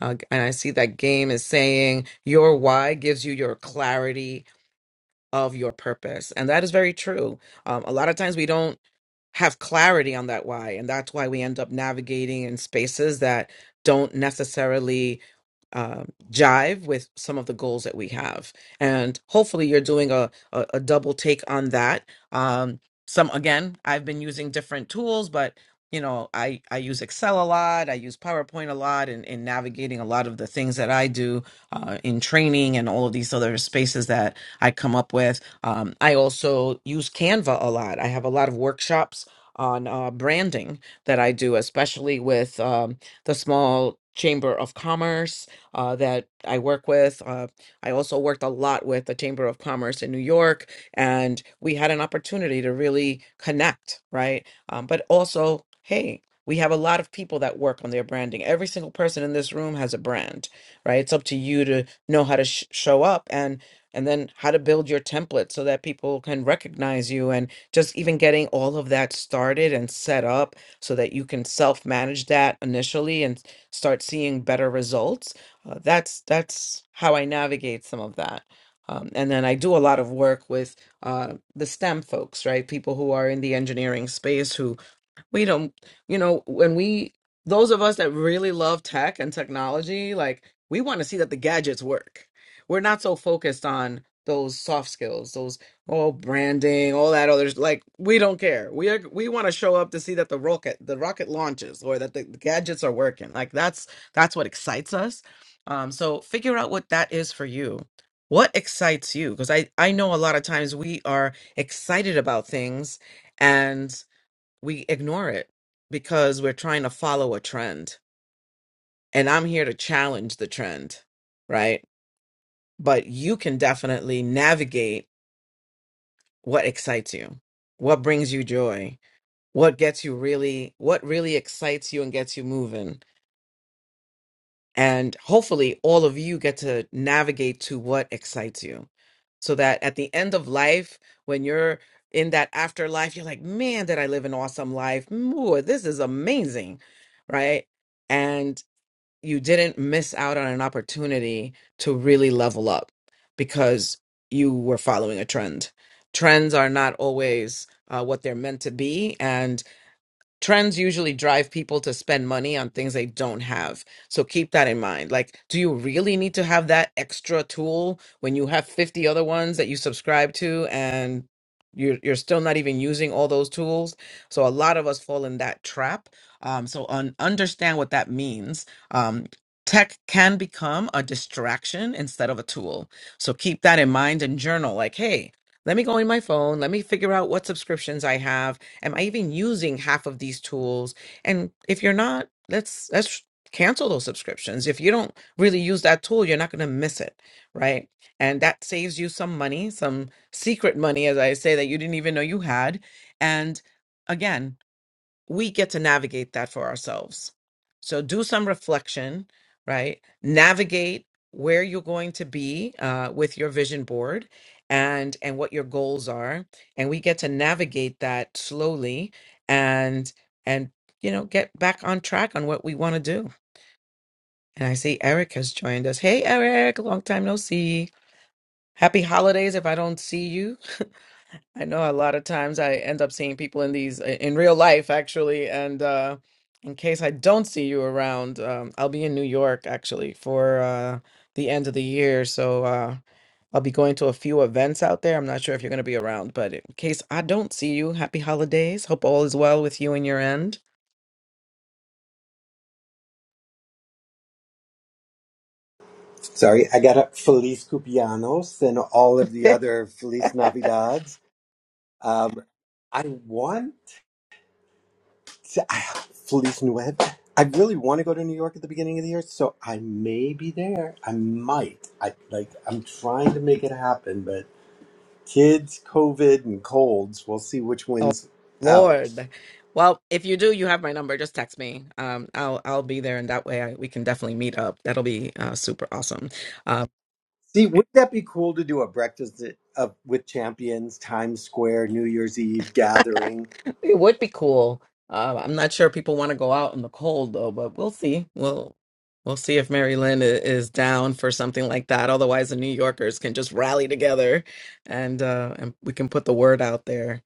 Speaker 28: uh, and I see that game is saying your why gives you your clarity of your purpose. And that is very true. Um, a lot of times we don't have clarity on that why. And that's why we end up navigating in spaces that don't necessarily um, jive with some of the goals that we have. And hopefully you're doing a, a, a double take on that. Um, some, again, I've been using different tools, but you know, I, I use Excel a lot. I use PowerPoint a lot in, in navigating a lot of the things that I do uh, in training and all of these other spaces that I come up with. Um, I also use Canva a lot. I have a lot of workshops on uh, branding that I do, especially with um, the small chamber of commerce uh, that I work with. Uh, I also worked a lot with the Chamber of Commerce in New York, and we had an opportunity to really connect, right? Um, but also, hey, we have a lot of people that work on their branding. Every single person in this room has a brand, right? It's up to you to know how to sh- show up. And and then how to build your template so that people can recognize you and just even getting all of that started and set up so that you can self-manage that initially and start seeing better results. Uh, that's that's how I navigate some of that. Um, and then I do a lot of work with uh, the STEM folks, right? People who are in the engineering space who we don't you know when we those of us that really love tech and technology like we want to see that the gadgets work we're not so focused on those soft skills those oh branding all that others like we don't care we are we want to show up to see that the rocket the rocket launches or that the gadgets are working like that's that's what excites us um so figure out what that is for you what excites you because i i know a lot of times we are excited about things we ignore it because we're trying to follow a trend. And I'm here to challenge the trend, right? But you can definitely navigate what excites you, what brings you joy, what gets you really, what really excites you and gets you moving. And hopefully, all of you get to navigate to what excites you so that at the end of life, when you're in that afterlife, you're like, man, did I live an awesome life? Ooh, this is amazing, right? and you didn't miss out on an opportunity to really level up because you were following a trend. Trends are not always uh, what they're meant to be, trends usually drive people to spend money on things they don't have. So keep that in mind. Like, do you really need to have that extra tool when you have 50 other ones that you subscribe to and you're, you're still not even using all those tools? So a lot of us fall in that trap. Um, so un- understand what that means. Um, tech can become a distraction instead of a tool. So keep that in mind and journal like, hey, let me go in my phone. Let me figure out what subscriptions I have am i even using half of these tools and if you're not let's let's cancel those subscriptions if you don't really use that tool you're not going to miss it right and that saves you some money some secret money as i say that you didn't even know you had and again we get to navigate that for ourselves. So do some reflection, right? Navigate where you're going to be uh, with your vision board and and what your goals are and we get to navigate that slowly and and you know get back on track on what we want to do and i see eric has joined us hey eric long time no see happy holidays if i don't see you I know a lot of times I end up seeing people in these in real life actually, and uh, in case I don't see you around, um, I'll be in New York actually for uh, the end of the year, so uh, I'll be going to a few events out there. I'm not sure if you're going to be around, but in case I don't see you, happy holidays. Hope all is well with you and your end.
Speaker 29: Sorry, I got up Feliz Cumpleaños and all of the other Feliz Navidades. Um, I want to, I, Feliz Nueve. I really want to go to New York at the beginning of the year, so I may be there. I might. I like. I'm trying to make it happen, but kids, COVID, and colds. We'll see which
Speaker 28: Oh
Speaker 29: wins out.
Speaker 28: Lord. Well, if you do, you have my number. Just text me. Um, I'll I'll be there, and that way I, we can definitely meet up. That'll be uh, super awesome. Um,
Speaker 29: See, wouldn't that be cool to do a breakfast at, uh, with champions, Times Square, New Year's Eve gathering?
Speaker 28: it would be cool. Uh, I'm not sure people want to go out in the cold though, but we'll see. We'll we'll see if Mary Lynn i- is down for something like that. Otherwise, the New Yorkers can just rally together, and uh, and we can put the word out there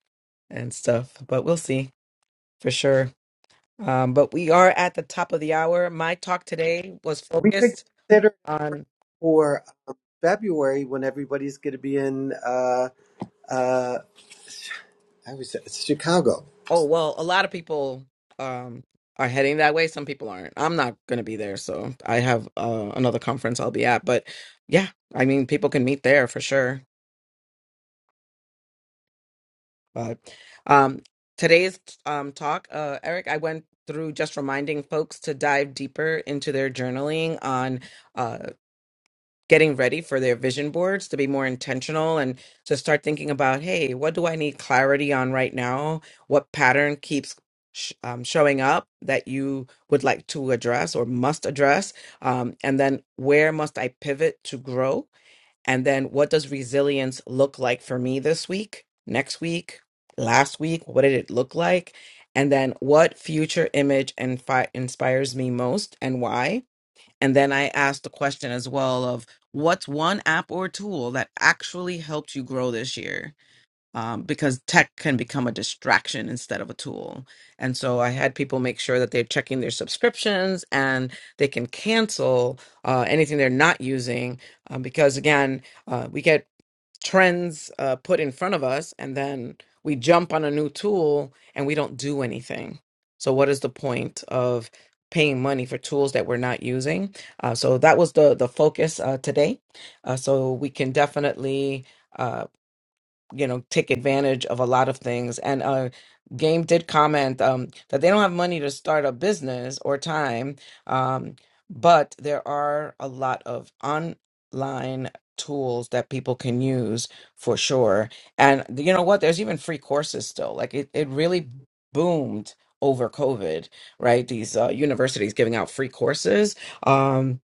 Speaker 28: and stuff. But we'll see for sure. Um, but we are at the top of the hour. My talk today was
Speaker 29: We could
Speaker 28: focused
Speaker 29: consider.
Speaker 28: on,
Speaker 29: for um, February when everybody's going to be in. Uh, uh, I was it's Chicago.
Speaker 28: oh, well, a lot of people um, are heading that way. Some people aren't. I'm not going to be there. So I have uh, another conference I'll be at. But yeah, I mean, people can meet there for sure. But um, today's um, talk, uh, Eric, I went through just reminding folks to dive deeper into their journaling on. uh, getting ready for their vision boards to be more intentional and to start thinking about hey what do i need clarity on right now what pattern keeps sh- um, showing up that you would like to address or must address um, and then where must i pivot to grow and then what does resilience look like for me this week, next week, last week? What did it look like? And then what future image and fi- inspires me most and why? And then I asked the question as well of what's one app or tool that actually helped you grow this year? Um, because tech can become a distraction instead of a tool. And so I had people make sure that they're checking their subscriptions and they can cancel uh, anything they're not using. Um, because again, uh, we get trends uh, put in front of us and then we jump on a new tool and we don't do anything so what is the point of paying money for tools that we're not using uh, so that was the the focus uh, today uh, so we can definitely uh, you know take advantage of a lot of things and uh game did comment um that they don't have money to start a business or time um but there are a lot of online tools that people can use for sure and you know what there's even free courses still like it, it really boomed over covid right these uh, universities giving out free courses um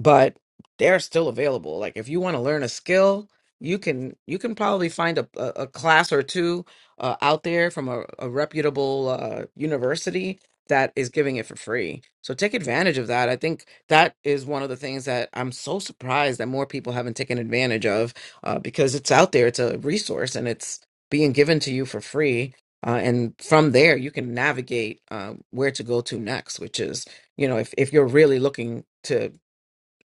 Speaker 28: but they're still available like if you want to learn a skill you can you can probably find a, a, a class or two uh, out there from a, a reputable uh, university that is giving it for free. So take advantage of that. I think that is one of the things that I'm so surprised that more people haven't taken advantage of uh, because it's out there. It's a resource and it's being given to you for free. Uh, and from there, you can navigate uh, where to go to next, which is, you know, if, if you're really looking to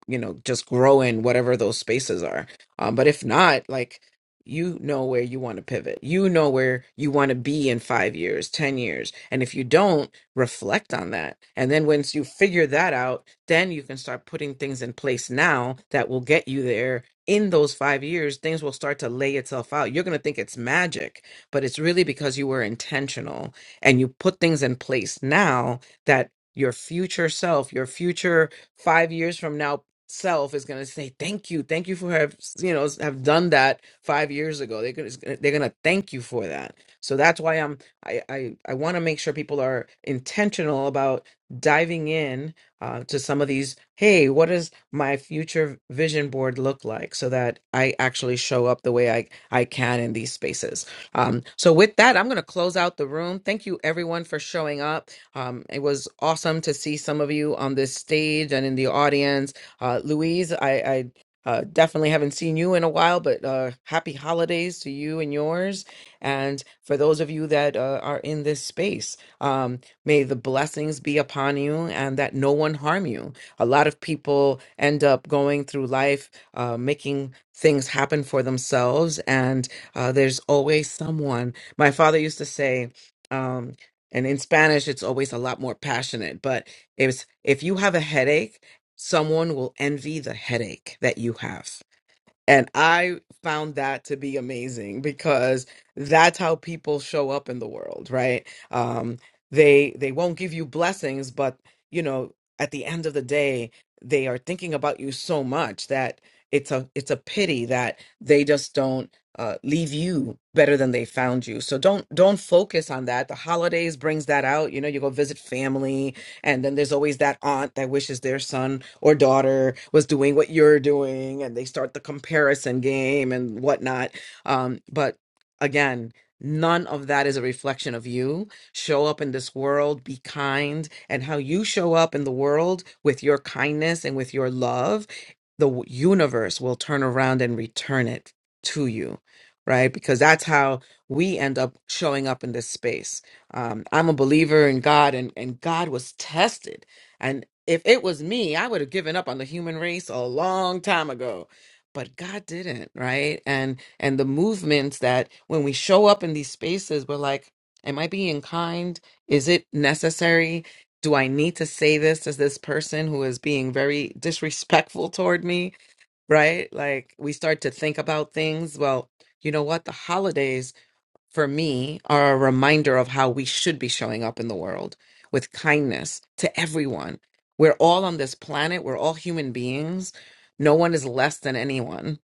Speaker 28: you know just grow in whatever those spaces are um, but if not like you know where you want to pivot you know where you want to be in five years ten years and if you don't reflect on that and then once you figure that out then you can start putting things in place now that will get you there in those five years things will start to lay itself out you're going to think it's magic but it's really because you were intentional and you put things in place now that your future self your future five years from now self is going to say thank you thank you for have you know have done that five years ago they're going to they're going to thank you for that so that's why i'm i i, I want to make sure people are intentional about diving in uh, to some of these hey what does my future vision board look like so that i actually show up the way i i can in these spaces um, so with that i'm going to close out the room thank you everyone for showing up um, it was awesome to see some of you on this stage and in the audience. Uh, Louise, I, I uh, definitely haven't seen you in a while, but uh, happy holidays to you and yours. And for those of you that uh, are in this space, um, may the blessings be upon you and that no one harm you. A lot of people end up going through life uh, making things happen for themselves, and uh, there's always someone. My father used to say, um, and in Spanish it's always a lot more passionate, but if if you have a headache, someone will envy the headache that you have. And I found that to be amazing because that's how people show up in the world, right? Um, they they won't give you blessings, but you know, at the end of the day, they are thinking about you so much that it's a it's a pity that they just don't uh, leave you better than they found you. So don't don't focus on that. The holidays brings that out. You know, you go visit family and then there's always that aunt that wishes their son or daughter was doing what you're doing, and they start the comparison game and whatnot. Um, but again, none of that is a reflection of you. Show up in this world, be kind, and how you show up in the world with your kindness and with your love, the w- universe will turn around and return it to you, right? Because that's how we end up showing up in this space um, I'm a believer in God, and and God was tested. And if it was me, I would have given up on the human race a long time ago. But God didn't, right? And and the movements that when we show up in these spaces, we're like, "Am I being kind? Is it necessary? Do I need to say this to this person who is being very disrespectful toward me?" Right? Like we start to think about things. Well, you know what? The holidays for me are a reminder of how we should be showing up in the world with kindness to everyone. We're all on this planet, we're all human beings. No one is less than anyone.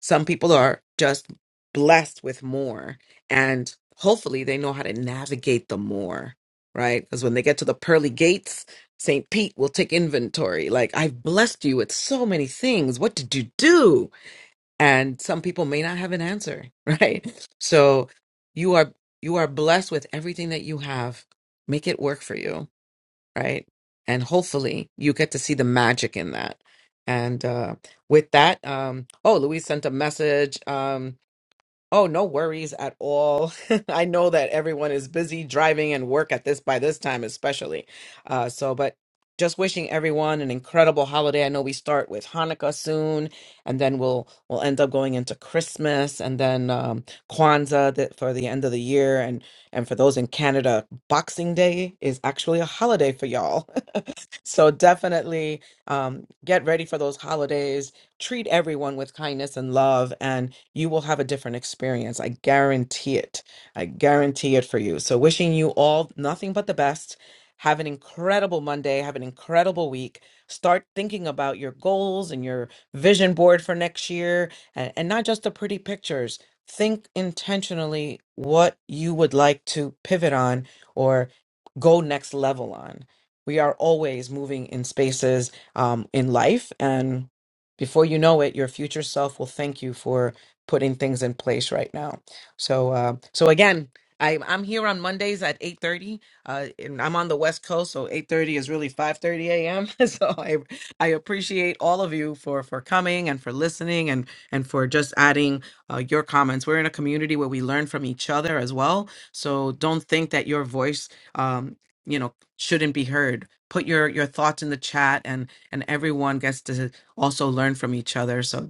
Speaker 28: Some people are just blessed with more, and hopefully they know how to navigate the more, right? Because when they get to the pearly gates, St. Pete will take inventory. Like, I've blessed you with so many things. What did you do? and some people may not have an answer right so you are you are blessed with everything that you have make it work for you right and hopefully you get to see the magic in that and uh with that um oh louise sent a message um Oh, no worries at all. I know that everyone is busy driving and work at this by this time, especially. Uh, so, but just wishing everyone an incredible holiday. I know we start with Hanukkah soon, and then we'll we'll end up going into Christmas, and then um, Kwanzaa that for the end of the year, and and for those in Canada, Boxing Day is actually a holiday for y'all. So definitely um, get ready for those holidays. Treat everyone with kindness and love, and you will have a different experience. I guarantee it. I guarantee it for you. So wishing you all nothing but the best. Have an incredible Monday. Have an incredible week. Start thinking about your goals and your vision board for next year, and, and not just the pretty pictures. Think intentionally what you would like to pivot on or go next level on we are always moving in spaces um, in life and before you know it your future self will thank you for putting things in place right now so uh, so again I, i'm here on mondays at 8.30 uh, and i'm on the west coast so 8.30 is really 5.30 a.m so I, I appreciate all of you for for coming and for listening and and for just adding uh, your comments we're in a community where we learn from each other as well so don't think that your voice um, you know shouldn't be heard. Put your your thoughts in the chat, and and everyone gets to also learn from each other. So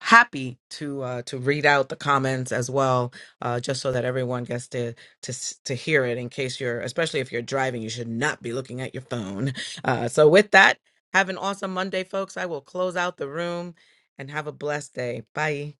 Speaker 28: happy to uh, to read out the comments as well, uh, just so that everyone gets to to s- to hear it. In case you're, especially if you're driving, you should not be looking at your phone. Uh, so with that, have an awesome Monday, folks. I will close out the room and have a blessed day. Bye.